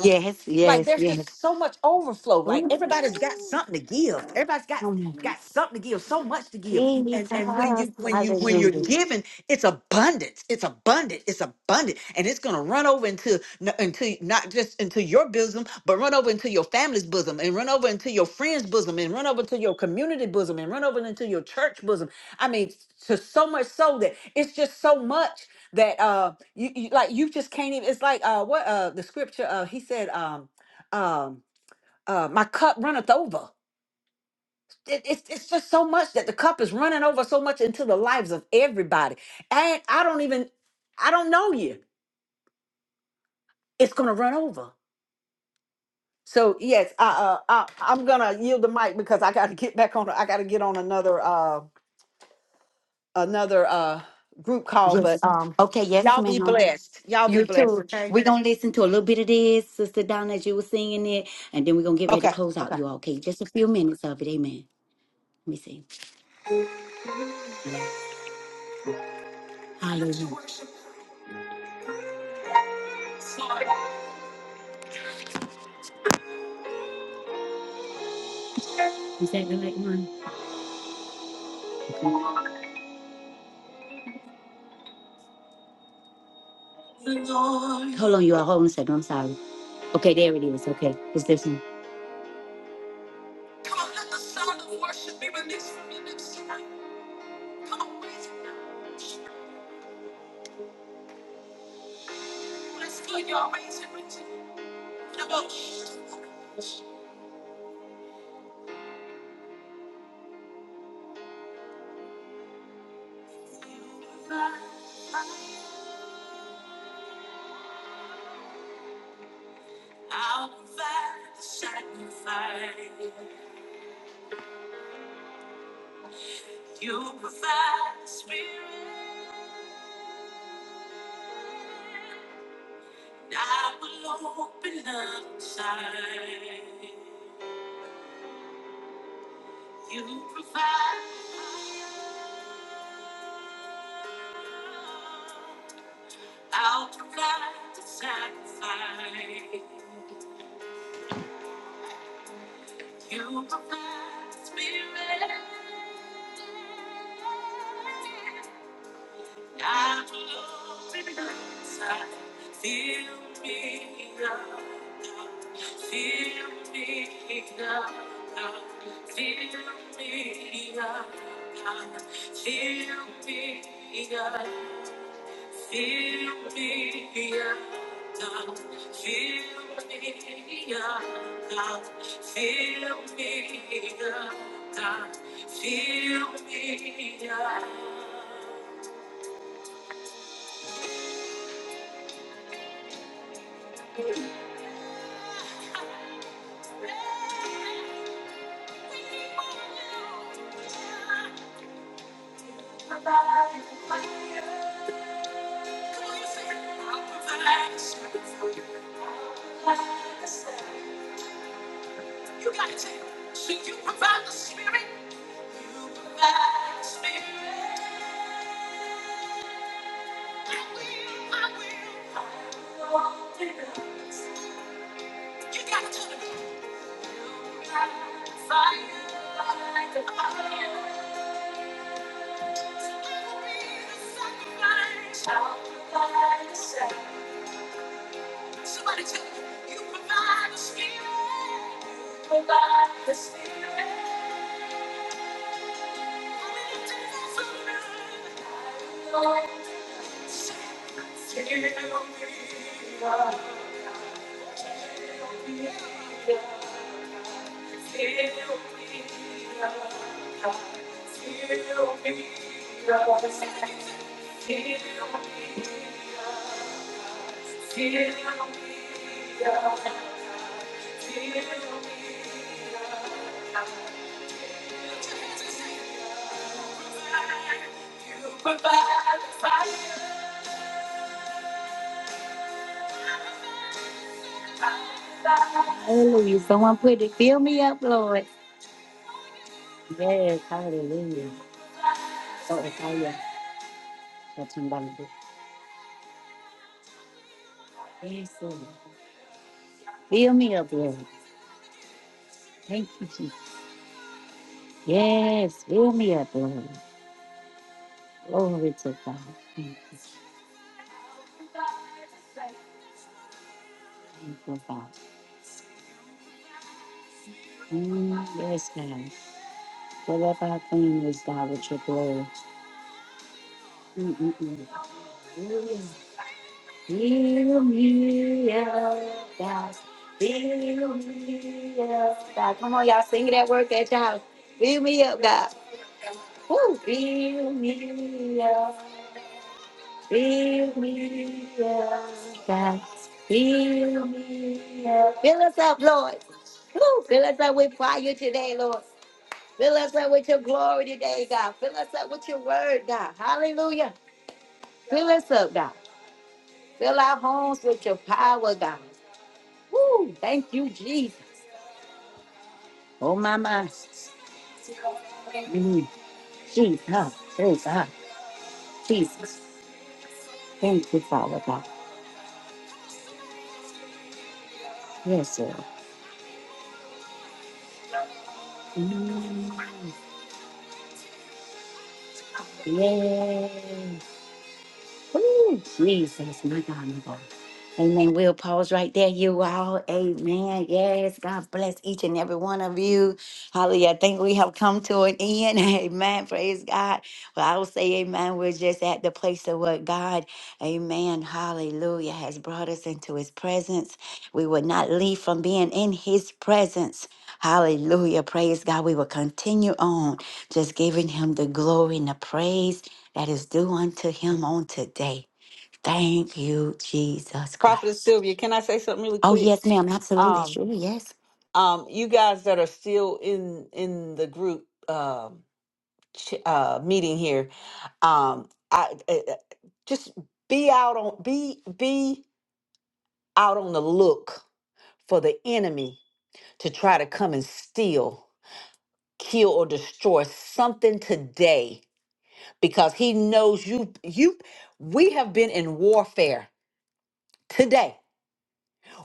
[SPEAKER 1] Yeah.
[SPEAKER 3] like there's
[SPEAKER 1] Yes,
[SPEAKER 3] just so much overflow like everybody's got something to give everybody's got got something to give so much to give
[SPEAKER 1] Jesus.
[SPEAKER 3] and and when you when you
[SPEAKER 1] Hallelujah.
[SPEAKER 3] when you're giving, it's abundance it's abundant it's abundant and it's going to run over into n- into not just into your bosom but run over into your family's bosom and run over into your friends bosom and run over to your community bosom and run over into your church bosom i mean to so much so that it's just so much that uh you, you like you just can't even it's like uh what uh the scripture uh he said um um uh my cup runneth over it, it's, it's just so much that the cup is running over so much into the lives of everybody and i don't even i don't know you it's gonna run over so yes i uh I, i'm gonna yield the mic because i gotta get back on i gotta get on another uh another uh group call but
[SPEAKER 1] Yes.
[SPEAKER 3] um
[SPEAKER 1] Okay, yes,
[SPEAKER 3] y'all be
[SPEAKER 1] ma'am.
[SPEAKER 3] blessed y'all be
[SPEAKER 1] You
[SPEAKER 3] blessed
[SPEAKER 1] too.
[SPEAKER 3] okay
[SPEAKER 1] We're going to listen to a little bit of this, Sister Donna, as you were singing it, and then we're going to get ready to
[SPEAKER 3] okay
[SPEAKER 1] close out.
[SPEAKER 3] okay
[SPEAKER 1] You all okay? Just a few minutes of it. Amen. Let me see. Hallelujah. Is that the right one? Hold on, you all. Hold on a second. I'm sorry. Okay, there it is. Okay. It's this one. Come on, let the sound of worship be released from your lips tonight. Come on, raise it. Let's put your ways in it. The most. I'll provide the sacrifice. You provide the spirit. I will open up inside. You provide. the fire. I'll provide the sacrifice. You provide spirit. I will be inside. Feel me up. Feel me up. Feel me up. Feel me up. Fill me up, fill me up, fill me up, fill me here. Provide for you. Come on, you say, I'll provide for you. I'll up. You got it. So you provide the spirit. You provide the spirit. I will, I will. I won't give it up. You got it. You provide the fire. Provide the fire. I will be the sacrifice. I'll provide the sacrifice. Somebody tell me, you provide the spirit. You provide the spirit. Hallelujah. Someone put it, fill me up, Lord. Yes, hallelujah. So it's all your touch and bondage. Yes, Lord. Fill me up, Lord. Thank you, Jesus. Yes, fill me up, Lord. Glory to God. Thank you, thank you, God. Mm, yes, God. Fill up our families, God, with your glory. Mm-mm-mm. Fill me up, God. Fill me up, God. Come on, y'all, sing it at work at your house. Fill me up, God. Woo. Fill me up. Fill me up, God. Fill me up. Fill us up, Lord. Woo. Fill us up with fire today, Lord. Fill us up with your glory today, God. Fill us up with your word, God. Hallelujah. Fill us up, God. Fill our homes with your power, God. Woo. Thank you, Jesus. Oh, my mind. Mm. Jesus. Oh, God. Jesus. Thank you, Father God. Yes, sir. Mm. Yes. Ooh, Jesus, my God, my God. Amen. We'll pause right while you God, God from being in his presence. Hallelujah. Praise God. We will continue on just giving him the glory and the praise that is due unto him on today. Thank you, Jesus.
[SPEAKER 3] prophetess sylvia can i say something really quick
[SPEAKER 1] Am I
[SPEAKER 3] um
[SPEAKER 1] blessed?
[SPEAKER 3] um you guys that are still in in the group um ch- uh, meeting here, um, I, I I- just be out on be be out on the look for the enemy to try to come and steal, kill, or destroy something today because he knows you you we have been in warfare today.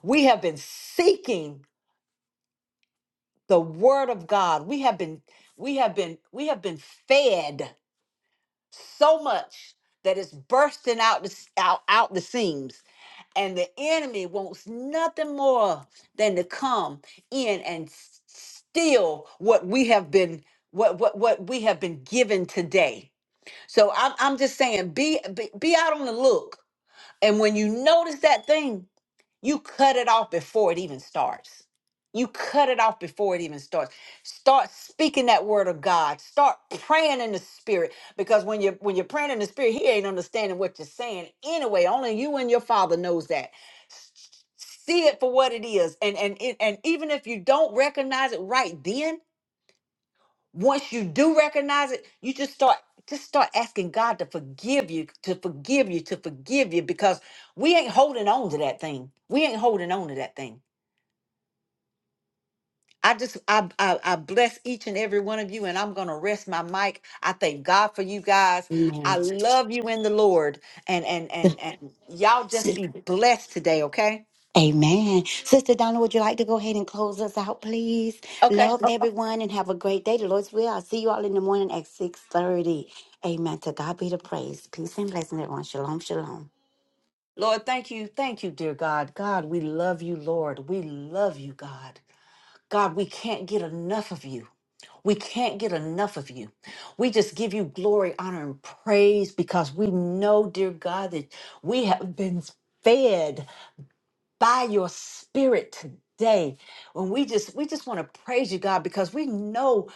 [SPEAKER 3] We have been seeking the word of God. We have been we have been we have been fed so much that it's bursting out the, s- out, out the seams and the enemy wants nothing more than to come in and s- steal what we have been what what what we have been given today so i'm, I'm just saying be, be be out on the look and when you notice that thing you cut it off before it even starts. You cut it off before it even starts. Start speaking that word of God. Start praying in the spirit. Because when you're when you're praying in the spirit, he ain't understanding what you're saying anyway. Only you and your father knows that. S- See it for what it is. And and it- and even if you don't recognize it right then, once you do recognize it, you just start just start asking God to forgive you, to forgive you, to forgive you, because we ain't holding on to that thing. We ain't holding on to that thing. I just I, I I bless each and every one of you, and I'm gonna rest my mic. I thank God for you guys. I love you in the Lord, and and and and y'all just be blessed today, okay?
[SPEAKER 1] Amen. Sister Donna, would you like to go ahead and close us out, please?
[SPEAKER 3] Okay.
[SPEAKER 1] Love everyone and have a great day. The Lord's will. I'll see you all in the morning at 6.30. Amen. To God be the praise. Peace and blessing, everyone. Shalom, shalom.
[SPEAKER 3] Lord, thank you, thank you, dear God. God, we love you, Lord. We love you, God. God, we can't get enough of you. We can't get enough of you. We just give you glory, honor, and praise because we know, dear God, that we have been fed by your spirit today when we just we just want to praise you god because we know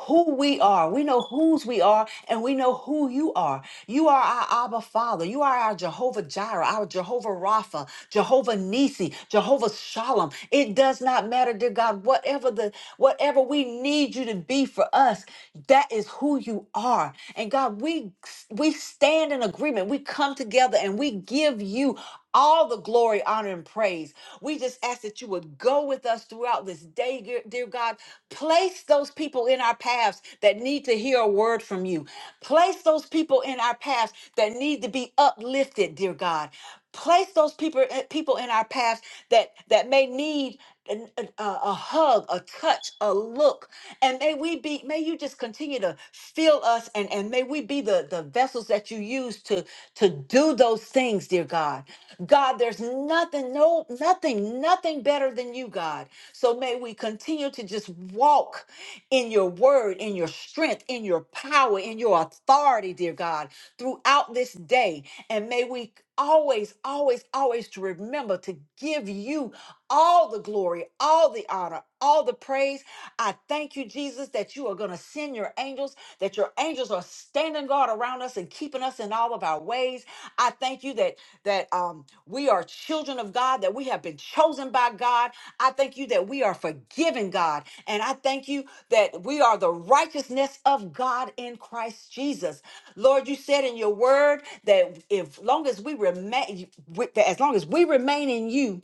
[SPEAKER 3] who we are we know whose we are and we know who you are you are our abba father you are our jehovah jireh our jehovah rapha jehovah nisi jehovah shalom it does not matter dear god whatever the whatever we need you to be for us that is who you are and god we we stand in agreement we come together and we give you all the glory, honor, and praise. We just ask that you would go with us throughout this day, dear dear God. Place those people in our paths that need to hear a word from you. Place those people in our paths that need to be uplifted, dear God. Place those people eh, people in our paths that that may need an- an- a, a hug, a touch, a look, and may we be. May you just continue to fill us, and and may we be the the vessels that you use to to do those things, dear God. God, there's nothing, no, nothing, nothing better than you, God. So may we continue to just walk in your word, in your strength, in your power, in your authority, dear God, throughout this day. And may we always, always, always to remember to give you all the glory, all the honor, all the praise. I thank you, Jesus, that you are going to send your angels, that your angels are standing guard around us and keeping us in all of our ways. I thank you that that um, we are children of God, that we have been chosen by God. I thank you that we are forgiven, God. And I thank you that we are the righteousness of God in Christ Jesus. Lord, you said in your word that if long as we remain, with- that as long as we remain in you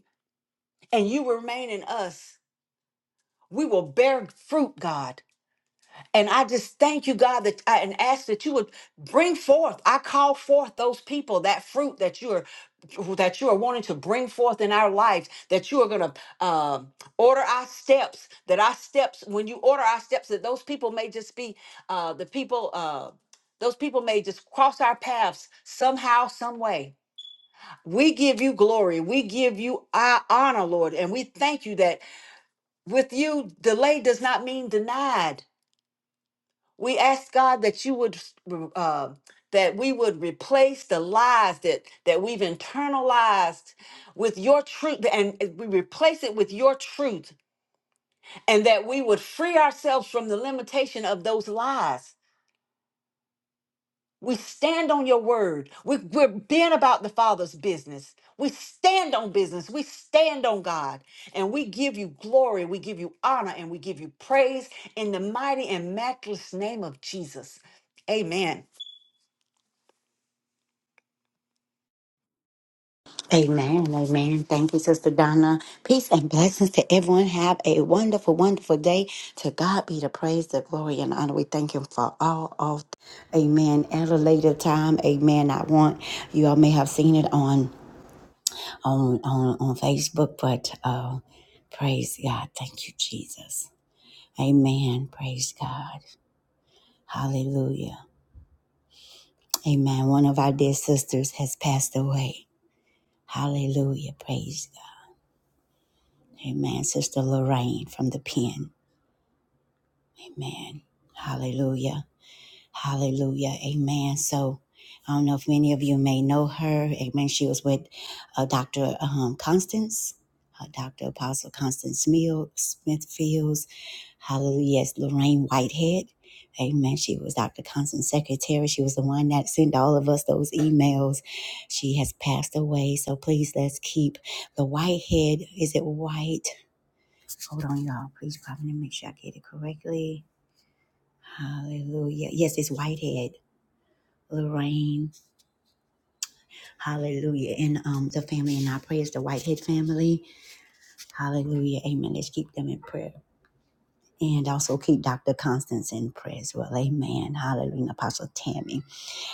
[SPEAKER 3] and you remain in us, we will bear fruit, God. And I just thank you, God, that I, and ask that you would bring forth. I call forth those people, that fruit that you are that you are wanting to bring forth in our lives. That you are going to um, order our steps. That our steps, when you order our steps, that those people may just be uh, the people. Uh, those people may just cross our paths somehow, some way. We give you glory. We give you our honor, Lord, and we thank you that with you, delay does not mean denied we ask God that you would uh, that we would replace the lies that that we've internalized with your truth, and we replace it with your truth, and that we would free ourselves from the limitation of those lies. We stand on your word. We, we're being about the Father's business. We stand on business. We stand on God. And we give you glory. We give you honor and we give you praise in the mighty and matchless name of Jesus. Amen.
[SPEAKER 1] Amen. Amen. Thank you, Sister Donna. Peace and blessings to everyone. Have a wonderful, wonderful day. To God be the praise, the glory, and honor. We thank Him for all of. Amen. At a later time, Amen. I want you all may have seen it on on on on Facebook, but uh, praise God. Thank you, Jesus. Amen. Praise God. Hallelujah. Amen. One of our dear sisters has passed away. Hallelujah. Praise Amen. Sister Lorraine from the pen. Amen. Hallelujah. Hallelujah. Amen. So I don't know if many of you may know her. Amen. She was with uh, Dr. Um, Constance, uh, Dr. Apostle Constance Mill, Smithfields. Hallelujah. Yes, Lorraine Whitehead. Amen. She was Dr. Constance's secretary. She was the one that sent all of us those emails. She has passed away. So please let's keep the Whitehead. Is it White? Hold on, y'all. Please pop in and make sure I get it correctly. Hallelujah. Yes, it's Whitehead. Lorraine. Hallelujah. And um the family in our prayers, the Whitehead family. Hallelujah. Amen. Let's keep them in prayer. And also keep Dr. Constance in prayer as well. Amen. Hallelujah. And Apostle Tammy.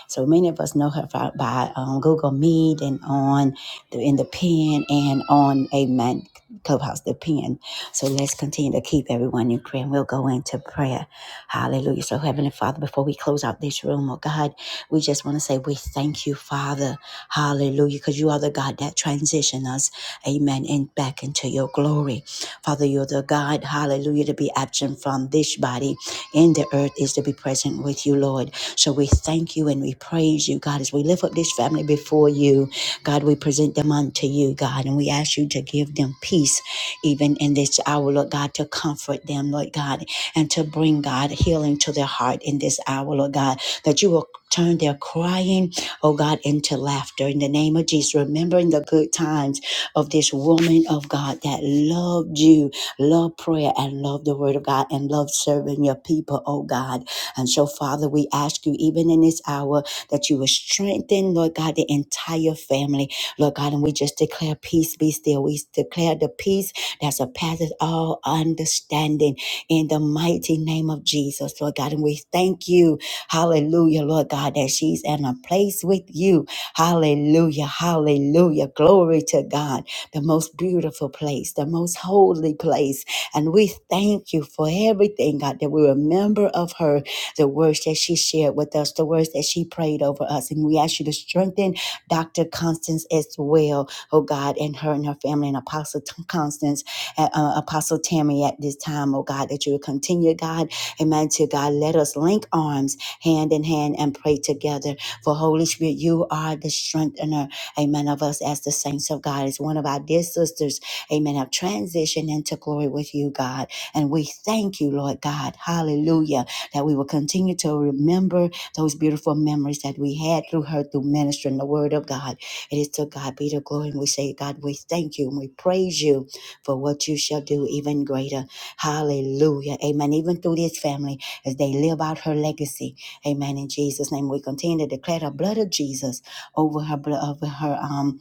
[SPEAKER 1] So many of us know her fi- by um, Google Meet and on the, in the pen and on Amen Clubhouse, the pen. So let's continue to keep everyone in prayer and we'll go into prayer. Hallelujah. So, Heavenly Father, before we close out this room, oh God, we just want to say we thank you, Father. Hallelujah. Because you are the God that transition us, amen, and back into your glory. Father, you're the God, hallelujah, to be absent from this body in the earth is to be present with you, Lord. So we thank you and we praise you, God, as we lift up this family before you. God, we present them unto you, God, and we ask you to give them peace even in this hour, Lord God, to comfort them, Lord God, and to bring, God, healing to their heart in this hour, Lord God, that you will turn their crying, oh God, into laughter in the name of Jesus, remembering the good times of this woman of God that loved you, loved prayer, and loved the word of God, and loved serving your people, oh God. And so, Father, we ask you, even in this hour, that you will strengthen, Lord God, the entire family, Lord God. And we just declare peace be still. We declare the peace that surpasses all understanding in the mighty name of Jesus, Lord God. And we thank you, hallelujah, Lord God, that she's in a place with you. Hallelujah, hallelujah. Glory to God, the most beautiful place, the most holy place. And we thank you for everything, God, that we remember of her the words that she shared with us, the words that she prayed over us. And we ask you to strengthen Dr. Constance as well, oh God, and her and her family, and Apostle T- Constance, uh, uh, Apostle Tammy at this time, oh God, that you will continue, God, amen, to God, let us link arms hand in hand and pray together. For Holy Spirit, you are the strengthener, amen, of us as the saints of God. As one of our dear sisters, amen, have transitioned into glory with you, God. And we thank you, Lord God. Hallelujah that we will continue to remember those beautiful memories that we had through her, through ministering the word of God. It is to God be the glory. And we say, God, we thank you and we praise you for what you shall do even greater. Hallelujah. Amen. Even through this family as they live out her legacy. Amen. In Jesus' name, we continue to declare the blood of Jesus over her, blo- over her, um,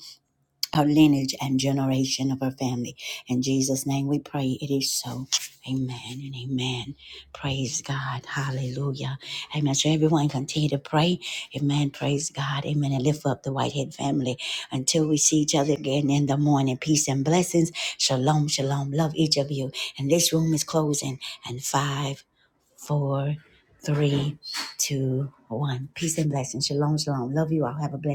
[SPEAKER 1] our lineage and generation of our family. In Jesus' name we pray it is so. Amen and amen. Praise God. Hallelujah. Amen. So everyone continue to pray. Amen. Praise God. Amen. And lift up the Whitehead family until we see each other again in the morning. Peace and blessings. Shalom. Shalom. Love each of you. And this room is closing. And five, four, three, two, one. Peace and blessings. Shalom. Shalom. Love you all. Have a blessed